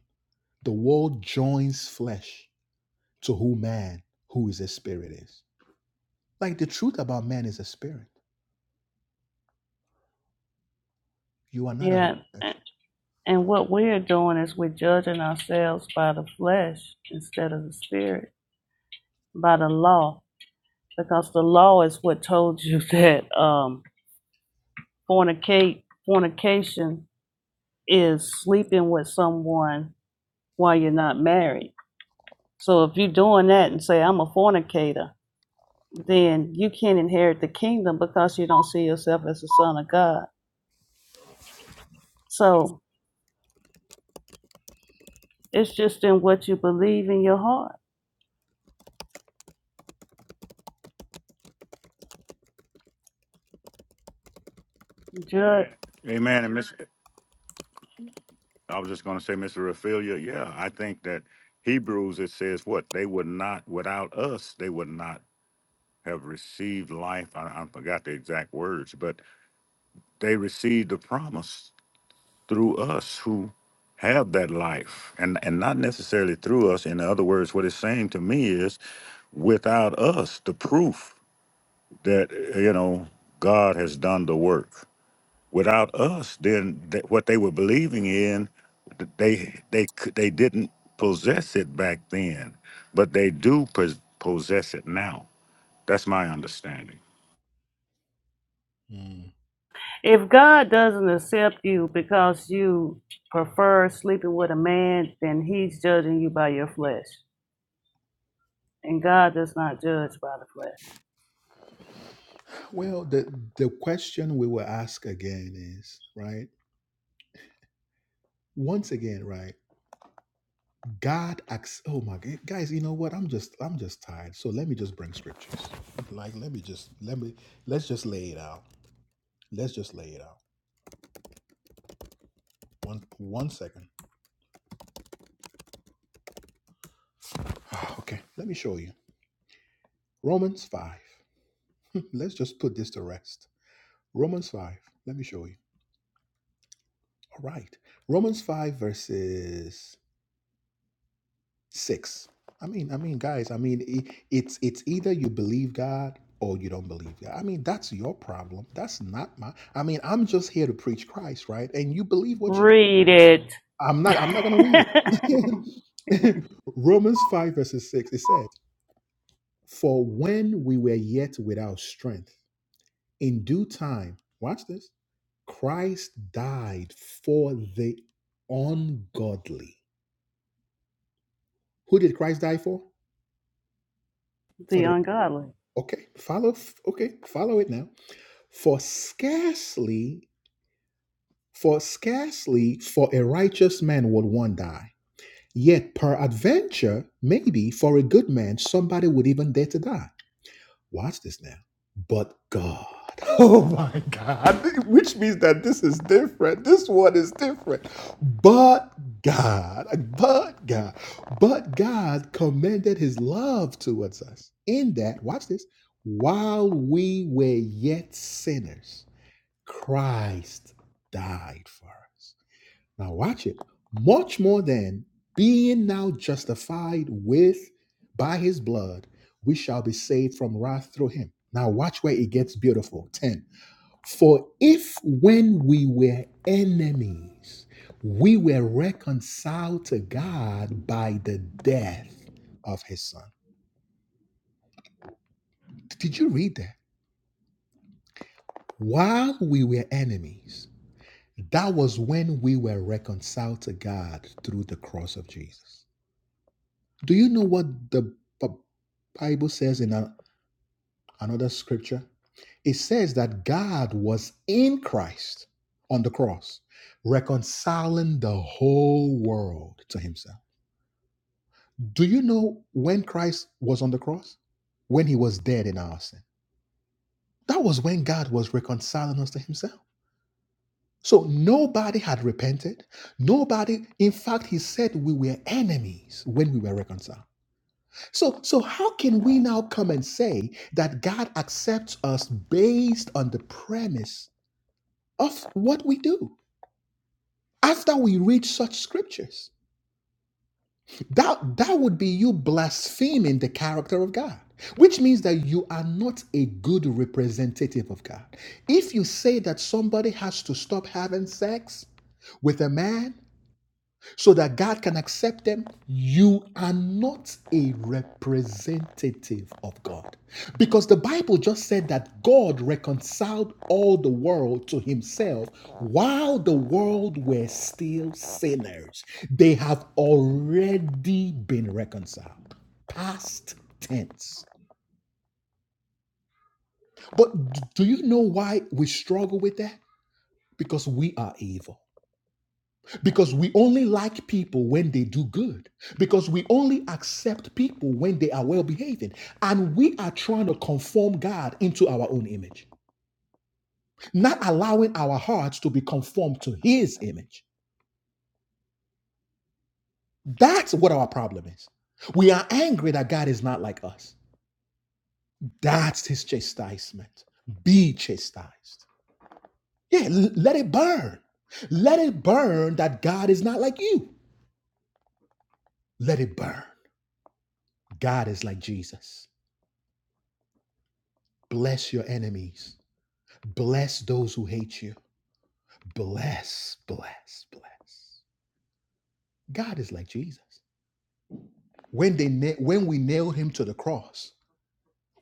S1: The world joins flesh to who man, who is a spirit is. Like the truth about man is a spirit. You are not a
S3: Yeah.
S1: homosexual.
S3: And what we're doing is we're judging ourselves by the flesh instead of the spirit, by the law, because the law is what told you that um, fornicate, fornication is sleeping with someone while you're not married. So if you're doing that and say, I'm a fornicator, then you can't inherit the kingdom because you don't see yourself as the son of God. So it's just in what you believe in your heart. Ju-
S4: Amen. And Miss, I was just going to say, Mr. Raphaelia, yeah, I think that Hebrews it says what they would not without us, they would not have received life. I, I forgot the exact words, but they received the promise through us who have that life, and and not necessarily through us. In other words, what it's saying to me is, without us, the proof. that you know God has done the work. Without us, then th- what they were believing in, th- they they c- they didn't possess it back then, but they do pos- possess it now. That's my understanding.
S3: If God doesn't accept you because you prefer sleeping with a man, then he's judging you by your flesh. And God does not judge by the flesh.
S1: Well, the the question we will ask again is right. Once again, right? God acts. Oh my God, guys! You know what? I'm just I'm just tired. So let me just bring scriptures. Like let me just let me let's just lay it out. Let's just lay it out. One one second. Okay, let me show you Romans five. Let's just put this to rest. Romans five. Let me show you. All right. Romans five verses. six i mean i mean guys i mean i it's it's either you believe god or you don't believe god i mean that's your problem that's not my i mean i'm just here to preach christ right and you believe what you
S3: Read it.
S1: i'm not i'm not going to read it romans 5 verses 6 it says for when we were yet without strength in due time watch this christ died for the ungodly who did christ die for For
S3: the
S1: the."
S3: ungodly.
S1: Okay, follow. Okay, follow it now. For scarcely, for scarcely, for a righteous man would one die. Yet, peradventure, maybe for a good man, somebody would even dare to die. Watch this now. But God. Oh my God. Which means that this is different. This one is different. But God. But God. But God commended his love towards us in that, watch this, while we were yet sinners, Christ died for us. Now watch it. Much more than being now justified with by his blood, we shall be saved from wrath through him. Now watch where it gets beautiful. 10. For if when we were enemies, we were reconciled to God by the death of his son. Did you read that? While we were enemies, that was when we were reconciled to God through the cross of Jesus. Do you know what the B- Bible says in a- another scripture? It says that God was in Christ on the cross, reconciling the whole world to himself. Do you know when Christ was on the cross? When he was dead in our sin. That was when God was reconciling us to himself. So nobody had repented. Nobody, in fact, he said we were enemies when we were reconciled. So, so how can we now come and say that God accepts us based on the premise of what we do after we read such scriptures? That, that would be you blaspheming the character of God, which means that you are not a good representative of God. If you say that somebody has to stop having sex with a man so that God can accept them. You are not a representative of God. Because the Bible just said that God reconciled all the world to himself while the world were still sinners. They have already been reconciled. Past tense. But do you know why we struggle with that? Because we are evil. Because we only like people when they do good. Because we only accept people when they are well behaving. And we are trying to conform God into our own image, not allowing our hearts to be conformed to His image. That's what our problem is. We are angry that God is not like us. That's His chastisement. Be chastised. Yeah, l- let it burn. Let it burn that God is not like you. Let it burn. God is like Jesus. Bless your enemies Bless those who hate you. Bless, bless, bless. God is like Jesus. When they na- when we nailed him to the cross,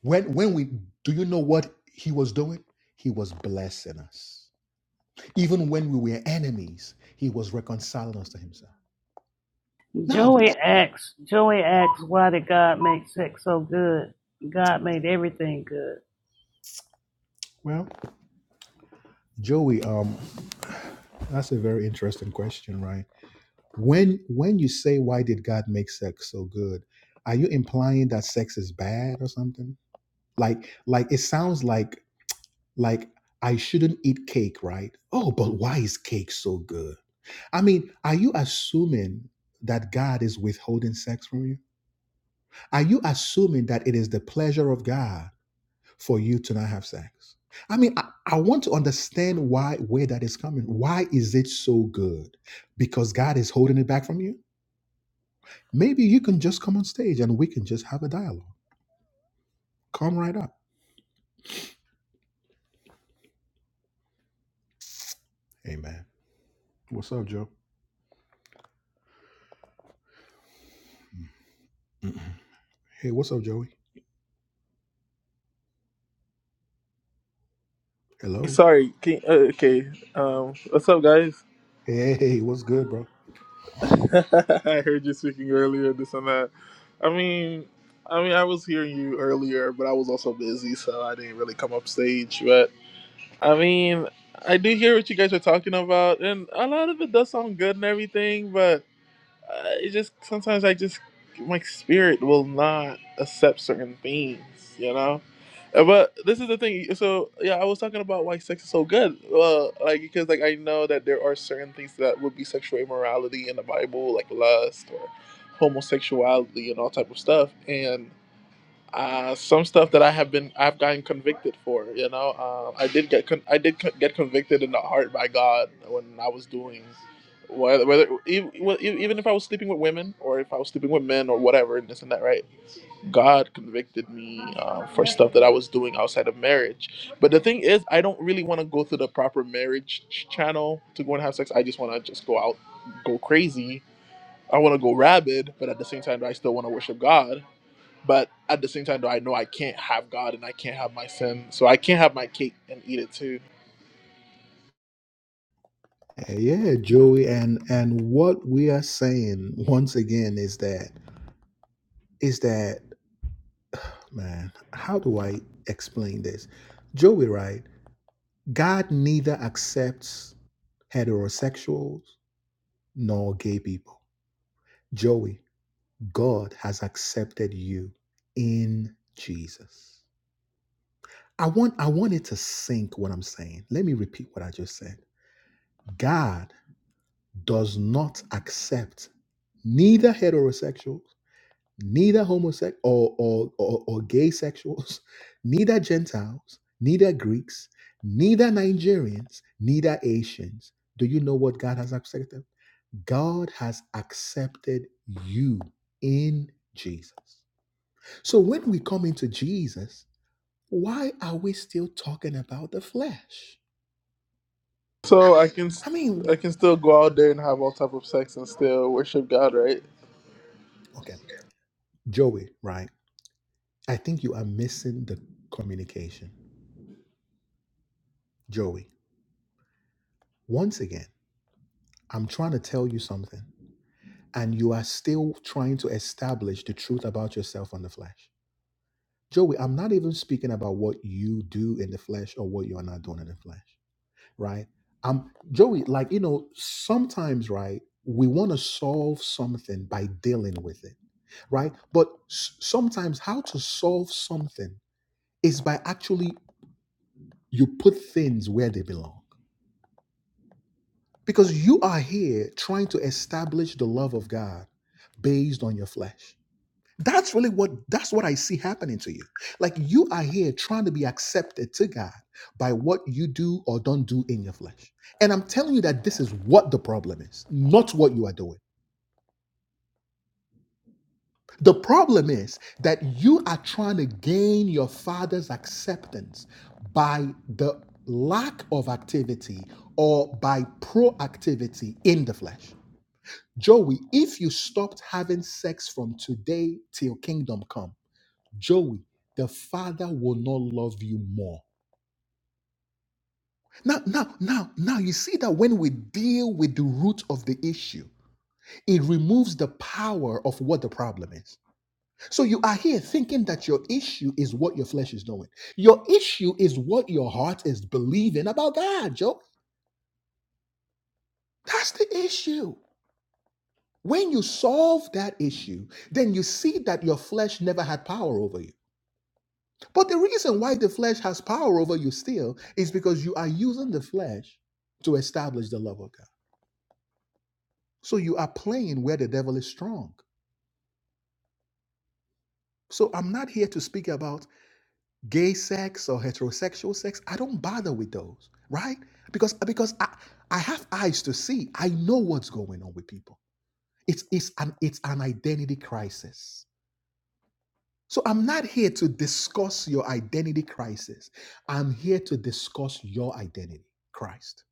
S1: when when we do you know what he was doing? He was blessing us. Even when we were enemies, he was reconciling us to himself. Now,
S3: Joey
S1: that-
S3: asks Joey asks why did God make sex so good? God made everything good.
S1: well, Joey, um, that's a very interesting question, right? When when you say why did God make sex so good, are you implying that sex is bad or something? Like like it sounds like Like, I shouldn't eat cake, right? Oh, but why is cake so good? I mean, are you assuming that God is withholding sex from you? Are you assuming that it is the pleasure of God for you to not have sex? I mean, I, I want to understand why where that is coming. Why is it so good? Because God is holding it back from you? Maybe you can just come on stage and we can just have a dialogue. Come right up. Amen. What's up, Joe? Hey, what's up, Joey? Hello.
S8: Sorry. Can, uh, okay. Um, what's up, guys?
S1: Hey, what's good, bro?
S8: I heard you speaking earlier. This and that. I mean, I mean, I was hearing you earlier, but I was also busy, so I didn't really come up stage. But I mean, I do hear what you guys are talking about, and a lot of it does sound good and everything. but. uh, it just sometimes I just my spirit will not accept certain things, you know. Uh, But this is the thing. So yeah, I was talking about why sex is so good. Well, like because like I know that there are certain things that would be sexual immorality in the Bible, like lust or homosexuality and all type of stuff, and uh, some stuff that I have been I've gotten convicted for. You know, uh, I did get con- I did co- get convicted in the heart by God when I was doing whether, whether e- well, e- even if I was sleeping with women or if I was sleeping with men or whatever and this and that. Right? God convicted me uh, for stuff that I was doing outside of marriage. But the thing is, I don't really want to go through the proper marriage ch- channel to go and have sex. I just want to just go out, go crazy. I want to go rabid, but at the same time, I still want to worship God. But at the same time, though, I know I can't have God and I can't have my sin, so I can't have my cake and eat it too.
S1: Yeah, Joey, and and what we are saying once again is that is that man, how do I explain this? Joey, right? God neither accepts heterosexuals nor gay people. Joey, God has accepted you in Jesus. I want I want it to sink what I'm saying. Let me repeat what I just said. God does not accept neither heterosexuals neither homosexual or, or, or, or gay sexuals, neither Gentiles, neither Greeks, neither Nigerians, neither Asians. Do you know what God has accepted? God has accepted you in Jesus. So when we come into Jesus, why are we still talking about the flesh?
S8: So I can st-
S1: I mean,
S8: I can still go out there and have all type of sex and still worship God, right?
S1: okay, Joey, right? I think you are missing the communication. Joey, once again, I'm trying to tell you something and you are still trying to establish the truth about yourself on the flesh. Joey, I'm not even speaking about what you do in the flesh or what you are not doing in the flesh, right? Um, Joey, like you know, sometimes, right, we want to solve something by dealing with it, right? But s- sometimes, how to solve something is by actually you put things where they belong, because you are here trying to establish the love of God based on your flesh That's really what that's what I see happening to you. Like you are here trying to be accepted to God by what you do or don't do in your flesh. And I'm telling you that this is what the problem is, not what you are doing. The problem is that you are trying to gain your father's acceptance by the lack of activity or by proactivity in the flesh. Joey, if you stopped having sex from today till kingdom come Joey, the Father will not love you more. Now, now, now, now, you see that when we deal with the root of the issue, it removes the power of what the problem is. So you are here thinking that your issue is what your flesh is doing. Your issue is what your heart is believing about God, Joe. That's the issue. When you solve that issue, then you see that your flesh never had power over you. But the reason why the flesh has power over you still is because you are using the flesh to establish the love of God. So you are playing where the devil is strong. So I'm not here to speak about gay sex or heterosexual sex. I don't bother with those, right? Because because I, I have eyes to see. I know what's going on with people. It's it's an it's an identity crisis. So I'm not here to discuss your identity crisis. I'm here to discuss your identity, Christ.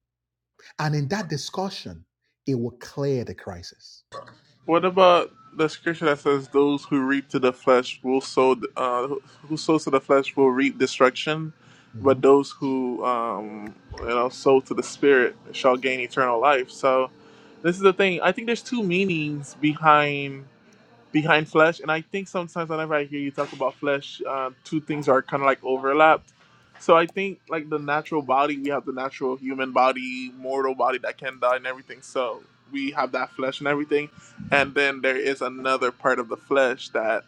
S1: And in that discussion, it will clear the crisis.
S8: What about the scripture that says, "Those who reap to the flesh will sow, uh, who sows to the flesh will reap destruction, but
S1: Mhm.
S8: those who um, you know sow to the spirit shall gain eternal life." So this is the thing. I think there's two meanings behind behind flesh. And I think sometimes whenever I hear you talk about flesh, uh, two things are kind of like overlapped. So I think like the natural body, we have the natural human body, mortal body that can die and everything. So we have that flesh and everything. And then there is another part of the flesh that,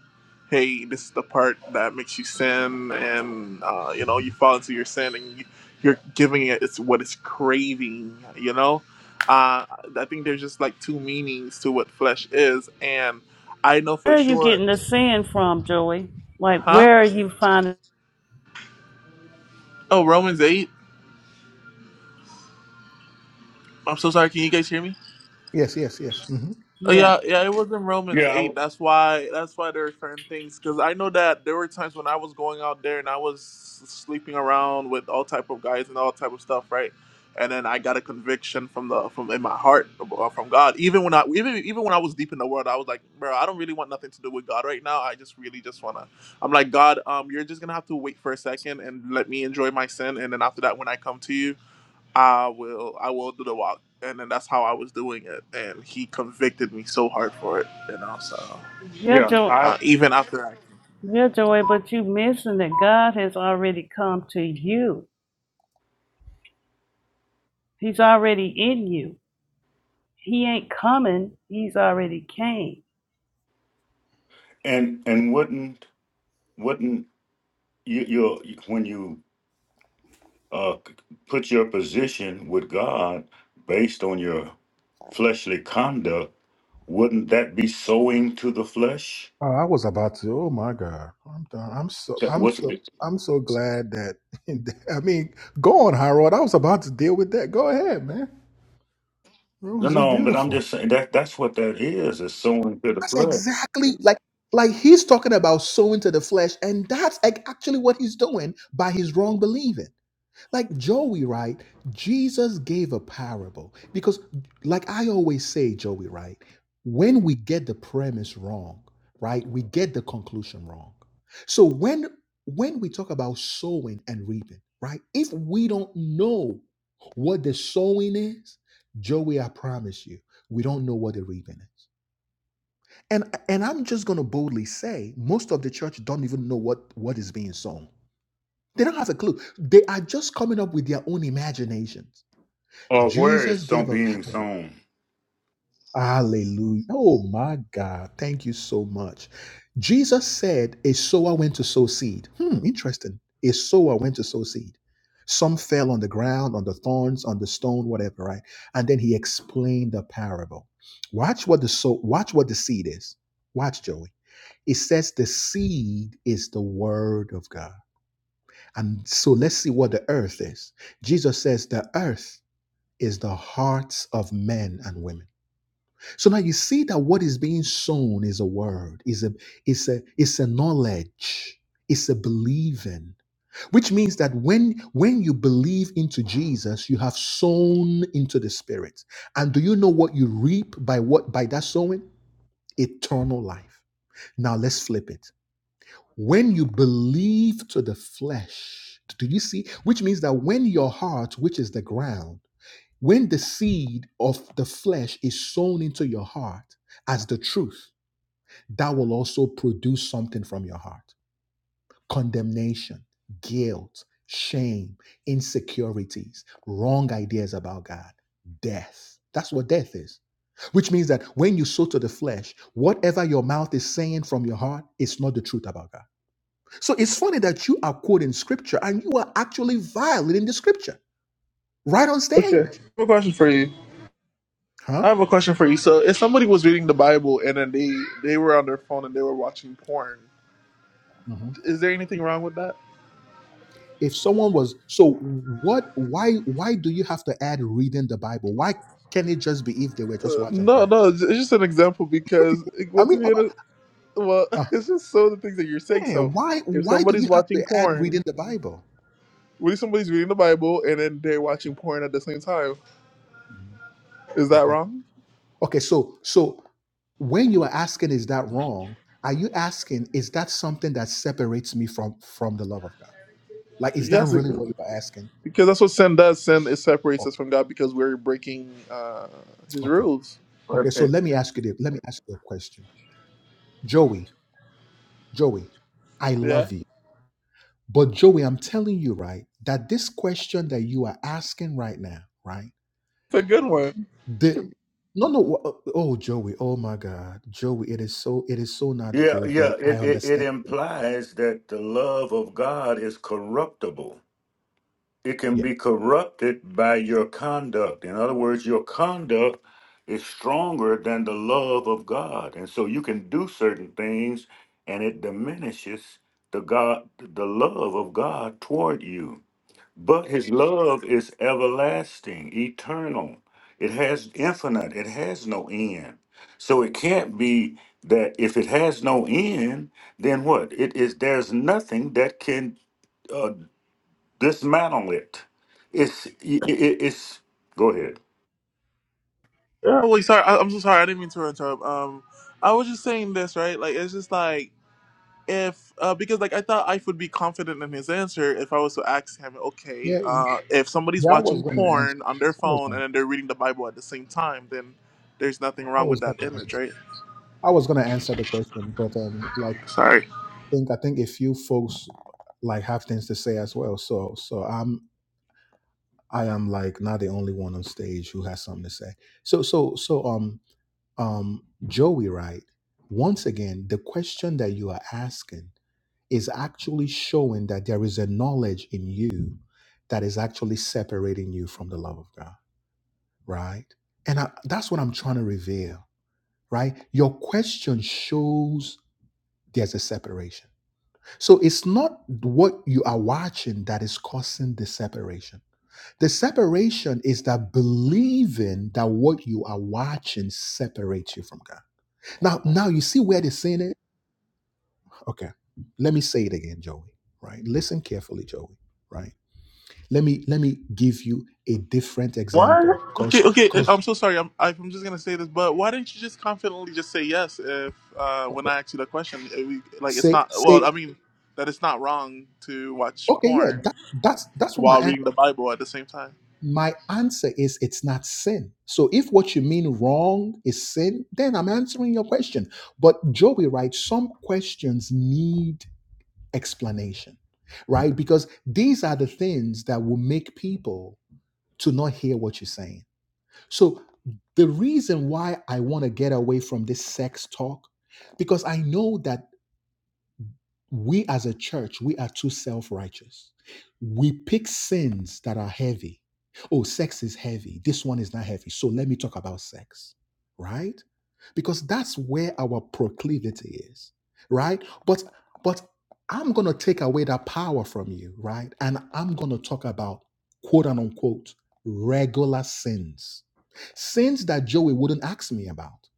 S8: hey, this is the part that makes you sin, and uh, you know you fall into your sin, and you, you're giving it it's what it's craving, you know. Uh, I think there's just like two meanings to what flesh is, and I know
S3: Where
S8: for
S3: are you
S8: sure.
S3: getting the sin from, Joey? Like
S8: Huh?
S3: where are you finding
S8: Oh, Romans eight. I'm so sorry. Can you guys hear me?
S1: Yes, yes, yes. hmm
S8: Oh
S3: yeah.
S8: yeah, yeah. It was in Romans eight. That's why. That's why there are certain things. Because I know that there were times when I was going out there and I was sleeping around with all type of guys and all type of stuff, right? And then I got a conviction from the from in my heart uh, from God. Even when I even even when I was deep in the world, I was like, bro, I don't really want nothing to do with God right now. I just really just wanna I'm like, God, um, you're just gonna have to wait for a second and let me enjoy my sin, and then after that, when I come to you, I will I will do the walk. And then that's how I was doing it. And he convicted me so hard for it, you know, so
S3: Yeah, Joey
S8: uh, even after I
S3: yeah, Joey, but you missing that God has already come to you. He's already in you. He ain't coming, he's already came.
S4: And and wouldn't wouldn't you you when you uh, c- put your position with God based on your fleshly conduct, wouldn't that be sowing to the flesh?
S1: I was about to. Oh my God, I'm done. I'm so,
S4: That
S1: I'm
S4: was.
S1: so, I'm so glad that. I mean, go on, Harold. I was about to deal with that. Go ahead, man. It
S4: No,
S1: was just
S4: no, but I'm
S1: beautiful.
S4: just saying that that's what that is. It's sowing to the
S1: That's
S4: flesh,
S1: exactly like, like he's talking about sowing to the flesh, and that's like actually what he's doing by his wrong believing. like Joey, right? Jesus gave a parable because, like I always say, Joey, right? When we get the premise wrong, right, we get the conclusion wrong. So when when we talk about sowing and reaping, right? If we don't know what the sowing is, Joey, I promise you, we don't know what the reaping is. And and I'm just gonna boldly say, most of the church don't even know what what is being sown they don't have a clue. They are just coming up with their own imaginations.
S4: or where it's
S1: Jesus
S4: so
S1: gave a
S4: being
S1: parable.
S4: sown.
S1: Hallelujah. Oh my God. Thank you so much. Jesus said a sower went to sow seed. Hmm, interesting. A sower went to sow seed. Some fell on the ground, on the thorns, on the stone, whatever, right? And then he explained the parable. Watch what the so watch what the seed is. Watch, Joey. It says the seed is the word of God. And so let's see what the earth is. Jesus says the earth is the hearts of men and women. So now you see that what is being sown is a word, is a is a is a knowledge, is a believing, which means that when when you believe into Jesus, you have sown into the spirit. And do you know what you reap by what by that sowing? Eternal life. Now let's flip it. When you believe to the flesh, do you see? Which means that when your heart, which is the ground, when the seed of the flesh is sown into your heart as the truth, that will also produce something from your heart condemnation, guilt, shame, insecurities, wrong ideas about God, death. That's what death is. Which means that when you sow to the flesh, whatever your mouth is saying from your heart, it's not the truth about God. So it's funny that you are quoting scripture and you are actually violating the scripture right on stage.
S8: Okay. I have a question for you.
S1: Huh?
S8: I have a question for you. So if somebody was reading the Bible and then they they were on their phone and they were watching porn,
S1: Mhm.
S8: is there anything wrong with that?
S1: If someone was so what why why do you have to add reading the Bible? Why can't it just be if they were just
S8: Uh,
S1: watching
S8: no,
S1: porn?
S8: no, it's it's just an example because it,
S1: I
S8: what's
S1: mean,
S8: the end of, well,
S1: uh,
S8: it's just so the things that you're saying.
S1: yeah,
S8: So
S1: why
S8: if
S1: why do
S8: somebody's
S1: you have
S8: watching
S1: to add
S8: porn,
S1: reading the Bible?
S8: what if somebody's reading the Bible and then they're watching porn at the same time?
S1: Mhm.
S8: Is that
S1: Okay.
S8: wrong?
S1: Okay, so so when you are asking is that wrong? Are you asking is that something that separates me from from the love of God? Like is that
S8: Yes,
S1: really what you are asking?
S8: Because that's what sin does. Sin it separates
S1: Oh,
S8: us from God because we're breaking uh, His
S1: Okay.
S8: rules.
S1: Okay,
S4: If
S1: so
S4: it-
S1: let me ask you this. Let me ask you a question. Joey, Joey, I
S8: Yeah,
S1: love you. But Joey, I'm telling you, right, that this question that you are asking right now, right?
S8: it's a good one.
S1: The no, no, wha- uh, oh Joey, oh my God. Joey, it is so it is so not
S4: yeah,
S1: good, but
S4: yeah.
S1: I
S4: It, it it
S1: understand.
S4: implies that the love of God is corruptible. It can
S1: Yeah.
S4: be corrupted by your conduct. In other words, your conduct is stronger than the love of God, and so you can do certain things, and it diminishes the God, the love of God toward you. But his love is everlasting, eternal. It has infinite, it has no end. So it can't be that if it has no end, then what? It is there's nothing that can uh, dismantle it. It's it, it- it's go ahead.
S8: Yeah, well, like, sorry, I, I'm so sorry. I didn't mean to interrupt. Um, I was just saying this, right? Like, it's just like if uh, because like I thought I would be confident in his answer if I was to ask him, okay,
S1: Yeah, y-
S8: uh, if somebody's
S1: yeah, I was
S8: watching
S1: gonna answer.
S8: porn on their
S1: I was
S8: phone
S1: gonna
S8: and then they're reading the Bible at the same time, then there's nothing
S1: I
S8: wrong with
S1: was
S8: that
S1: gonna
S8: image,
S1: answer.
S8: right?
S1: I was gonna answer the question, but um like
S8: Sorry.
S1: I think I think a few folks like have things to say as well. So so I'm I am like not the only one on stage who has something to say. So so so um um Joey, right? Once again, the question that you are asking is actually showing that there is a knowledge in you that is actually separating you from the love of God, right? And I, that's what I'm trying to reveal, right? Your question shows there's a separation. So it's not what you are watching that is causing the separation the separation is that believing that what you are watching separates you from God. Now, now you see where they're saying it? Okay. Let me say it again, Joey. Right? Listen carefully, Joey. Right? Let me let me give you a different
S8: What?
S1: example. Cause
S8: Okay, okay. uh,
S1: because
S8: I'm so sorry. I'm I- I'm just gonna say this, but why didn't you just confidently just say yes if uh, when I asked you that question, uh, we, like it's
S1: say
S8: not well.
S1: say,
S8: I mean that it's not wrong to watch
S1: okay, yeah,
S8: porn
S1: that, that's that's what my
S8: while
S1: answer.
S8: reading the Bible at the same time.
S1: My answer is it's not sin. So if what you mean wrong is sin, then I'm answering your question. But Joey, right, some questions need explanation, right? Because these are the things that will make people to not hear what you're saying. So the reason why I want to get away from this sex talk because I know that we as a church, we are too self righteous. We pick sins that are heavy. Oh, sex is heavy. This one is not heavy. So let me talk about sex, right? Because that's where our proclivity is, right? But but I'm gonna take away that power from you, right? And I'm gonna talk about quote unquote regular sins Sins that Joey wouldn't ask me about.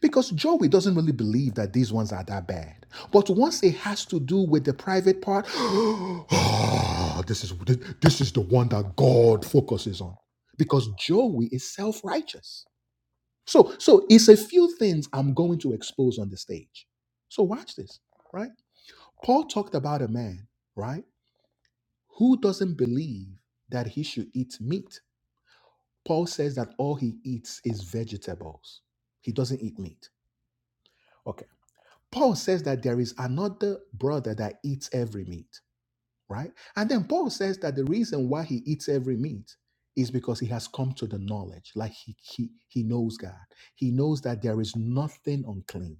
S1: Because Joey doesn't really believe that these ones are that bad. But once it has to do with the private part, oh, this is this is the one that God focuses on. Because Joey is self-righteous. So so it's a few things I'm going to expose on the stage. So watch this, right? Paul talked about a man, right, who doesn't believe that he should eat meat Paul says that all he eats is vegetables. He doesn't eat meat. Okay. Paul says that there is another brother that eats every meat, right? And then Paul says that the reason why he eats every meat is because he has come to the knowledge, like he he, he knows God. He knows that there is nothing unclean.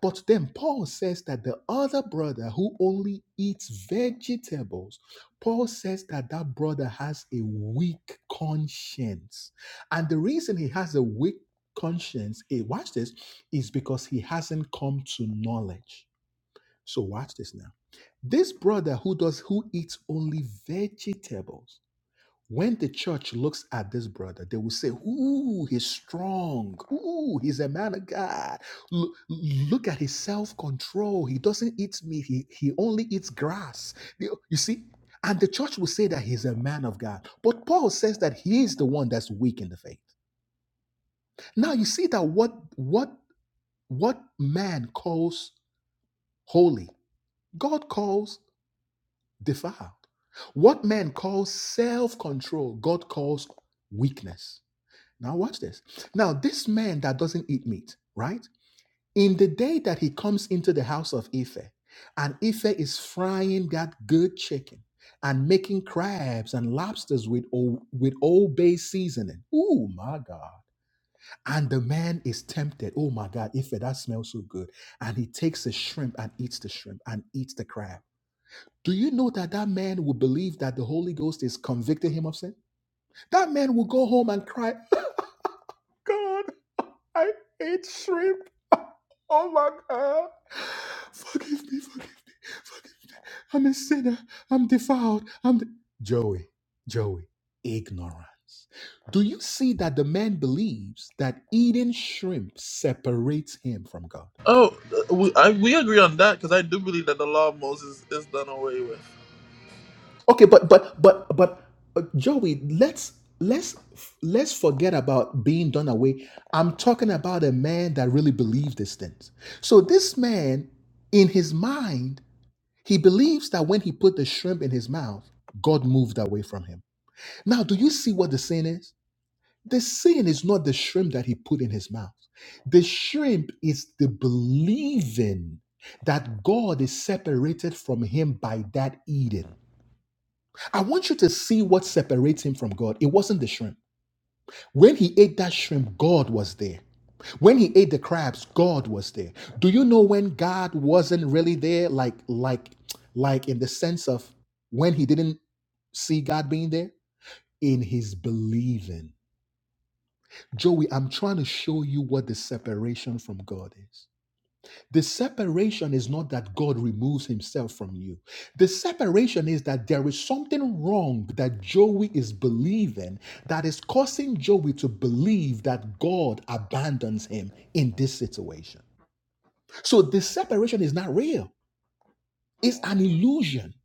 S1: But then Paul says that the other brother who only eats vegetables, Paul says that that brother has a weak conscience. And the reason he has a weak conscience, eh, watch this, is because he hasn't come to knowledge. So watch this now. This brother who does who eats only vegetables when the church looks at this brother, they will say, Ooh, he's strong. Ooh, he's a man of God. Look, look at his self control. He doesn't eat meat, he, he only eats grass. You you see? And the church will say that he's a man of God. But Paul says that he is the one that's weak in the faith. Now you see that what what what man calls holy, God calls defiled. What man calls self control, God calls weakness. Now, watch this. Now, this man that doesn't eat meat, right? In the day that he comes into the house of Ife, and Ife is frying that good chicken and making crabs and lobsters with old, with old bay seasoning. Oh my God. And the man is tempted. Oh my God, Ife, that smells so good. And he takes the shrimp and eats the shrimp and eats the crab. Do you know that that man will believe that the Holy Ghost is convicting him of sin? That man will go home and cry, god, I ate shrimp. Oh my god. Forgive me, forgive me, forgive me. I'm a sinner. I'm defiled. I'm de- Joey, Joey, ignorance. Do you see that the man believes that eating shrimp separates him from God?
S8: Oh, uh, we I, we agree on that because I do believe that the law of Moses is done away with.
S1: Okay, but but but but uh, Joey, let's let's let's forget about being done away. I'm talking about a man that really believed these things. So this man, in his mind, he believes that when he put the shrimp in his mouth, God moved away from him. Now, do you see what the sin is? The sin is not the shrimp that he put in his mouth. The shrimp is the believing that God is separated from him by that Eden. I want you to see what separates him from God. It wasn't the shrimp. When he ate that shrimp, God was there. When he ate the crabs, God was there. Do you know when God wasn't really there like like like in the sense of when he didn't see God being there in his believing? Joey, I'm trying to show you what the separation from God is. The separation is not that God removes himself from you. The separation is that there is something wrong that Joey is believing that is causing Joey to believe that God abandons him in this situation. So the separation is not real, it's an illusion.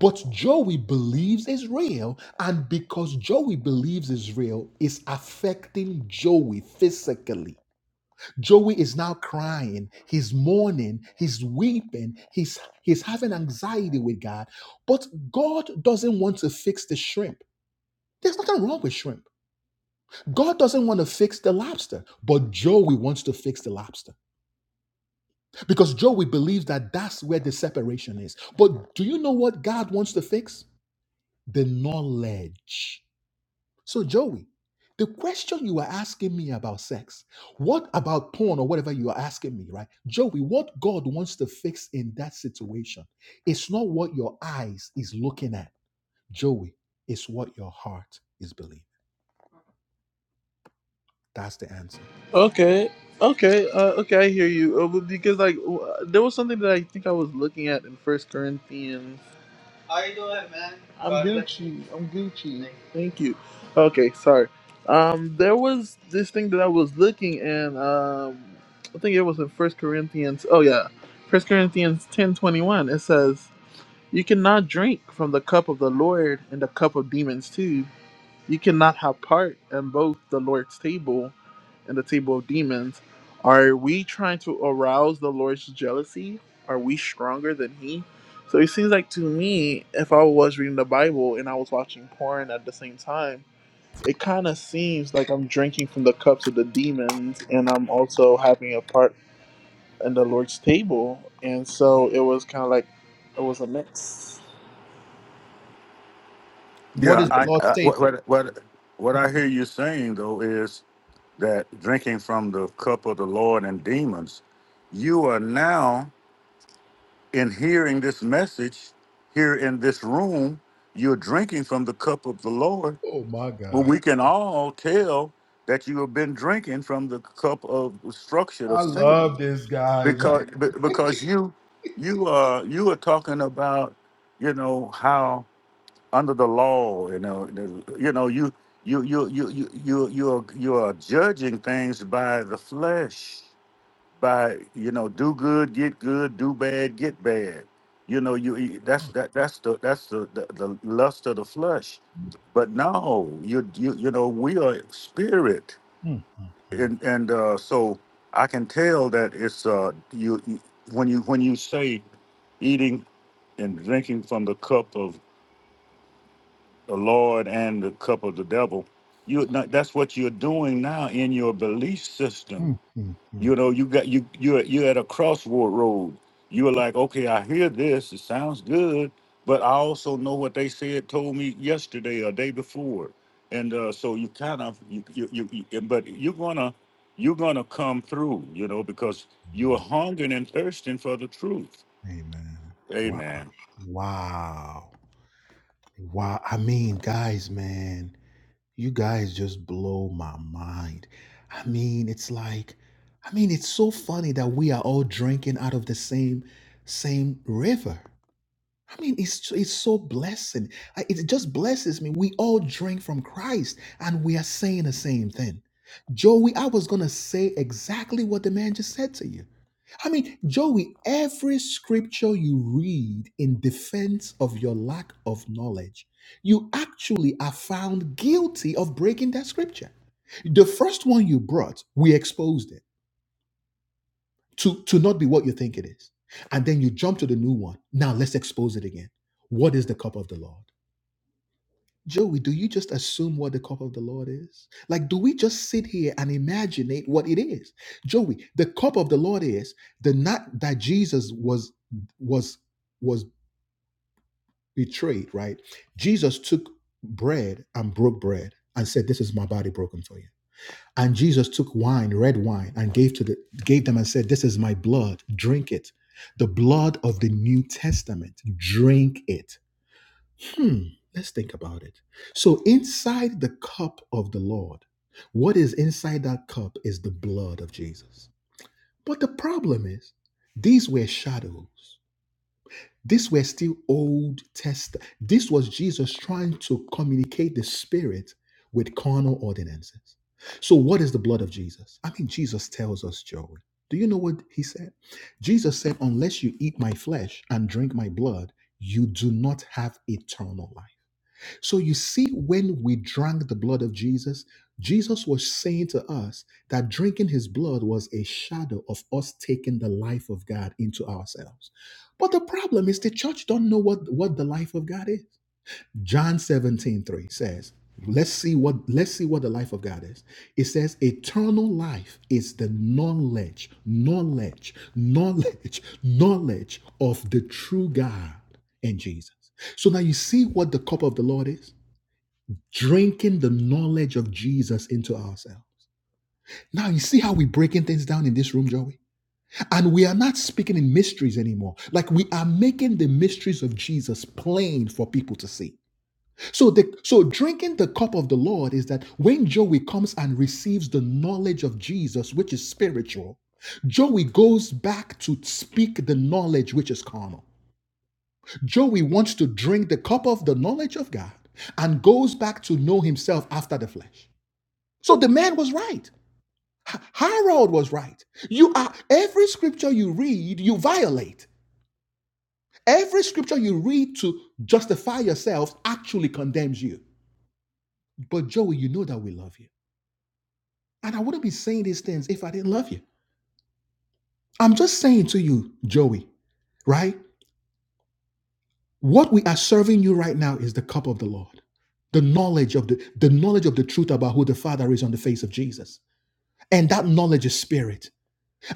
S1: But Joey believes is real, and because Joey believes is real, it's affecting Joey physically. Joey is now crying, he's mourning, he's weeping, he's he's having anxiety with God. But God doesn't want to fix the shrimp. There's nothing wrong with shrimp. God doesn't want to fix the lobster, but Joey wants to fix the lobster because Joey believes that that's where the separation is. But do you know what God wants to fix? The knowledge So, Joey, the question you are asking me about sex, what about porn or whatever you are asking me, right? Joey, what God wants to fix in that situation, it's not what your eyes is looking at, Joey, it's what your heart is believing. That's the answer.
S8: Okay, okay, uh, okay. I hear you uh, but because like w- there was something that I think I was looking at in First Corinthians. How you doing, man? I'm God bless you. Gucci. I'm Gucci. you. Thank you. Okay, sorry. Um, there was this thing that I was looking, and um, I think it was in First Corinthians. Oh yeah, First Corinthians ten twenty one. It says. You cannot drink from the cup of the Lord and the cup of demons too. You cannot have part in both the Lord's table and the table of demons. Are we trying to arouse the Lord's jealousy? Are we stronger than He? So it seems like to me, if I was reading the Bible and I was watching porn at the same time, it kind of seems like I'm drinking from the cups of the demons and I'm also having a part in the Lord's table. And so it was kind of like it was a mix.
S4: Yeah, I, I what, what what what I hear you saying though is that drinking from the cup of the Lord and demons, you are now in hearing this message here in this room, you're drinking from the cup of the Lord.
S1: Oh my
S4: Well,
S1: God.
S4: we can all tell that you have been drinking from the cup of structure
S1: I
S4: of Satan
S1: love this guy, man.
S4: because be- because you you are you are talking about you know how under the law you know the- you know you you you you you you you are, you are judging things by the flesh by you know do good get good do bad get bad you know you that's that that's the that's the, the the lust of the flesh but no you you you know we are spirit and and uh so i can tell that it's uh you, you when you when you say eating and drinking from the cup of the lord and the cup of the devil you that's what you're doing now in your belief system you know, you got you you're you're at a crossroad road. You were like, okay, I hear this, it sounds good, but I also know what they said told me yesterday or day before, and uh, so you kind of you you, you you but you're gonna you're gonna come through, you know, because you're hungering and thirsting for the truth.
S1: Wow.
S4: Amen.
S1: Wow. Wow. I mean, guys, man. You guys just blow my mind. I mean, it's like, I mean, it's so funny that we are all drinking out of the same same river. I mean, it's so, it's so blessing. I- It just blesses me. We all drink from Christ, and we are saying the same thing. Joey, I was gonna say exactly what the man just said to you. I mean, Joey, every scripture you read in defense of your lack of knowledge, you actually are found guilty of breaking that scripture. The first one you brought, we exposed it to to not be what you think it is and then you jump to the new one now let's expose it again what is the cup of the lord joey do you just assume what the cup of the lord is like do we just sit here and imaginate what it is joey the cup of the lord is the night that jesus was was was betrayed right jesus took bread and broke bread and said this is my body broken for you and Jesus took wine, red wine, and gave to the gave them and said, "This is my blood. Drink it, the blood of the New Testament. Drink it." Hmm. Let's think about it. So inside the cup of the Lord, what is inside that cup is the blood of Jesus. But the problem is, these were shadows. These were still Old Test. This was Jesus trying to communicate the Spirit with carnal ordinances. So, what is the blood of Jesus? I mean, Jesus tells us, Joey. Do you know what he said? Jesus said, Unless you eat my flesh and drink my blood, you do not have eternal life. So you see, when we drank the blood of Jesus, Jesus was saying to us that drinking his blood was a shadow of us taking the life of God into ourselves. But the problem is the church don't know what, what the life of God is. John 17 3 says, Let's see what let's see what the life of God is. It says eternal life is the knowledge, knowledge, knowledge, knowledge of the true God and Jesus. So now you see what the cup of the Lord is drinking the knowledge of Jesus into ourselves. Now, you see how we're breaking things down in this room, Joey? And we are not speaking in mysteries anymore. Like we are making the mysteries of Jesus plain for people to see. So, the, so drinking the cup of the Lord is that when Joey comes and receives the knowledge of Jesus, which is spiritual, Joey goes back to speak the knowledge which is carnal. Joey wants to drink the cup of the knowledge of God and goes back to know himself after the flesh. So the man was right. Harold was right. You are every scripture you read, you violate. Every scripture you read to justify yourself actually condemns you. But Joey, you know that we love you. And I wouldn't be saying these things if I didn't love you. I'm just saying to you, Joey, right? What we are serving you right now is the cup of the Lord. The knowledge of the, the knowledge of the truth about who the Father is on the face of Jesus. And that knowledge is spirit.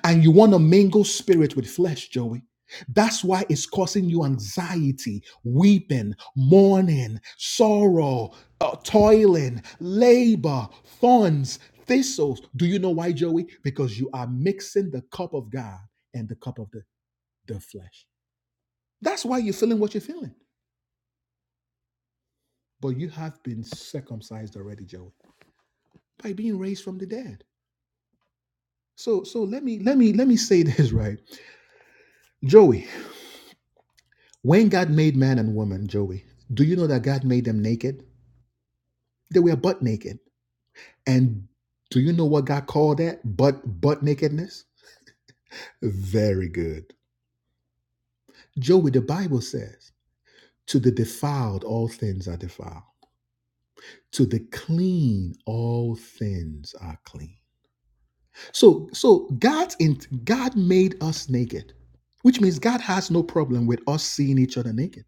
S1: and you want to mingle spirit with flesh, Joey. That's why it's causing you anxiety, weeping, mourning, sorrow, uh, toiling, labor, thorns, thistles. Do you know why, Joey? Because you are mixing the cup of God and the cup of the, the flesh. That's why you're feeling what you're feeling. But you have been circumcised already, Joey, by being raised from the dead. So, so let me let me let me say this right, Joey. When God made man and woman, Joey, do you know that God made them naked? They were butt naked. And do you know what God called that? Butt butt nakedness? Very good. Joey, the Bible says, to the defiled all things are defiled. To the clean all things are clean. So so God's in, God made us naked, which means God has no problem with us seeing each other naked.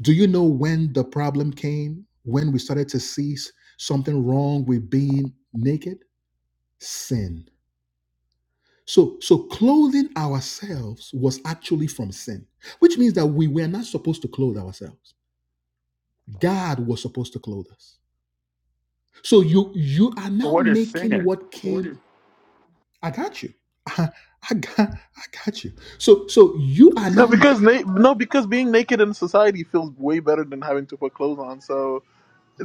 S1: Do you know when the problem came? When we started to see s- something wrong with being naked? Sin. So, so clothing ourselves was actually from sin, which means that we were not supposed to clothe ourselves. God was supposed to clothe us. So you you are now making what came. Order. I got you. I, got I got you. So so you are
S8: No,
S1: now
S8: because na- no, because being naked in society feels way better than having to put clothes on. So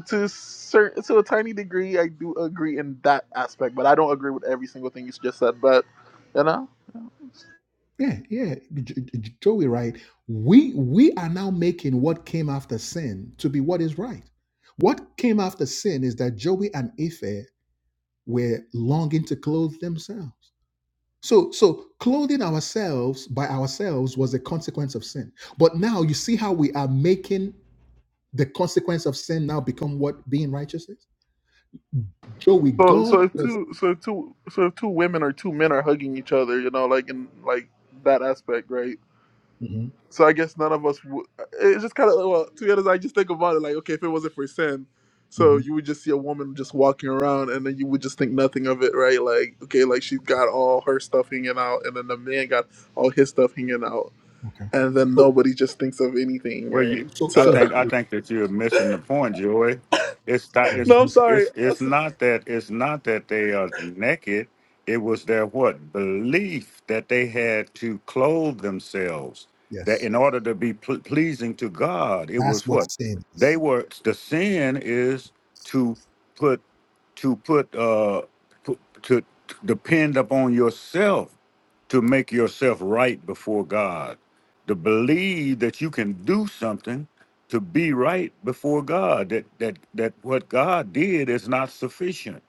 S8: to certain, to a tiny degree, I do agree in that aspect, but I don't agree with every single thing you just said. But you know,
S1: Yeah, yeah, J- J- Joey, right? We we are now making what came after sin to be what is right. What came after sin is that Joey and Ife were longing to clothe themselves. So so clothing ourselves by ourselves was a consequence of sin. But now you see how we are making the consequence of sin now become what being righteous is. Joey,
S8: so
S1: God
S8: so if
S1: was.
S8: two so if two so if two women or two men are hugging each other, you know, like in like that aspect, right?
S1: Mhm,
S8: So I guess none of us. W- it's just kind of well. To be honest, I just think about it like, okay, if it wasn't for sin, so
S1: mhm,
S8: you would just see a woman just walking around, and then you would just think nothing of it, right? Like, okay, like she's got all her stuff hanging out, and then the man got all his stuff hanging out,
S1: okay.
S8: and then
S1: So
S8: nobody just thinks of anything,
S4: Well,
S8: right?
S4: you,
S1: so
S4: I
S1: so
S8: So
S4: think I
S1: Joey,
S4: think that you're missing the point, Joy. It's not
S1: yeah, he's
S4: it's
S8: no, I'm
S1: missing.
S8: sorry.
S4: it's it's not that it's not that they are naked. It was their what belief that they had to clothe themselves. That
S1: Yes,
S4: in order to be pl- pleasing to God, it
S1: that's
S4: was
S1: what
S4: what
S1: sin
S4: they
S1: is.
S4: were. The sin is to put to put uh put, to to depend upon yourself to make yourself right before God to believe that you can do something to be right before God, that that that what God did is not sufficient.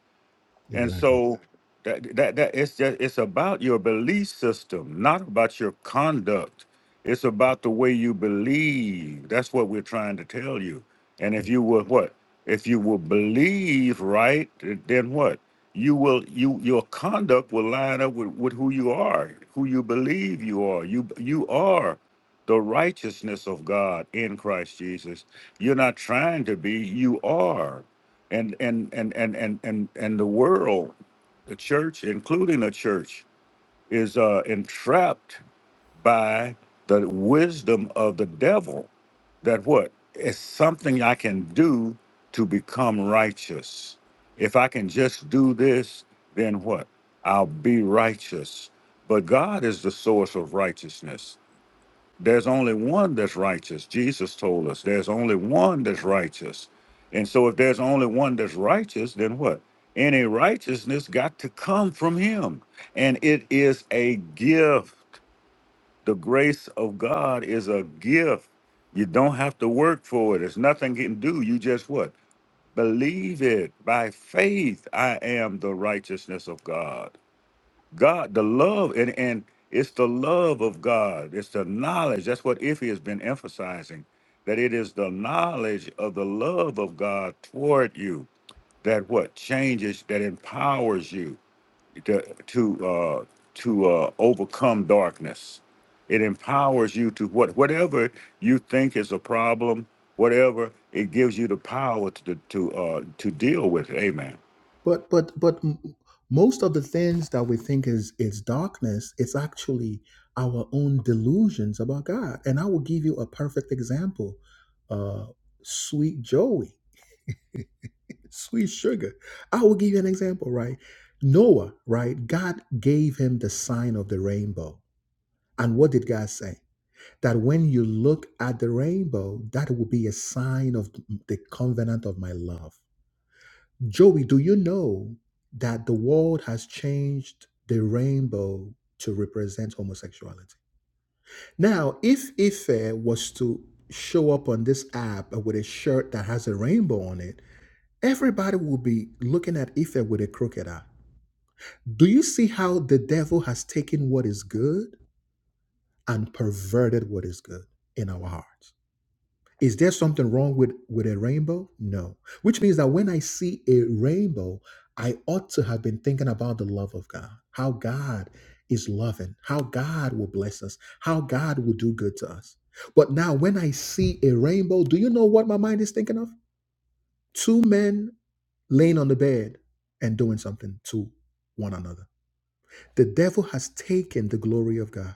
S4: And so that that that it's just it's about your belief system, not about your conduct. It's about the way you believe. That's what we're trying to tell you. And if you will what? If you will believe right, then what? You will you your conduct will line up with, with who you are, who you believe you are. You you are the righteousness of God in Christ Jesus. You're not trying to be, you are and and and and and and, and the world the church including the church is uh, entrapped by the wisdom of the devil that what it's something i can do to become righteous if i can just do this then what i'll be righteous but god is the source of righteousness there's only one that's righteous. Jesus told us there's only one that's righteous. And so, if there's only one that's righteous, then what? Any righteousness got to come from him. And it is a gift. The grace of God is a gift. You don't have to work for it. There's nothing you can do. You just what? Believe it by faith. I am the righteousness of God. God, the love, and, and it's the love of God. It's the knowledge. That's what Iffy has been emphasizing, that it is the knowledge of the love of God toward you that what changes, that empowers you to to uh, to uh, overcome darkness. It empowers you to what whatever you think is a problem, whatever it gives you the power to to uh, to deal with. Amen.
S1: But but but m- most of the things that we think is is darkness, it's actually our own delusions about God. And I will give you a perfect example. Uh, sweet Joey, sweet sugar. I will give you an example, right? Noah, right? God gave him the sign of the rainbow. And what did God say? That when you look at the rainbow, that will be a sign of the covenant of my love. Joey, do you know that the world has changed the rainbow to represent homosexuality? Now, if Ife was to show up on this app with a shirt that has a rainbow on it, everybody will be looking at Ife with a crooked eye. Do you see how the devil has taken what is good and perverted what is good in our hearts? Is there something wrong with, with a rainbow? No. Which means that when I see a rainbow, I ought to have been thinking about the love of God, how God is loving, how God will bless us, how God will do good to us. But now, when I see a rainbow, do you know what my mind is thinking of? Two men laying on the bed and doing something to one another. The devil has taken the glory of God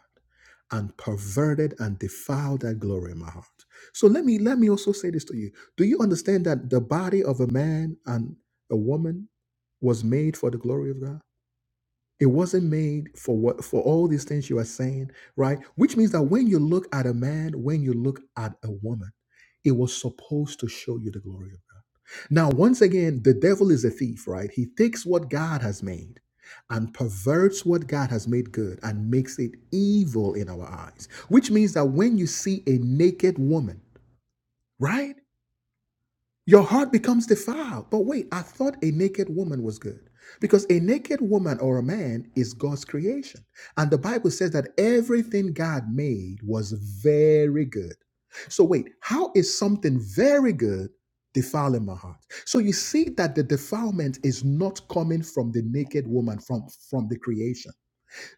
S1: and perverted and defiled that glory in my heart. So let me let me also say this to you. Do you understand that the body of a man and a woman was made for the glory of God? It wasn't made for what for all these things you are saying, right? Which means that when you look at a man, when you look at a woman, it was supposed to show you the glory of God. Now, once again, the devil is a thief, right? He takes what God has made and perverts what God has made good and makes it evil in our eyes. Which means that when you see a naked woman, right? Your heart becomes defiled. But wait, I thought a naked woman was good. Because a naked woman or a man is God's creation. And the Bible says that everything God made was very good. So wait, how is something very good defiling my heart? So you see that the defilement is not coming from the naked woman, from, from the creation.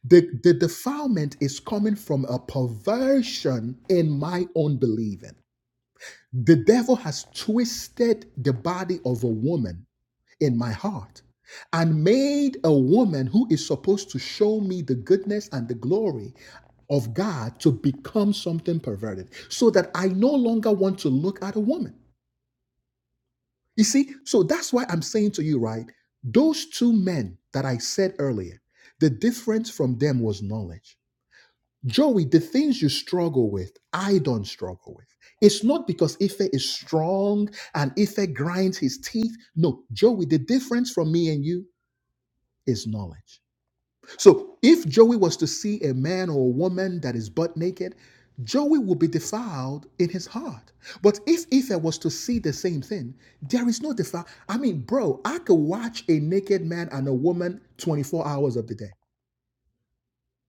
S1: The, the defilement is coming from a perversion in my own believing. The devil has twisted the body of a woman in my heart and made a woman who is supposed to show me the goodness and the glory of God to become something perverted so that I no longer want to look at a woman. You see, so that's why I'm saying to you, right? Those two men that I said earlier, the difference from them was knowledge. Joey, the things you struggle with, I don't struggle with. It's not because Ife is strong and Ife grinds his teeth. No, Joey, the difference from me and you is knowledge. So if Joey was to see a man or a woman that is butt naked, Joey will be defiled in his heart. But if Ife was to see the same thing, there is no defile. I mean, bro, I could watch a naked man and a woman 24 hours of the day.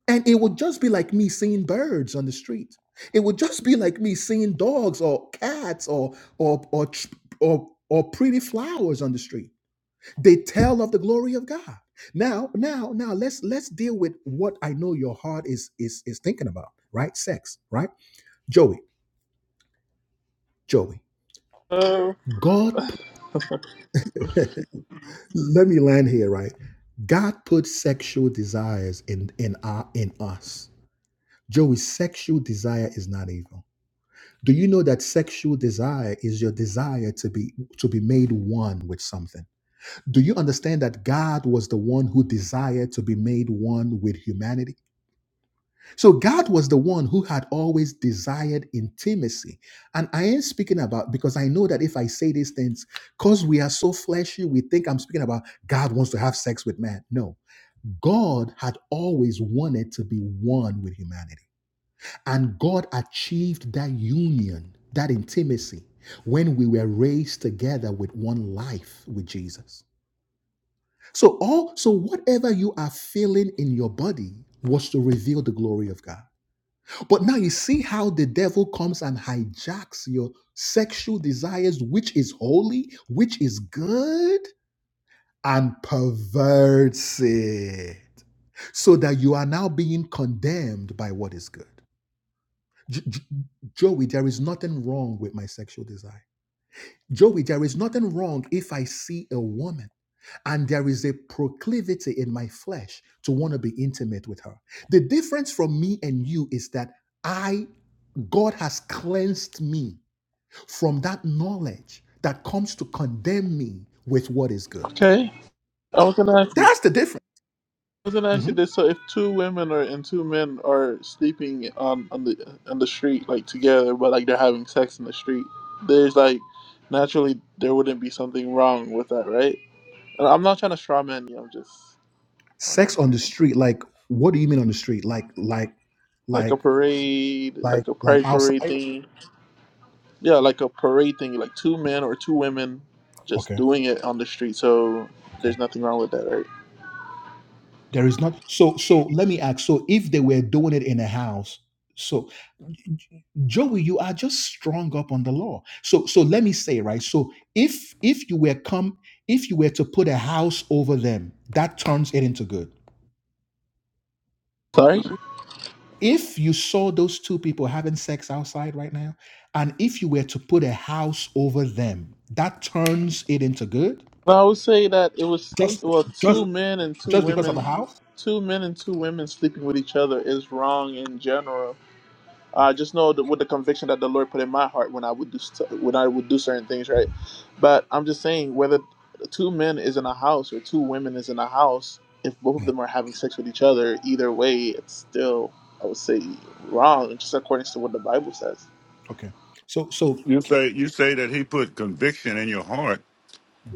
S1: And it would just be like me seeing birds on the street. It would just be like me seeing dogs or cats or or or or, or pretty flowers on the street. They tell of the glory of God. Now, now, now let's let's deal with what I know your heart is is is thinking about, right? Sex, right? Joey, Joey.
S8: Uh,
S1: God put, let me land here, right? God put sexual desires in in our in us. Joey, sexual desire is not evil Do you know that sexual desire is your desire to be to be made one with something? Do you understand that God was the one who desired to be made one with humanity? So God was the one who had always desired intimacy. And I ain't speaking about because I know that if I say these things, because we are so fleshy, we think I'm speaking about God wants to have sex with man. No. God had always wanted to be one with humanity. And God achieved that union, that intimacy, when we were raised together with one life with Jesus. So all so whatever you are feeling in your body was to reveal the glory of God. But now you see how the devil comes and hijacks your sexual desires, which is holy, which is good, and perverts it. So that you are now being condemned by what is good. J- J- Joey, there is nothing wrong with my sexual desire. Joey, there is nothing wrong if I see a woman and there is a proclivity in my flesh to want to be intimate with her. The difference from me and you is that I, God has cleansed me from that knowledge that comes to condemn me with what is good.
S8: okay, I was gonna ask you.
S1: That's the difference.
S8: Wasn't actually
S1: Mhm.
S8: this. So if two women or and two men are sleeping on on the on the street like together, but like they're having sex in the street, there's like naturally there wouldn't be something wrong with that, right? And I'm not trying to straw man you. I'm just on
S1: Sex on the street, like, what do you mean on the street? Like, like,
S8: Like a
S1: like,
S8: parade,
S1: like,
S8: like a
S1: like
S8: pride parade
S1: outside?
S8: thing. Yeah, like a parade thing. Like two men or two women just
S1: Okay.
S8: doing it on the street. So
S1: Okay.
S8: there's nothing wrong with that, right?
S1: There is not. So so let me ask. So if they were doing it in a house, so Joey, you are just strung up on the law. So so let me say right. So if if you were come if you were to put a house over them, that turns it into good.
S8: Sorry.
S1: If you saw those two people having sex outside right now, and if you were to put a house over them, that turns it into good.
S8: But I would say that it was
S1: Just
S8: well,
S1: just
S8: two men and two
S1: just because of a
S8: women,
S1: house.
S8: two men and two women sleeping with each other is wrong in general. I
S1: Okay.
S8: just know that with the conviction that the Lord put in my heart when I would do st- when I would do certain things, right? But I'm just saying whether two men is in a house or two women is in a house, if both of
S1: Yeah.
S8: them are having sex with each other, either way, it's still I would say wrong, just according to what the Bible says.
S1: Okay. So so
S4: You say you say that He put conviction in your heart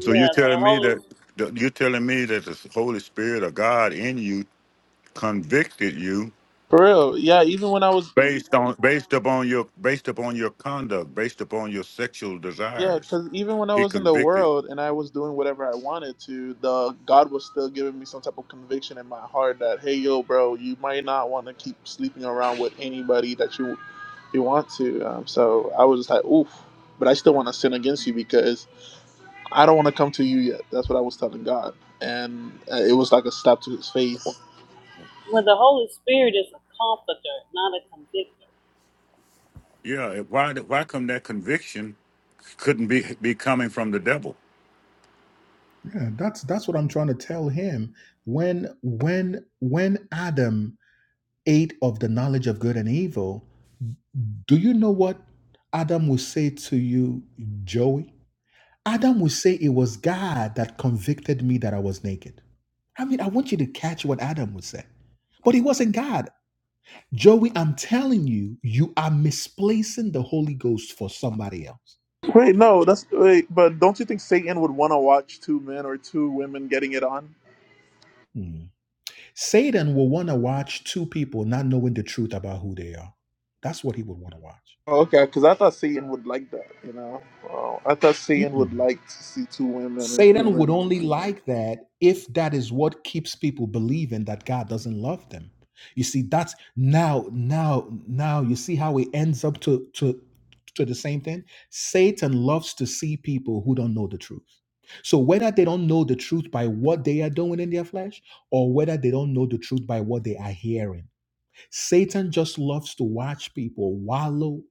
S4: So you're
S3: the
S4: telling me
S3: Holy
S4: that that- you're telling me that the Holy Spirit of God in you convicted you
S8: For real, yeah. Even when I was
S4: based on based upon your based upon your conduct, based upon your sexual
S8: Yeah,
S4: desires.
S8: because even when I
S4: He
S8: was in the
S4: convicted.
S8: world and I was doing whatever I wanted to, the God was still giving me some type of conviction in my heart that, hey, yo, bro, you might not want to keep sleeping around with anybody that you you want to. Um, so I was just like, oof, but I still want to sin against you because I don't want to come to you yet. That's what I was telling God, and uh, it was like a slap to his face.
S3: well the Holy Spirit is a comforter, not a convictor.
S4: Yeah. Why did- why come that conviction couldn't be be coming from the devil?
S1: Yeah, that's that's what I'm trying to tell him. When when when Adam ate of the knowledge of good and evil, do you know what Adam will say to you, Joey? Adam will say it was God that convicted me that I was naked. I mean, I want you to catch what Adam would say. But it wasn't God. Joey, I'm telling you, you are misplacing the Holy Ghost for somebody else.
S8: Wait, no, that's wait, but don't you think Satan would want to watch two men or two women getting it on?
S1: Hmm. Satan will want to watch two people not knowing the truth about who they are. That's what he would want to watch.
S8: Oh, Okay, because I thought Satan would like that, you know. Uh, I thought Satan would
S1: Mm-mm.
S8: like to see two women and two
S1: Satan would
S8: men.
S1: only like that if that is what keeps people believing that God doesn't love them. You see, that's now, now, now. You see how it ends up to to to the same thing. Satan loves to see people who don't know the truth. So whether they don't know the truth by what they are doing in their flesh, or whether they don't know the truth by what they are hearing Satan just loves to watch people wallow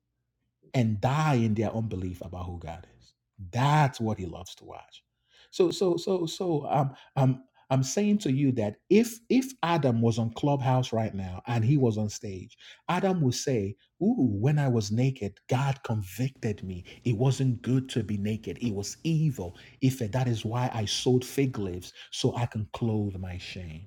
S1: and die in their unbelief about who God is. That's what he loves to watch. So, so, so, so, um, um, I'm saying to you that if if Adam was on Clubhouse right now and he was on stage, Adam would say, "Ooh, when I was naked, God convicted me. It wasn't good to be naked. It was evil. If that is why I sewed fig leaves so I can clothe my shame."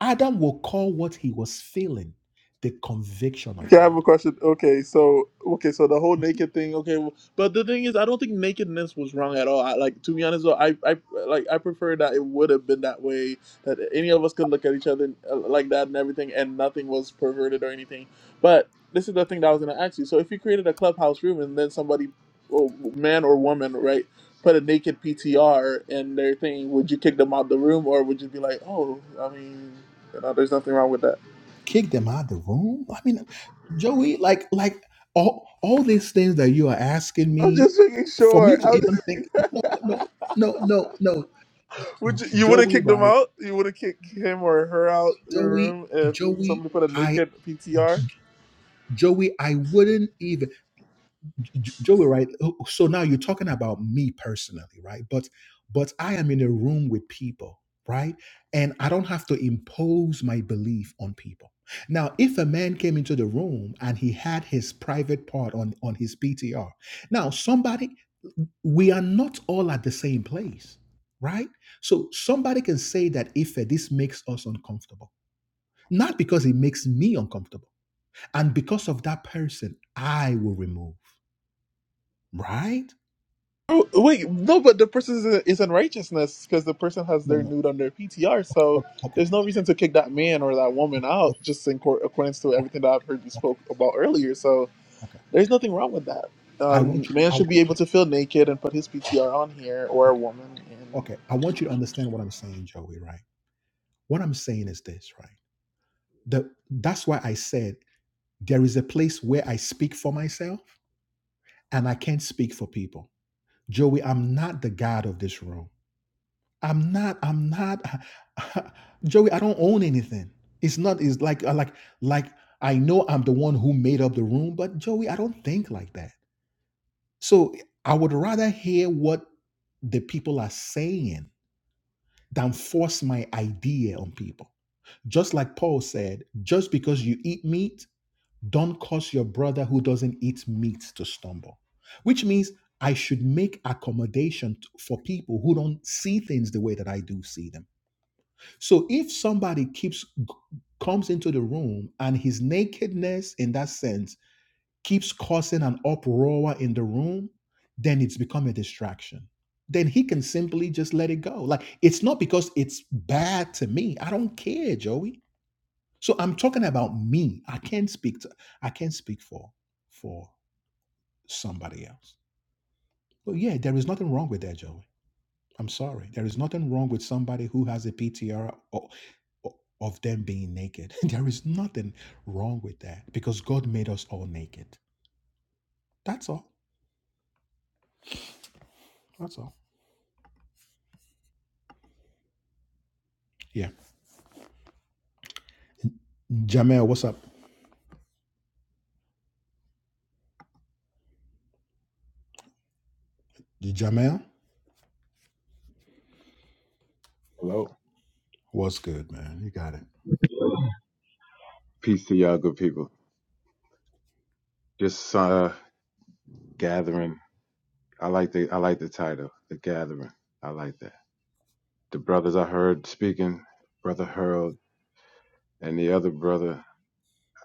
S1: Adam will call what he was feeling the conviction of
S8: Okay, I have a
S1: God.
S8: question. Okay, so okay, so the whole naked thing. Okay, well, but the thing is, I don't think nakedness was wrong at all. I, like to be honest, though, I, I like I prefer that it would have been that way. That any of us could look at each other uh, like that and everything, and nothing was perverted or anything. But this is the thing that I was gonna ask you. So if you created a clubhouse room and then somebody, oh, man or woman, right, put a naked PTR in their thing, would you kick them out the room or would you be like, oh, I mean, you know, there's nothing wrong with that?
S1: Kick them out of the room. I mean, Joey, like, like all all these things that you are asking
S8: I'm
S1: me
S8: just making
S1: for me
S8: sure.
S1: to
S8: I'm
S1: even think. No,
S8: just...
S1: no, no, no.
S8: would you, you would have
S1: Joey,
S8: kicked him
S1: right?
S8: out? You would have kicked him or her out your
S1: Joey,
S8: room if
S1: Joey,
S8: somebody put a
S1: I,
S8: naked PTR?
S1: Joey, I wouldn't even. J- Joey, right? oh, So now you're talking about me personally, right? But but I am in a room with people, right? And I don't have to impose my belief on people. Now, if a man came into the room and he had his private part on on his PTR, now somebody, we are not all at the same place, right? So somebody can say that if this makes us uncomfortable, not because it makes me uncomfortable, and because of that person, I will remove, right?
S8: Oh, wait, no, but the person is, is in righteousness because the person has
S1: No,
S8: their
S1: no.
S8: nude on their PTR,
S1: O-
S8: so
S1: Okay.
S8: there's no reason to kick that man or that woman out just in court, accordance to
S1: Okay.
S8: everything that I've heard you
S1: Okay.
S8: spoke about earlier. So
S1: Okay. ok.
S8: there's nothing wrong with that.
S1: I want
S8: Um,
S1: you to,
S8: man
S1: I want
S8: should be able
S1: you to,
S8: to feel naked and put his
S1: okay.
S8: PTR on here or a
S1: Okay.
S8: woman,
S1: Okay. I want you to understand what I'm saying, Joey, right? What I'm saying is this, right? The, that's why I said there is a place where I speak for myself and I can't speak for people. Joey, I'm not the God of this room. I'm not, I'm not, Joey, I don't own anything. It's not, it's like, like, like, I know I'm the one who made up the room, but Joey, I don't think like that. So I would rather hear what the people are saying than force my idea on people. Just like Paul said, just because you eat meat, don't cause your brother who doesn't eat meat to stumble, which means I should make accommodation t- for people who don't see things the way that I do see them. So if somebody keeps comes into the room and his nakedness in that sense keeps causing an uproar in the room, then it's become a distraction. Then he can simply just let it go. Like it's not because it's bad to me. I don't care, Joey. So I'm talking about me. I can't speak to I can't speak for for somebody else. But yeah, there is nothing wrong with that, Joey. I'm sorry. There is nothing wrong with somebody who has a PTR o- of them being naked. there is nothing wrong with that because God made us all naked. That's all. That's all. Yeah. Jamel, what's up? Jamel,
S9: Hello.
S1: what's good, man? You got it.
S9: Peace to y'all, good people. Just uh gathering. I like the I like the title, the gathering. I like that. The brothers I heard speaking, brother Harold and the other brother.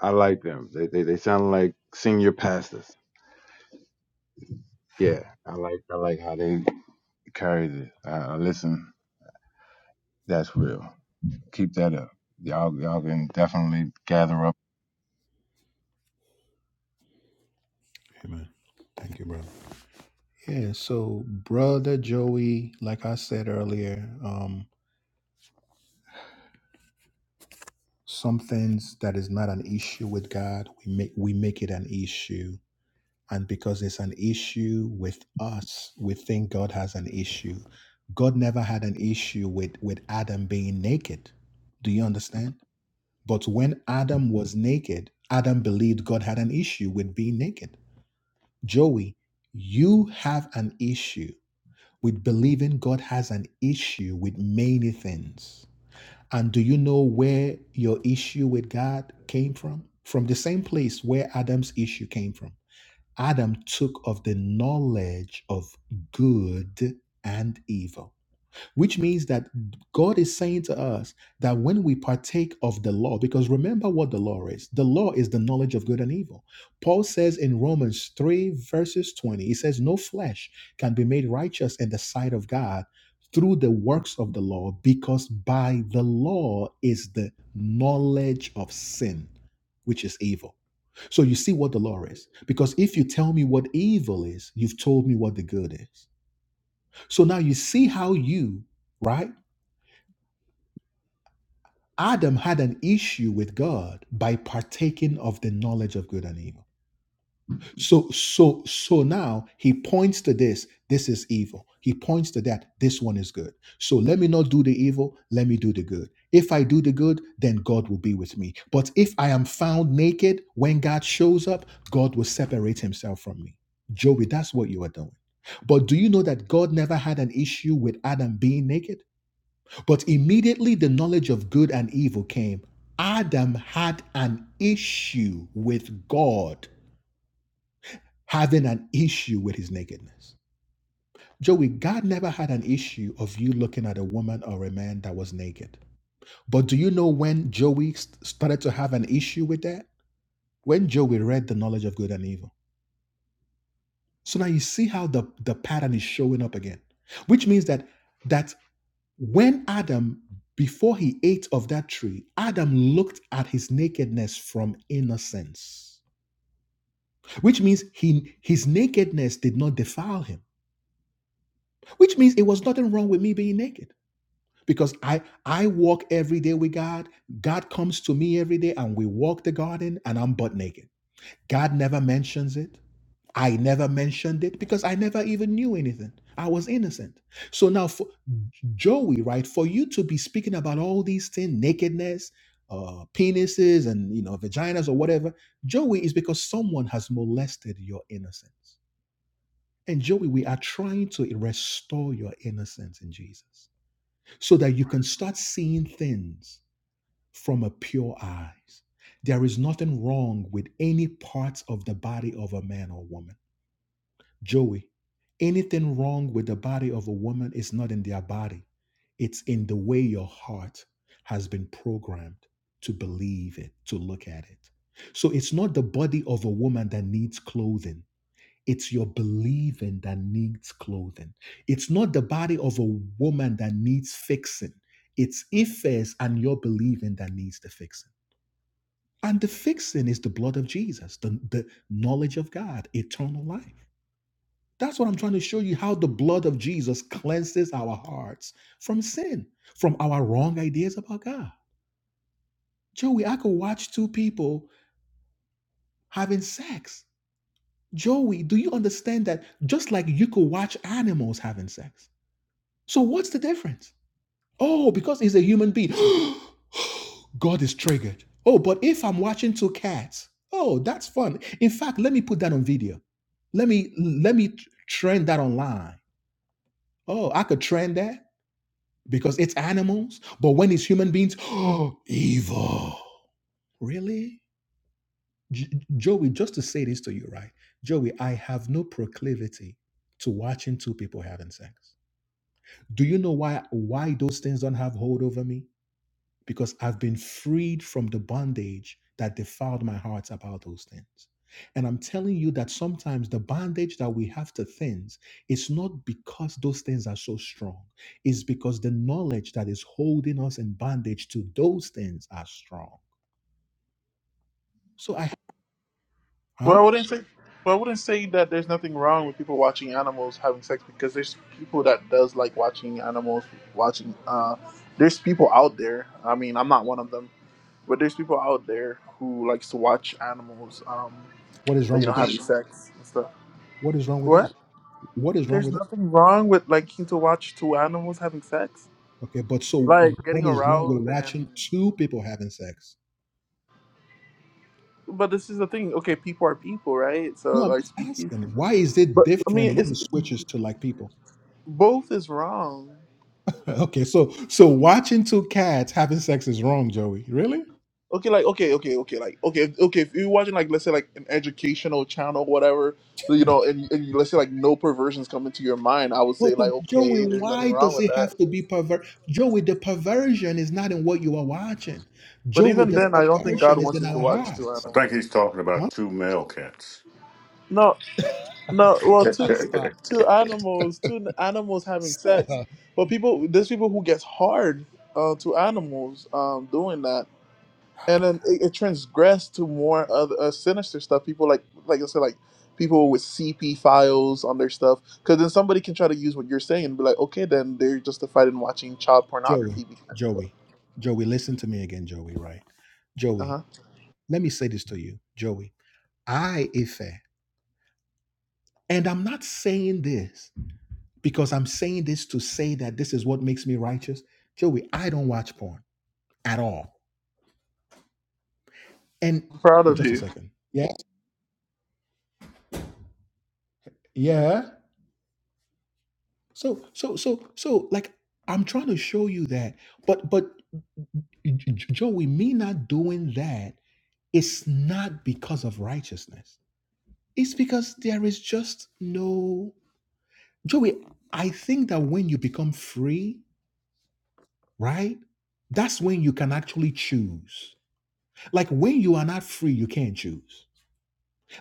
S9: I like them. They they, they sound like senior pastors. Yeah, I like I like how they carried it. I, I listen. That's real. Keep that up. Y'all y'all can definitely gather up
S1: Amen. Thank you, brother. Yeah, so brother Joey, like I said earlier, um, some things that is not an issue with God, we make we make it an issue. And because it's an issue with us, we think God has an issue. God never had an issue with, with Adam being naked. Do you understand? But when Adam was naked, Adam believed God had an issue with being naked. Joey, you have an issue with believing God has an issue with many things. And do you know where your issue with God came from? From the same place where Adam's issue came from. Adam took of the knowledge of good and evil which means that God is saying to us that when we partake of the law, because remember what the law is the law is the knowledge of good and evil. Paul says in Romans 3, verses 20, he says, No flesh can be made righteous in the sight of God through the works of the law, because by the law is the knowledge of sin, which is evil. So you see what the law is. Because if you tell me what evil is, you've told me what the good is. So now you see how you, right? Adam had an issue with God by partaking of the knowledge of good and evil. So so so now he points to this, this is evil. He points to that, this one is good. So let me not do the evil, let me do the good. If I do the good, then God will be with me. But if I am found naked when God shows up, God will separate himself from me. Joey, that's what you are doing. But do you know that God never had an issue with Adam being naked? But immediately the knowledge of good and evil came. Adam had an issue with God, having an issue with his nakedness. Joey, God never had an issue of you looking at a woman or a man that was naked. But do you know when Joey st- started to have an issue with that? When Joey read the knowledge of good and evil. So now you see how the, the pattern is showing up again, which means that that When Adam, before he ate of that tree, Adam looked at his nakedness from innocence, which means he, his nakedness did not defile him, which means it was nothing wrong with me being naked because I, I walk every day with God. God comes to me every day and we walk the garden and I'm butt naked. God never mentions it. I never mentioned it because I never even knew anything. I was innocent. So now, for Joey, right, for you to be speaking about all these things, nakedness, uh, penises, and you know, vaginas or whatever, Joey is because someone has molested your innocence. And Joey, we are trying to restore your innocence in Jesus so that you can start seeing things from a pure eyes. There is nothing wrong with any parts of the body of a man or woman. Joey, anything wrong with the body of a woman is not in their body, it's in the way your heart has been programmed to believe it, to look at it. So it's not the body of a woman that needs clothing. It's your believing that needs clothing. It's not the body of a woman that needs fixing. It's Ifes and your believing that needs the fixing. And the fixing is the blood of Jesus, the, the knowledge of God, eternal life. That's what I'm trying to show you how the blood of Jesus cleanses our hearts from sin, from our wrong ideas about God. Joey, I could watch two people having sex. Joey, do you understand that just like you could watch animals having sex? So what's the difference? Oh, because he's a human being. God is triggered. Oh, but if I'm watching two cats, oh, that's fun. In fact, let me put that on video. Let me let me trend that online. Oh, I could trend that because it's animals, but when it's human beings, oh, evil. Really? J- Joey, just to say this to you, right? Joey, I have no proclivity to watching two people having sex. Do you know why why those things don't have hold over me? because I've been freed from the bondage that defiled my heart about those things. And I'm telling you that sometimes the bondage that we have to things is not because those things are so strong. It's because the knowledge that is holding us in bondage to those things are strong. So I
S8: Well,
S1: huh?
S8: I wouldn't say. Well, I wouldn't say that there's nothing wrong with people watching animals having sex because there's people that does like watching animals watching. Uh, there's people out there. I mean, I'm not one of them, but there's people out there who likes to watch animals. Um,
S1: What is
S8: that,
S1: wrong
S8: you know,
S1: with that?
S8: having sex and stuff.
S1: What is wrong with that?
S8: What?
S1: What is wrong
S8: There's
S1: with that?
S8: nothing wrong with liking to watch two animals having sex,
S1: Okay, but so
S8: like
S1: what
S8: getting
S1: is wrong with
S8: aroused and.
S1: watching two people having sex?
S8: But this is the thing. Okay, people are people, right?
S1: No,
S8: So
S1: I'm
S8: our
S1: just
S8: species.
S1: asking. Why is it
S8: But I
S1: different
S8: mean,
S1: when
S8: it's
S1: it switches to like people?
S8: both is wrong.
S1: Okay, so so watching two cats having sex is wrong, Joey. Really?
S8: okay like okay okay okay like okay okay if you're watching like let's say like an educational channel whatever you know and, and let's say like no perversions come into your mind i would
S1: Well,
S8: say
S1: so
S8: like
S1: Joey,
S8: okay there's nothing
S1: why
S8: wrong
S1: does
S8: with
S1: it
S8: that
S1: have to be perver? Joey, the perversion is not in what you are watching.
S8: but
S1: Joey, What do
S8: even
S1: you the
S8: then
S1: mean?
S8: i don't think god
S1: perversion is
S8: wants
S1: in
S8: you to
S1: our
S8: watch two
S1: hearts,
S4: I think
S8: animals
S4: he's talking
S1: huh?
S4: about two male cats.
S8: no no well two
S1: Stop,
S8: two animals two n- animals having sex
S1: stop.
S8: but people there's people who gets hard uh, to animals um doing that and then it, it transgressed to more other uh, sinister stuff. People like, like I said, like people with CP files on their stuff, because then somebody can try to use what you're saying and be like, okay, then they're justified in watching child
S1: Joey,
S8: pornography. Because,
S1: Joey, Joey, listen to me again, Joey. Right,
S8: uh
S1: Joey.
S8: huh.
S1: Let me say this to you, Joey. I Ife, and I'm not saying this because I'm saying this to say that this is what makes me righteous, Joey. I don't watch porn at all. And
S8: I'm proud
S1: oh,
S8: of
S1: just a
S8: you.
S1: second. Yeah. Yeah. So so so so like I'm trying to show you that. But but J- J- Joey, me not doing that, it's not because of righteousness. It's because there is just no Joey, I think that when you become free, right? That's when you can actually choose. Like when you are not free, you can't choose.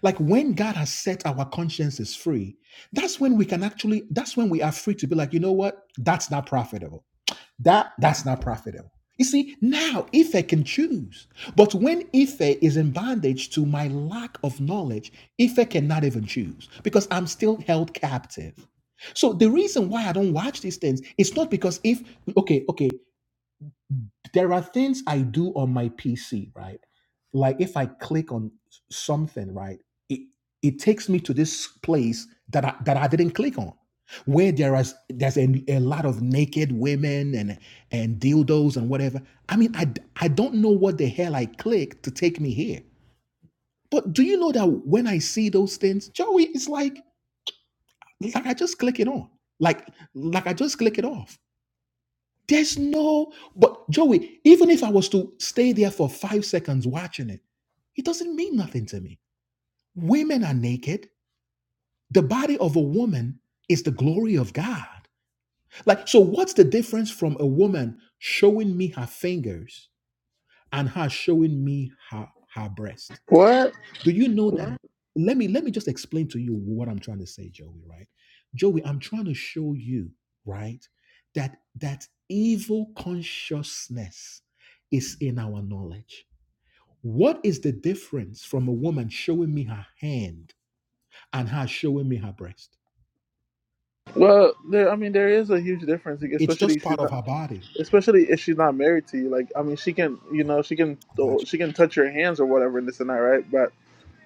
S1: Like when God has set our consciences free, that's when we can actually, that's when we are free to be like, you know what? That's not profitable. That that's not profitable. You see, now Ife can choose. But when Ife is in bondage to my lack of knowledge, Ife cannot even choose because I'm still held captive. So the reason why I don't watch these things is not because if okay, okay there are things I do on my PC, right? Like if I click on something, right, it it takes me to this place that I, that I didn't click on, where there is there's a, a lot of naked women and and dildos and whatever. I mean, I I d- I don't know what the hell I clicked to take me here. But do you know that when I see those things, Joey, it's like like I just click it on, like like I just click it off there's no, but Joey, even if I was to stay there for five seconds watching it, it doesn't mean nothing to me. Women are naked. The body of a woman is the glory of God. Like, so what's the difference from a woman showing me her fingers and her showing me her, her breast?
S8: What?
S1: Do you know that? Let me let me just explain to you what I'm trying to say, Joey, right? Joey, I'm trying to show you, right, that that evil consciousness is in our knowledge. What is the difference from a woman showing me her hand and her showing me her breast?
S8: Well, there, I mean, there is a huge difference, like,
S1: It's
S8: especially
S1: just
S8: if
S1: part
S8: she's
S1: of
S8: not,
S1: her body.
S8: especially if she's not married to you. Like, I mean, she can, you know, she can,
S1: I got
S8: she can touch your hands or whatever, and this and that, right? But.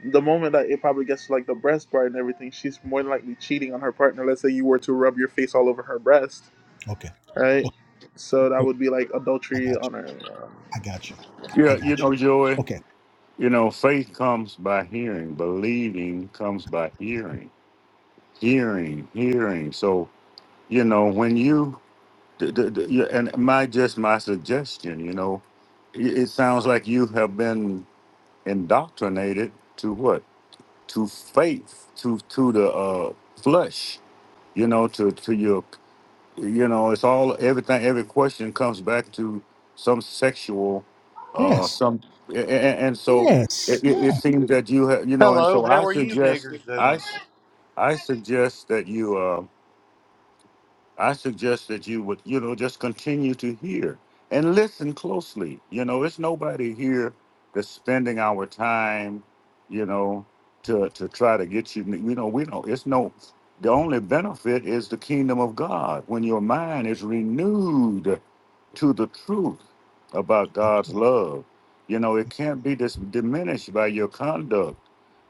S8: the moment that it probably gets to like the breast part and everything, she's more than likely cheating on her partner. Let's say you were to rub your face all over her breast,
S1: you. Okay.
S8: right?
S1: Okay.
S8: So that
S1: Oh,
S8: would be like
S1: I
S8: adultery
S1: got
S8: on her. um,
S1: you. I got you. I I
S4: Yeah, you
S1: got you.
S4: know, Joey.
S1: Okay.
S4: You know, faith comes by hearing. Believing comes by hearing. Hearing, hearing. So you know when you The- the- the- yeah, and my just my suggestion, you know, it, it sounds like you have been indoctrinated to what? To faith, to to the uh, flesh, you know, to to your, you know, it's all everything. Every question comes back to some sexual, uh,
S1: Yes.
S4: some, and, and so
S1: Yes.
S4: it, it
S1: Yeah.
S4: it seems that you have, you know, and
S10: Hello,
S4: so
S10: how
S4: I
S10: are you
S4: suggest
S10: niggers
S4: I
S10: doing?
S4: s- I suggest that you. uh, I suggest that you would, you know, just continue to hear and listen closely. You know, it's nobody here that's spending our time, you know, to to try to get you. You know, we don't. It's no. The only benefit is the kingdom of God when your mind is renewed to the truth about God's love. You know, it can't be dis- diminished by your conduct.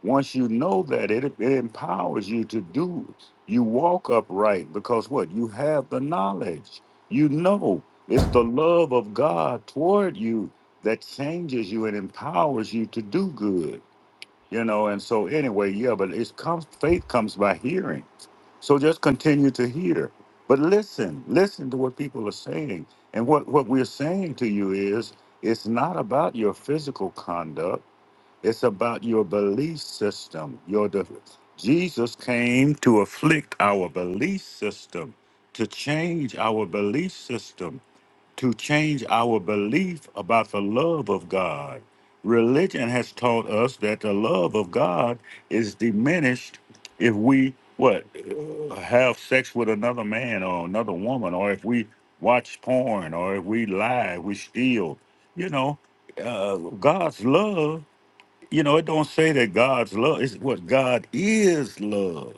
S4: Once you know that, it, it empowers you to do. You walk upright because what? You have the knowledge. You know it's the love of God toward you that changes you and empowers you to do good you know and so anyway yeah but it's comes faith comes by hearing so just continue to hear but listen listen to what people are saying and what what we're saying to you is it's not about your physical conduct it's about your belief system your de- jesus came to afflict our belief system to change our belief system to change our belief about the love of God. Religion has taught us that the love of God is diminished if we what uh, have sex with another man or another woman, or if we watch porn, or if we lie, we steal. You know, uh, God's love. You know, it don't say that God's love. It's what God is love.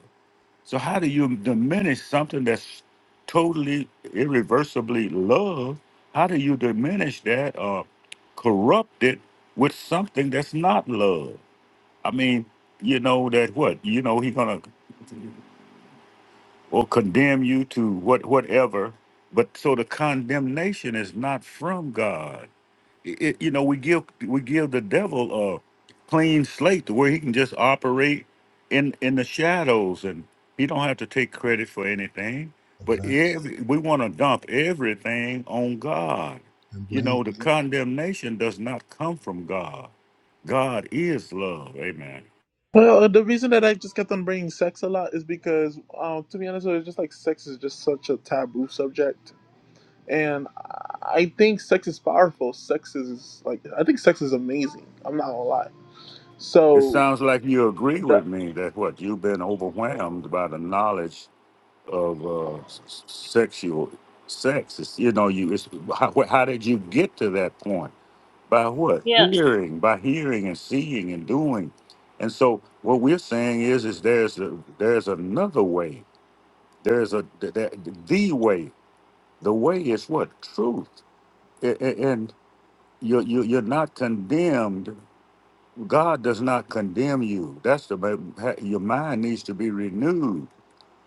S4: So how do you diminish something that's totally irreversibly love? How do you diminish that or corrupt it with something that's not love? I mean, you know that what? You know he gonna or condemn you to what whatever, but so the condemnation is not from God it, it- you know, we give we give the devil a clean slate to where he can just operate in in the shadows, and he don't have to take credit for anything. But every, we want to dump everything on God. You know, the Mhm. condemnation does not come from God. God is love. Amen.
S8: Well, uh, the reason that I just kept on bringing sex a lot is because, um, to be honest, it's just like sex is just such a taboo subject, and I think sex is powerful. Sex is like I think sex is amazing. I'm not gonna lie.
S4: It
S8: So.
S4: sounds like you agree
S8: the.
S4: with me that what you've been overwhelmed by the knowledge of uh, s- sexual sex. It's, you know, you. It's, how, how did you get to that point? By what?
S3: Yeah.
S4: Hearing, by hearing and seeing and doing. And so what we're saying is, is there's a, there's another way. There's a th- the way. The way is what truth. A- a- And you're you're you're not condemned. God does not condemn you. That's the ma- ha- your mind needs to be renewed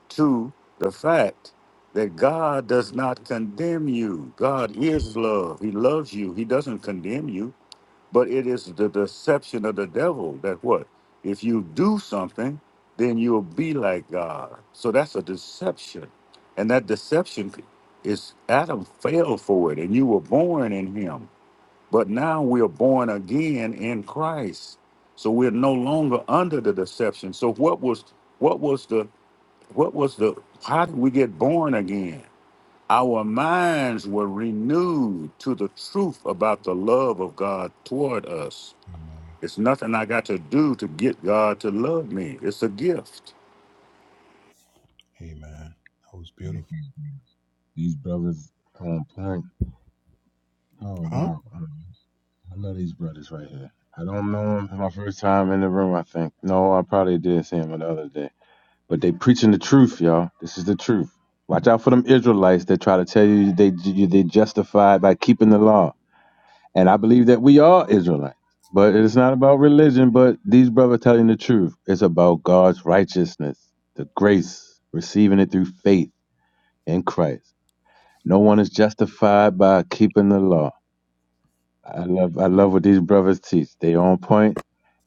S4: to the fact that God does not condemn you. God is love. He loves you. He doesn't condemn you. But it is the deception of the devil that what? If you do something, then you'll be like God. So that's a deception. And that deception is Adam fell for it, and you were born in him. But now we're born again in Christ. So we're no longer under the deception. So what was what was the what was the, how did we get born again? Our minds were renewed to the truth about the love of God toward us. It's nothing I got to do to get God to love me, it's a gift.
S9: these brothers on point. Oh wow. I love these brothers right here. I don't know him. It's my first time in the room, I think. No, I probably did see him the other day. But they preaching the truth, y'all. This is the truth. Watch out for them Israelites that try to tell you they you, they justified by keeping the law. And I believe that we are Israelites. But it's not about religion, but these brothers telling the truth. It's about God's righteousness, the grace, receiving it through faith in Christ. No one is justified by keeping the law I love I love what these brothers teach. They on point,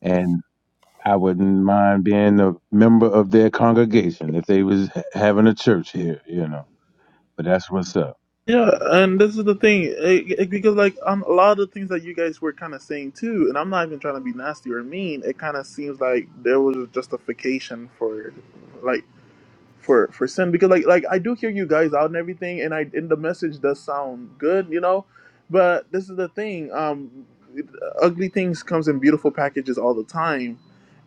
S9: and I wouldn't mind being a member of their congregation if they was ha- having a church here, you know. But that's what's up.
S8: Yeah, and this is the thing, it, it- because like um, a lot of the things that you guys were kind of saying too, and I'm not even trying to be nasty or mean. It kind of seems like there was a justification for, like for for sin because like like I do hear you guys out and everything and I and the message does sound good you know but this is the thing um ugly things comes in beautiful packages all the time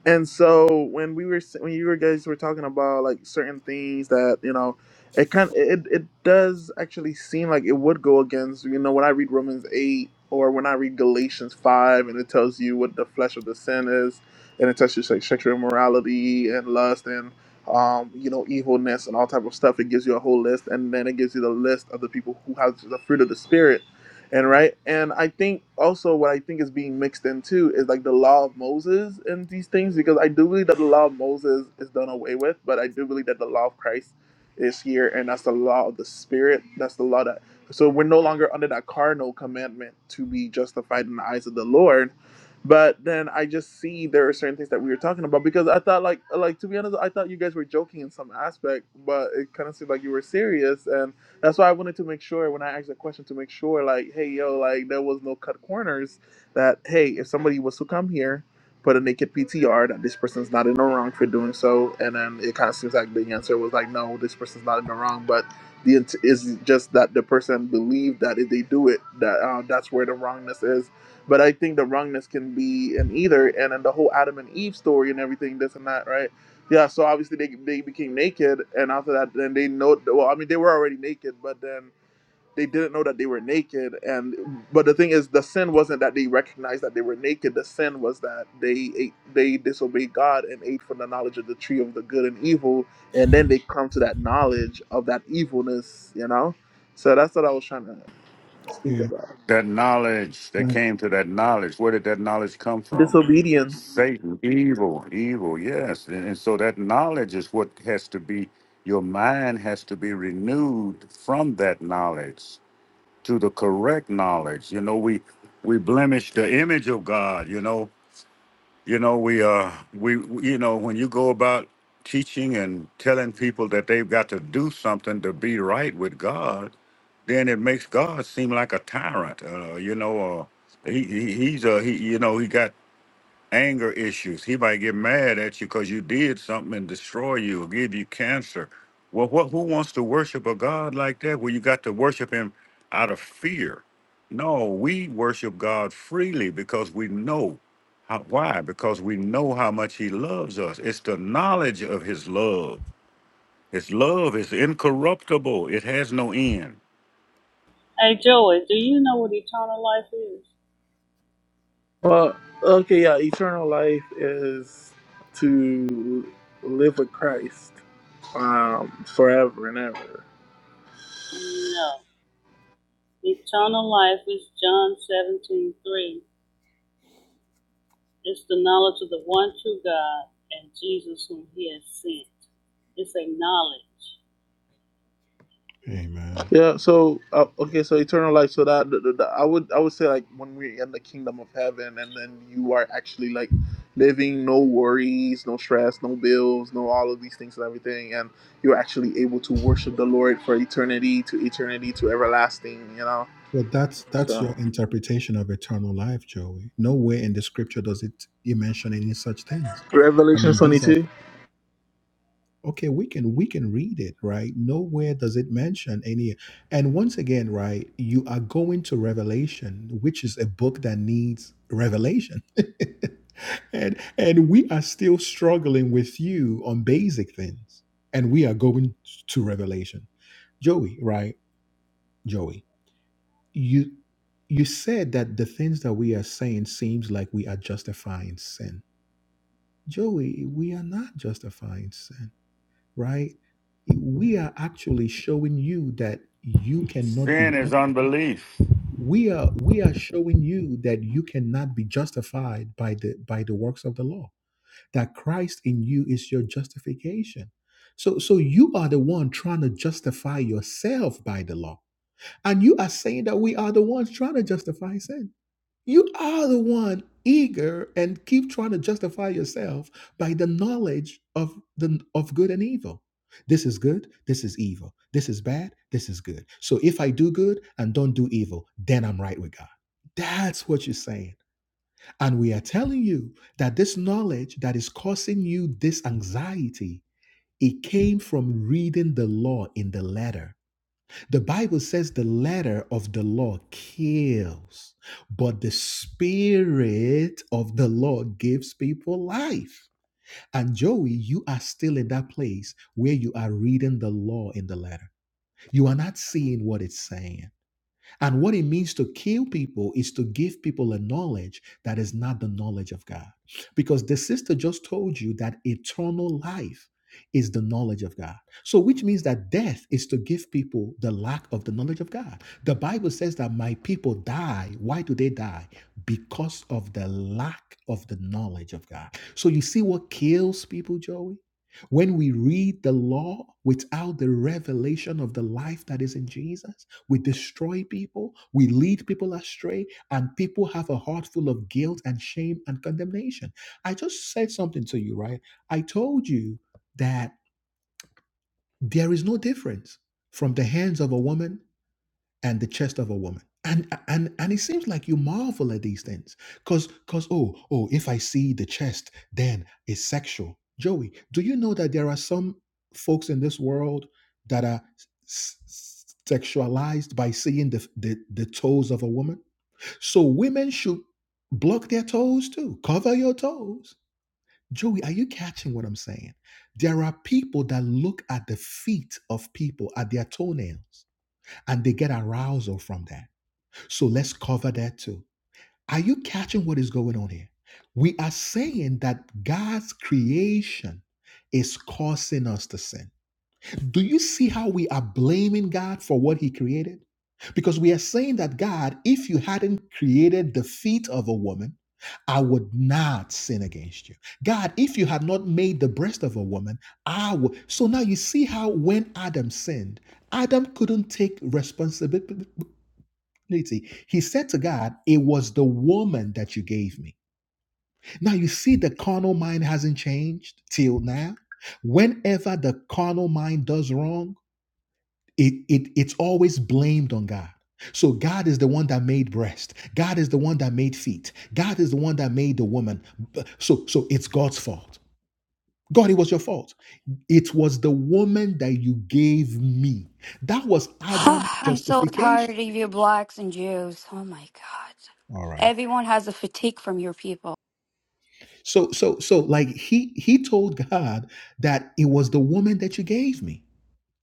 S8: and so when we were s- when you were guys were talking about like certain things that you know it kind it it does actually seem like it would go against you know when I read Romans 8 or when I read Galatians 5 and it tells you what the flesh of the sin is and it touches like sexual immorality and lust and um, you know, evilness and all type of stuff. It gives you a whole list, and then it gives you the list of the people who have the fruit of the spirit, and right. And I think also what I think is being mixed in too is like the law of Moses and these things, because I do believe that the law of Moses is done away with, but I do believe that the law of Christ is here, and that's the law of the spirit. That's the law that. So we're no longer under that carnal commandment to be justified in the eyes of the Lord but then I just see there are certain things that we were talking about because I thought like like to be honest, I thought you guys were joking in some aspect, but it kind of seemed like you were serious, and that's why I wanted to make sure when I asked the question to make sure like, hey yo, like there was no cut corners. That hey, if somebody was to come here, put a naked PTR, that this person's not in the wrong for doing so, and then it kind of seems like the answer was like, no, this person's not in the wrong, but the int- is just that the person believed that if they do it, that uh, that's where the wrongness is but I think the wrongness can be in either, and in the whole Adam and Eve story and everything, this and that, right? Yeah, so obviously they they became naked, and after that, then they know. Well, I mean, they were already naked, but then they didn't know that they were naked. And but the thing is, the sin wasn't that they recognized that they were naked. The sin was that they ate, they disobeyed God and ate from the knowledge of the tree of the good and evil, and then they come to that knowledge of that evilness, you know. So that's what I was trying to speak about.
S4: That knowledge, they came to that knowledge. Where did that knowledge come from?
S8: Disobedience.
S4: Satan, evil, evil, yes. And, and so that knowledge is what has to be, your mind has to be renewed from that knowledge. to the correct knowledge. You know, we we blemish the image of God. You know, you know we uh we you know when you go about teaching and telling people that they've got to do something to be right with God, then it makes God seem like a tyrant. Uh, you know, uh, he, he he's a he. You know, he got anger issues. He might get mad at you because you did something and destroy you or give you cancer. Well, what, who wants to worship a God like that where you got to worship him out of fear? No, we worship God freely because we know. How, why? Because we know how much he loves us. It's the knowledge of his love. His love is incorruptible, it has no end.
S3: Hey Joey, do you know what eternal life is?
S8: Well, okay, yeah. Eternal life is to live with Christ um, forever and ever.
S3: No. Eternal life is John seventeen three. It's the knowledge of the one true God and Jesus whom he has sent. It's a knowledge.
S8: Yeah. So, uh, okay. So, eternal life. So that the, the, the- I would I would say like when we're in the kingdom of heaven, and then you are actually like living no worries, no stress, no bills, no all of these things and everything, and you're actually able to worship the Lord for eternity to eternity to everlasting. You know.
S1: Well, that's that's
S8: So,
S1: your interpretation of eternal life, Joey. Nowhere in the scripture does it you mention any such things. I
S8: Revelation
S1: mean,
S8: twenty
S1: these are
S8: two.
S1: okay. We can we can read it, right? Nowhere does it mention any. And once again, right, you are going to Revelation, which is a book that needs revelation, and and we are still struggling with you on basic things, and we are going to Revelation, Joey, right? Joey. You you said that the things that we are saying seems like we are justifying sin. Joey, we are not justifying sin, right? We are actually showing you that you cannot be
S4: Sin is
S1: just,
S4: unbelief.
S1: we are we are showing you that you cannot be justified by the by the works of the law. That Christ in you is your justification. So so you are the one trying to justify yourself by the law. And you are saying that we are the ones trying to justify sin. You are the one eager and keep trying to justify yourself by the knowledge of the of good and evil. This is good, this is evil. This is bad, this is good. So if I do good and don't do evil, then I'm right with God. That's what you're saying. And we are telling you that this knowledge that is causing you this anxiety, it came from reading the law in the letter the Bible says the letter of the law kills, but the spirit of the law gives people life. And Joey, you are still in that place where you are reading the law in the letter. You are not seeing what it's saying. And what it means to kill people is to give people a knowledge that is not the knowledge of God. Because the sister just told you that eternal life is the knowledge of God. So, which means that death is to give people the lack of the knowledge of God. The Bible says that my people die. Why do they die? Because of the lack of the knowledge of God. So, you see what kills people, Joey? When we read the law without the revelation of the life that is in Jesus, we destroy people, we lead people astray, and people have a heart full of guilt and shame and condemnation. I just said something to you, right? I told you that there is no difference from the hands of a woman and the chest of a woman. And and and it seems like you marvel at these things. Cause cause oh, oh, if I see the chest, then it's sexual. Joey, do you know that there are some folks in this world that are s- s- sexualized by seeing the, the the toes of a woman? So women should block their toes too. Cover your toes. Joey, are you catching what I'm saying? There are people that look at the feet of people, at their toenails, and they get arousal from that so let's cover that too. Are you catching what is going on here? We are saying that God's creation is causing us to sin. Do you see how we are blaming God for what He created? Because we are saying that God, if you hadn't created the feet of a woman, I would not sin against you. God, if you had not made the breast of a woman, I would. So now you see how when Adam sinned, Adam couldn't take responsibility he said to God, It was the woman that you gave me. Now you see, the carnal mind hasn't changed till now. Whenever the carnal mind does wrong, it, it it's always blamed on God. So God is the one that made breast. God is the one that made feet. God is the one that made the woman. So so it's God's fault. God, it was your fault. It was the woman that you gave me. That was Adam's
S11: I'm so tired
S1: justification.
S11: of you blacks and Jews. Oh my God.
S1: All right.
S11: Everyone has a fatigue from your people.
S1: So so so like he he told God that it was the woman that you gave me.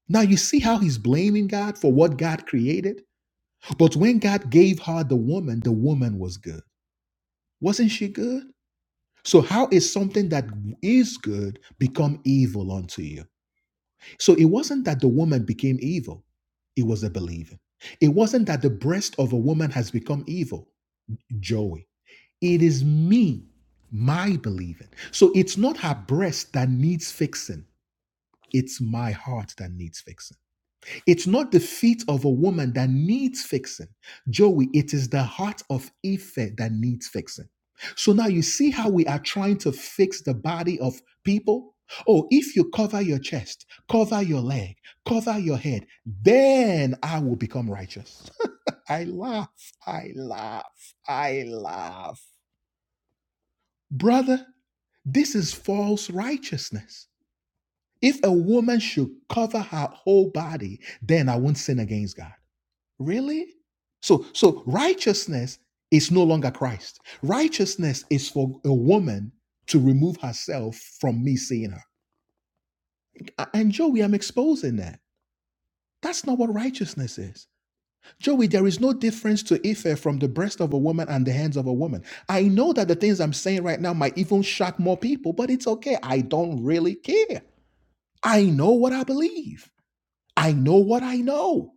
S1: Now you see how he's blaming God for what God created? But when God gave her the woman, the woman was good. Wasn't she good? So how is something that is good become evil unto you? So it wasn't that the woman became evil. It was the believing. It wasn't that the breast of a woman has become evil. Joey. It is me, my believing. So it's not her breast that needs fixing. It's my heart that needs fixing. It's not the feet of a woman that needs fixing. Joey, it is the heart of Ife that needs fixing. So now you see how we are trying to fix the body of people? Oh, if you cover your chest, cover your leg, cover your head, then I will become righteous. I laugh, I laugh, I laugh. Brother, this is false righteousness. If a woman should cover her whole body, then I won't sin against God. Really? So, so righteousness is no longer Christ. Righteousness is for a woman to remove herself from me seeing her. And Joey, I'm exposing that. That's not what righteousness is. Joey, there is no difference to Ife from the breast of a woman and the hands of a woman. I know that the things I'm saying right now might even shock more people, but it's okay. I don't really care. I know what I believe. I know what I know.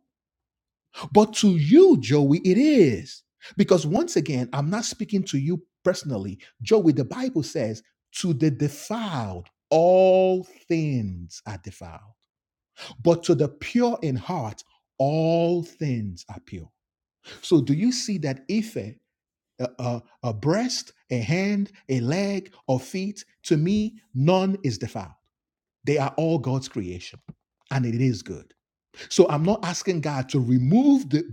S1: But to you, Joey, it is. Because once again, I'm not speaking to you personally. Joey, the Bible says, to the defiled, all things are defiled. But to the pure in heart, all things are pure. So do you see that Ife a, a, a breast, a hand, a leg, or feet. To me, none is defiled. They are all God's creation, and it is good. So I'm not asking God to remove the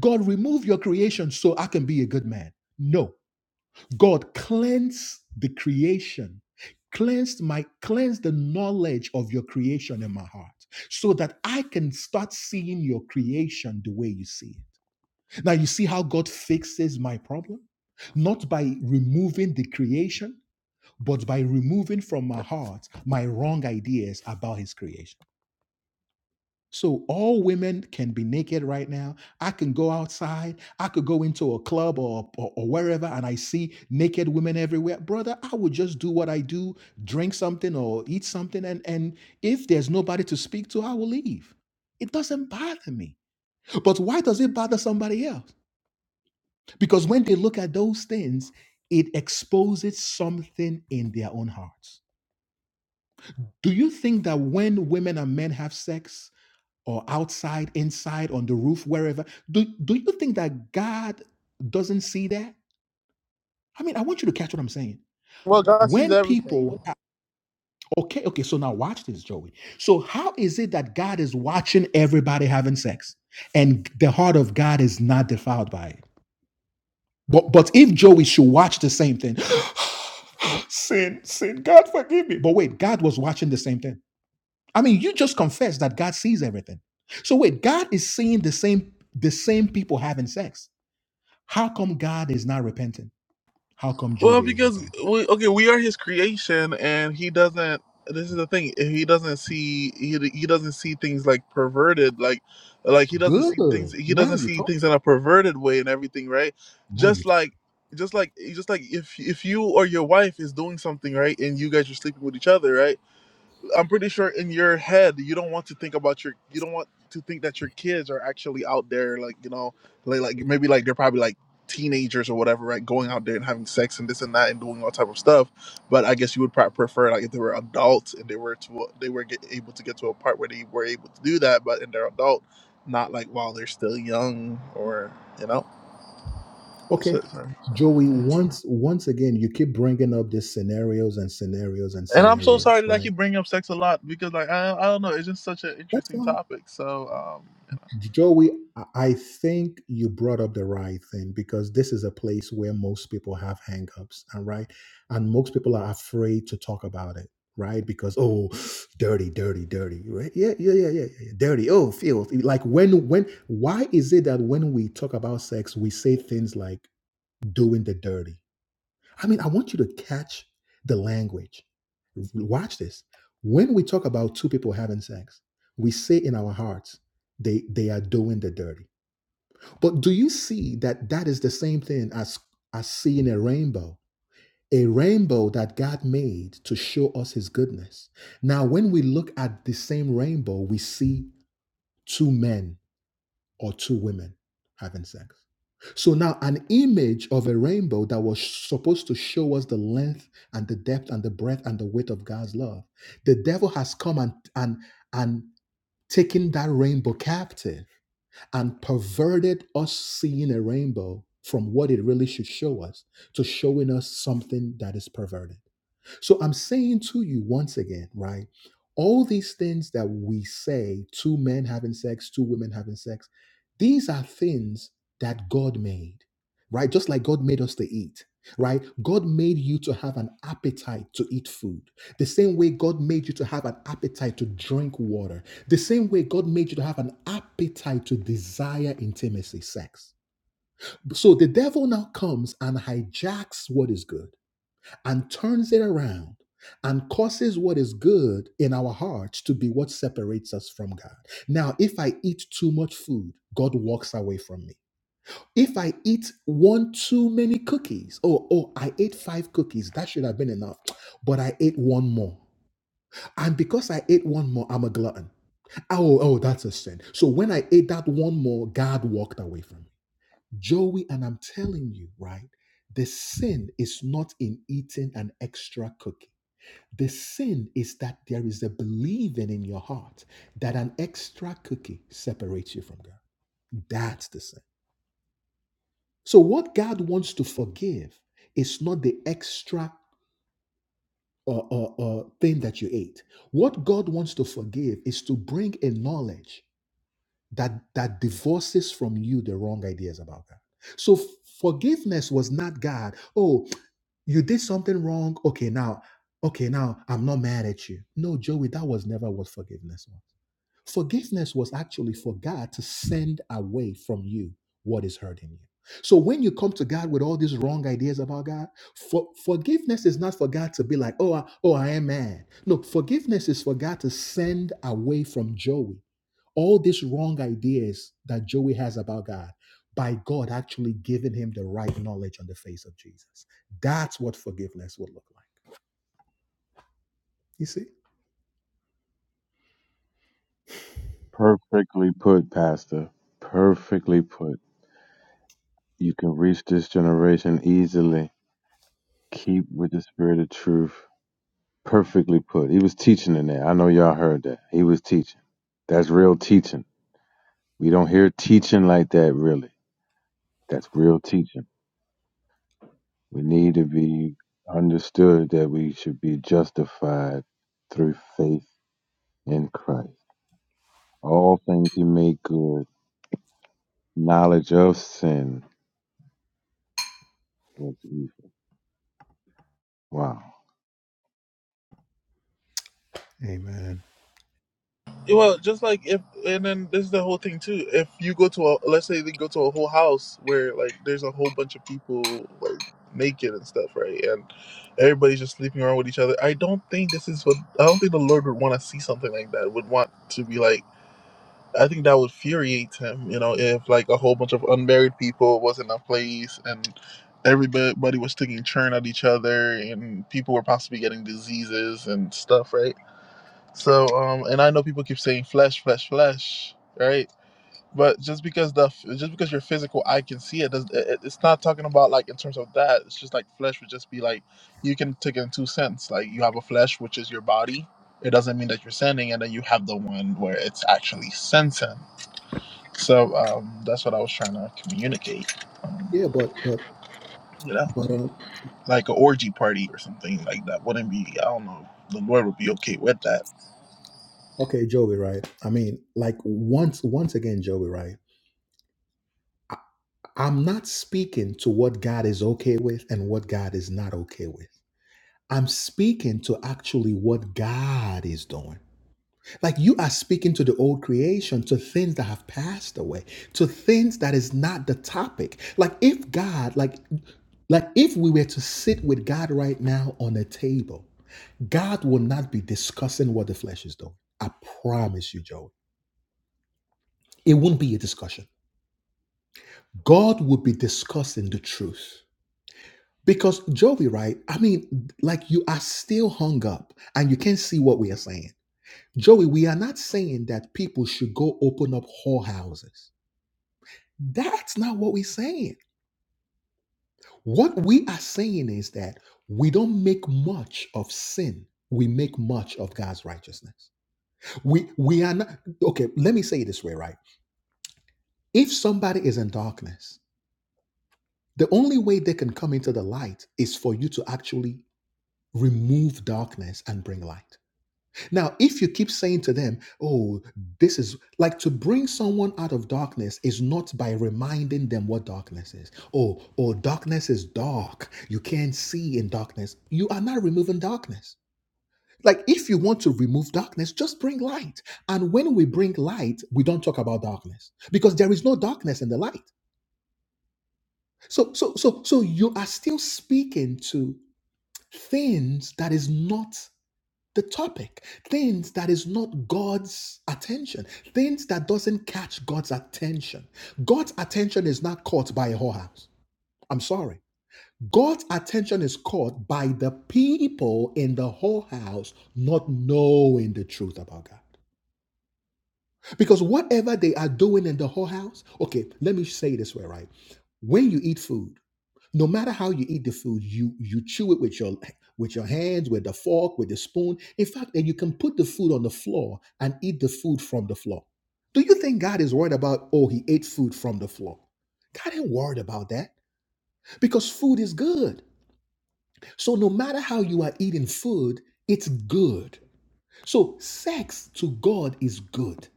S1: God, remove your creation so I can be a good man. No, God cleanse the creation, cleanse my cleanse the knowledge of your creation in my heart so that I can start seeing your creation the way you see it. Now, you see how God fixes my problem? Not by removing the creation, but by removing from my heart my wrong ideas about his creation. So, all women can be naked right now. I can go outside. I could go into a club or, or, or wherever and I see naked women everywhere. Brother, I would just do what I do, drink something or eat something. And, and if there's nobody to speak to, I will leave. It doesn't bother me. But why does it bother somebody else? Because when they look at those things, it exposes something in their own hearts. Do you think that when women and men have sex, or outside, inside, on the roof, wherever, do, do you think that God doesn't see that? I mean, I want you to catch what I'm saying.
S8: Well, God sees
S1: When
S8: everything.
S1: people, okay, okay, so now watch this, Joey. So, how is it that God is watching everybody having sex and the heart of God is not defiled by it? But but if Joey should watch the same thing, sin, sin, God forgive me. But wait, God was watching the same thing. I mean, you just confessed that God sees everything. So wait, God is seeing the same the same people having sex. How come God is not repenting? How come
S8: Well,
S1: Joey is
S8: because
S1: repenting?
S8: we, okay, we are his creation, and he doesn't. This is the thing. He doesn't see. He, he doesn't see things like perverted. Like, like he doesn't see things. He doesn't see things in a perverted way and everything, right? Just like, just like, just like if if you or your wife is doing something right, and you guys are sleeping with each other, right? I'm pretty sure in your head you don't want to think about your you don't want to think that your kids are actually out there like you know like, like maybe like they're probably like teenagers or whatever right going out there and having sex and this and that and doing all type of stuff but i guess you would probably prefer like if they were adults and they were to they were get, able to get to a part where they were able to do that but in their adult not like while they're still young or you know that's
S1: Okay,
S8: it So-
S1: Joey. Once once again, you keep bringing up these scenarios and scenarios and
S8: and i'm so sorry
S1: scenarios,
S8: that i
S1: right?
S8: keep bringing up sex a lot because like i, I don't know it's just such an
S1: That's
S8: interesting
S1: fine.
S8: topic so um
S1: Joey, I I think you brought up the right thing because this is a place where most people have hangups, and right, and most people are afraid to talk about it, right? Because oh, dirty, dirty, dirty, right? Yeah, yeah, yeah, yeah, yeah, yeah. dirty. Oh, filthy. Like when, when, why is it that when we talk about sex, we say things like doing the dirty? I mean, I want you to catch the language. Watch this. When we talk about two people having sex, we say in our hearts, they they are doing the dirty. But do you see that that is the same thing as as seeing a rainbow? A rainbow that God made to show us his goodness. Now, when we look at the same rainbow, we see two men or two women having sex. So now, an image of a rainbow that was supposed to show us the length and the depth and the breadth and the width of God's love, the devil has come and and and taken that rainbow captive and perverted us seeing a rainbow from what it really should show us to showing us something that is perverted. So I'm saying to you once again, right? All these things that we say, two men having sex, two women having sex, these are things that God made, right? Just like God made us to eat, right? God made you to have an appetite to eat food. The same way God made you to have an appetite to drink water. The same way God made you to have an appetite to desire intimacy, sex. So the devil now comes and hijacks what is good and turns it around and causes what is good in our hearts to be what separates us from God. Now, if I eat too much food, God walks away from me. If I eat one too many cookies, oh, oh, I ate five cookies, that should have been enough, but I ate one more. And because I ate one more, I'm a glutton. Oh, oh, that's a sin. So when I ate that one more, God walked away from me. Joey, and I'm telling you, right? The sin is not in eating an extra cookie. The sin is that there is a believing in your heart that an extra cookie separates you from God. That's the sin. So, what God wants to forgive is not the extra uh, uh, uh, thing that you ate. What God wants to forgive is to bring a knowledge that, that divorces from you the wrong ideas about God. So, forgiveness was not God, oh, you did something wrong. Okay, now, okay, now I'm not mad at you. No, Joey, that was never what forgiveness was Forgiveness was actually for God to send away from you what is hurting you. So when you come to God with all these wrong ideas about God, for, forgiveness is not for God to be like, oh, I, oh, I am mad. Look, forgiveness is for God to send away from Joey all these wrong ideas that Joey has about God by God actually giving him the right knowledge on the face of Jesus. That's what forgiveness would look like. You see?
S9: Perfectly put, Pastor. Perfectly put. You can reach this generation easily. Keep with the spirit of truth. Perfectly put. He was teaching in there. I know y'all heard that. He was teaching. That's real teaching. We don't hear teaching like that really. That's real teaching. We need to be understood that we should be justified through faith in Christ. All things he made good. Knowledge of sin was evil. Wow.
S8: Well, just like if, and then this is the whole thing too. If you go to a, let's say they go to a whole house where like there's a whole bunch of people like naked and stuff, right? And everybody's just sleeping around with each other. I don't think this is what, I don't think the Lord would want to see something like that, would want to be like, I think that would infuriate him, you know, if like a whole bunch of unmarried people was in a place and everybody was taking churn at each other and people were possibly getting diseases and stuff, right? So, um, and I know people keep saying flesh, flesh, flesh, right? But just because the just because your physical eye can see it, does it, it's not talking about like in terms of that. It's just like flesh would just be like you can take it in two sense. Like you have a flesh, which is your body. It doesn't mean that you're sending, and then you have the one where it's actually sensing. So um, that's what I was trying to communicate. Um,
S1: Yeah, but but
S8: you know.
S1: but um
S8: like an orgy party or something like that wouldn't be i don't know the lord would be okay with that
S1: Okay, Joey, right? I mean, like once once again, Joey, right? I'm not speaking to what God is okay with and what God is not okay with. I'm speaking to actually what God is doing. Like you are speaking to the old creation, to things that have passed away, to things that is not the topic. Like if God, like like if we were to sit with God right now on a table, God will not be discussing what the flesh is doing. I promise you, Joey. It won't be a discussion God will be discussing the truth. Because Joey, right? I mean, like you are still hung up and you can't see what we are saying. Joey, we are not saying that people should go open up whorehouses. That's not what we're saying. What we are saying is that we don't make much of sin. We make much of God's righteousness. We we are not okay, let me say it this way, right? If somebody is in darkness, the only way they can come into the light is for you to actually remove darkness and bring light. Now, if you keep saying to them, oh, this is like to bring someone out of darkness is not by reminding them what darkness is. Oh, oh, darkness is dark. You can't see in darkness. You are not removing darkness. Like if you want to remove darkness, just bring light. And when we bring light, we don't talk about darkness because there is no darkness in the light. So, so, so, so you are still speaking to things that is not the topic things that is not god's attention things that doesn't catch god's attention god's attention is not caught by a whorehouse i'm sorry god's attention is caught by the people in the whorehouse not knowing the truth about god because whatever they are doing in the whole house, okay, let me say it this way, right? When you eat food, no matter how you eat the food, you you chew it with your with your hands, with the fork, with the spoon. In fact, and you can put the food on the floor and eat the food from the floor. Do you think God is worried about, oh, he ate food from the floor? God ain't worried about that because food is good. So no matter how you are eating food, it's good. So sex to God is good.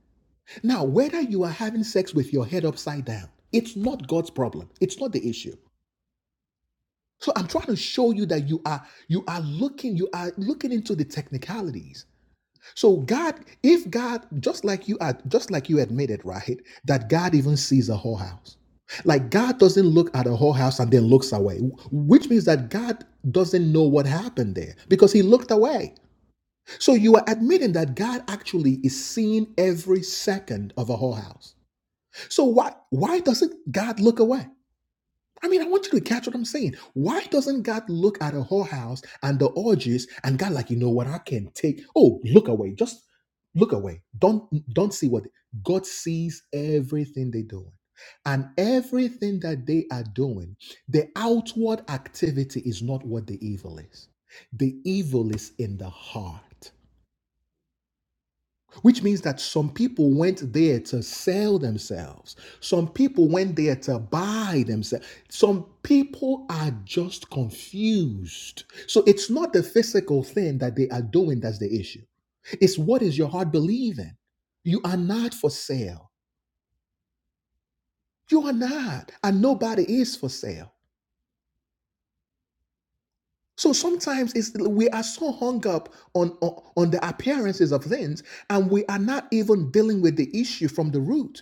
S1: Now, whether you are having sex with your head upside down, it's not God's problem. It's not the issue. So I'm trying to show you that you are you are looking you are looking into the technicalities. So God, if God, just like you are, just like you admitted, right, that God even sees a whorehouse. Like God doesn't look at a whorehouse and then looks away, which means that God doesn't know what happened there because He looked away. So you are admitting that God actually is seeing every second of a whorehouse. So why why doesn't God look away? I mean, I want you to catch what I'm saying. Why doesn't God look at a whorehouse and the orgies and God like, you know what, I can take. Oh, look away. Just look away. Don't don't see what God sees everything they're doing. And everything that they are doing, the outward activity is not what the evil is. The evil is in the heart. Which means that some people went there to sell themselves. Some people went there to buy themselves. Some people are just confused. So it's not the physical thing that they are doing that's the issue. It's what is your heart believing? You are not for sale. You are not, and nobody is for sale. So sometimes it's, we are so hung up on, on on the appearances of things, and we are not even dealing with the issue from the root.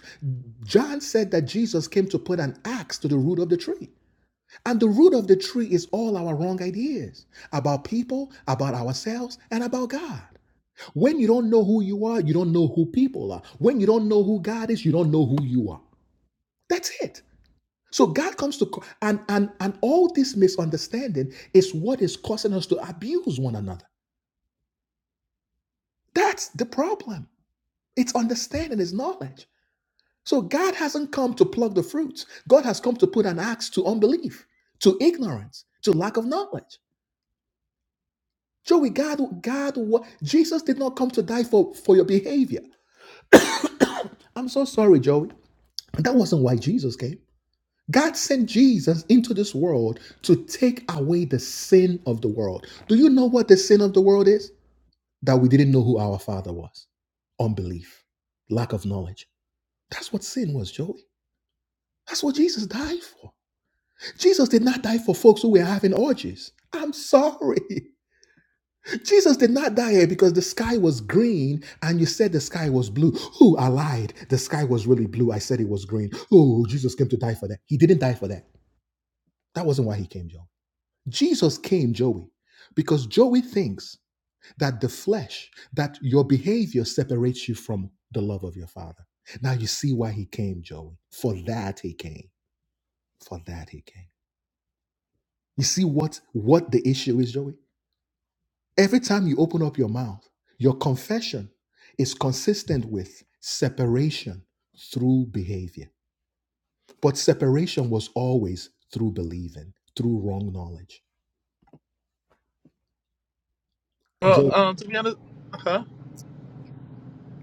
S1: John said that Jesus came to put an axe to the root of the tree, and the root of the tree is all our wrong ideas about people, about ourselves, and about God. When you don't know who you are, you don't know who people are. When you don't know who God is, you don't know who you are. That's it. So God comes to and and and all this misunderstanding is what is causing us to abuse one another. That's the problem. It's understanding, it's knowledge. So God hasn't come to pluck the fruits. God has come to put an axe to unbelief, to ignorance, to lack of knowledge. Joey, God, God, Jesus did not come to die for for your behavior. I'm so sorry, Joey. That wasn't why Jesus came. God sent Jesus into this world to take away the sin of the world. Do you know what the sin of the world is? That we didn't know who our Father was. Unbelief, lack of knowledge. That's what sin was, Joey. That's what Jesus died for. Jesus did not die for folks who were having orgies. I'm sorry. Jesus did not die here because the sky was green and you said the sky was blue. Ooh, I lied. The sky was really blue. I said it was green. Oh, Jesus came to die for that. He didn't die for that. That wasn't why he came, Joey. Jesus came, Joey, because Joey thinks that the flesh, that your behavior separates you from the love of your father. Now you see why he came, Joey. For that he came. For that he came. You see what what the issue is, Joey? Every time you open up your mouth, your confession is consistent with separation through behavior. But separation was always through believing, through wrong knowledge.
S8: well
S1: Job
S8: um to be honest huh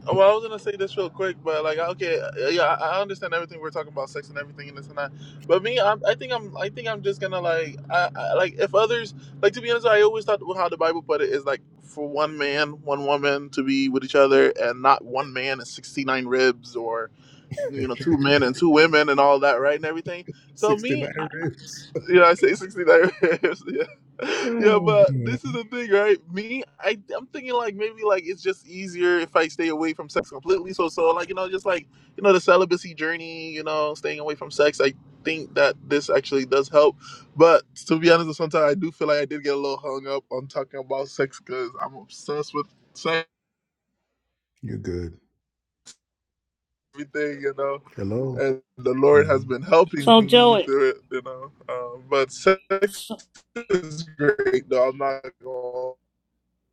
S8: Well, I was gonna say this real quick, but like, okay, uh, yeah, I I understand everything we're talking about, sex and everything, and this and that. But me, I'm, I think I'm, I think I'm just gonna like, I, I, like if others, like to be honest, I always thought how the Bible put it is like for one man, one woman to be with each other, and not one man and sixty nine ribs or, you know, two men and two women and all that, right, and everything. So me,
S1: 69 ribs.
S8: you know, I say 69 ribs. Yeah. Yeah, but this is the thing, right? Me, I, I'm thinking like maybe like it's just easier if I stay away from sex completely. So, so like, you know, just like, you know, the celibacy journey, you know, staying away from sex, I think that this actually does help. But to be honest, sometimes I do feel like I did get a little hung up on talking about sex because I'm obsessed with sex
S1: You're good.
S8: everything, you know.
S1: Hello.
S8: And the Lord has
S1: hmm
S8: been helping
S3: So
S8: me
S3: Joey,
S8: through it, you know. Um, but sex
S3: so,
S8: is great, though. I'm not gonna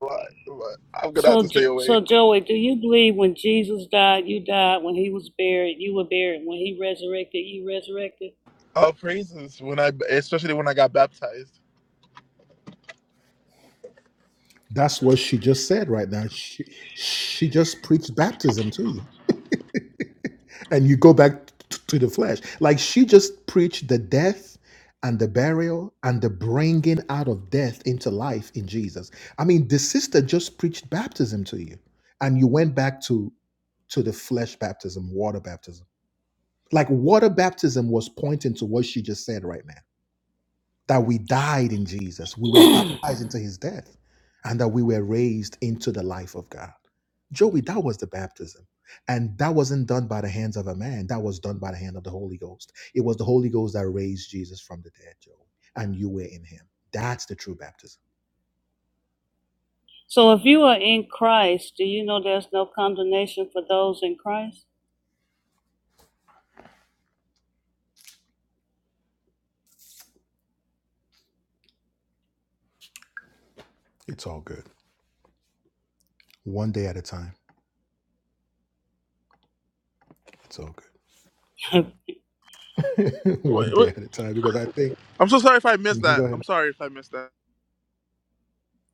S8: lie, but I'm gonna have
S3: so
S8: to stay away.
S3: so Joey, do you believe when Jesus died, you died? When he was buried, you were buried. When he resurrected, you resurrected.
S8: All praises when I, especially when I got baptized.
S1: That's what she just said right now. She she just preached baptism to you, and you go back t- to the flesh. Like she just preached the death and the burial and the bringing out of death into life in Jesus. I mean, the sister just preached baptism to you, and you went back to to the flesh baptism, water baptism. Like water baptism was pointing to what she just said right now. that we died in Jesus, we were baptized into his death, and that we were raised into the life of God. Joey, that was the baptism. And that wasn't done by the hands of a man, that was done by the hand of the Holy Ghost. It was the Holy Ghost that raised Jesus from the dead, Joey, and you were in him. That's the true baptism.
S3: So if you are in Christ, do you know there's no condemnation for those in Christ?
S1: It's all good. One day at a time. It's all good. One
S8: Wait,
S1: day
S8: wait.
S1: at a time, because I think,
S8: I'm so sorry if I missed
S1: Mhm, go
S8: that.
S1: ahead.
S8: I'm sorry if I missed that.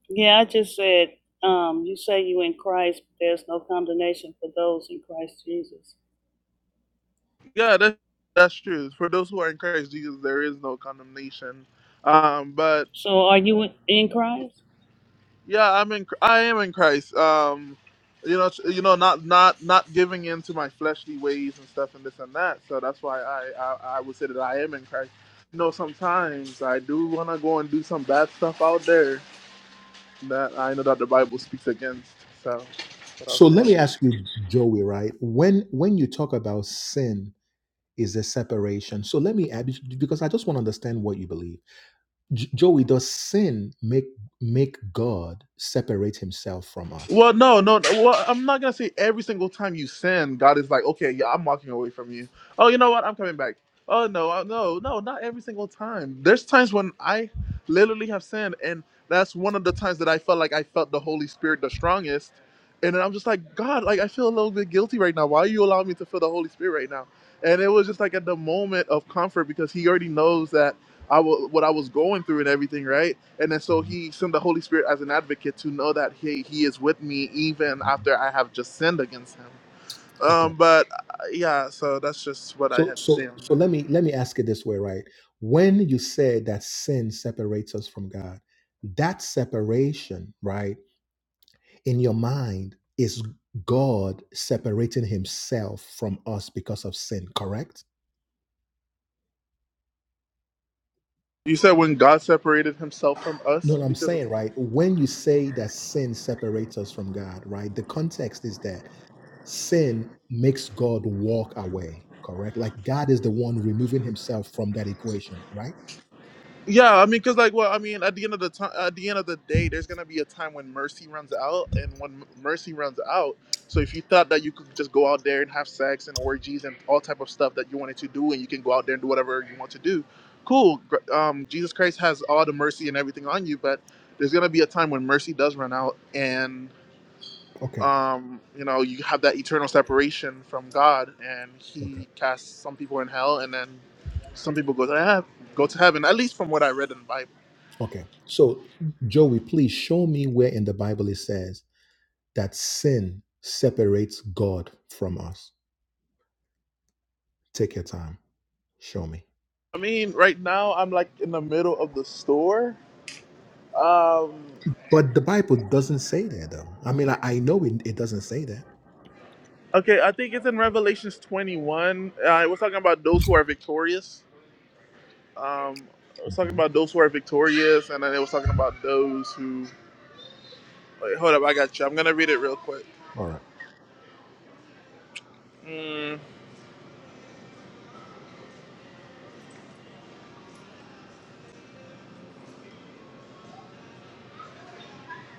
S3: yeah, I just said um, you say you in Christ, but there's no condemnation for those in Christ Jesus.
S8: Yeah, that's that's true. For those who are in Christ Jesus, there is no condemnation. Um, but
S3: So are you in Christ?
S8: Yeah, I'm in. I am in Christ. Um, you know, you know, not not not giving in to my fleshly ways and stuff and this and that. So that's why I I, I would say that I am in Christ. You know, sometimes I do want to go and do some bad stuff out there that I know that the Bible speaks against. So, that's what I was
S1: So
S8: saying.
S1: let me ask you, Joey, right? When when you talk about sin is a separation. So let me add because I just want to understand what you believe. J- Joey, does sin make make God separate himself from us?
S8: Well, no, no. no. Well, I'm not gonna say every single time you sin, God is like, okay, yeah, I'm walking away from you. Oh, you know what? I'm coming back. Oh no, uh, no, no, not every single time. There's times when I literally have sinned, and that's one of the times that I felt like I felt the Holy Spirit the strongest. And then I'm just like, God, like I feel a little bit guilty right now. Why are you allowing me to feel the Holy Spirit right now? And it was just like at the moment of comfort because He already knows that. I w- what I was going through and everything, right? And then so he sent the Holy Spirit as an advocate to know that he he is with me even after I have just sinned against him.
S1: Okay.
S8: Um, but uh, yeah, so that's just what I
S1: So
S8: had to say
S1: so
S8: on
S1: so
S8: that.
S1: let me let me ask it this way, right? When you said that sin separates us from God, that separation, right, in your mind is God separating himself from us because of sin, correct?
S8: You said when God separated Himself from
S1: No,
S8: us
S1: no, I'm
S8: because of
S1: saying, right, when you say that sin separates us from God, right, the context is that sin makes God walk away, correct? Like God is the one removing himself from that equation, right?
S8: Yeah, I mean, because like, well, I mean, at the end of the time, at the end of the day, there's gonna be a time when mercy runs out, and when m- mercy runs out, so if you thought that you could just go out there and have sex and orgies and all type of stuff that you wanted to do, and you can go out there and do whatever you want to do, cool. gr- Um, Jesus Christ has all the mercy and everything on you, but there's gonna be a time when mercy does run out, and
S1: Okay.
S8: um, you know, you have that eternal separation from God, and
S1: Okay.
S8: He casts some people in hell, and then some people go to heaven, go to heaven. At least from what I read in the Bible.
S1: Okay. So, Joey, please show me where in the Bible it says that sin separates God from us. Take your time. Show me.
S8: I mean, right now I'm like in the middle of the store. Um,
S1: But the Bible doesn't say that, though. I mean, I, I know it, it doesn't say that.
S8: okay, I think it's in Revelations 21. Uh, it was talking about those who are victorious. Um, it was talking
S1: Mhm.
S8: about those who are victorious, and then it was talking about those who. Wait, hold up, I got you. I'm gonna read it real quick.
S1: All right.
S8: Mm,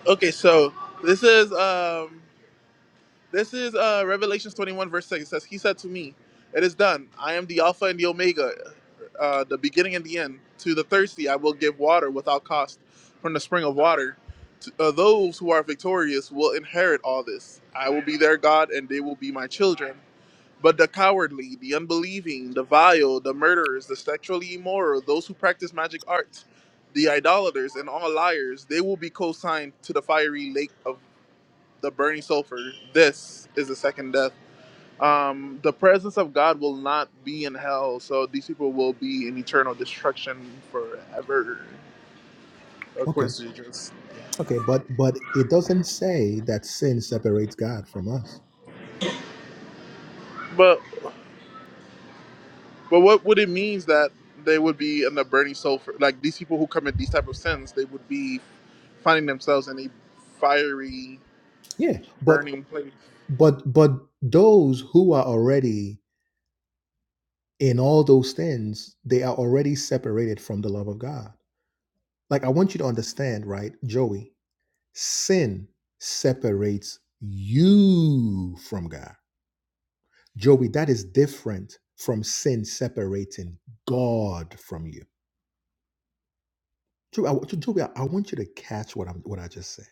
S8: okay, so this is. Um, This is uh, Revelations 21, verse 6. It says, He said to me, It is done. I am the Alpha and the Omega, uh, the beginning and the end. To the thirsty, I will give water without cost from the spring of water. To, uh, those who are victorious will inherit all this. I will be their God, and they will be my children. But the cowardly, the unbelieving, the vile, the murderers, the sexually immoral, those who practice magic arts, the idolaters, and all liars, they will be co signed to the fiery lake of the burning sulfur. This is the second death. Um, the presence of God will not be in hell, so these people will be in eternal destruction forever, according
S1: Okay.
S8: to Jesus.
S1: Okay. But but it doesn't say that sin separates God from us.
S8: But but what would it mean that they would be in the burning sulfur? Like these people who commit these type of sins, they would be finding themselves in a fiery,
S1: Yeah. but.
S8: burning place.
S1: But but those who are already in all those things, they are already separated from the love of God. Like I want you to understand, right, Joey? Sin separates you from God. Joey, that is different from sin separating God from you. Joey, I, want- Joey, I want you to catch what I'm what I just said.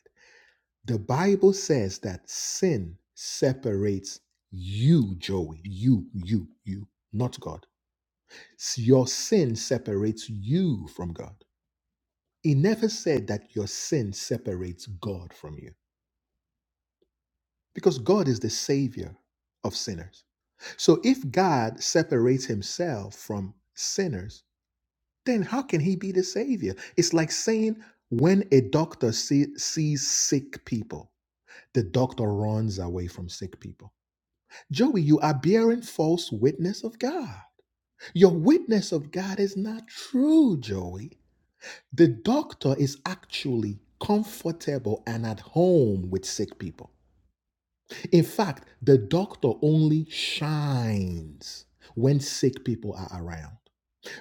S1: The Bible says that sin separates you, Joey. You, you, you, not God Your sin separates you from God. He never said that your sin separates God from you because God is the savior of sinners. So if God separates himself from sinners, then how can he be the savior? It's like saying when a doctor see- sees sick people, the doctor runs away from sick people. Joey, you are bearing false witness of God. Your witness of God is not true, Joey. The doctor is actually comfortable and at home with sick people. In fact, the doctor only shines when sick people are around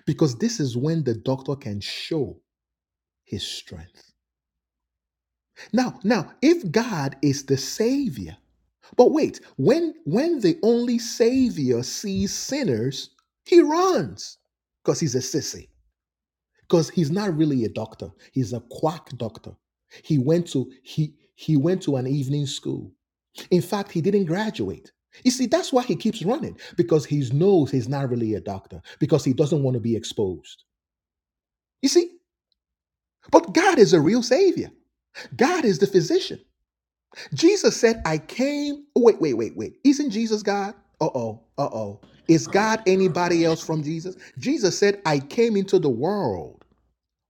S1: because this is when the doctor can show his strength. Now, now if God is the savior, but wait, when when the only savior sees sinners, he runs because he's a sissy. because he's not really a doctor he's a quack doctor he went to he he went to an evening school in fact he didn't graduate you see that's why he keeps running because he knows he's not really a doctor because he doesn't want to be exposed you see but god is a real savior god is the physician jesus said i came oh, wait wait wait wait isn't jesus god uh-oh uh-oh is god anybody else from jesus jesus said i came into the world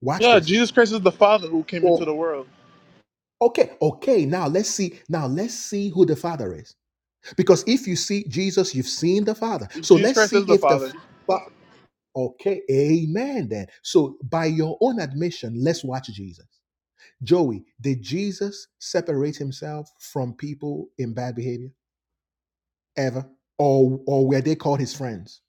S1: watch
S8: Yeah,
S1: this
S8: Jesus Christ is the Father who came
S1: For
S8: into the world.
S1: Okay, okay, now let's see. Now let's see who the Father is. Because if you see Jesus, you've seen the Father. So
S8: Jesus
S1: let's
S8: Christ
S1: see
S8: is the
S1: if the
S8: Father.
S1: Father. Okay, amen then. So by your own admission, let's watch Jesus. Joey, did Jesus separate himself from people in bad behavior ever? Or or were they called his friends?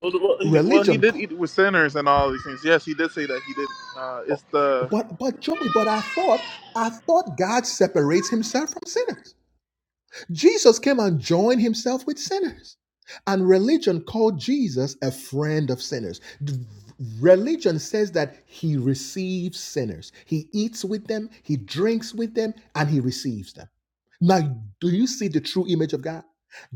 S8: Well, well, he, well, he
S1: Religion
S8: did
S1: called
S8: eat with sinners and all these things. Yes, he did say that he did. Uh, it's the
S1: but but Joey, but I thought I thought God separates himself from sinners. Jesus came and joined himself with sinners. And religion called Jesus a friend of sinners. Religion says that he receives sinners. He eats with them, he drinks with them, and he receives them. Now, do you see the true image of God?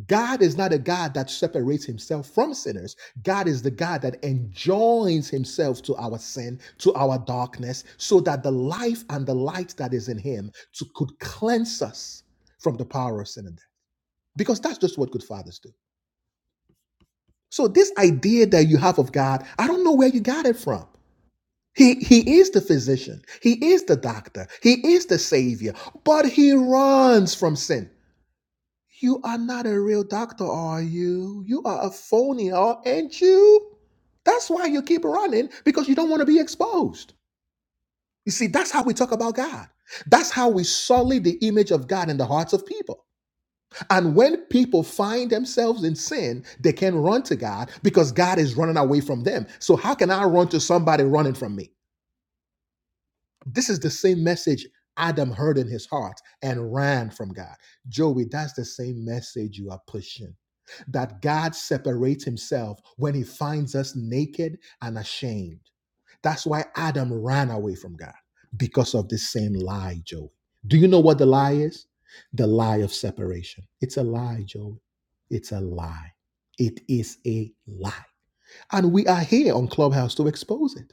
S1: God is not a God that separates himself from sinners. God is the God that enjoins himself to our sin, to our darkness, so that the life and the light that is in him to, could cleanse us from the power of sin and death because that's just what good fathers do. So this idea that you have of God, I don't know where you got it from. He he is the physician. He is the doctor. He is the savior, but he runs from sin. You are not a real doctor, are you? You are a phony, aren't you? That's why you keep running because you don't want to be exposed. You see, that's how we talk about God. That's how we sully the image of God in the hearts of people. And when people find themselves in sin, they can run to God because God is running away from them. So how can I run to somebody running from me? This is the same message Adam heard in his heart and ran from God. Joey, that's the same message you are pushing. That God separates himself when he finds us naked and ashamed. That's why Adam ran away from God because of this same lie, Joey. Do you know what the lie is? The lie of separation. It's a lie, Joey. It's a lie. It is a lie. And we are here on Clubhouse to expose it.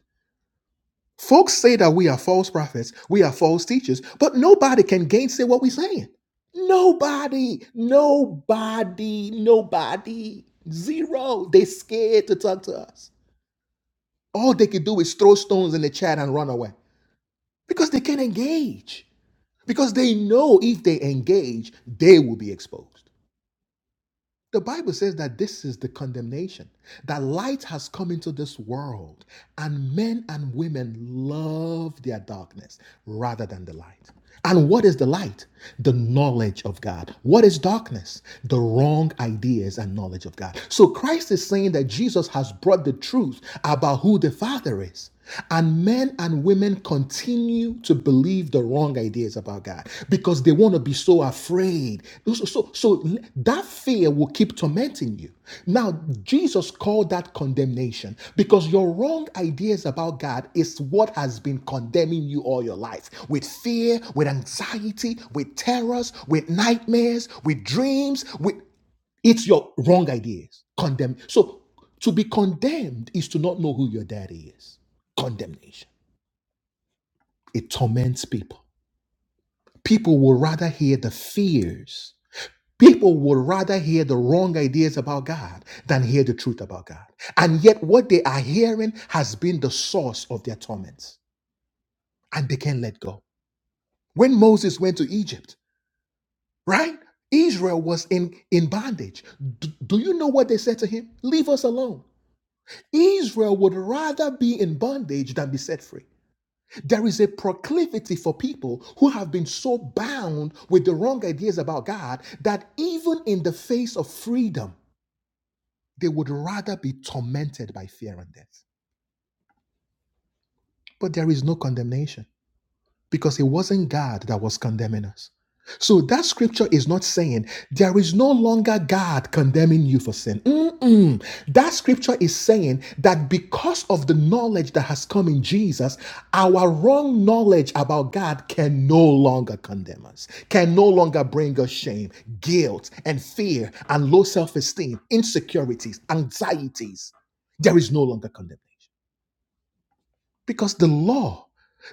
S1: Folks say that we are false prophets, we are false teachers, but nobody can gainsay what we're saying. Nobody, nobody, nobody, zero. They scared to talk to us. All they could do is throw stones in the chat and run away because they can't engage. Because they know if they engage, they will be exposed. The Bible says that this is the condemnation that light has come into this world, and men and women love their darkness rather than the light. And what is the light? The knowledge of God. What is darkness? The wrong ideas and knowledge of God. So Christ is saying that Jesus has brought the truth about who the Father is. And men and women continue to believe the wrong ideas about God because they want to be so afraid. So, so, so that fear will keep tormenting you. Now, Jesus called that condemnation because your wrong ideas about God is what has been condemning you all your life with fear, with anxiety, with terrors, with nightmares, with dreams. with. It's your wrong ideas. Condemn. So to be condemned is to not know who your daddy is. Condemnation. It torments people. People will rather hear the fears. People would rather hear the wrong ideas about God than hear the truth about God. And yet, what they are hearing has been the source of their torments, and they can't let go. When Moses went to Egypt, right? Israel was in, in bondage. D- do you know what they said to him? Leave us alone. Israel would rather be in bondage than be set free. There is a proclivity for people who have been so bound with the wrong ideas about God that even in the face of freedom, they would rather be tormented by fear and death. But there is no condemnation. because it wasn't God that was condemning us. So that scripture is not saying there is no longer God condemning you for sin. Mm-mm. That scripture is saying that because of the knowledge that has come in Jesus, our wrong knowledge about God can no longer condemn us, can no longer bring us shame, guilt, and fear, and low self esteem, insecurities, anxieties. There is no longer condemnation. Because the law,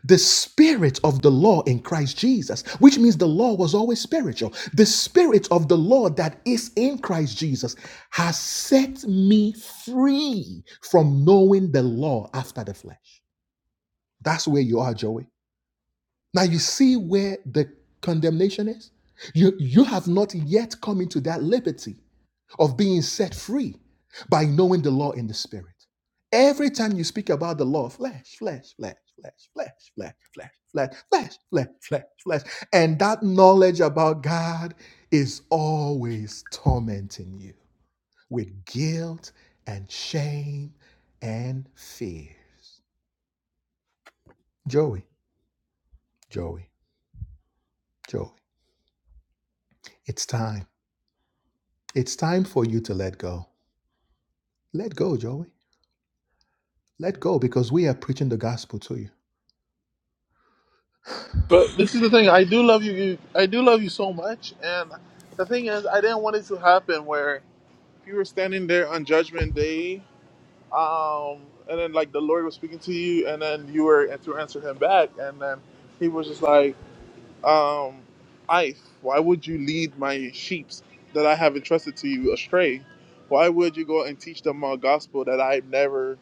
S1: the spirit of the law in Christ Jesus, which means the law was always spiritual, the spirit of the law that is in Christ Jesus has set me free from knowing the law after the flesh. That's where you are, Joey. Now you see where the condemnation is? You, you have not yet come into that liberty of being set free by knowing the law in the spirit. Every time you speak about the law, flesh, flesh, flesh, flesh, flesh, flesh, flesh, flesh, flesh, flesh, flesh, flesh. And that knowledge about God is always tormenting you with guilt and shame and fears. Joey, Joey, Joey, it's time. It's time for you to let go. Let go, Joey. Let go because we are preaching the gospel to you.
S8: but this is the thing. I do love you. you- I do love you so much. And the thing is, I didn't want it to happen where you were standing there on Judgment Day, um, and then like the Lord was speaking to you, and then you were to answer him back, and then he was just like, um, "Ife, why would you lead my sheep that I have entrusted to you astray? Why would you go and teach them a gospel that I've never?"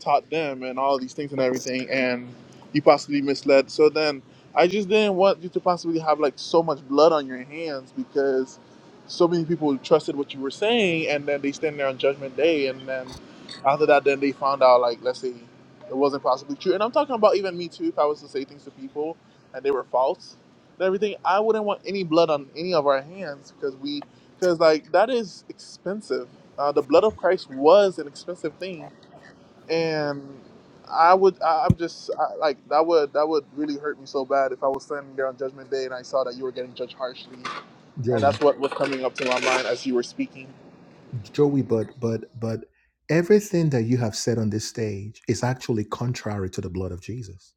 S8: taught them and all these things and everything, and you possibly misled. So then I just didn't want you to possibly have like so much blood on your hands because so many people trusted what you were saying, and then they stand there on Judgment Day, and then after that, then they found out like let's say it wasn't possibly true. And I'm talking about even me too. If I was to say things to people and they were false and everything, I wouldn't want any blood on any of our hands because we because like that is expensive. Uh, the blood of Christ was an expensive thing and I would, I, I'm just I, like that would that would really hurt me so bad if I was standing there on Judgment Day and I saw that you were getting judged harshly, and
S1: Joey.
S8: that's what was coming up to my mind as you were speaking.
S1: Joey, but but but everything that you have said on this stage is actually contrary to the blood of Jesus.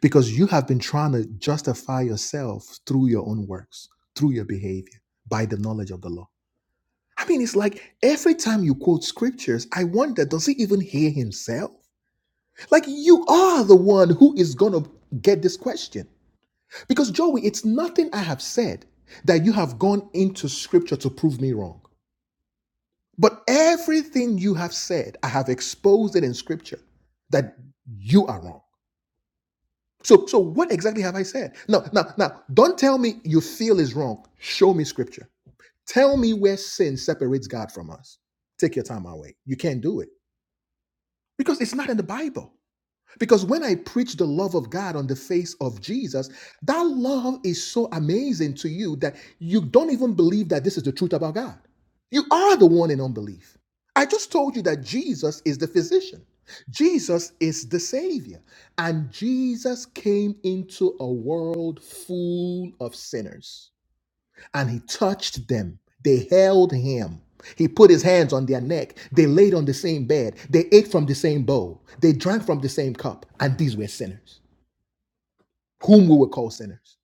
S1: Because you have been trying to justify yourself through your own works, through your behavior, by the knowledge of the law. I mean, it's like every time you quote scriptures, I wonder, does he even hear himself? Like you are the one who is gonna get this question. Because Joey, it's nothing I have said that you have gone into scripture to prove me wrong. But everything you have said, I have exposed it in scripture that you are wrong. So, so what exactly have I said? Now, now, now, don't tell me you feel is wrong. Show me scripture. Tell me where sin separates God from us. Take your time away. You can't do it because it's not in the Bible. Because when I preach the love of God on the face of Jesus, that love is so amazing to you that you don't even believe that this is the truth about God. You are the one in unbelief. I just told you that Jesus is the physician, Jesus is the Savior, and Jesus came into a world full of sinners and he touched them. They held him. He put his hands on their neck. They laid on the same bed. They ate from the same bowl. They drank from the same cup. And these were sinners, whom we would call sinners.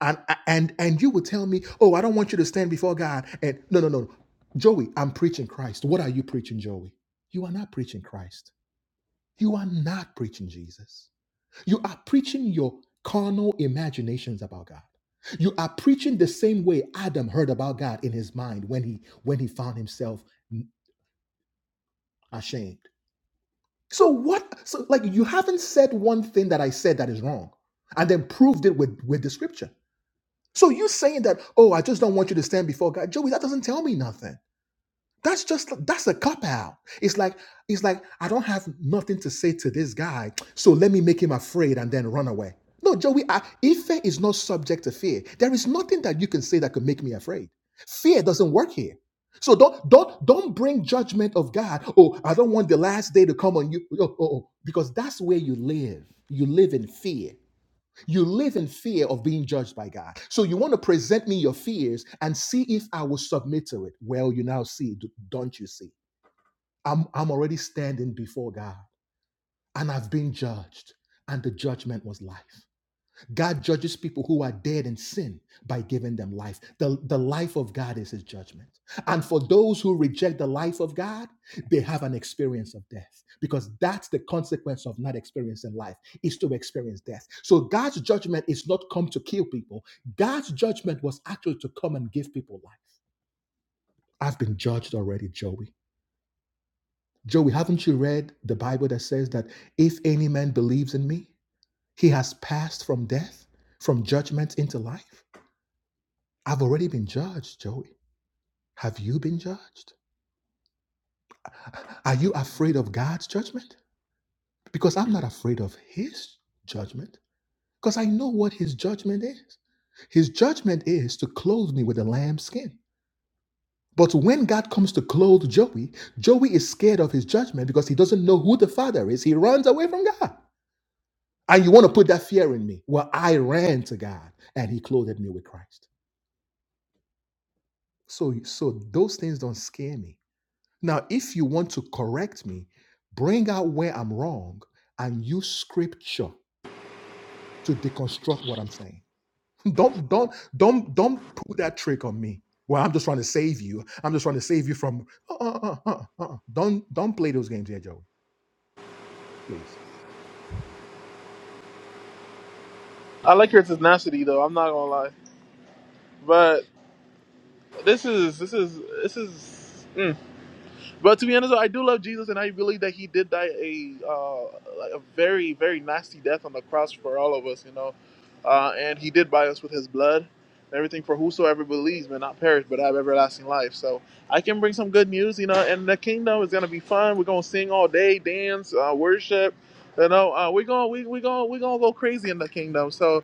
S1: And and and you would tell me, oh, I don't want you to stand before God. And no, no, no, no. Joey, I'm preaching Christ. What are you preaching, Joey? You are not preaching Christ. You are not preaching Jesus. You are preaching your carnal imaginations about God. You are preaching the same way Adam heard about God in his mind when he when he found himself ashamed. So what so like you haven't said one thing that I said that is wrong and then proved it with with the scripture. So you saying that, "Oh, I just don't want you to stand before God." Joey, that doesn't tell me nothing. That's just that's a cop out. It's like it's like I don't have nothing to say to this guy, so let me make him afraid and then run away. No, Joey, I, Ife is not subject to fear. There is nothing that you can say that could make me afraid. Fear doesn't work here. So don't don't don't bring judgment of God. Oh, I don't want the last day to come on you. Oh, oh, oh. Because that's where you live. You live in fear. You live in fear of being judged by God. So you want to present me your fears and see if I will submit to it. Well, you now see, don't you see? I'm, I'm already standing before God and I've been judged, and the judgment was life. God judges people who are dead in sin by giving them life. The, the life of God is his judgment. And for those who reject the life of God, they have an experience of death because that's the consequence of not experiencing life is to experience death. So God's judgment is not come to kill people. God's judgment was actually to come and give people life. I've been judged already, Joey. Joey, haven't you read the Bible that says that if any man believes in me, he has passed from death, from judgment into life? I've already been judged, Joey. Have you been judged? Are you afraid of God's judgment? Because I'm not afraid of His judgment, because I know what His judgment is. His judgment is to clothe me with a lamb skin. But when God comes to clothe Joey, Joey is scared of his judgment because he doesn't know who the father is. He runs away from God. And you want to put that fear in me? Well, I ran to God and he clothed me with Christ. So so those things don't scare me Now, if you want to correct me, bring out where I'm wrong and use scripture to deconstruct what I'm saying. Don't don't don't don't pull that trick on me. Well, I'm just trying to save you. I'm just trying to save you from. Uh, uh, uh, uh, uh. Don't don't play those games here, Joey. Please.
S8: I like your tenacity though. I'm not gonna lie, but this is this is this is. mm. But to be honest, I do love Jesus, and I believe that He did die a uh, like a very very nasty death on the cross for all of us, you know. Uh, and He did buy us with His blood, and everything for whosoever believes may not perish but have everlasting life. So I can bring some good news, you know. And the kingdom is gonna be fun. We're gonna sing all day, dance, uh, worship. You know, uh, we're gonna we we gonna we're gonna go crazy in the kingdom. So.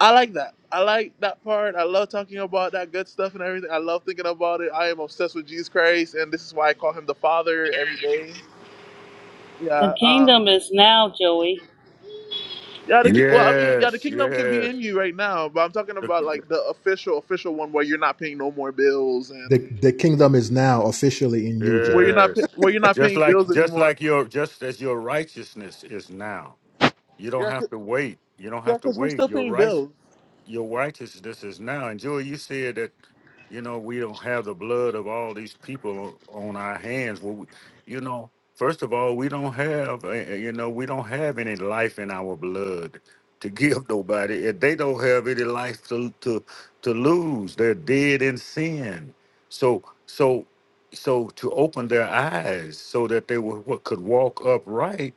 S8: I like that. I like that part. I love talking about that good stuff and everything. I love thinking about it. I am obsessed with Jesus Christ, and this is why I call him the Father every day.
S3: The
S8: Yeah. Um,
S3: kingdom is now, Joey.
S8: yeah. The, ki- well, I mean, yeah, the
S4: Yes,
S8: kingdom can be
S4: yes.
S8: in you right now, but I'm talking about like the official, official one where you're not paying no more bills and
S1: The the kingdom is now officially in you,
S8: where you're
S1: Joey.
S8: not pa-
S4: Yes.
S8: where you're not
S4: Just
S8: paying
S4: like
S8: bills
S4: just
S8: anymore.
S4: like your just as your righteousness is now. You don't
S8: Yeah,
S4: have
S8: because
S4: to wait. You don't
S8: yeah,
S4: have to
S8: 'cause we're
S4: wait.
S8: still paying
S4: Your
S8: bills.
S4: your righteousness is now. And Joy, you said that, you know, we don't have the blood of all these people o- on our hands. Well, we, you know, first of all, we don't have, uh, uh, you know, we don't have any life in our blood to give nobody. If they don't have any life to to to lose, they're dead in sin. So so so to open their eyes so that they would, could walk upright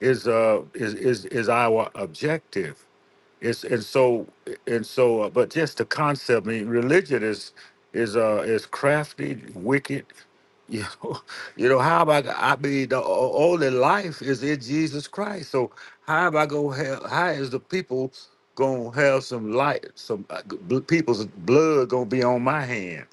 S4: is uh is is is our objective it's and so and so uh, but just the concept I mean, religion is is uh is crafty wicked you know, you know how am I? go- I mean, the o- only life is in Jesus Christ. So how am I gonna have? How is the people gonna have some light? Some uh, g- bl- people's blood gonna be on my hand?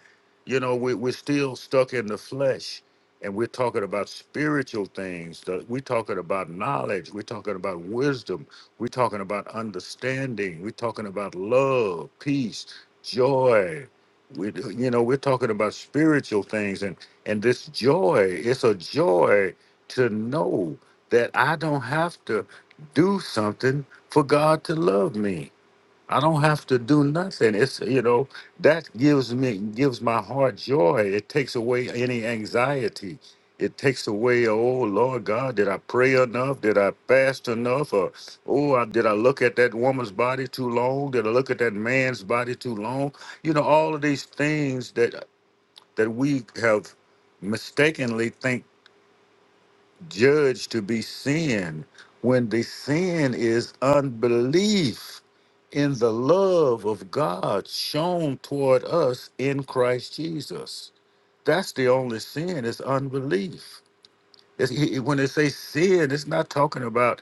S4: You know, we, we're still stuck in the flesh, and we're talking about spiritual things. the- We're talking about knowledge. We're talking about wisdom. We're talking about understanding. We're talking about love, peace, joy. We, you know, we're talking about spiritual things, and and this joy, it's a joy to know that I don't have to do something for God to love me. I don't have to do nothing. It's you know, that gives me gives my heart joy. It takes away any anxiety. It takes away, oh Lord God, did I pray enough? Did I fast enough? Or oh, I, did I look at that woman's body too long? Did I look at that man's body too long? You know, all of these things that that we have mistakenly think judged to be sin when the sin is unbelief in the love of God shown toward us in Christ Jesus. That's the only sin is unbelief. It's, he, he- when they say sin, it's not talking about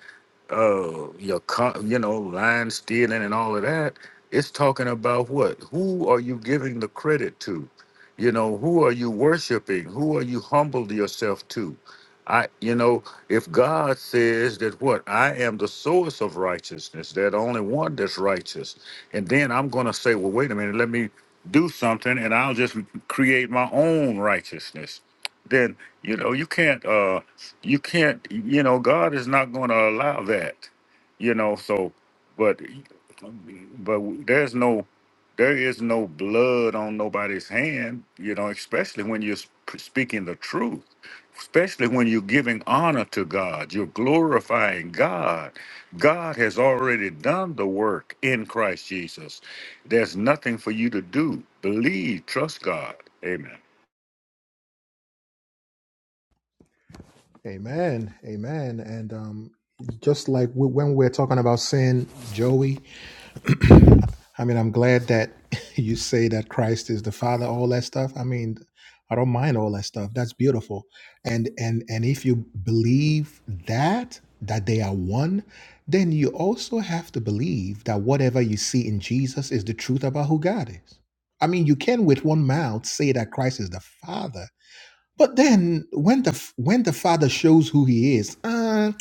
S4: uh your con- you know lying, stealing, and all of that. It's talking about what? Who are you giving the credit to? You know, who are you worshiping? Who are you humbled yourself to? I, you know, if God says that what I am the source of righteousness, that only one that's righteous, and then I'm going to say, well, wait a minute, let me do something, and I'll just create my own righteousness you know, you can't uh you can't you know, God is not going to allow that. You know, so but but there's no there is no blood on nobody's hand, you know, especially when you're sp- speaking the truth, especially when you're giving honor to God, you're glorifying God. God has already done the work in Christ Jesus. There's nothing for you to do. Believe, trust God. Amen.
S1: Amen. Amen. And um, just like we, when we're talking about sin, Joey. I mean, I'm glad that you say that Christ is the Father, all that stuff. I mean, I don't mind all that stuff. That's beautiful. And and and if you believe that that they are one, then you also have to believe that whatever you see in Jesus is the truth about who God is. I mean, you can with one mouth say that Christ is the Father, but then when the when the Father shows who He is, uh,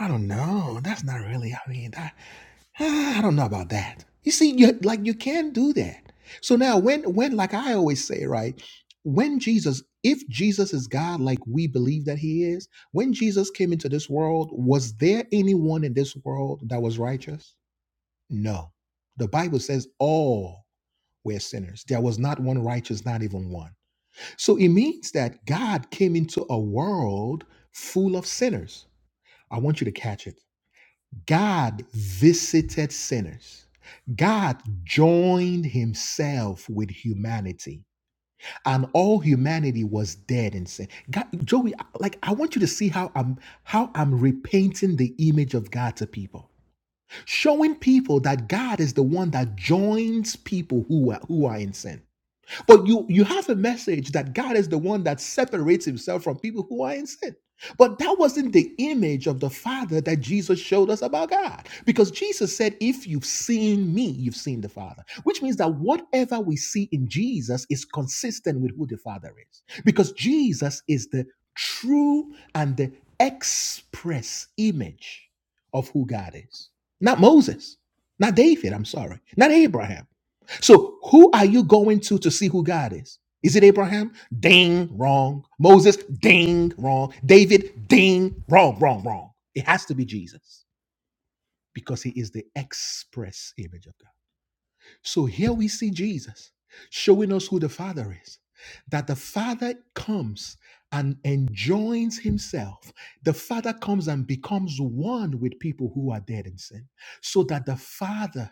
S1: I don't know. That's not really. I mean, that. ah, I don't know about that. You see, you like you can do that. So now when when like I always say, right? When Jesus, if Jesus is God like we believe that he is, when Jesus came into this world, was there anyone in this world that was righteous? No. The Bible says all were sinners. There was not one righteous, not even one. So it means that God came into a world full of sinners. I want you to catch it. God visited sinners. God joined himself with humanity, and all humanity was dead in sin. God, Joey, like I want you to see how I'm how I'm repainting the image of God to people, showing people that God is the one that joins people who are who are in sin. But you you have a message that God is the one that separates himself from people who are in sin. But that wasn't the image of the Father that Jesus showed us about God. Because Jesus said, If you've seen me, you've seen the Father. Which means that whatever we see in Jesus is consistent with who the Father is. Because Jesus is the true and the express image of who God is. Not Moses, not David, I'm sorry, not Abraham. So, who are you going to to see who God is? Is it Abraham? Ding, wrong. Moses? Ding, wrong. David? Ding, wrong, wrong, wrong. It has to be Jesus because he is the express image of God. So here we see Jesus showing us who the Father is. That the Father comes and enjoins himself. The Father comes and becomes one with people who are dead in sin, so that the Father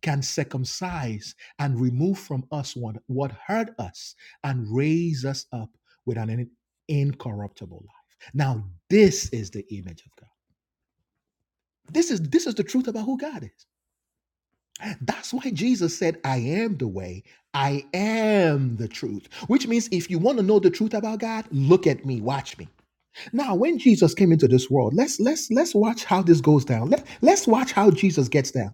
S1: can circumcise and remove from us what, what hurt us and raise us up with an in- incorruptible life. Now, this is the image of God. This is this is the truth about who God is. That's why Jesus said, I am the way, I am the truth. Which means if you want to know the truth about God, look at me, watch me. Now, when Jesus came into this world, let's let's let's watch how this goes down. Let, let's watch how Jesus gets down.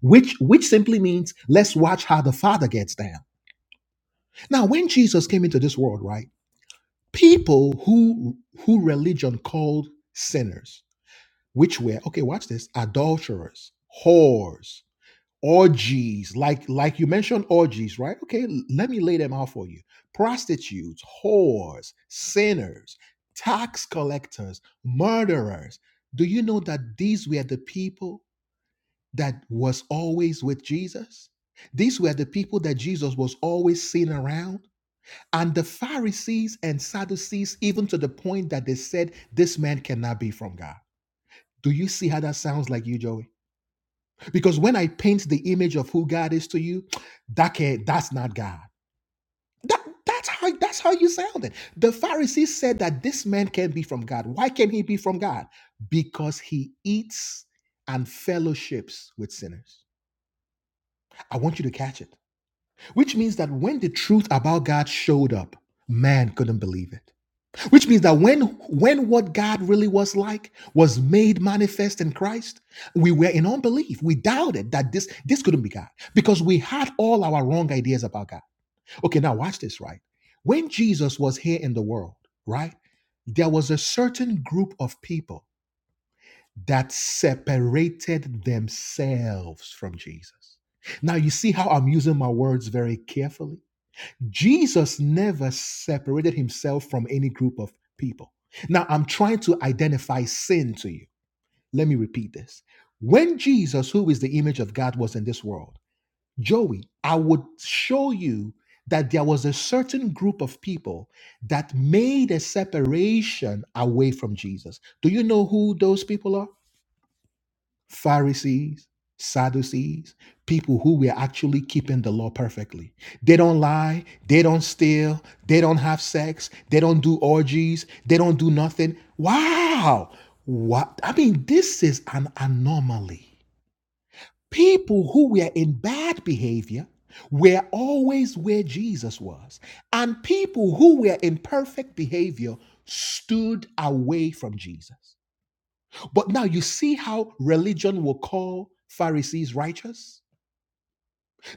S1: Which which simply means let's watch how the Father gets down. Now, when Jesus came into this world, right? People who who religion called sinners, which were, okay, watch this, adulterers, whores, orgies like like you mentioned orgies right okay l- let me lay them out for you prostitutes whores sinners tax collectors murderers do you know that these were the people that was always with jesus these were the people that jesus was always seen around and the pharisees and sadducees even to the point that they said this man cannot be from god do you see how that sounds like you joey because when I paint the image of who God is to you, that can, that's not God. That, that's how that's how you sound it. The Pharisees said that this man can not be from God. Why can not he be from God? Because he eats and fellowships with sinners. I want you to catch it. Which means that when the truth about God showed up, man couldn't believe it. Which means that when when what God really was like was made manifest in Christ, we were in unbelief. We doubted that this this couldn't be God because we had all our wrong ideas about God. Okay, now watch this, right? When Jesus was here in the world, right? There was a certain group of people that separated themselves from Jesus. Now you see how I'm using my words very carefully Jesus never separated himself from any group of people. Now, I'm trying to identify sin to you. Let me repeat this. When Jesus, who is the image of God, was in this world, Joey, I would show you that there was a certain group of people that made a separation away from Jesus. Do you know who those people are? Pharisees, Sadducees, people who were actually keeping the law perfectly. They don't lie, they don't steal, they don't have sex, they don't do orgies, they don't do nothing. Wow. What? I mean, this is an anomaly. People who were in bad behavior were always where Jesus was, and people who were in perfect behavior stood away from Jesus. But now you see how religion will call Pharisees righteous?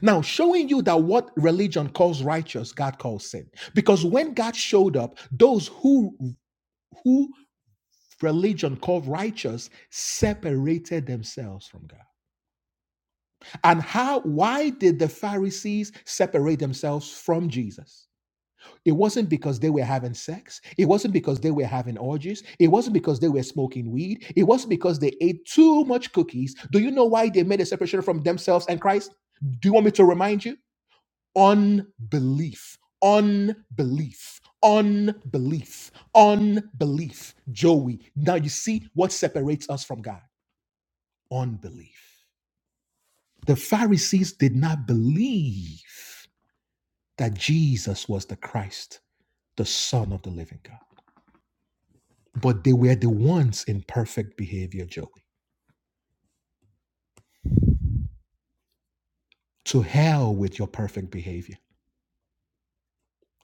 S1: Now, showing you that what religion calls righteous, God calls sin. Because when God showed up, those who who religion called righteous separated themselves from God. And how why did the Pharisees separate themselves from Jesus? It wasn't because they were having sex. It wasn't because they were having orgies. It wasn't because they were smoking weed. It wasn't because they ate too much cookies. Do you know why they made a separation from themselves and Christ? Do you want me to remind you? Unbelief. Unbelief. Unbelief. Unbelief. Joey. Now you see what separates us from God? Unbelief. The Pharisees did not believe that Jesus was the Christ, the Son of the living God. but they were the ones in perfect behavior, Joey. To hell with your perfect behavior.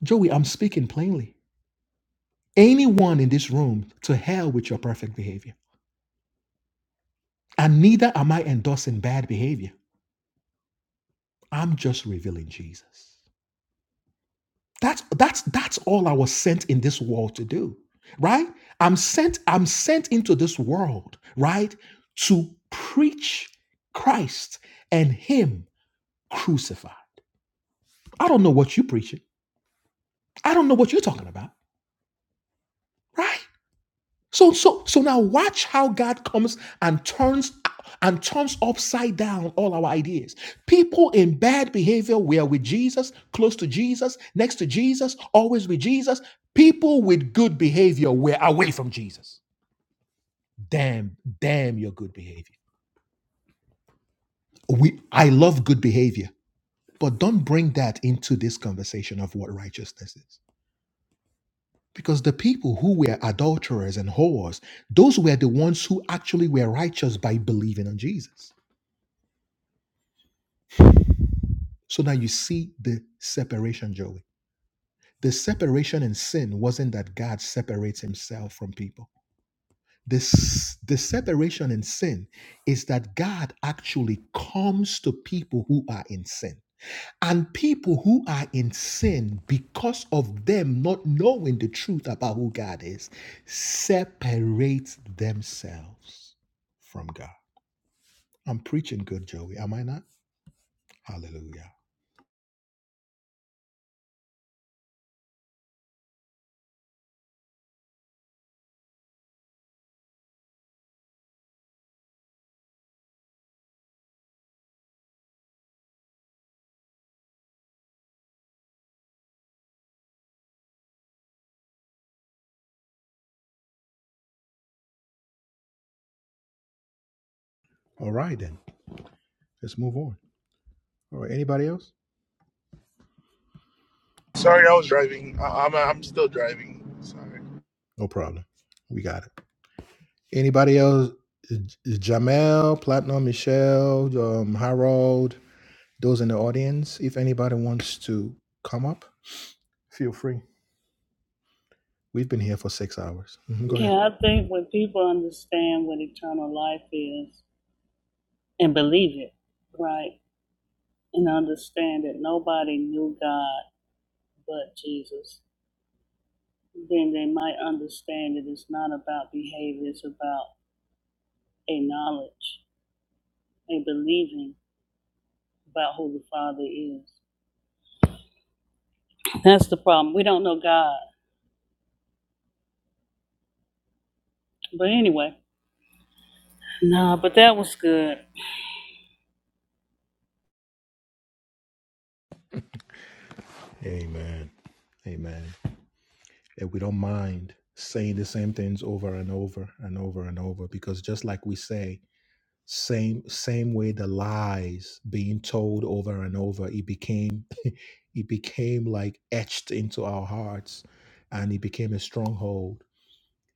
S1: Joey, I'm speaking plainly. Anyone in this room, to hell with your perfect behavior. And neither am I endorsing bad behavior. I'm just revealing Jesus. That's that's that's all I was sent in this world to do, right? I'm sent I'm sent into this world, right, to preach Christ and him crucified. I don't know what you're preaching. I don't know what you're talking about. Right? So so so now watch how God comes and turns and turns upside down all our ideas. People in bad behavior were with Jesus, close to Jesus, next to Jesus, always with Jesus. People with good behavior were away from Jesus. Damn, damn your good behavior. We I love good behavior, but don't bring that into this conversation of what righteousness is. Because the people who were adulterers and whores, those were the ones who actually were righteous by believing on Jesus. So now you see the separation, Joey. The separation in sin wasn't that God separates himself from people. This, the separation in sin is that God actually comes to people who are in sin. And people who are in sin, because of them not knowing the truth about who God is, separate themselves from God. I'm preaching good, Joey. Am I not? Hallelujah. All right, then. Let's move on. All right. Anybody else?
S8: Sorry, I was driving. I, I'm I'm still driving. Sorry.
S1: No problem. We got it. Anybody else? J- Jamel, Platinum, Michelle, um, Harold, those in the audience, if anybody wants to come up, feel free. We've been here for six hours. Mhm, Go ahead.
S3: Yeah, I think when people understand what eternal life is and believe it, right, and understand that nobody knew God but Jesus, then they might understand that it's not about behavior, it's about a knowledge, a believing about who the Father is. That's the problem. We don't know God. But anyway, no, but that was good.
S1: Amen. Amen. And we don't mind saying the same things over and over and over and over because just like we say, same same way the lies being told over and over, it became it became like etched into our hearts and it became a stronghold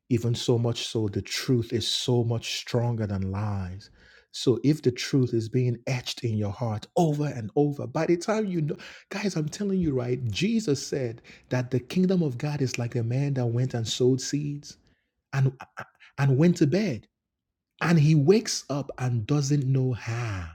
S1: even so much so the truth is so much stronger than lies so if the truth is being etched in your heart over and over by the time you know guys i'm telling you right jesus said that the kingdom of god is like a man that went and sowed seeds and and went to bed and he wakes up and doesn't know how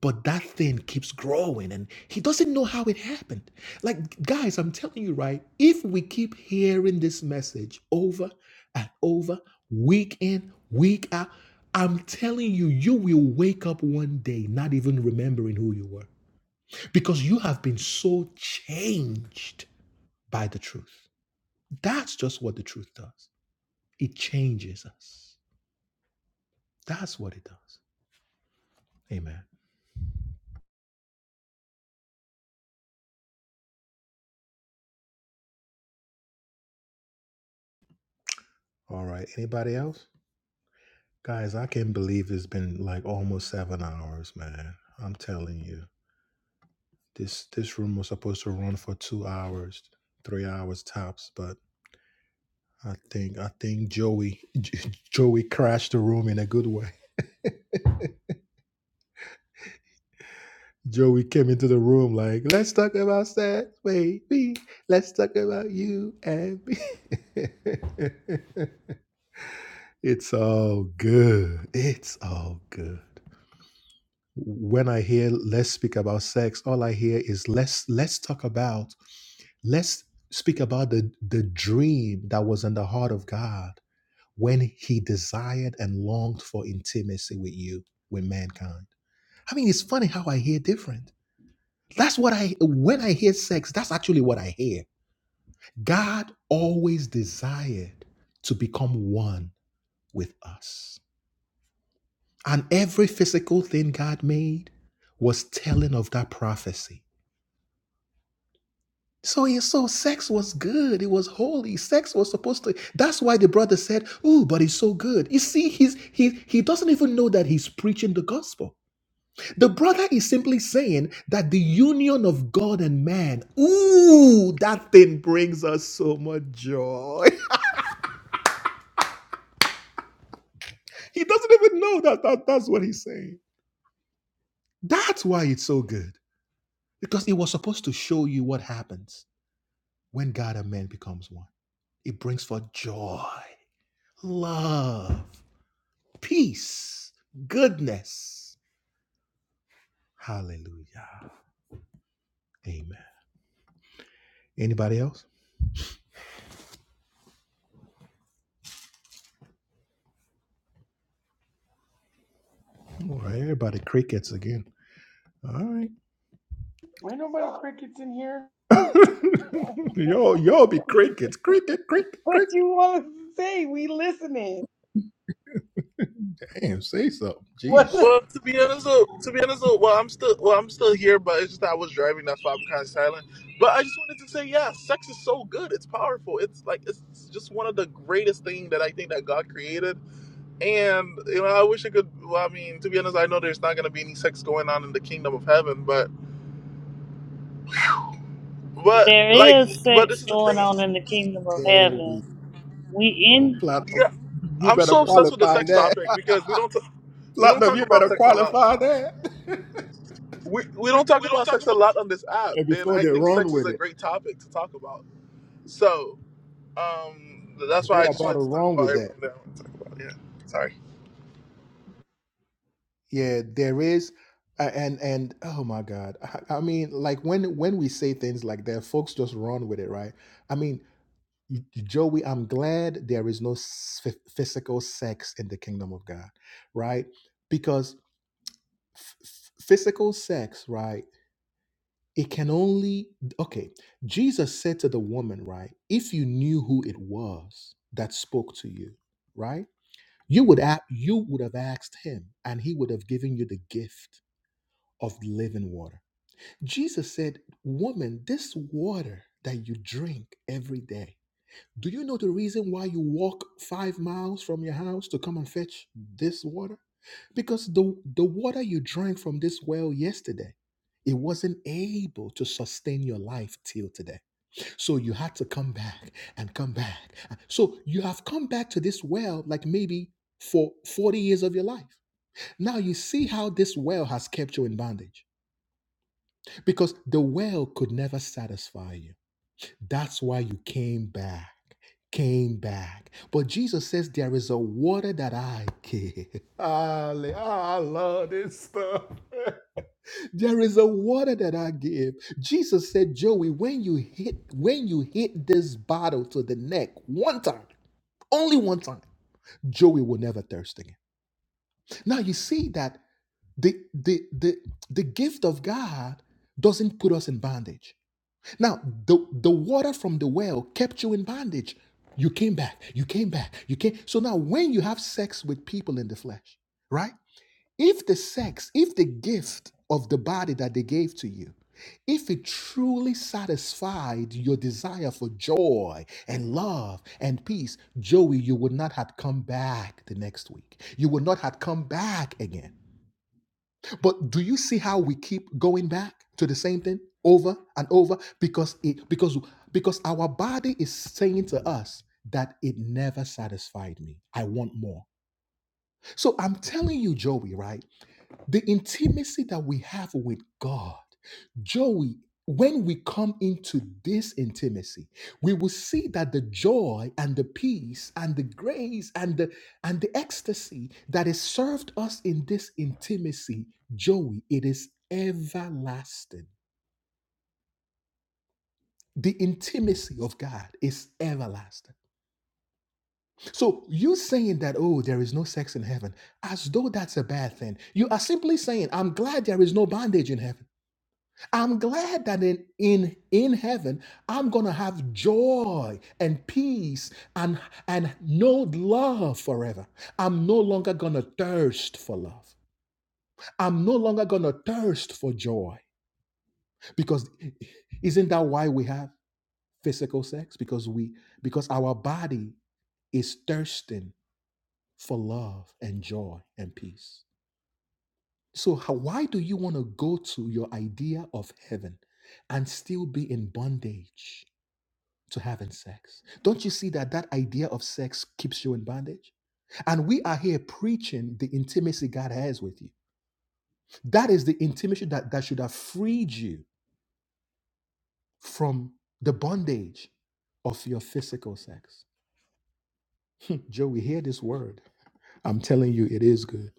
S1: but that thing keeps growing and he doesn't know how it happened. Like, guys, I'm telling you, right? If we keep hearing this message over and over, week in, week out, I'm telling you, you will wake up one day not even remembering who you were because you have been so changed by the truth. That's just what the truth does. It changes us. That's what it does. Amen. All right. Anybody else? Guys, I can't believe it's been like almost seven hours, man. I'm telling you. This this room was supposed to run for two hours, three hours tops, but I think I think Joey Joey crashed the room in a good way. Joey came into the room like, let's talk about sex, baby. Let's talk about you and me. it's all good. It's all good. When I hear let's speak about sex, all I hear is let's let's talk about Let's speak about the, the dream that was in the heart of God when he desired and longed for intimacy with you, with mankind. I mean, it's funny how I hear different. That's what I, when I hear sex, that's actually what I hear. God always desired to become one with us. And every physical thing God made was telling of that prophecy So he so sex was good. It was holy. Sex was supposed to. That's why the brother said, "Oh, but it's so good." You see, he's he he doesn't even know that he's preaching the gospel. The brother is simply saying that the union of God and man, ooh, that thing brings us so much joy. he doesn't even know that, that that's what he's saying. That's why it's so good because it was supposed to show you what happens when God and man becomes one. It brings forth joy, love peace, goodness. Hallelujah. Amen. Anybody else? All right, everybody crickets again. All right.
S7: Ain't nobody crickets in here.
S1: y'all, y'all be crickets. Cricket, cricket,
S7: What
S1: cricket.
S7: you want to say? We listening.
S1: Damn, say something.
S7: What
S1: Jeez.
S7: the?
S8: Well, to be honest, though, to be honest, though, well, I'm still, well, I'm still here, but it's just I was driving. That's why I'm kind of silent. But I just wanted to say, yeah, sex is so good. It's powerful. It's like it's just one of the greatest thing that I think that God created. And you know, I wish I could. Well, I mean, to be honest, I know there's not gonna be any sex going on in the kingdom of heaven, but, but like,
S3: There is
S8: but this
S3: sex
S8: is the
S3: going
S8: thing.
S3: on in the kingdom of heaven. We in.
S8: Yeah, I'm so obsessed with the sex topic because we don't, t- we don't talk about sex a lot. we, we don't talk about sex a lot on this app, and I think sex is a great topic to talk about. So um, that's why I just wanted to talk about everything that I want to talk about. Yeah, sorry.
S1: Yeah, there is. a- And and oh my God, I, I mean, like when when we say things like that, folks just run with it, right? I mean, y- Joey, I'm glad there is no s- physical sex in the kingdom of God, right? Because f- physical sex, right? It can only, okay. Jesus said to the woman, right? If you knew who it was that spoke to you, right? You would, a- you would have asked him and he would have given you the gift of living water. Jesus said, Woman, this water that you drink every day. Do you know the reason why you walk five miles from your house to come and fetch this water? Because the, the water you drank from this well yesterday, it wasn't able to sustain your life till today. So you had to come back and come back. So you have come back to this well like maybe for 40 years of your life. Now you see how this well has kept you in bondage because the well could never satisfy you. That's why you came back. Came back. But Jesus says there is a water that I give. Halle- I love this stuff. There is a water that I give. Jesus said, Joey, when you hit when you hit this bottle to the neck one time, only one time, Joey will never thirst again. Now you see that the the the, the gift of God doesn't put us in bondage. Now, the, the water from the well kept you in bondage. You came back, you came back, you came. So now, when you have sex with people in the flesh, right? If the sex, if the gift of the body that they gave to you, if it truly satisfied your desire for joy and love and peace, Joey, you would not have come back the next week. You would not have come back again. But do you see how we keep going back to the same thing over and over because it because because our body is saying to us that it never satisfied me. I want more. So I'm telling you Joey, right? The intimacy that we have with God, Joey, when we come into this intimacy, we will see that the joy and the peace and the grace and the and the ecstasy that is served us in this intimacy, Joey, it is everlasting. The intimacy of God is everlasting. So you saying that, oh, there is no sex in heaven, as though that's a bad thing. You are simply saying, I'm glad there is no bondage in heaven. I'm glad that in, in in heaven I'm gonna have joy and peace and and no love forever. I'm no longer gonna thirst for love. I'm no longer gonna thirst for joy because isn't that why we have physical sex? Because we because our body is thirsting for love and joy and peace. So how, why do you want to go to your idea of heaven and still be in bondage? to having sex. Don't you see that that idea of sex keeps you in bondage? And we are here preaching the intimacy God has with you. That is the intimacy that, that should have freed you from the bondage of your physical sex. Joe, we hear this word. I'm telling you, it is good.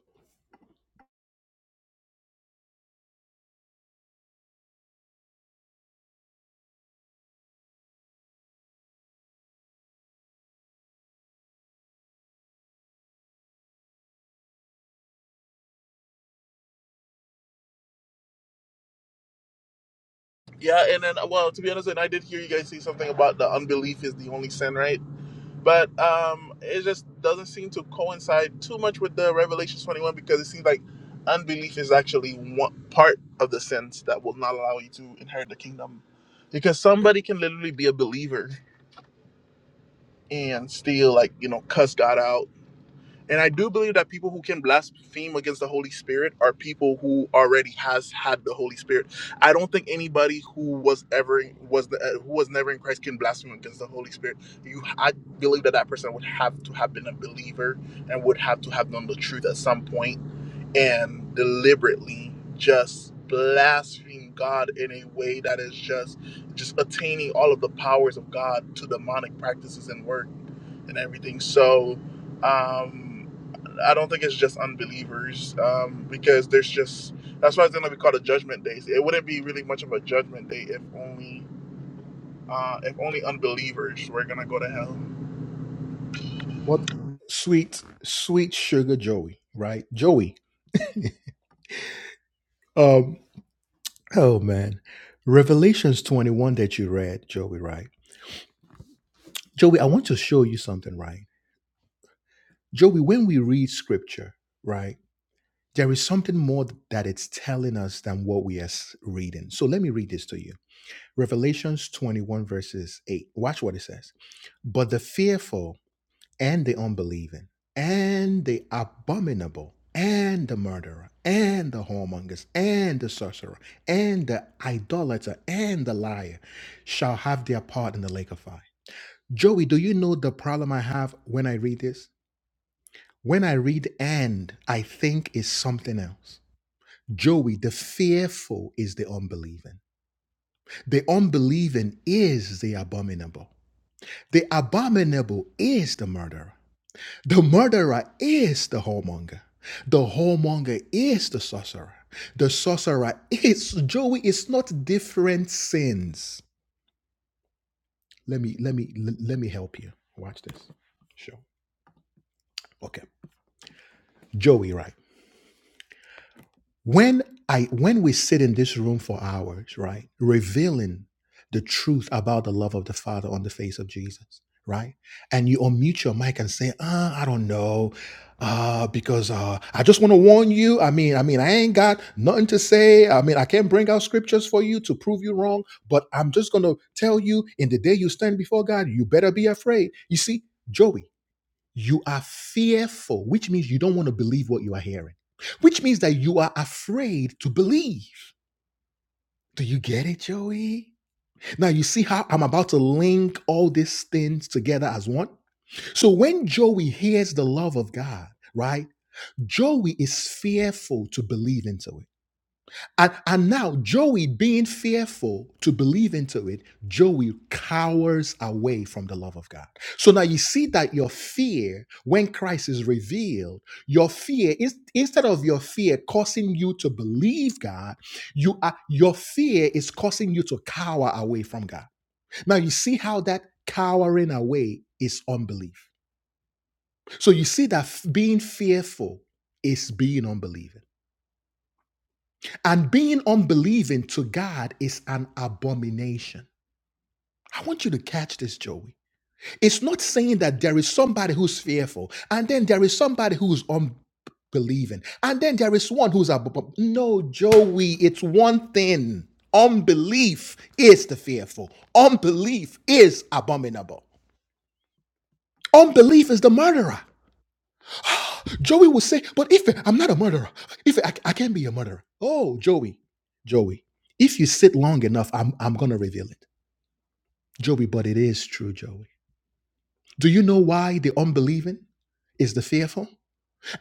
S8: Yeah, and then well, to be honest, and I did hear you guys say something about the unbelief is the only sin, right? But um, it just doesn't seem to coincide too much with the Revelation twenty one because it seems like unbelief is actually one part of the sins that will not allow you to inherit the kingdom, because somebody can literally be a believer and still like you know cuss God out. And I do believe that people who can blaspheme against the Holy Spirit are people who already has had the Holy Spirit. I don't think anybody who was ever was the, uh, who was never in Christ can blaspheme against the Holy Spirit. You, I believe that that person would have to have been a believer and would have to have known the truth at some point and deliberately just blaspheme God in a way that is just just attaining all of the powers of God to demonic practices and work and everything. So um I don't think it's just unbelievers um, because there's just that's why it's gonna be called a judgment day. It wouldn't be really much of a judgment day if only uh, if only unbelievers were gonna go to hell.
S1: What sweet, sweet sugar Joey, right? Joey. Um, oh man. Revelations 21 that you read, Joey, right? Joey, I want to show you something, right? Joey, when we read scripture, right, there is something more that it's telling us than what we are s- reading. So let me read this to you. Revelations 21, verses 8. Watch what it says. But the fearful and the unbelieving and the abominable and the murderer and the whoremongers and the sorcerer and the idolater and the liar shall have their part in the lake of fire. Joey, do you know the problem I have when I read this? When I read and, I think is something else. Joey, the fearful is the unbelieving. The unbelieving is the abominable. The abominable is the murderer. The murderer is the whoremonger. The whoremonger is the sorcerer. The sorcerer is Joey. It's not different sins. Let me let me let me help you. Watch this. Sure. Okay. Joey, right? when i when we sit in this room for hours right revealing the truth about the love of the father on the face of jesus right and you unmute your mic and say uh, i don't know uh, because uh, i just want to warn you i mean i mean i ain't got nothing to say i mean i can't bring out scriptures for you to prove you wrong but i'm just gonna tell you in the day you stand before god you better be afraid you see joey you are fearful, which means you don't want to believe what you are hearing, which means that you are afraid to believe. Do you get it, Joey? Now you see how I'm about to link all these things together as one? So when Joey hears the love of God, right? Joey is fearful to believe into it. And, and now, Joey, being fearful to believe into it, Joey cowers away from the love of God. So now you see that your fear, when Christ is revealed, your fear is instead of your fear causing you to believe God, you are your fear is causing you to cower away from God. Now you see how that cowering away is unbelief. So you see that f- being fearful is being unbelieving. And being unbelieving to God is an abomination. I want you to catch this, Joey. It's not saying that there is somebody who's fearful, and then there is somebody who's unbelieving, and then there is one who's ab- no, Joey. It's one thing. Unbelief is the fearful. Unbelief is abominable. Unbelief is the murderer. Joey will say, but if I'm not a murderer, if I, I can't be a murderer. Oh, Joey, Joey, if you sit long enough, I'm, I'm going to reveal it. Joey, but it is true, Joey. Do you know why the unbelieving is the fearful?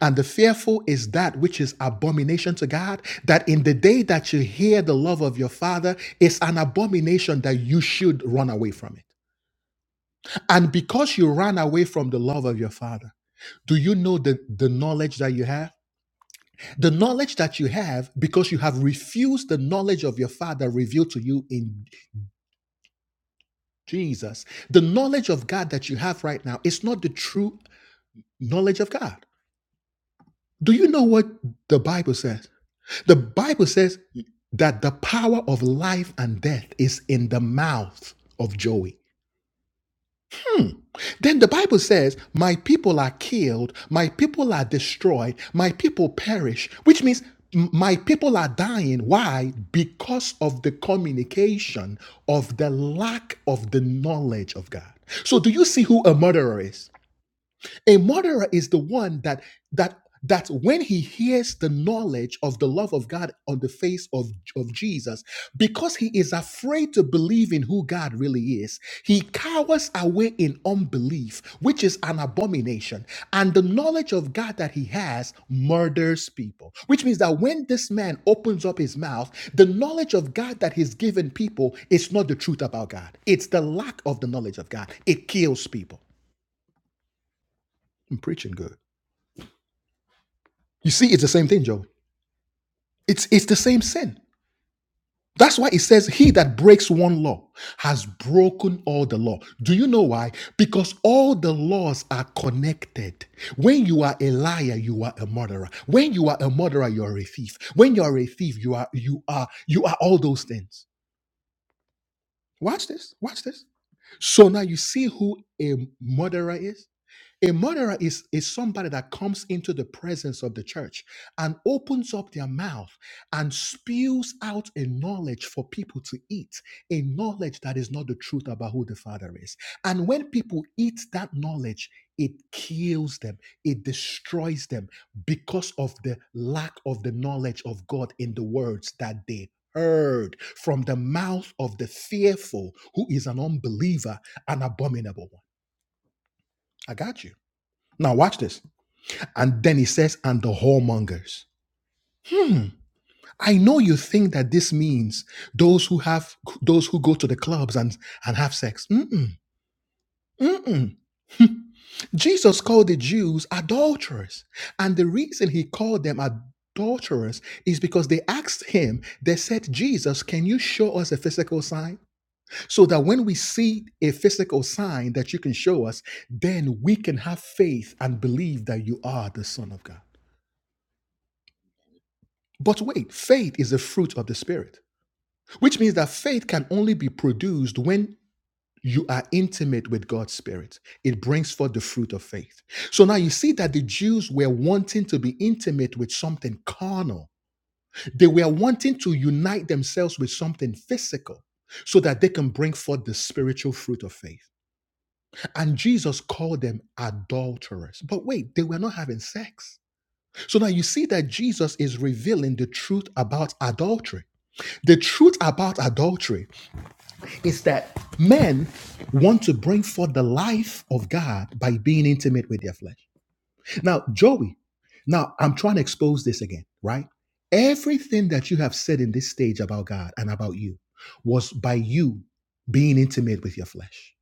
S1: And the fearful is that which is abomination to God, that in the day that you hear the love of your father, it's an abomination that you should run away from it. And because you ran away from the love of your father, do you know the, the knowledge that you have? The knowledge that you have, because you have refused the knowledge of your Father revealed to you in Jesus, the knowledge of God that you have right now is not the true knowledge of God. Do you know what the Bible says? The Bible says that the power of life and death is in the mouth of Joey. Then the Bible says, My people are killed, my people are destroyed, my people perish, which means m- my people are dying. Why? Because of the communication of the lack of the knowledge of God. So, do you see who a murderer is? A murderer is the one that that that when he hears the knowledge of the love of God on the face of, of Jesus, because he is afraid to believe in who God really is, he cowers away in unbelief, which is an abomination. And the knowledge of God that he has murders people, which means that when this man opens up his mouth, the knowledge of God that he's given people is not the truth about God. It's the lack of the knowledge of God. It kills people. I'm preaching good. You see, it's the same thing, Joey. It's it's the same sin. That's why it says he that breaks one law has broken all the law. Do you know why? Because all the laws are connected. When you are a liar, you are a murderer. When you are a murderer, you are a thief. When you are a thief, you are you are you are all those things. Watch this. Watch this. So now you see who a murderer is? A murderer is, is somebody that comes into the presence of the church and opens up their mouth and spews out a knowledge for people to eat, a knowledge that is not the truth about who the Father is. And when people eat that knowledge, it kills them, it destroys them because of the lack of the knowledge of God in the words that they heard from the mouth of the fearful, who is an unbeliever, an abominable one. I got you. Now, watch this. And then he says, and the whoremongers. I know you think that this means those who have those who go to the clubs and and have sex. Mm-mm, mm-mm. Jesus called the Jews adulterers. And the reason he called them adulterers is because they asked him, they said, Jesus, can you show us a physical sign? So that when we see a physical sign that you can show us, then we can have faith and believe that you are the Son of God. But wait, faith is a fruit of the Spirit, which means that faith can only be produced when you are intimate with God's Spirit. It brings forth the fruit of faith. So now you see that the Jews were wanting to be intimate with something carnal, they were wanting to unite themselves with something physical so that they can bring forth the spiritual fruit of faith. And Jesus called them adulterers. But wait, they were not having sex. So now you see that Jesus is revealing the truth about adultery. The truth about adultery is that men want to bring forth the life of God by being intimate with their flesh. Now, Joey, now I'm trying to expose this again, right? Everything that you have said in this stage about God and about you was by you being intimate with your flesh.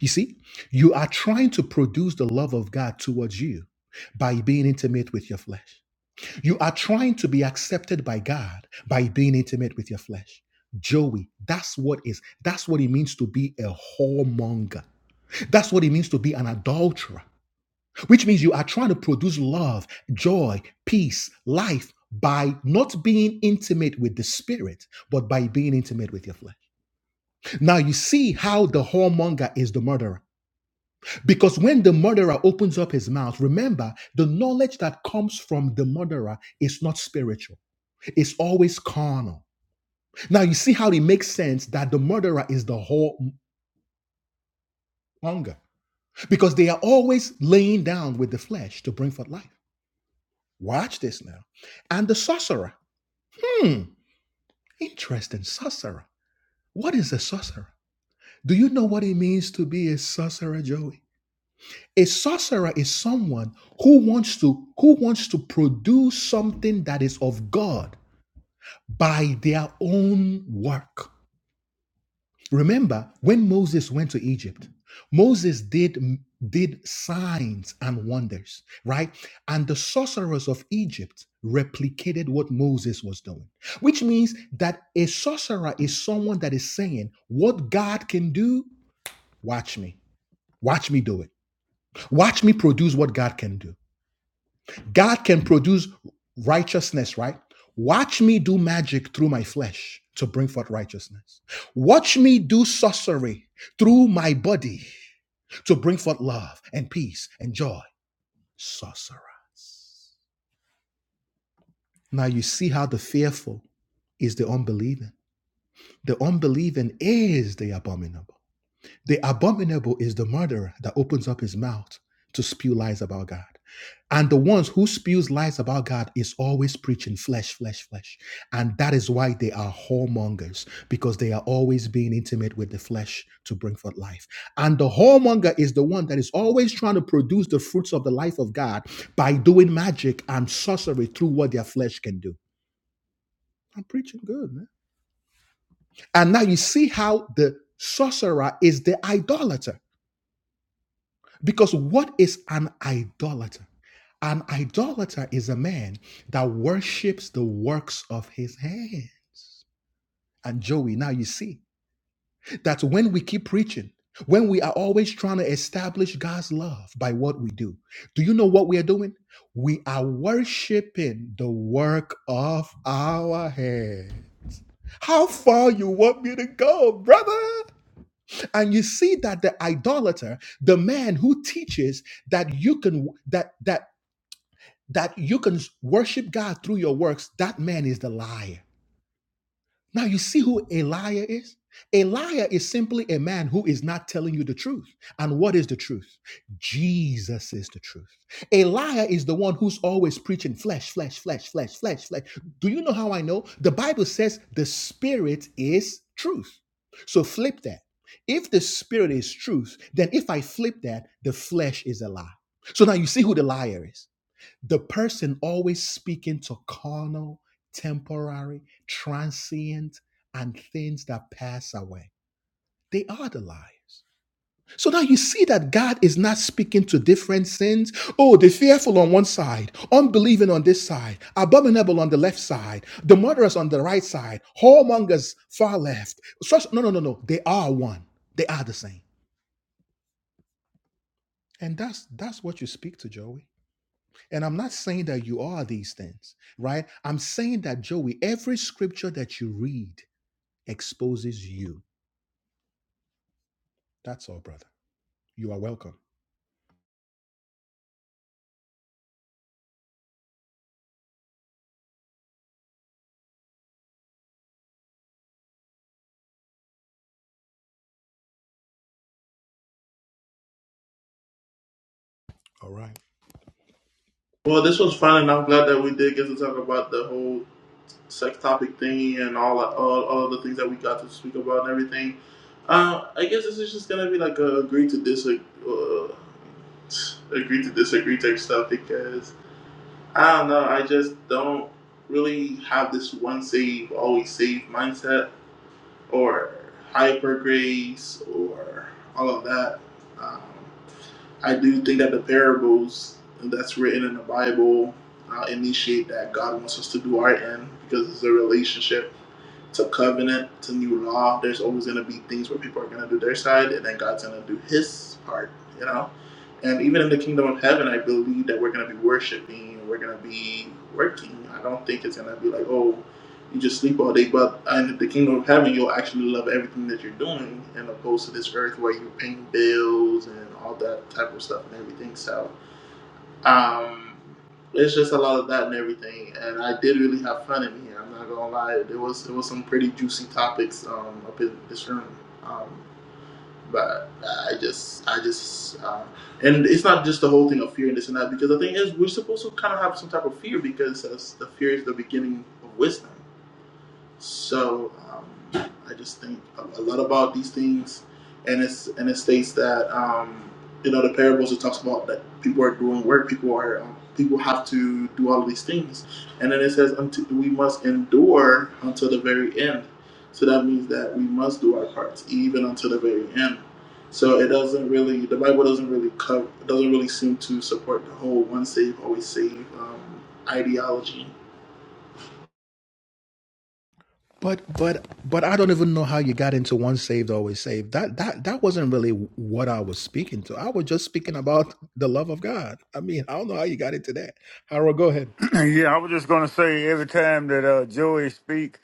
S1: You see, you are trying to produce the love of God towards you by being intimate with your flesh. You are trying to be accepted by God by being intimate with your flesh. Joey, that's what is that's what it means to be a whoremonger. That's what it means to be an adulterer, which means you are trying to produce love, joy, peace, life by not being intimate with the spirit, but by being intimate with your flesh. Now you see how the whoremonger is the murderer. Because when the murderer opens up his mouth, remember the knowledge that comes from the murderer is not spiritual. Is always carnal. Now you see how it makes sense that the murderer is the whole hunger because they are always laying down with the flesh to bring forth life. Watch this now. And the sorcerer. Hmm, interesting. Sorcerer. What is a sorcerer? Do you know what it means to be a sorcerer, Joey? A sorcerer is someone who wants to who wants to produce something that is of God by their own work. Remember when Moses went to Egypt, Moses did did signs and wonders, right? And the sorcerers of Egypt replicated what Moses was doing, which means that a sorcerer is someone that is saying, "What God can do, watch me. Watch me do it. Watch me produce what God can do." God can produce righteousness, right? Watch me do magic through my flesh to bring forth righteousness. Watch me do sorcery through my body to bring forth love and peace and joy. Sorcerer. Now you see how the fearful is the unbelieving. The unbelieving is the abominable. The abominable is the murderer that opens up his mouth to spew lies about God. And the ones who spews lies about God is always preaching flesh, flesh, flesh. And that is why they are whoremongers, because they are always being intimate with the flesh to bring forth life. And the whoremonger is the one that is always trying to produce the fruits of the life of God by doing magic and sorcery through what their flesh can do. I'm preaching good, man. And now you see how the sorcerer is the idolater Because what is an idolater? An idolater is a man that worships the works of his hand. And Joey, now you see that when we keep preaching, when we are always trying to establish God's love by what we do, do you know what we are doing? We are worshiping the work of our hand. How far you want me to go, brother? And you see that the idolater, the man who teaches that you can that that that you can worship God through your works, that man is the liar. Now, you see who a liar is? A liar is simply a man who is not telling you the truth. And what is the truth? Jesus is the truth. A liar is the one who's always preaching flesh, flesh, flesh, flesh, flesh, flesh. Do you know how I know? The Bible says the spirit is truth. So flip that. If the spirit is truth, then if I flip that, the flesh is a lie. So now you see who the liar is the person always speaking to carnal, temporary, transient, and things that pass away. They are the liars. So now you see that God is not speaking to different sins. Oh, the fearful on one side, unbelieving on this side, abominable on the left side, the murderers on the right side, whoremongers far left. no, no, no, no. They are one. They are the same. And that's that's what you speak to, Joey. And I'm not saying that you are these things, right? I'm saying that, Joey, every scripture that you read exposes you. That's all, brother. You are welcome. All right.
S8: Well, this was fun, and I'm glad that we did get to talk about the whole sex topic thing and all all, all the things that we got to speak about and everything. Uh, I guess this is just gonna be like a agree to disagree, uh, agree to disagree type stuff because I don't know. I just don't really have this one save always save mindset or hyper grace or all of that. Um, I do think that the parables that's written in the Bible uh, initiate that God wants us to do our end because it's a relationship. It's a covenant. It's a new law. There's always going to be things where people are going to do their side, and then God's going to do His part. You know, and even in the kingdom of heaven, I believe that we're going to be worshiping. We're going to be working. I don't think it's going to be like oh you just sleep all day. But uh, in the kingdom of heaven, you'll actually love everything that you're doing, and opposed to this earth where you're paying bills and all that type of stuff and everything. So um, it's just a lot of that and everything. And I did really have fun in here. I'm not gonna lie. There was there was some pretty juicy topics um, up in this room. Um, but I just I just. Uh, and it's not just the whole thing of fear and this and that because the thing is we're supposed to kind of have some type of fear because that's the fear is the beginning of wisdom so um, I just think a lot about these things, and it's and it states that um, you know the parables it talks about that people are doing work, people are um, people have to do all of these things, and then it says until we must endure until the very end. So that means that we must do our parts even until the very end. So it doesn't really the Bible doesn't really cover doesn't really seem to support the whole one save always save um, ideology
S1: But but but I don't even know how you got into once saved, always saved. That that that wasn't really what I was speaking to. I was just speaking about the love of God. I mean, I don't know how you got into that. Harold, go ahead.
S4: Yeah, I was just gonna say every time that uh, Joey speak,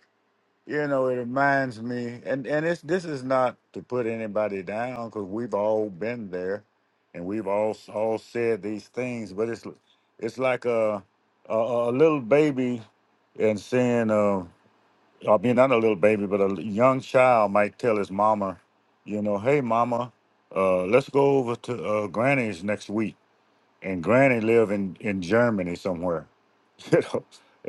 S4: you know, it reminds me, and and it's this is not to put anybody down because we've all been there, and we've all all said these things, but it's it's like a a, a little baby and saying, uh, I mean, not a little baby, but a young child might tell his mama, you know, hey mama, uh, let's go over to uh, Granny's next week, and Granny live in in Germany somewhere you know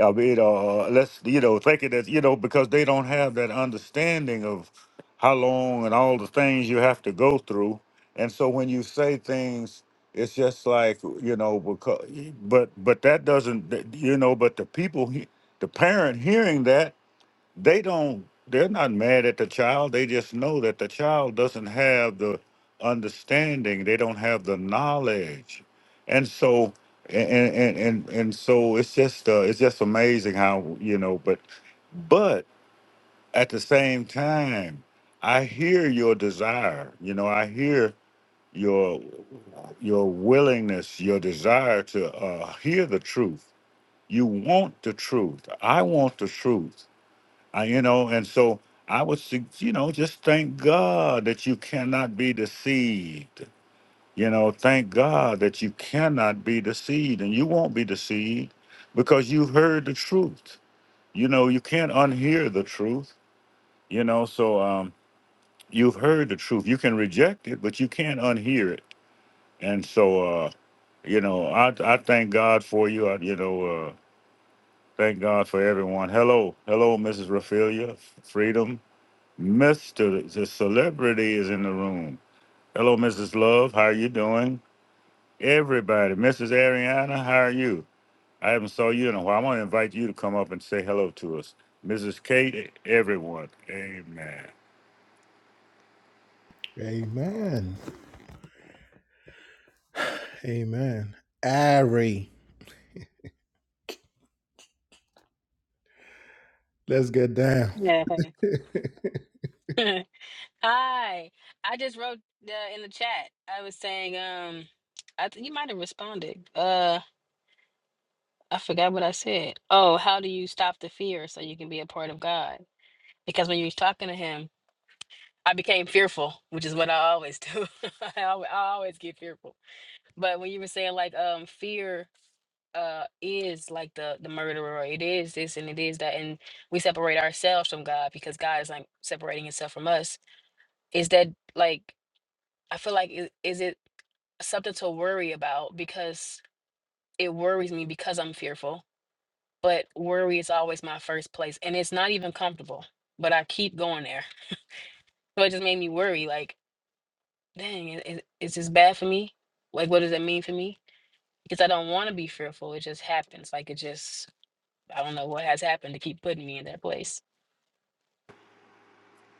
S4: i mean uh let's you know thinking that you know because they don't have that understanding of how long and all the things you have to go through and so when you say things it's just like you know because but but that doesn't you know but the people he- the parent hearing that they don't they're not mad at the child they just know that the child doesn't have the understanding they don't have the knowledge and so and and and, and so it's just uh, it's just amazing how you know but but at the same time i hear your desire you know i hear your your willingness your desire to uh, hear the truth you want the truth i want the truth I, you know, and so I would, sug- you know, just thank God that you cannot be deceived. You know, thank God that you cannot be deceived and you won't be deceived because you heard the truth. You know, you can't unhear the truth, you know, so um, you've heard the truth. You can reject it, but you can't unhear it. And so, uh, you know, I, I thank God for you. I, you know, uh, thank God for everyone. Hello, hello, Mrs. Raphaelia, Freedom, Mr. The celebrity is in the room. Hello, Mrs. Love. How are you doing? Everybody, Mrs. Ariana, how are you? I haven't saw you in a while. I want to invite you to come up and say hello to us. Mrs. Kate, everyone. Amen.
S1: Amen. Amen. Ari, let's get down.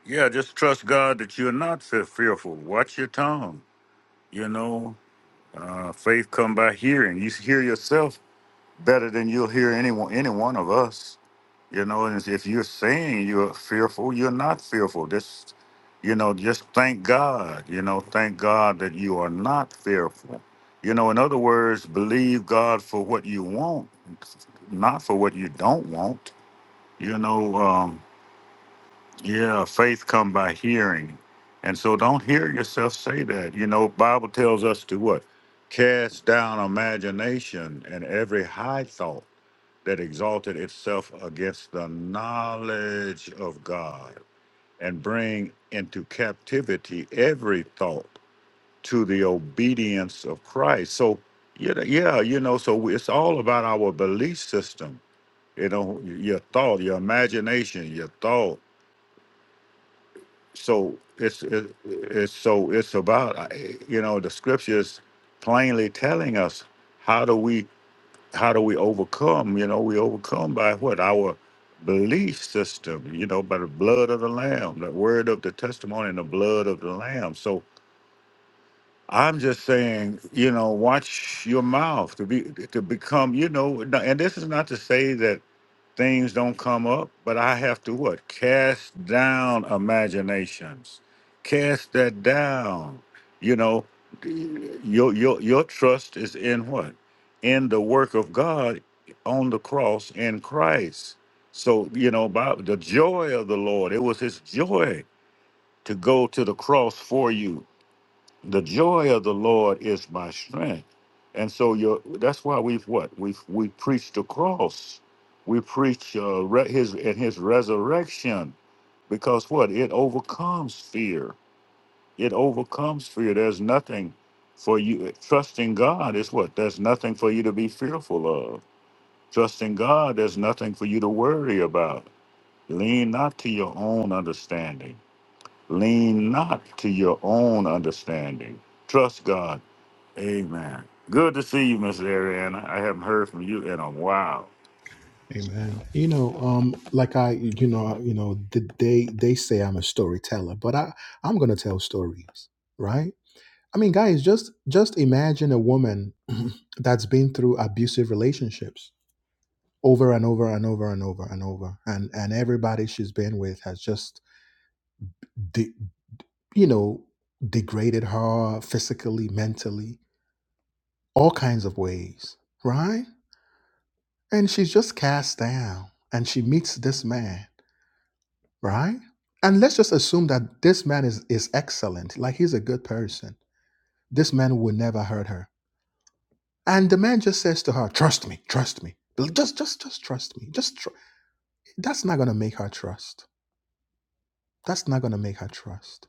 S4: Yeah, just trust God that you're not fe- fearful. Watch your tongue. You know, uh, faith come by hearing. You hear yourself better than you'll hear anyone, any one of us. You know, and if you're saying you're fearful, you're not fearful. Just, you know, just thank God. You know, thank God that you are not fearful. You know, in other words, believe God for what you want, not for what you don't want. You know, um, yeah, faith come by hearing, and so don't hear yourself say that. You know, Bible tells us to what? Cast down imagination and every high thought that exalted itself against the knowledge of God, and bring into captivity every thought to the obedience of Christ. So, you know, yeah, you know, so it's all about our belief system, you know, your thought, your imagination, your thought. So it's it, it's so it's about uh, you know the scriptures plainly telling us how do we how do we overcome? You know, we overcome by what? Our belief system, you know, by the blood of the Lamb, the word of the testimony and the blood of the Lamb. So I'm just saying, you know, watch your mouth to be to become, you know, and this is not to say that things don't come up, but I have to what? Cast down imaginations. Cast that down. You know, your your your trust is in what? In the work of God on the cross in Christ. So, you know, by the joy of the Lord, it was his joy to go to the cross for you the joy of the Lord is my strength. And so you that's why we've what? We've we preach the cross. We preach uh, re- his and his resurrection because what? It overcomes fear. It overcomes fear. There's nothing for you trusting God is what? There's nothing for you to be fearful of. Trusting God, there's nothing for you to worry about. Lean not to your own understanding. Lean not to your own understanding. Trust God Amen. Good to see you, Miss Ariana. I haven't heard from you in a while.
S1: Amen. You know, um, like I, you know, you know, the, they they say I'm a storyteller, but I I'm gonna tell stories, right? I mean, guys, just just imagine a woman that's been through abusive relationships over and over and over and over and over, and and everybody she's been with has just, de- you know, degraded her physically, mentally, all kinds of ways, right? And she's just cast down, and she meets this man right? And let's just assume that this man is, is excellent, like he's a good person. This man would never hurt her. And the man just says to her, trust me, trust me. Just just just trust me. Just tr-. that's not gonna make her trust. That's not gonna make her trust.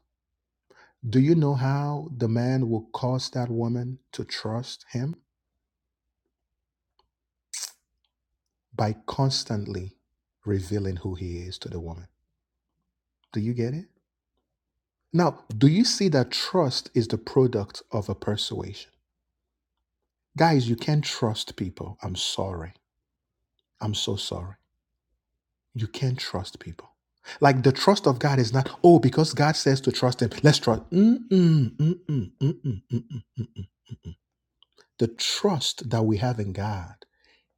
S1: Do you know how the man will cause that woman to trust him? By constantly revealing who he is to the woman. Do you get it? Now, do you see that trust is the product of a persuasion? Guys, you can't trust people. I'm sorry. I'm so sorry. You can't trust people. Like the trust of God is not, oh, because God says to trust Him, let's trust. Mm-mm, mm-mm, mm-mm, mm-mm. The trust that we have in God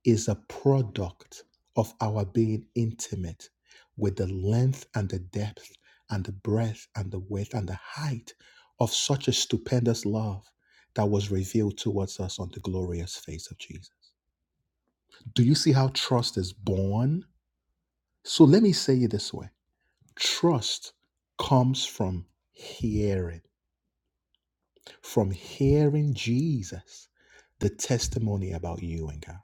S1: is a product of our being intimate with the length and the depth and the breadth and the width and the height of such a stupendous love that was revealed towards us on the glorious face of Jesus. Do you see how trust is born? So let me say it this way trust comes from hearing, from hearing Jesus, the testimony about you and God.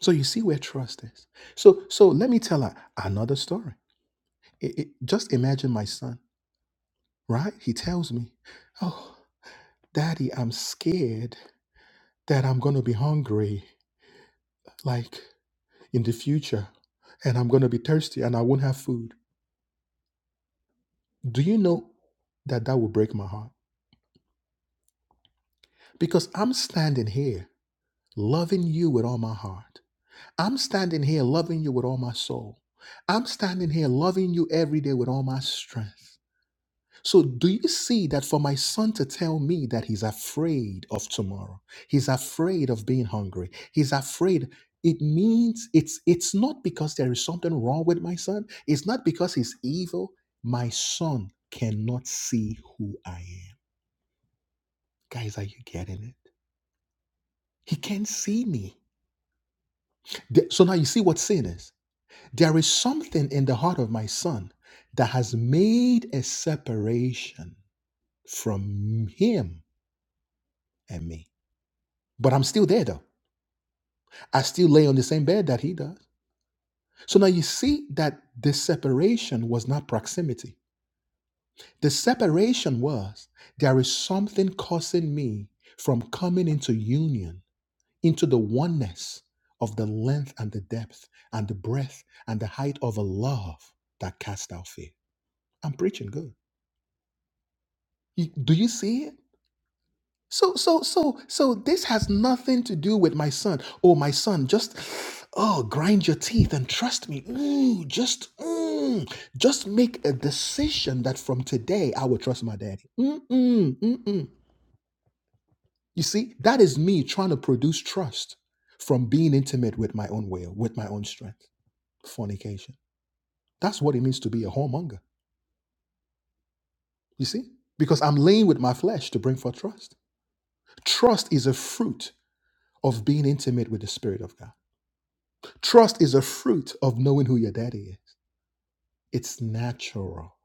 S1: So you see where trust is. So so let me tell a- another story. It- it- just imagine my son, right? He tells me, "Oh, Daddy, I'm scared that I'm going to be hungry, like in the future, and I'm going to be thirsty, and I won't have food." Do you know that that will break my heart? Because I'm standing here loving you with all my heart. I'm standing here loving you with all my soul. I'm standing here loving you every day with all my strength. So, do you see that for my son to tell me that he's afraid of tomorrow, he's afraid of being hungry, he's afraid. It means it's it's not because there is something wrong with my son. It's not because he's evil. My son cannot see who I am. Guys, are you getting it? He can't see me. Th- So now you see what sin is. There is something in the heart of my son that has made a separation from him and me. But I'm still there though. I still lay on the same bed that he does. So now you see that the separation was not proximity. The separation was there is something causing me from coming into union into the oneness of the length and the depth and the breadth and the height of a love that cast out fear. I'm preaching good. You- do you see it? So, so, so, so this has nothing to do with my son. Oh, my son, just oh, grind your teeth and trust me. Ooh, just mm, just make a decision that from today I will trust my daddy. Mm-mm, mm-mm. You see, that is me trying to produce trust from being intimate with my own will, with my own strength. fornication. That's what it means to be a whoremonger. You see? Because I'm laying with my flesh to bring forth trust. Trust is a fruit of being intimate with the Spirit of God. Trust is a fruit of knowing who your daddy is. It's natural,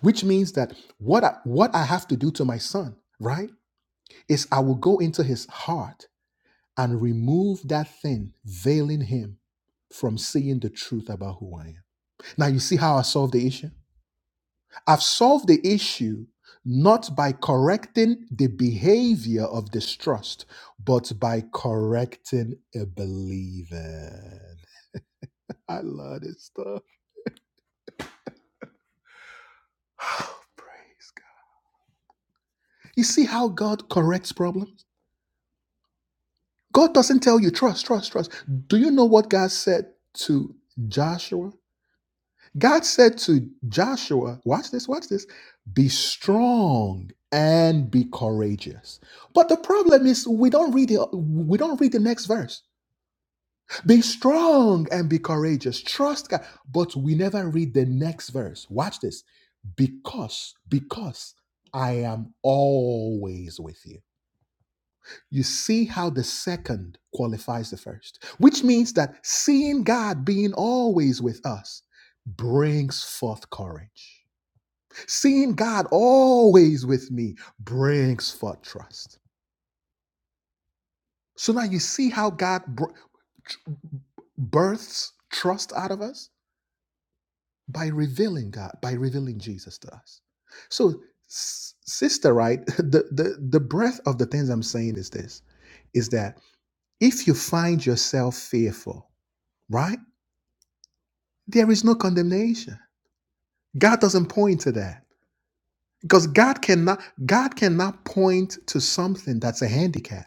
S1: which means that what I, what I have to do to my son, right, is I will go into his heart and remove that thing veiling him from seeing the truth about who I am. Now, you see how I solve the issue? I've solved the issue not by correcting the behavior of distrust, but by correcting a believing. I love this stuff. Oh, Praise God. You see how God corrects problems? God doesn't tell you trust, trust, trust. Do you know what God said to Joshua? God said to Joshua, watch this, watch this, be strong and be courageous. But the problem is we don't read the we don't read the next verse. Be strong and be courageous. Trust God. But we never read the next verse. Watch this. Because, because I am always with you. You see how the second qualifies the first, which means that seeing God being always with us brings forth courage. Seeing God always with me brings forth trust. So now you see how God br- births trust out of us by revealing God, by revealing Jesus to us. So, s- sister, right? The, the the breadth of the things I'm saying is this: is that if you find yourself fearful, right? There is no condemnation. God doesn't point to that because God cannot God cannot point to something that's a handicap.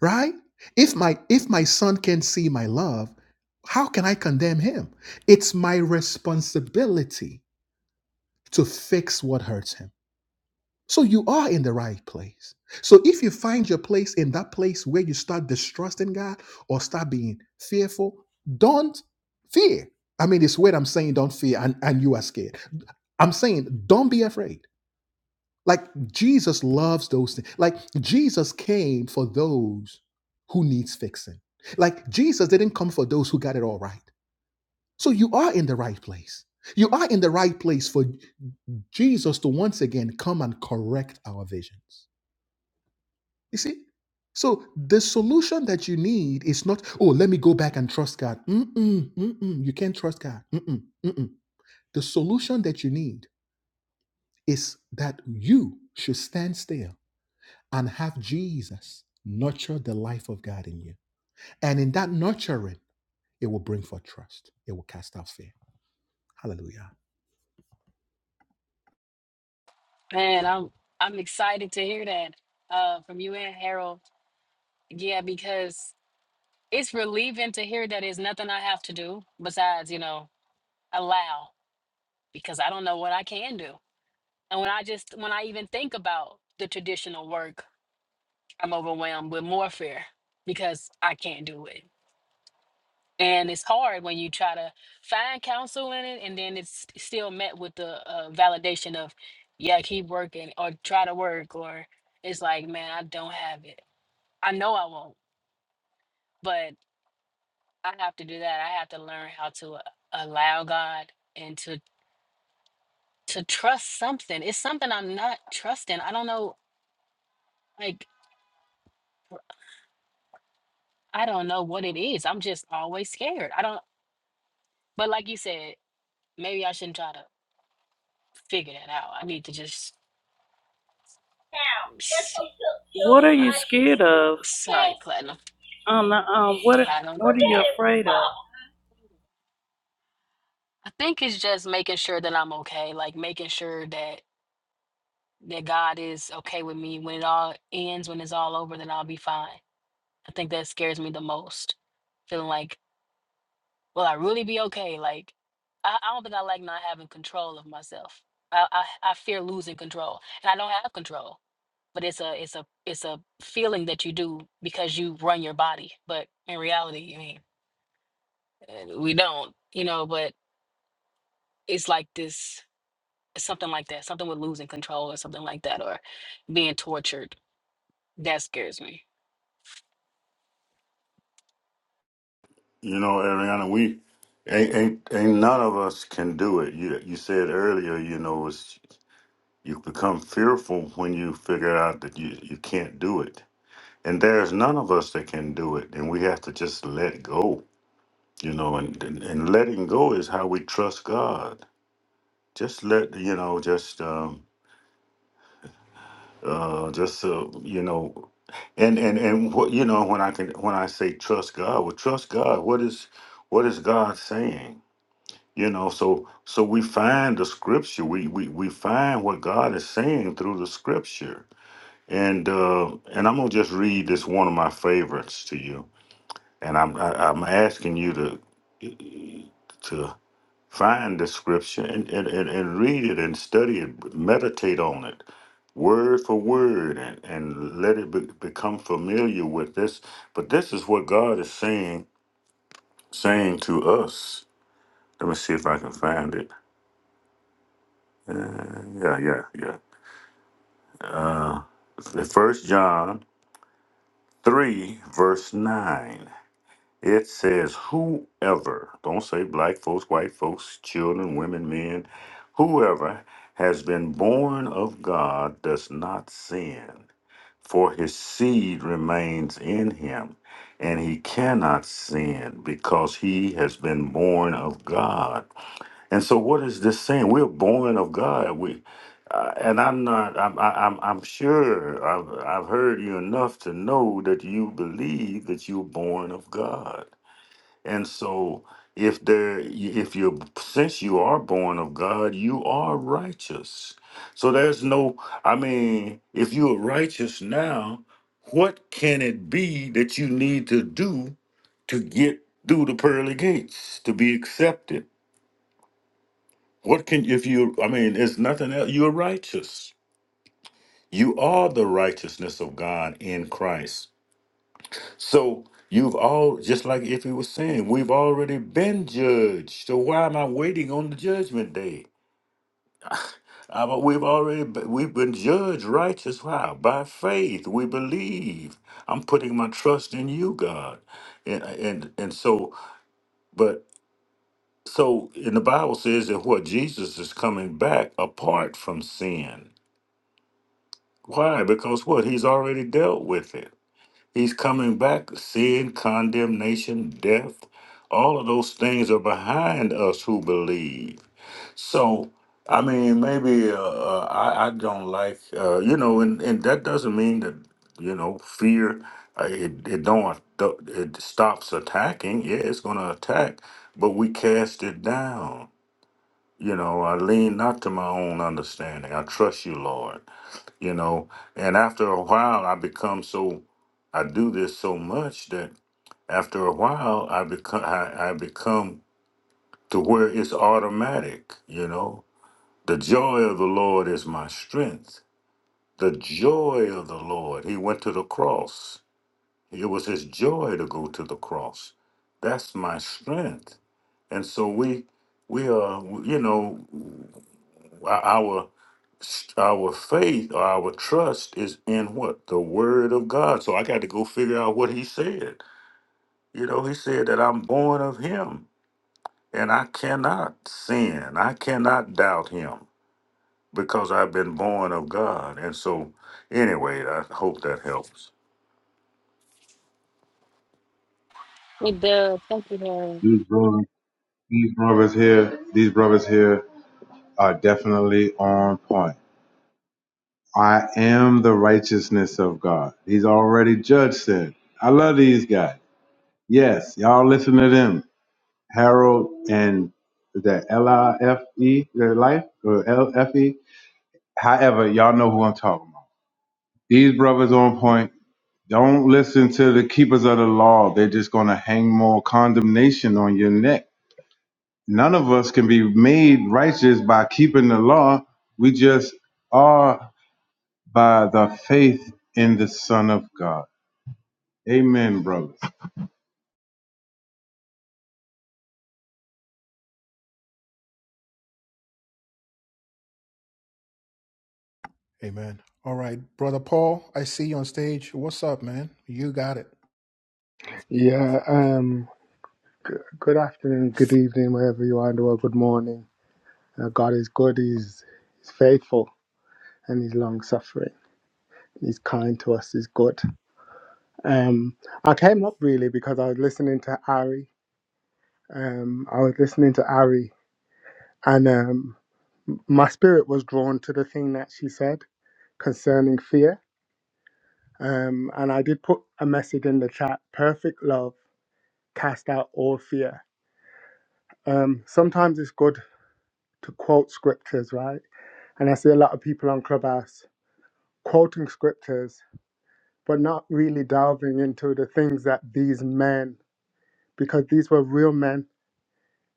S1: right if my if my son can see my love how can i condemn him it's my responsibility to fix what hurts him so you are in the right place so if you find your place in that place where you start distrusting god or start being fearful don't fear i mean it's weird i'm saying don't fear and, and you are scared i'm saying don't be afraid like Jesus loves those things. Like Jesus came for those who needs fixing. Like Jesus didn't come for those who got it all right. So you are in the right place. You are in the right place for Jesus to once again come and correct our visions. You see? So the solution that you need is not, oh, let me go back and trust God. Mm-mm, mm-mm. You can't trust God. Mm-mm, mm-mm. The solution that you need is that you should stand still and have Jesus nurture the life of God in you. And in that nurturing, it will bring forth trust. It will cast out fear. Hallelujah.
S3: What are you scared of? Um, uh, um, what what are you afraid of?
S4: You know, Ariana, we ain't, ain't ain't none of us can do it. You you said earlier, you know, it's you become fearful when you figure out that you you can't do it, and there's none of us that can do it, and we have to just let go. You know, and and, and letting go is how we trust God. Just let you know, just. Um, uh just so you know and and and what you know when i can when i say trust god well trust god what is what is god saying you know so so we find the scripture we we, we find what god is saying through the scripture and uh and i'm gonna just read this one of my favorites to you and i'm I, i'm asking you to to Find the scripture and, and, and, and read it and study it, meditate on it word for word and, and let it be, become familiar with this. But this is what God is saying saying to us. Let me see if I can find it. Uh, yeah, yeah, yeah. Uh, First John three verse nine. It says, whoever, don't say black folks, white folks, children, women, men, whoever has been born of God does not sin, for his seed remains in him, and he cannot sin because he has been born of God. And so, what is this saying? We're born of God. We, uh, and I'm not. I'm. I- I'm. I'm sure. I've. I've heard you enough to know that you believe that you're born of God. And so if there if you're since you are born of God, you are righteous. So there's no I mean, if you are righteous now, what can it be that you need to do to get through the pearly gates to be accepted? What can if you I mean, it's nothing else. You're righteous. You are the righteousness of God in Christ. So you've all just like if he was saying, we've already been judged. So why am I waiting on the judgment day? Uh, but we've already be- we've been judged righteous. How By faith we believe. I'm putting my trust in you, God, and and and so. But so in the Bible says that what Jesus is coming back apart from sin. Why? Because what he's already dealt with it. He's coming back. Sin, condemnation, death, all of those things are behind us who believe. So, I mean, maybe uh, uh, I, I don't like, uh, you know, and, and that doesn't mean that, you know, fear, uh, it, it don't, it stops attacking. Yeah, it's going to attack, but we cast it down. You know, I lean not to my own understanding. I trust you, Lord you know. And after a while, I become so, I do this so much that after a while, I become, I, I become to where it's automatic, you know. The joy of the Lord is my strength. The joy of the Lord. He went to the cross. It was his joy to go to the cross. That's my strength. And so we, we are, you know, our our faith or our trust is in what the word of god so i got to go figure out what he said you know he said that i'm born of him and i cannot sin i cannot doubt him because i've been born of god and so anyway i hope that helps
S9: These brothers, these brothers here, these brothers here are definitely on point. I am the righteousness of God. He's already judged sin. I love these guys. Yes, y'all listen to them. Harold and is that L I F E, their life or L F E? However, y'all know who I'm talking about. These brothers on point. Don't listen to the keepers of the law. They're just going to hang more condemnation on your neck. None of us can be made righteous by keeping the law. We just are by the faith in the Son of God. Amen, brothers.
S1: Amen. All right, brother Paul, I see you on stage. What's up, man? You got it.
S12: Yeah, um, g- good afternoon, good evening, wherever you are in the world, good morning. Uh, God is good, he's, he's faithful, and He's long suffering. He's kind to us, He's good. Um, I came up really because I was listening to Ari. Um, I was listening to Ari, and um, my spirit was drawn to the thing that she said concerning fear. Um, and I did put a message in the chat perfect love cast out all fear. Um, sometimes it's good to quote scriptures, right? And I see a lot of people on Clubhouse quoting scriptures, but not really delving into the things that these men, because these were real men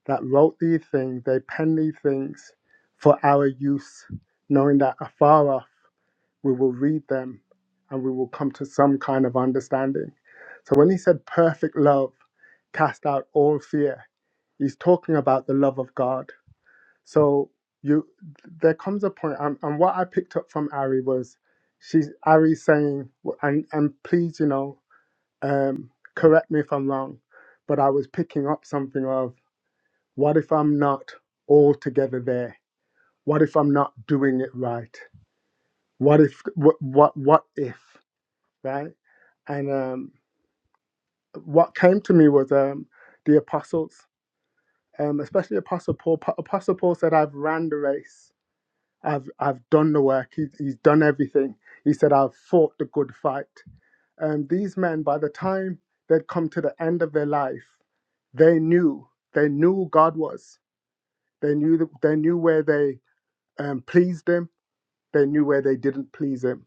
S12: that wrote these things, they penned these things for our use, knowing that afar off we will read them and we will come to some kind of understanding. So when he said perfect love cast out all fear, he's talking about the love of God So you, there comes a point, and, and what I picked up from Ari was, she's Ari saying, w- and and please, you know, um, correct me if I'm wrong, but I was picking up something of, what if I'm not altogether there? What if I'm not doing it right? What if what what what if right? And um, what came to me was um, the apostles, um, especially Apostle Paul. Pa- Apostle Paul said, "I've ran the race." I've I've done the work. He, he's done everything. He said, I've fought the good fight. Um, these men, by the time they'd come to the end of their life, they knew they knew who God was. They knew that they knew where they um, pleased Him. They knew where they didn't please Him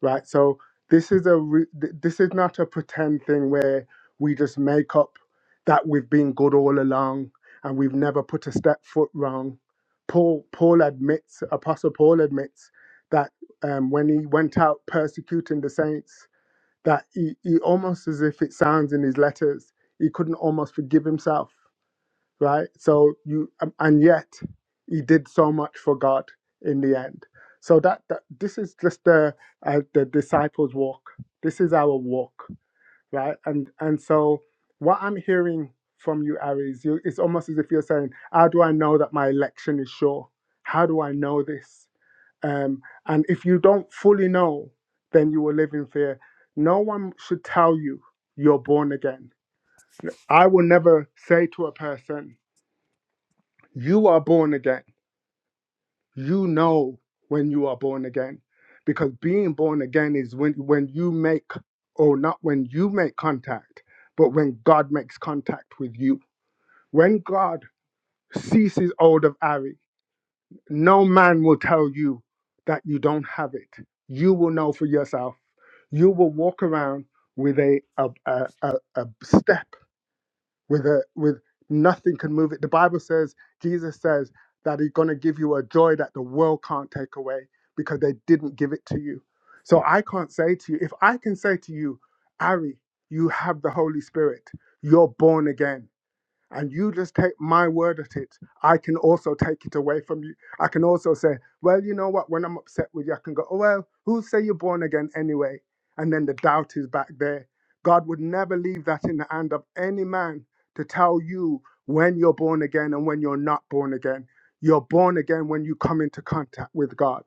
S12: right? So this is a re- th- this is not a pretend thing where we just make up that we've been good all along and we've never put a step foot wrong. Paul Paul admits, Apostle Paul admits that um, when he went out persecuting the saints, that he, he almost as if it sounds in his letters, he couldn't almost forgive himself right? So you um, and yet he did so much for God in the end. So that, that this is just the uh, the disciples' walk. This is our walk, right? And and so what I'm hearing from you, Ari, is you, it's almost as if you're saying, "How do I know that my election is sure? How do I know this?" Um, and if you don't fully know, then you will live in fear. No one should tell you you're born again. I will never say to a person you are born again. You know when you are born again because being born again is when, when you make, or not when you make contact, but when God makes contact with you. When God ceases hold of Ari, no man will tell you that you don't have it. You will know for yourself. You will walk around with a, a, a, a, a step with a with nothing can move it. The Bible says, Jesus says that he's gonna give you a joy that the world can't take away because they didn't give it to you. So I can't say to you, if I can say to you, Ari, you have the Holy Spirit, you're born again and you just take my word at it, I can also take it away from you. I can also say, well, you know what? When I'm upset with you, I can go, oh, well, who say you're born again anyway? And then the doubt is back there. God would never leave that in the hand of any man to tell you when you're born again and when you're not born again. You're born again when you come into contact with God.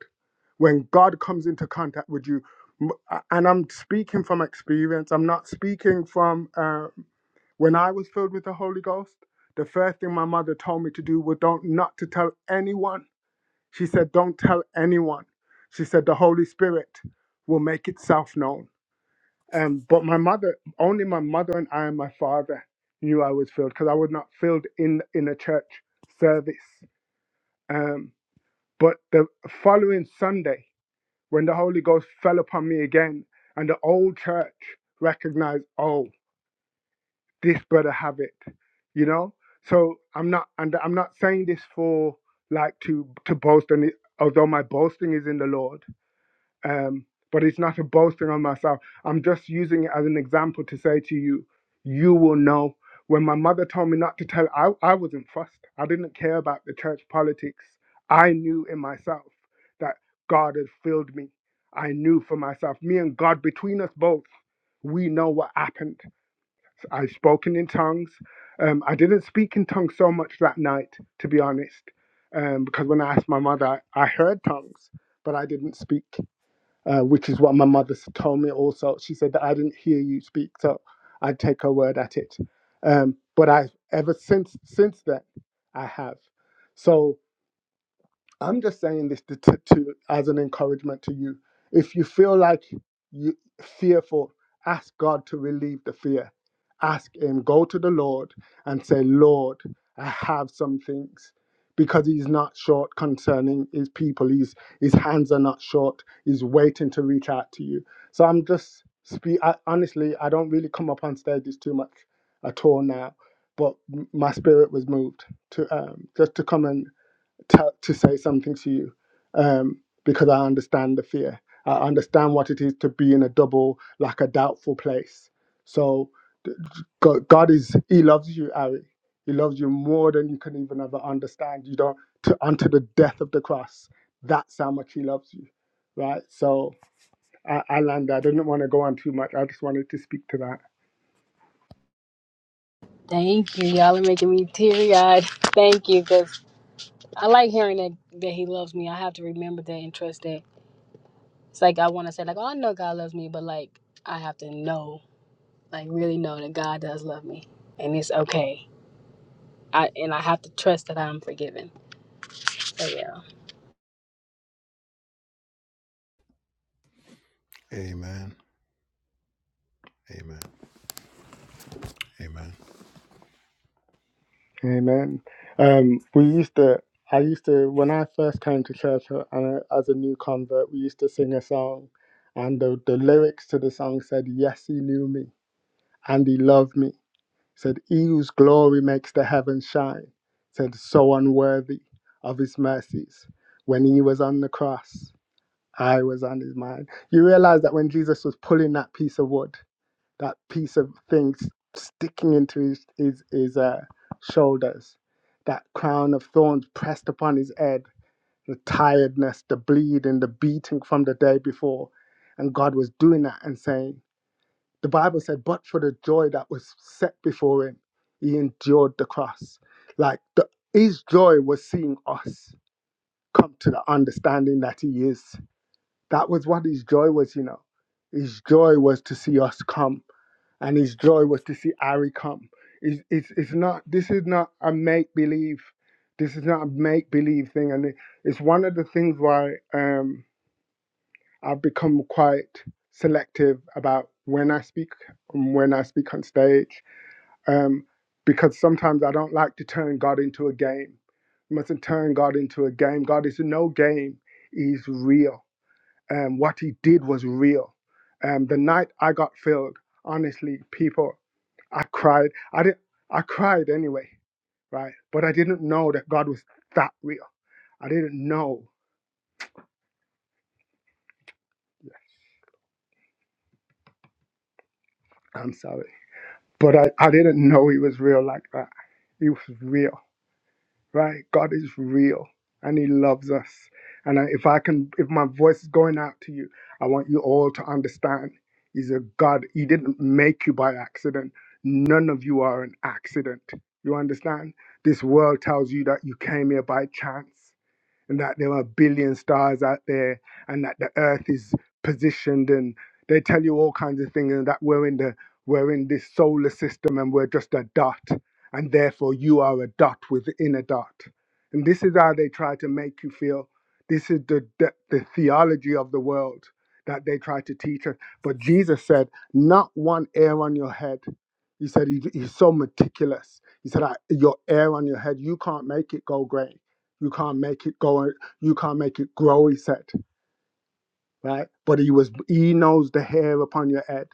S12: When God comes into contact with you, m- and I'm speaking from experience, I'm not speaking from uh, when I was filled with the Holy Ghost, the first thing my mother told me to do was don't not to tell anyone. She said, "Don't tell anyone." She said, "The Holy Spirit will make itself known." Um, but my mother, only my mother and I and my father knew I was filled because I was not filled in in a church service. Um, but the following Sunday, when the Holy Ghost fell upon me again, and the old church recognized, "Oh." this brother have it you know so i'm not and i'm not saying this for like to to boast and it, although my boasting is in the lord um but it's not a boasting on myself i'm just using it as an example to say to you you will know when my mother told me not to tell i, I wasn't fussed i didn't care about the church politics i knew in myself that god had filled me i knew for myself me and god between us both we know what happened I've spoken in tongues. Um, I didn't speak in tongues so much that night, to be honest, um, because when I asked my mother, I heard tongues, but I didn't speak, uh, which is what my mother told me also. She said that I didn't hear you speak, so I take her word at it. Um, but I ever since since then, I have. So I'm just saying this to, to, to as an encouragement to you. If you feel like you fearful, ask God to relieve the fear. Ask Him. Go to the Lord and say, Lord, I have some things. Because he's not short concerning his people. He's, his hands are not short. He's waiting to reach out to you. So I'm just, speak I, honestly, I don't really come up on stages too much at all now. But m- my spirit was moved to um, just to come and to, to say something to you um, because I understand the fear. I understand what it is to be in a double, like a doubtful place. So d- d- God, God is, He loves you, Ari. He loves you more than you can even ever understand. You don't, to, unto the death of the cross, that's how much He loves you, right? So I, I land there. I didn't want to go on too much. I just wanted to speak to that.
S13: Thank you. Y'all are making me teary eyed.
S1: Amen. Amen.
S12: Amen. Um, we used to, I used to, when I first came to church uh, and I- as a new convert, we used to sing a song, and the, the lyrics to the song said, Yes, he knew me, and he loved me. Said, He whose glory makes the heavens shine. Said, So unworthy of his mercies. When he was on the cross, I was on his mind. You realize that when Jesus was pulling that piece of wood, that piece of thing sticking into his his, his uh, shoulders, that crown of thorns pressed upon his head, the tiredness, the bleeding, the beating from the day before, and God was doing that and saying, the Bible said, but for the joy that was set before him, he endured the cross. Like the, his joy was seeing us come to the understanding that he is. That was what his joy was, you know. His joy was to see us come and his joy was to see Ari come. It's, it's, it's not, this is not a make believe. This is not a make believe thing. And it, it's one of the things why um, I've become quite selective about when I speak, and when I speak on stage, um, because sometimes I don't like to turn God into a game. You mustn't turn God into a game. God is no game, He's real um, what he did was real. Um, the night I got filled, honestly, people, I cried. I did. I cried anyway, right? But I didn't know that God was that real. I didn't know. I'm sorry, but I, I didn't know He was real like that. He was real. right? God is real and He loves us. And I, if I can, if my voice is going out to you, I want you all to understand He's a God. He didn't make you by accident. None of you are an accident. You understand? This world tells you that you came here by chance and that there are a billion stars out there and that the earth is positioned and they tell you all kinds of things and that we're in the we're in this solar system and we're just a dot and therefore you are a dot within a dot and this is how they try to make you feel this is the the, the theology of the world that they try to teach us but jesus said not one hair on your head he said he, he's so meticulous he said I, your hair on your head you can't make it go grey you can't make it go. You can't make it grow. He said, right? But he was. He knows the hair upon your head.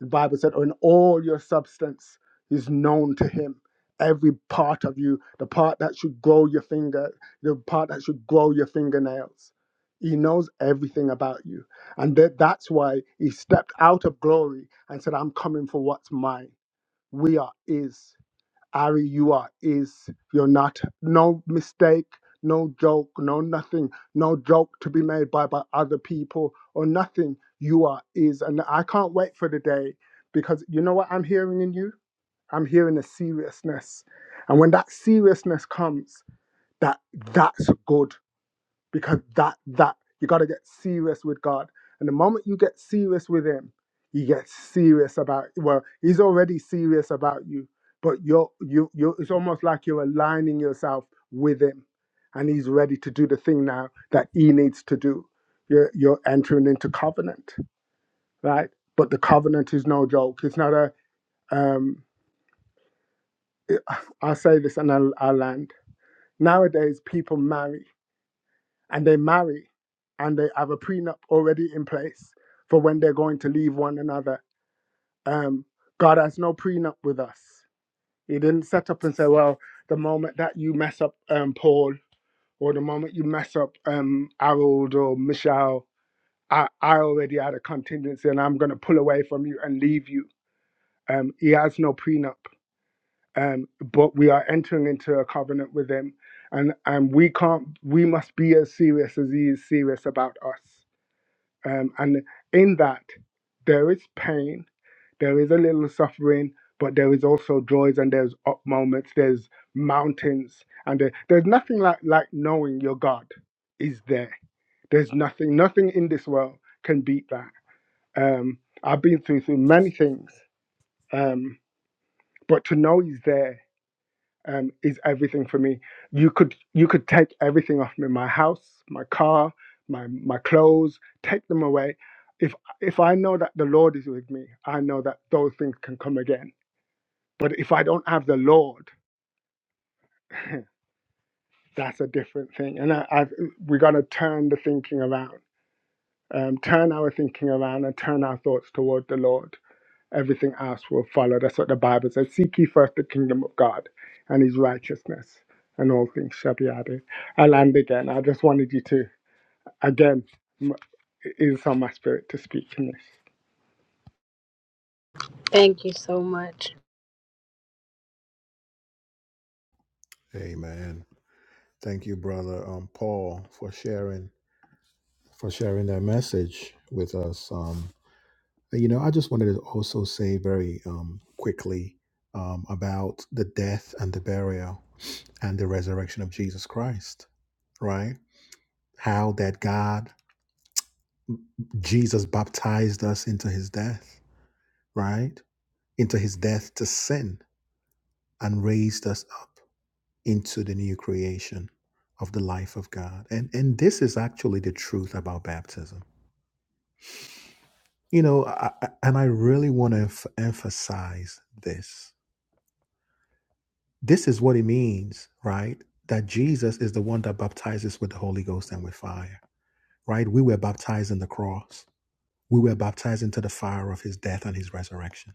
S12: The Bible said, "In all your substance is known to him." Every part of you, the part that should grow your finger, the part that should grow your fingernails. He knows everything about you. And that, that's why he stepped out of glory and said, I'm coming for what's mine. We are his. Ari you are is you're not no mistake, no joke, no nothing, no joke to be made by by other people or nothing. You are is, and I can't wait for the day because you know what I'm hearing in you. I'm hearing a seriousness, and when that seriousness comes, that that's good because that that you got to get serious with God. And the moment you get serious with Him, you get serious about well, He's already serious about you, but you're you you it's almost like you're aligning yourself with Him, and He's ready to do the thing now that He needs to do. You're you're entering into covenant, right? But the covenant is no joke. It's not a um. It, I'll say this and I'll, I'll land. Nowadays, people marry and they marry and they have a prenup already in place for when they're going to leave one another. Um, God has no prenup with us. He didn't set up and say, well, the moment that you mess up um, Paul or the moment you mess up um, Harold or Michelle, I, I already had a contingency and I'm going to pull away from you and leave you. Um, he has no prenup, um, but we are entering into a covenant with him. And, and we can't, we must be as serious as he is serious about us Um, and in that, there is pain, there is a little suffering, but there is also joys and there's up moments, there's mountains, and there, there's nothing like like knowing your God is there. There's nothing, nothing in this world can beat that. Um, I've been through through many things, um, but to know He's there um, is everything for me. You could you could take everything off me, my house, my car, my my clothes, take them away. If if I know that the Lord is with me, I know that those things can come again. But if I don't have the Lord, that's a different thing. And I, I we got to turn the thinking around, um, turn our thinking around, and turn our thoughts toward the Lord everything else will follow. That's what the Bible says. Seek ye first the kingdom of God and his righteousness, and all things shall be added. I land again. I just wanted you to, again, m- it is on my spirit to speak in this.
S1: Jesus baptized us into his death, right? Into his death to sin and raised us up into the new creation of the life of God. And and this is actually the truth about baptism You know, I, I- and I really want to emph emphasize this. This is what it means, right? That Jesus is the one that baptizes with the Holy Ghost and with fire, right? We were baptized in the cross. We were baptized into the fire of his death and his resurrection.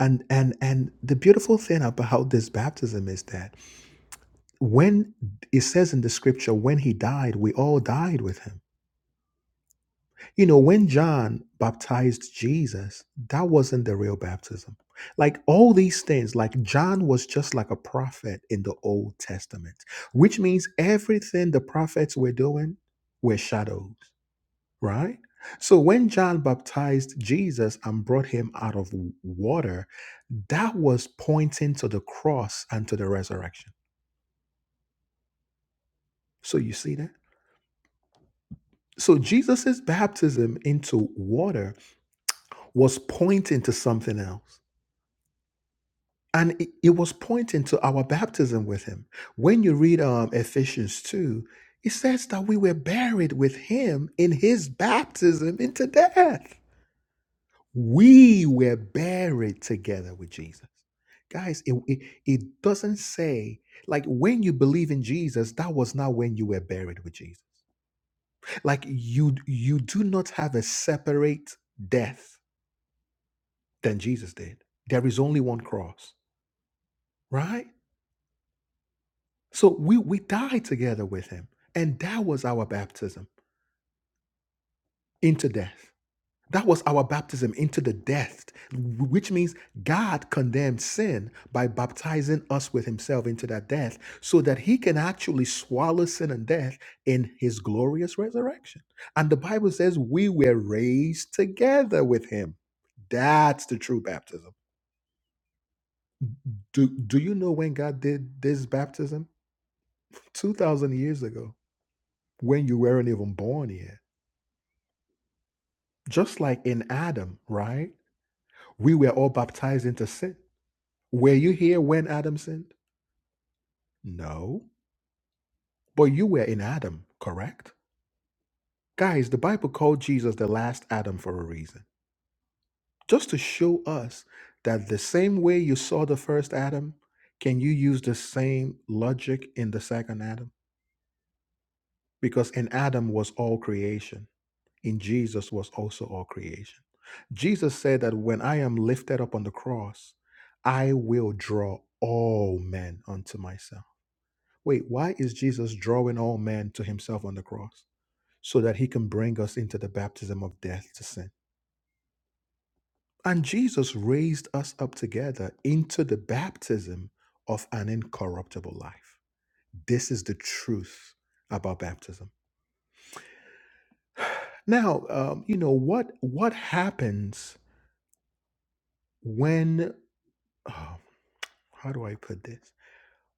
S1: And and and the beautiful thing about this baptism is that when it says in the scripture, when he died, we all died with him You know, when John baptized Jesus, that wasn't the real baptism. Like all these things, like John was just like a prophet in the Old Testament, which means everything the prophets were doing were shadows, right? So when John baptized Jesus and brought him out of water, that was pointing to the cross and to the resurrection. So you see that? So Jesus' baptism into water was pointing to something else. and it, it was pointing to our baptism with him when you read um, ephesians 2 it says that we were buried with him in his baptism into death we were buried together with jesus guys it, it, it doesn't say like when you believe in jesus that was not when you were buried with jesus like you you do not have a separate death than jesus did there is only one cross right So we we died together with him. And that was our baptism into death. That was our baptism into the death, which means God condemned sin by baptizing us with himself into that death so that he can actually swallow sin and death in his glorious resurrection. And the Bible says we were raised together with him. That's the true baptism. Do, do you know when God did this baptism? 2,000 years ago, when you weren't even born yet. Just like in Adam, right? We were all baptized into sin. Were you here when Adam sinned? No. But you were in Adam, correct? Guys, the Bible called Jesus the last Adam for a reason. Just to show us that the same way you saw the first Adam, can you use the same logic in the second Adam? Because in Adam was all creation. in Jesus was also all creation. Jesus said that when I am lifted up on the cross, I will draw all men unto myself. Wait, why is Jesus drawing all men to himself on the cross? So that he can bring us into the baptism of death to sin. And Jesus raised us up together into the baptism of an incorruptible life. This is the truth about baptism. Now, um, you know what what happens when? oh, how do I put this?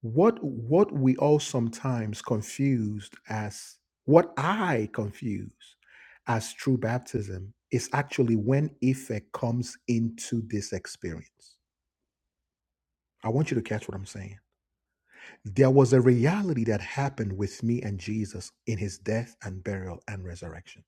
S1: What what we all sometimes confused as what I confuse as true baptism is actually when effect comes into this experience. I want you to catch what I'm saying. There was a reality that happened with me and Jesus in his death and burial and resurrection.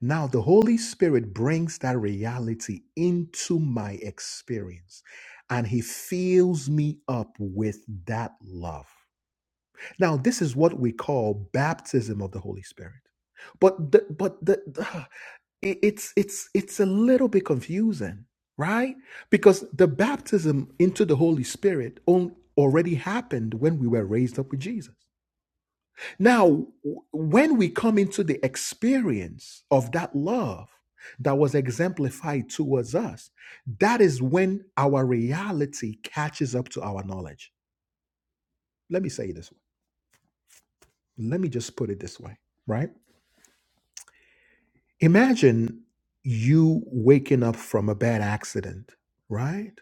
S1: Now, the Holy Spirit brings that reality into my experience and he fills me up with that love. Now, this is what we call baptism of the Holy Spirit. But the, but the, the- it- it's it's it's a little bit confusing, right? Because the baptism into the Holy Spirit on, already happened when we were raised up with Jesus. Now, w- when we come into the experience of that love that was exemplified towards us, that is when our reality catches up to our knowledge. Let me say it this way. Let me just put it this way, right? Imagine you waking up from a bad accident, right?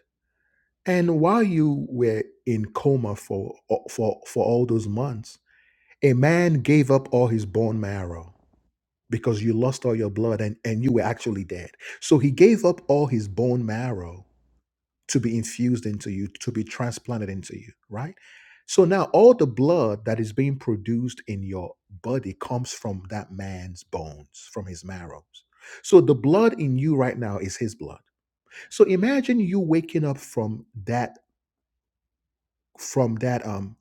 S1: And while you were in coma for uh, for for all those months, a man gave up all his bone marrow because you lost all your blood and and you were actually dead. So he gave up all his bone marrow to be infused into you, to be transplanted into you, right? So now all the blood that is being produced in your body comes from that man's bones, from his marrows. So the blood in you right now is his blood. So imagine you waking up from that from that um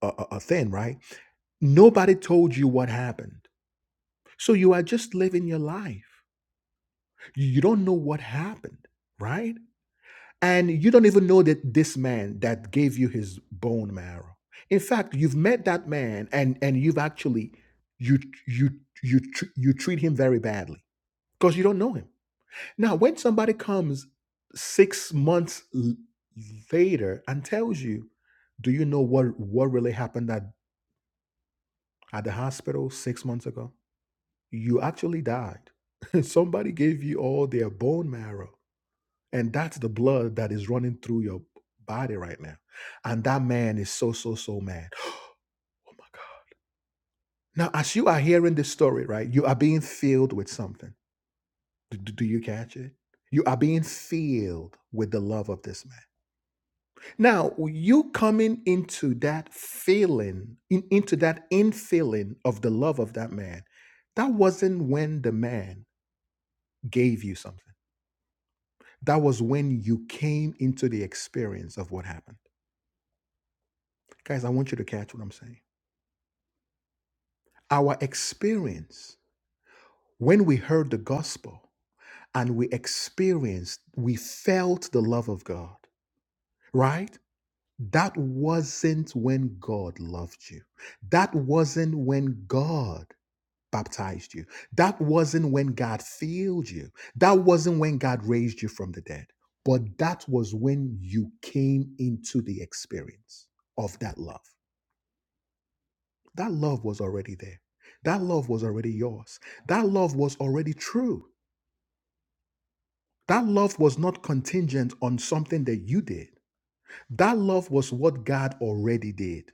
S1: a, a a thing, right? Nobody told you what happened. So you are just living your life. You don't know what happened, right? and you don't even know that this man that gave you his bone marrow in fact you've met that man and and you've actually you you you tr- you treat him very badly because you don't know him now when somebody comes 6 months l- later and tells you do you know what what really happened at at the hospital 6 months ago you actually died somebody gave you all their bone marrow And that's the blood that is running through your body right now. And that man is so, so, so mad. Oh my God. Now, as you are hearing this story, right, you are being filled with something. Do, do do you catch it? You are being filled with the love of this man. Now, you coming into that feeling, in, into that infilling of the love of that man, that wasn't when the man gave you something. That was when you came into the experience of what happened. Guys, I want you to catch what I'm saying Our experience, when we heard the gospel and we experienced, we felt the love of God, right? That wasn't when God loved you. That wasn't when God baptized you. That wasn't when God filled you. That wasn't when God raised you from the dead. But that was when you came into the experience of that love. That love was already there. That love was already yours. That love was already true That love was not contingent on something that you did. That love was what God already did.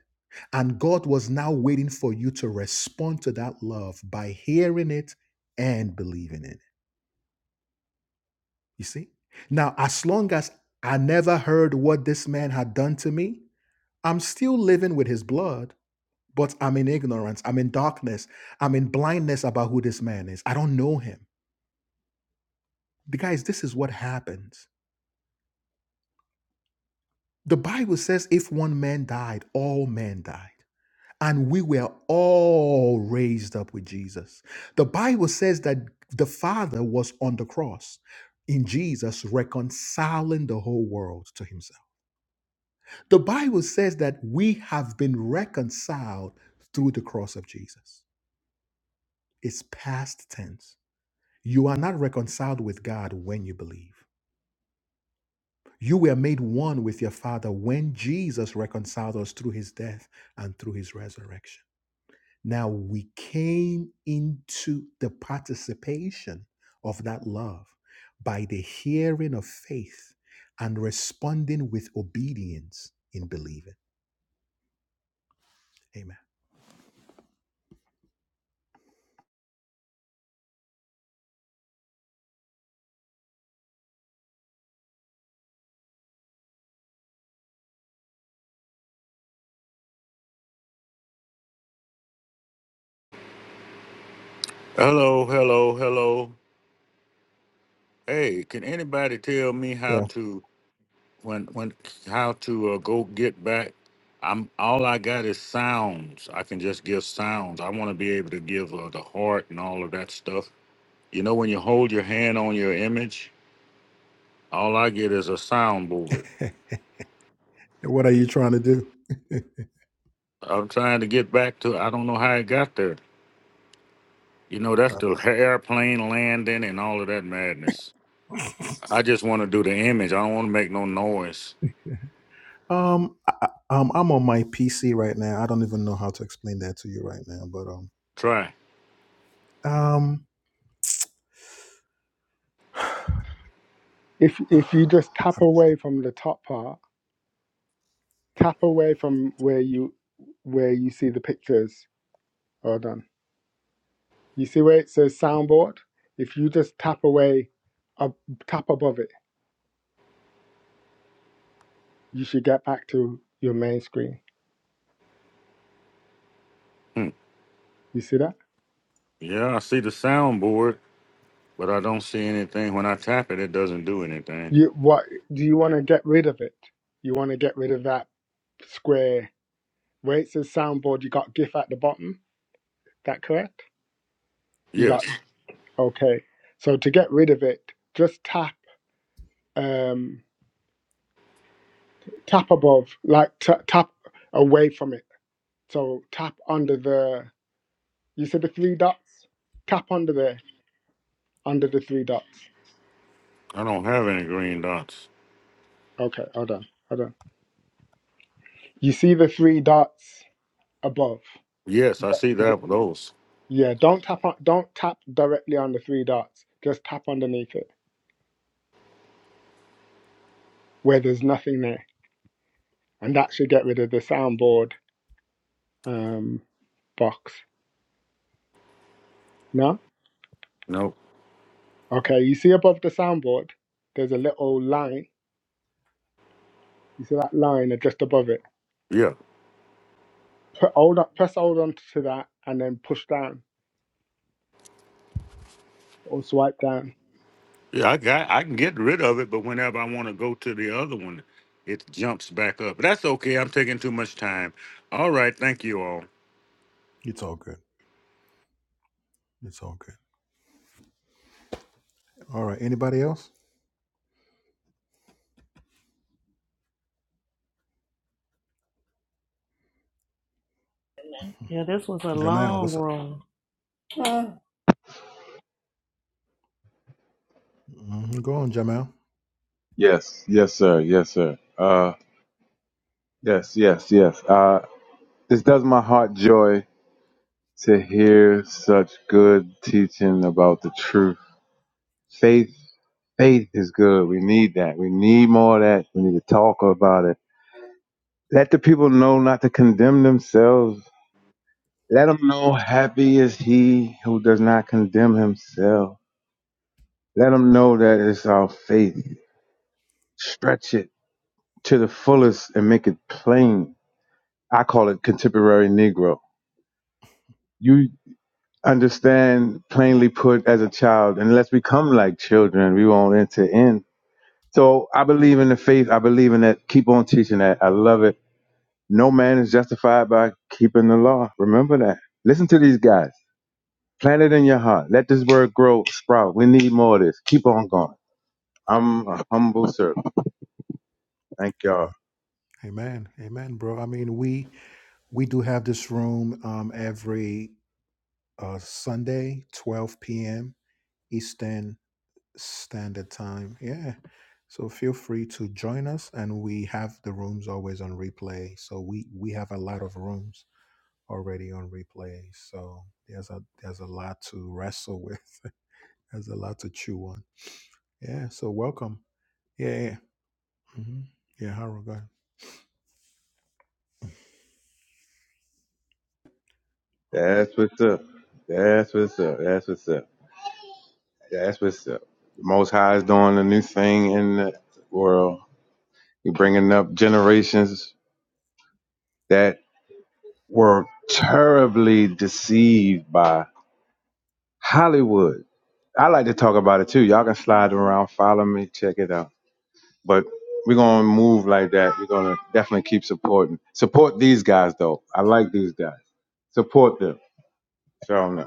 S1: And God was now waiting for you to respond to that love by hearing it and believing in it. You see? Now, as long as I never heard what this man had done to me, I'm still living with his blood, but I'm in ignorance. I'm in darkness. I'm in blindness about who this man is. I don't know him. guys, this is what happens. The Bible says, if one man died, all men died. And we were all raised up with Jesus. The Bible says that the Father was on the cross in Jesus, reconciling the whole world to himself. The Bible says that we have been reconciled through the cross of Jesus. It's past tense. You are not reconciled with God when you believe. You were made one with your Father when Jesus reconciled us through his death and through his resurrection. Now we came into the participation of that love by the hearing of faith and responding with obedience in believing. Amen.
S4: hello hello hello hey can anybody tell me how to when when how to uh, go get back. I'm all I got is sounds. I can just give sounds. I want to be able to give uh, the heart and all of that stuff. You know, when you hold your hand on your image, all I get is a soundboard. I'm trying to get back to. I don't know how it got there. You know, that's the airplane landing and all of that madness. I just want to do the image. I don't want to make no noise. Try.
S12: If, if you just tap away from the top part, tap away from where you where you see the pictures. Hold on. You see where it says soundboard? If you just tap away, up, tap above it, you should get back to your main screen.
S4: Hmm.
S12: You see that?
S4: Yeah, I see the soundboard, but I don't see anything. When I tap it, it doesn't do anything.
S12: You what do you want to get rid of it? You want to get rid of that square where it says soundboard. You got GIF at the bottom. That correct? You got
S4: Yes.
S12: okay. So to get rid of it, just tap um tap above, like t- tap away from it. So tap under the you said the three dots. Tap under there, under the three dots.
S4: I don't have any green dots.
S12: Okay, hold on, hold on. You see the three dots above.
S4: Yes, I see that with those.
S12: Yeah, don't tap on, don't tap directly on the three dots. Just tap underneath it where there's nothing there, and that should get rid of the soundboard um, box. No,
S4: No.
S12: okay. You see above the soundboard, there's a little line. You see that line just above it.
S4: Yeah.
S12: Put hold up, press hold on to that, and then push down or swipe down.
S4: Yeah, I got I can get rid of it, but whenever I want to go to the other one, it jumps back up. But that's okay. I'm taking too much time. All right, thank you all.
S1: It's all good. It's all good. All right.
S3: Yeah, this was a long room.
S9: Yes, yes, sir. Yes, sir. Uh, yes, yes, yes. Uh, this does my heart joy to hear such good teaching about the truth. Faith Faith is good. We need that. We need more of that. We need to talk about it. Let the people know not to condemn themselves. Let them know happy is he who does not condemn himself. Let them know that it's our faith. Stretch it to the fullest and make it plain. I call it contemporary Negro. You understand plainly put as a child, unless we come like children, we won't enter in. So I believe in the faith. I believe in that. Keep on teaching that. I love it. No man is justified by keeping the law. Remember that. Listen to these guys. Plant it in your heart. Let this word grow, sprout. We need more of this. Keep on going. I'm a humble servant. Thank y'all.
S1: Amen. Amen, bro. I mean,
S9: That's what's up. That's what's up. That's what's up. That's what's up. The Most High is doing a new thing in the world. He's bringing up generations that were terribly deceived by Hollywood. I like to talk about it too. Y'all can slide around, follow me, check it out. but we're gonna move like that. We're gonna definitely keep supporting. Support these guys though. I like these guys. Support them. So I don't know.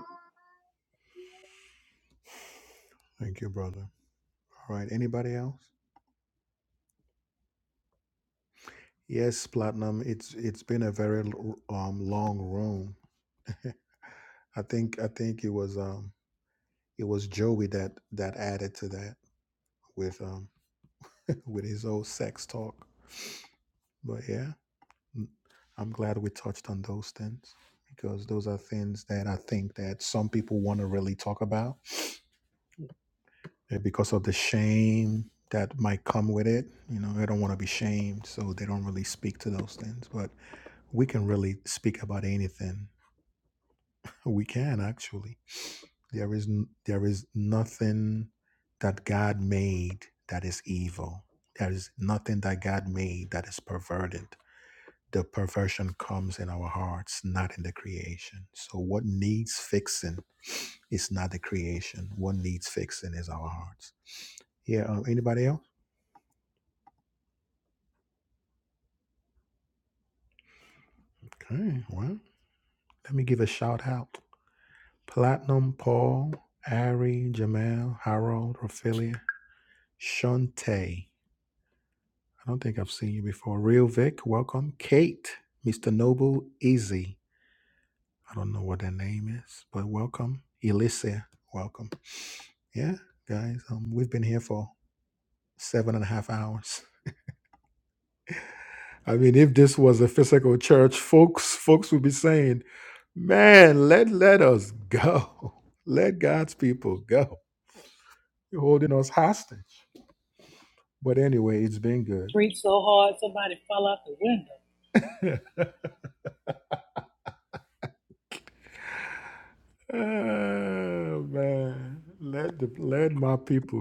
S3: Preach so hard somebody fell out the window.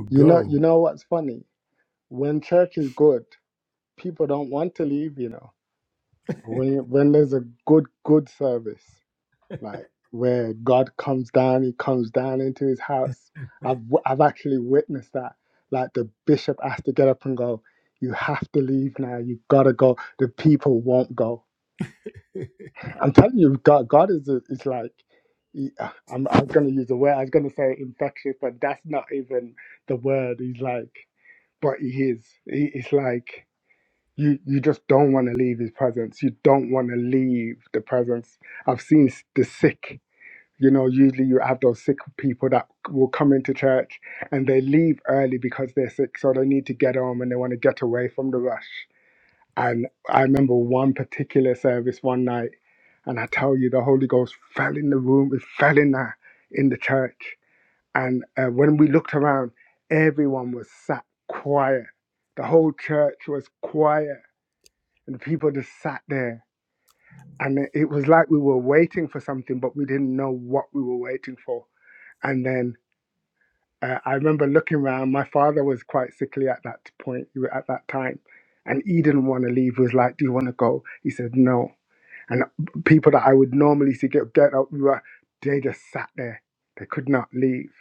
S12: You know, you know what's funny? When church is good, people don't want to leave. You know, when when there's a good good service. like where God comes down, he comes down into his house. I've w- I've actually witnessed that. Like the bishop has to get up and go, you have to leave now. You gotta go. The people won't go. I'm telling you, God, God is a, is like. he- I'm, I'm going to use a word. I was going to say infectious, but that's not even the word. He's like, but he is. He, it's like you you just don't want to leave his presence. You don't want to leave the presence. I've seen s- the sick you know, usually you have those sick people that will come into church and they leave early because they're sick, so they need to get home and they want to get away from the rush. And I remember one particular service one night, and I tell you, the Holy Ghost fell in the room, it fell in the, in the church. And uh, when we looked around, everyone was sat quiet. The whole church was quiet, and the people just sat there and it it was like we were waiting for something, but we didn't know what we were waiting for and then uh, I remember looking around. My father was quite sickly at that point, at that time, and he didn't want to leave. He was like, "Do you want to go?" He said, "No." And uh, people that I would normally see get get up, we were- they just sat there. They could not leave.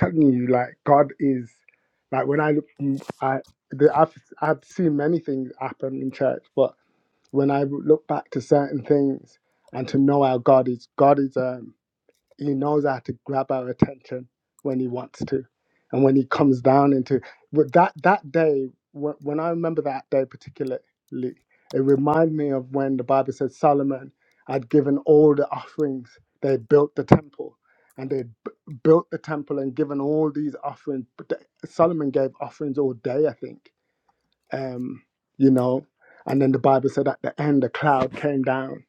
S12: I'm telling you, like God is, like when I look, mm, I the, I've I've seen many things happen in church, but when I look back to certain things and to know how God is, God is. um. He knows how to grab our attention when he wants to, and when he comes down into with that that day. When, when I remember that day particularly, it reminded me of when the Bible says Solomon had given all the offerings. They had built the temple, and they b- built the temple and given all these offerings. But the- Solomon gave offerings all day, I think. Um, you know, and then the Bible said at the end, a cloud came down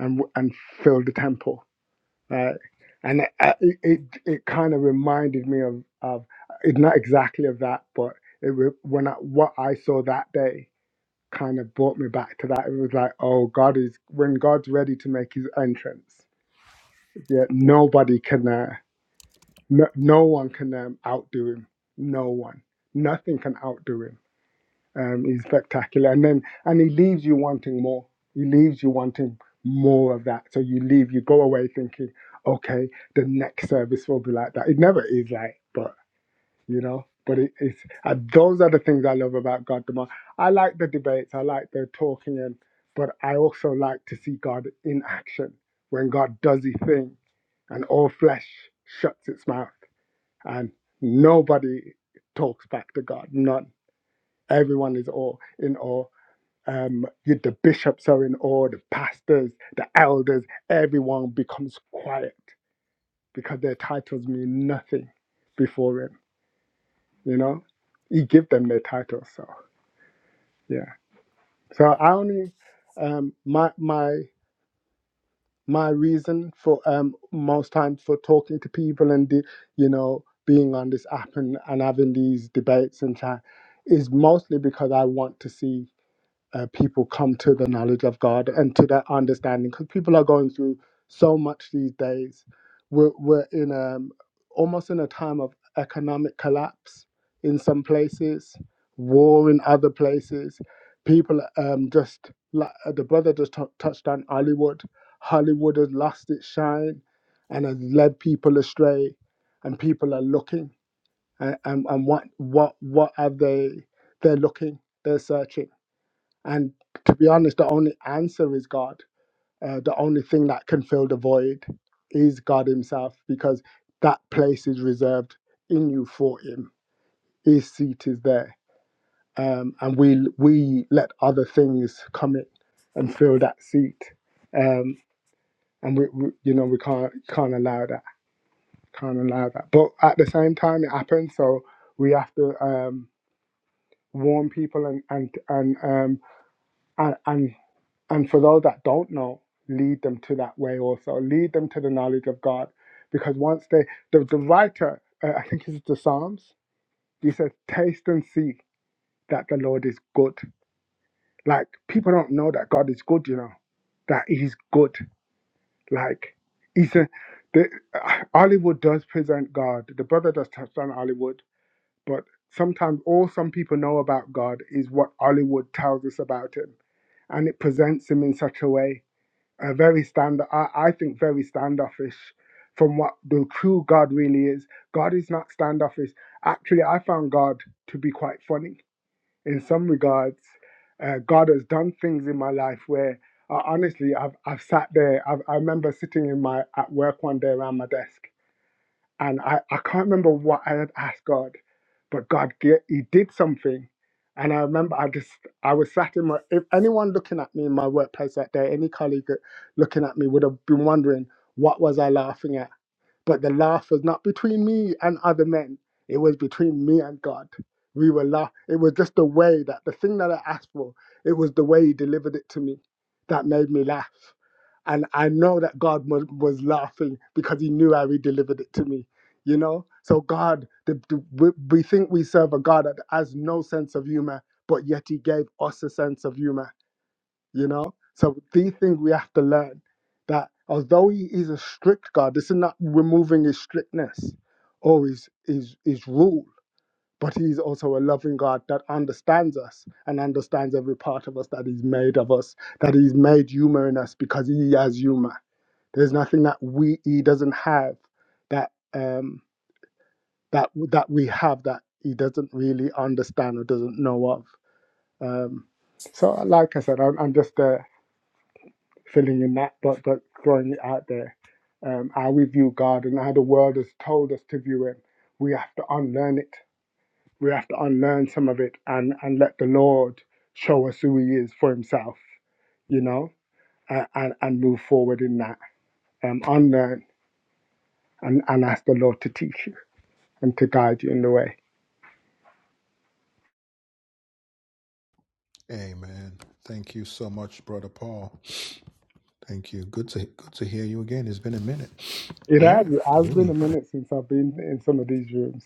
S12: and w- and filled the temple right? And it uh, it, it, it kind of reminded me of of it, not exactly of that, but it re- when I, what I saw that day kind of brought me back to that. It was like, oh, God is when God's ready to make His entrance. Yeah, nobody can, uh, no, no one can um, outdo Him. No one, nothing can outdo Him um, he's spectacular. And then and he leaves you wanting more. He leaves you wanting more of that. So you leave, you go away thinking, okay, the next service will be like that. It never is like, but you know, but it, it's uh, those are the things I love about God the most. I like the debates, I like the talking, and but I also like to see God in action when God does His thing, and all flesh shuts its mouth, and nobody talks back to God. Not Everyone is all in awe um, you, the bishops are in awe, the pastors, the elders, everyone becomes quiet because their titles mean nothing before him. You know, he give them their titles. So yeah. So I only um, my my my reason for um, most times for talking to people and the, you know being on this app and, and having these debates and chat is mostly because I want to see. uh, people come to the knowledge of God and to that understanding because people are going through so much these days. We're, we're in a, almost in a time of economic collapse in some places, war in other places. People um, just, like uh, the brother just tou- touched on Hollywood. Hollywood has lost its shine and has led people astray, and people are looking. And, and, and what, what, what are they? They're looking, they're searching and to be honest, the only answer is God. Uh, the only thing that can fill the void is God Himself because that place is reserved in you for Him. His seat is there. Um, and we we let other things come in and fill that seat. Um, and we, we you know we can't can't allow that can't allow that. But at the same time, it happens. So we have to um, warn people and and and um, and, and And for those that don't know, lead them to that way also. Lead them to the knowledge of God. Because once they, the, the writer, uh, I think it's the Psalms, he says, taste and see that the Lord is good. Like, people don't know that God is good, you know, that he's good. Like, he's a, the, uh, Hollywood does present God. The brother does touch on Hollywood, but sometimes all some people know about God is what Hollywood tells us about him. And it presents him in such a way uh, very stand I, I think very standoffish from what the true God really is. God is not standoffish. Actually, I found God to be quite funny in some regards. Uh, God has done things in my life where uh, honestly I've I've sat there. I've, I remember sitting in my at work one day around my desk and I, I can't remember what I had asked God, but God ge- He did something, and I remember I just I was sat in my if anyone looking at me in my workplace that day, any colleague that- looking at me would have been wondering what was I laughing at but the laugh was not between me and other men. It was between me and God. We were laugh. It was just the way that the thing that I asked for, it was the way He delivered it to me that made me laugh. And I know that God was, was laughing because He knew how He delivered it to me. You know? So, God, the, the, we, we think we serve a God that has no sense of humor, but yet He gave us a sense of humor you know. So the thing we have to learn that although he is a strict God, this is not removing his strictness or his his his rule, but he is also a loving God that understands us and understands every part of us that he's made of us, that he's made humor in us because he has humor. There's nothing that we he doesn't have that um that that we have that he doesn't really understand or doesn't know of. Um, so, like I said, I'm, I'm just there. filling in that, but but throwing it out there. Um, how we view God and how the world has told us to view Him, we have to unlearn it. We have to unlearn some of it and and let the Lord show us who He is for Himself. You know, and and, and move forward in that. Um, unlearn and and ask the Lord to teach you and to guide you in the way. It has, it has been a minute since I've been in some of these rooms.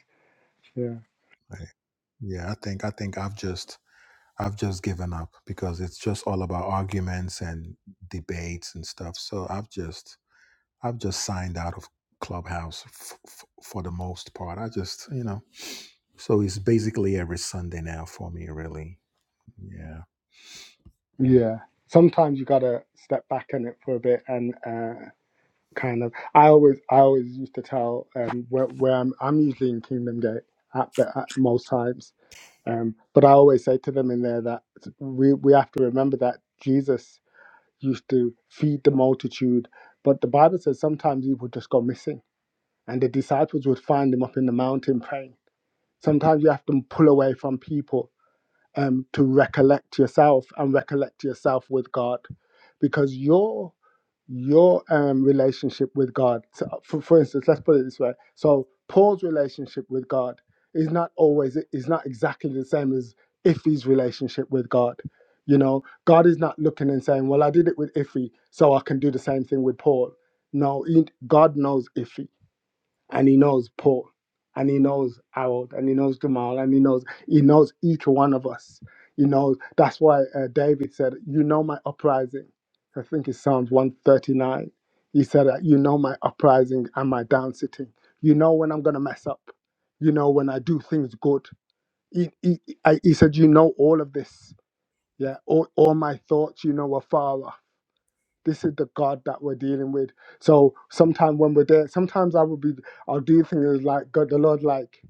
S12: Yeah, yeah. Sometimes you gotta step back in it for a bit and. Uh, kind of i always i always used to tell um where, where I'm, I'm usually in kingdom gate at, but at most times um but i always say to them in there that we we have to remember that jesus used to feed the multitude but the bible says sometimes he would just go missing and the disciples would find him up in the mountain praying sometimes you have to pull away from people um, to recollect yourself and recollect yourself with God, because your your um, relationship with God. So for, for instance, let's put it this way. So Paul's relationship with God is not always is not exactly the same as Iffy's relationship with God. You know, God is not looking and saying, "Well, I did it with Iffy, so I can do the same thing with Paul." No, he, God knows Iffy and he knows Paul, and he knows Harold, and he knows Jamal, and he knows he knows each one of us. He knows that's why uh, David said, "You know my uprising." I think it's Psalms one thirty nine. He said that you know my uprising and my down sitting. You know when I'm gonna mess up. You know when I do things good. He, he, I, he said, "You know all of this." Yeah, all, all my thoughts, you know, are far off this is the God that we're dealing with. So sometimes when we're there, sometimes I will be, I'll do things like God, the Lord, like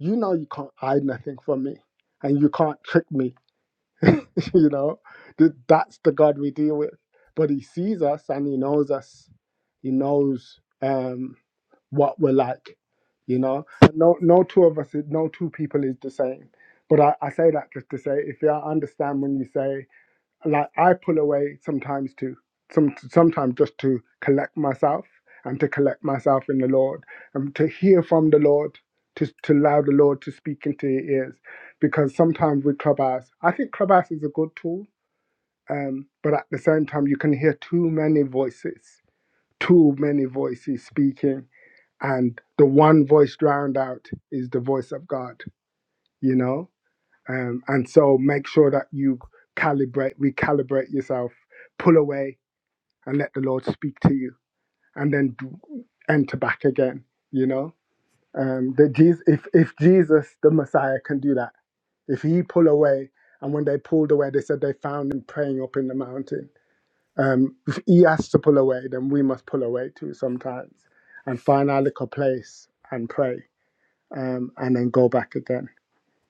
S12: you know, you can't hide nothing from me, and you can't trick me. you know, Th- that's the God we deal with. But He sees us and He knows us. He knows um, what we're like. You know, and no, no two of us, no two people is the same. But I, I say that just to say, if you understand when you say like I pull away sometimes to some sometimes just to collect myself and to collect myself in the Lord and to hear from the Lord to to allow the Lord to speak into your ears because sometimes with Clubhouse I think Clubhouse is a good tool um, but at the same time you can hear too many voices too many voices speaking and the one voice drowned out is the voice of God you know um, and so make sure that you calibrate recalibrate yourself pull away and let the lord speak to you and then d- enter back again you know um that jesus if, if jesus the messiah can do that if he pull away and when they pulled away they said they found him praying up in the mountain um if he has to pull away then we must pull away too sometimes and find our little place and pray um and then go back again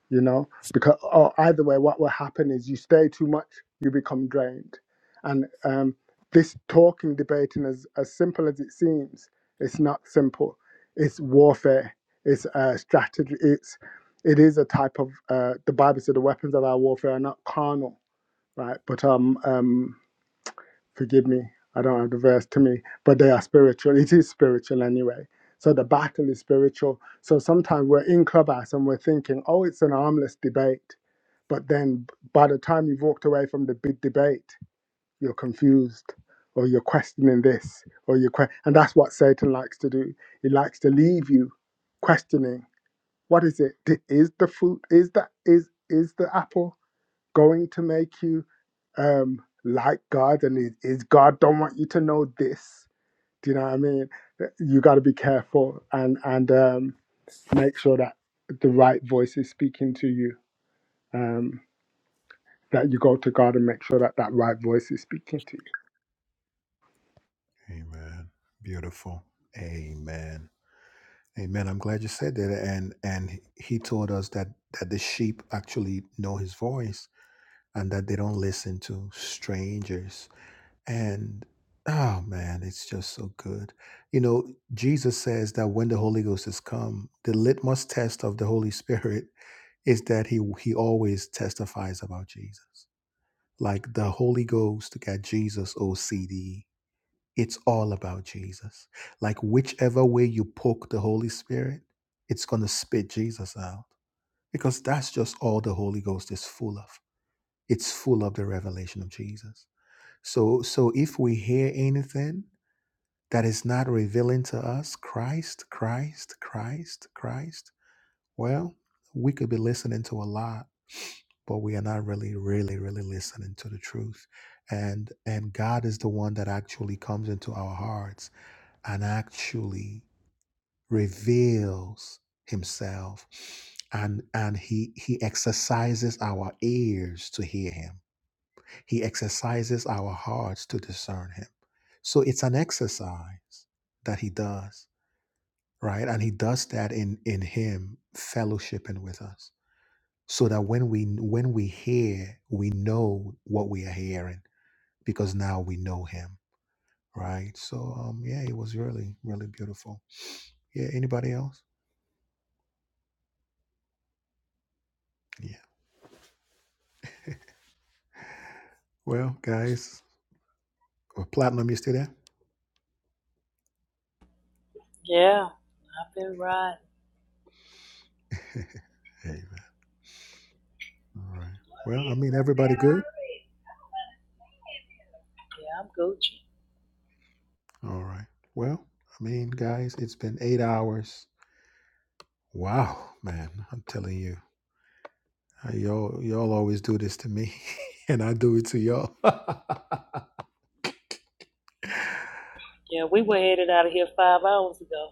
S12: you know because or either way what will happen is you stay too much you become drained and um, this talking debating as as simple as it seems it's not simple it's warfare it's a strategy it's it is a type of uh, the bible said the weapons of our warfare are not carnal right but um, um forgive me, I don't have the verse to me, but they are spiritual. It is spiritual anyway. So the battle is spiritual. So sometimes we're in clubhouse and we're thinking, oh, it's an armless debate. But then by the time you've walked away from the big debate, you're confused or you're questioning this or you're, que- and that's what Satan likes to do. He likes to leave you questioning. What is it? Di- Is the fruit, is that, is, is the apple? going to make you um like God and is, is God don't want you to know this. Do you know what I mean? You gotta be careful and and um make sure that the right voice is speaking to you. Um that you go to God and make sure that that right voice is speaking to you.
S1: like the Holy Ghost got Jesus OCD It's all about Jesus. Like whichever way you poke the Holy Spirit, it's going to spit Jesus out because that's just all the Holy Ghost is full of. It's full of the revelation of Jesus. So so if we hear anything that is not revealing to us Christ, Christ, Christ, Christ, well, we could be listening to a lot, but we are not really really really listening to the truth. And and God is the one that actually comes into our hearts and actually reveals himself and and he he exercises our ears to hear him he exercises our hearts to discern him so it's an exercise that he does right and he does that in in him
S3: Yeah, I've been riding. Yeah, I'm Gucci. Yeah, we were headed out of here five hours ago.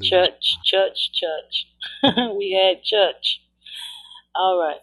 S3: Church, church, church. we had church. All right.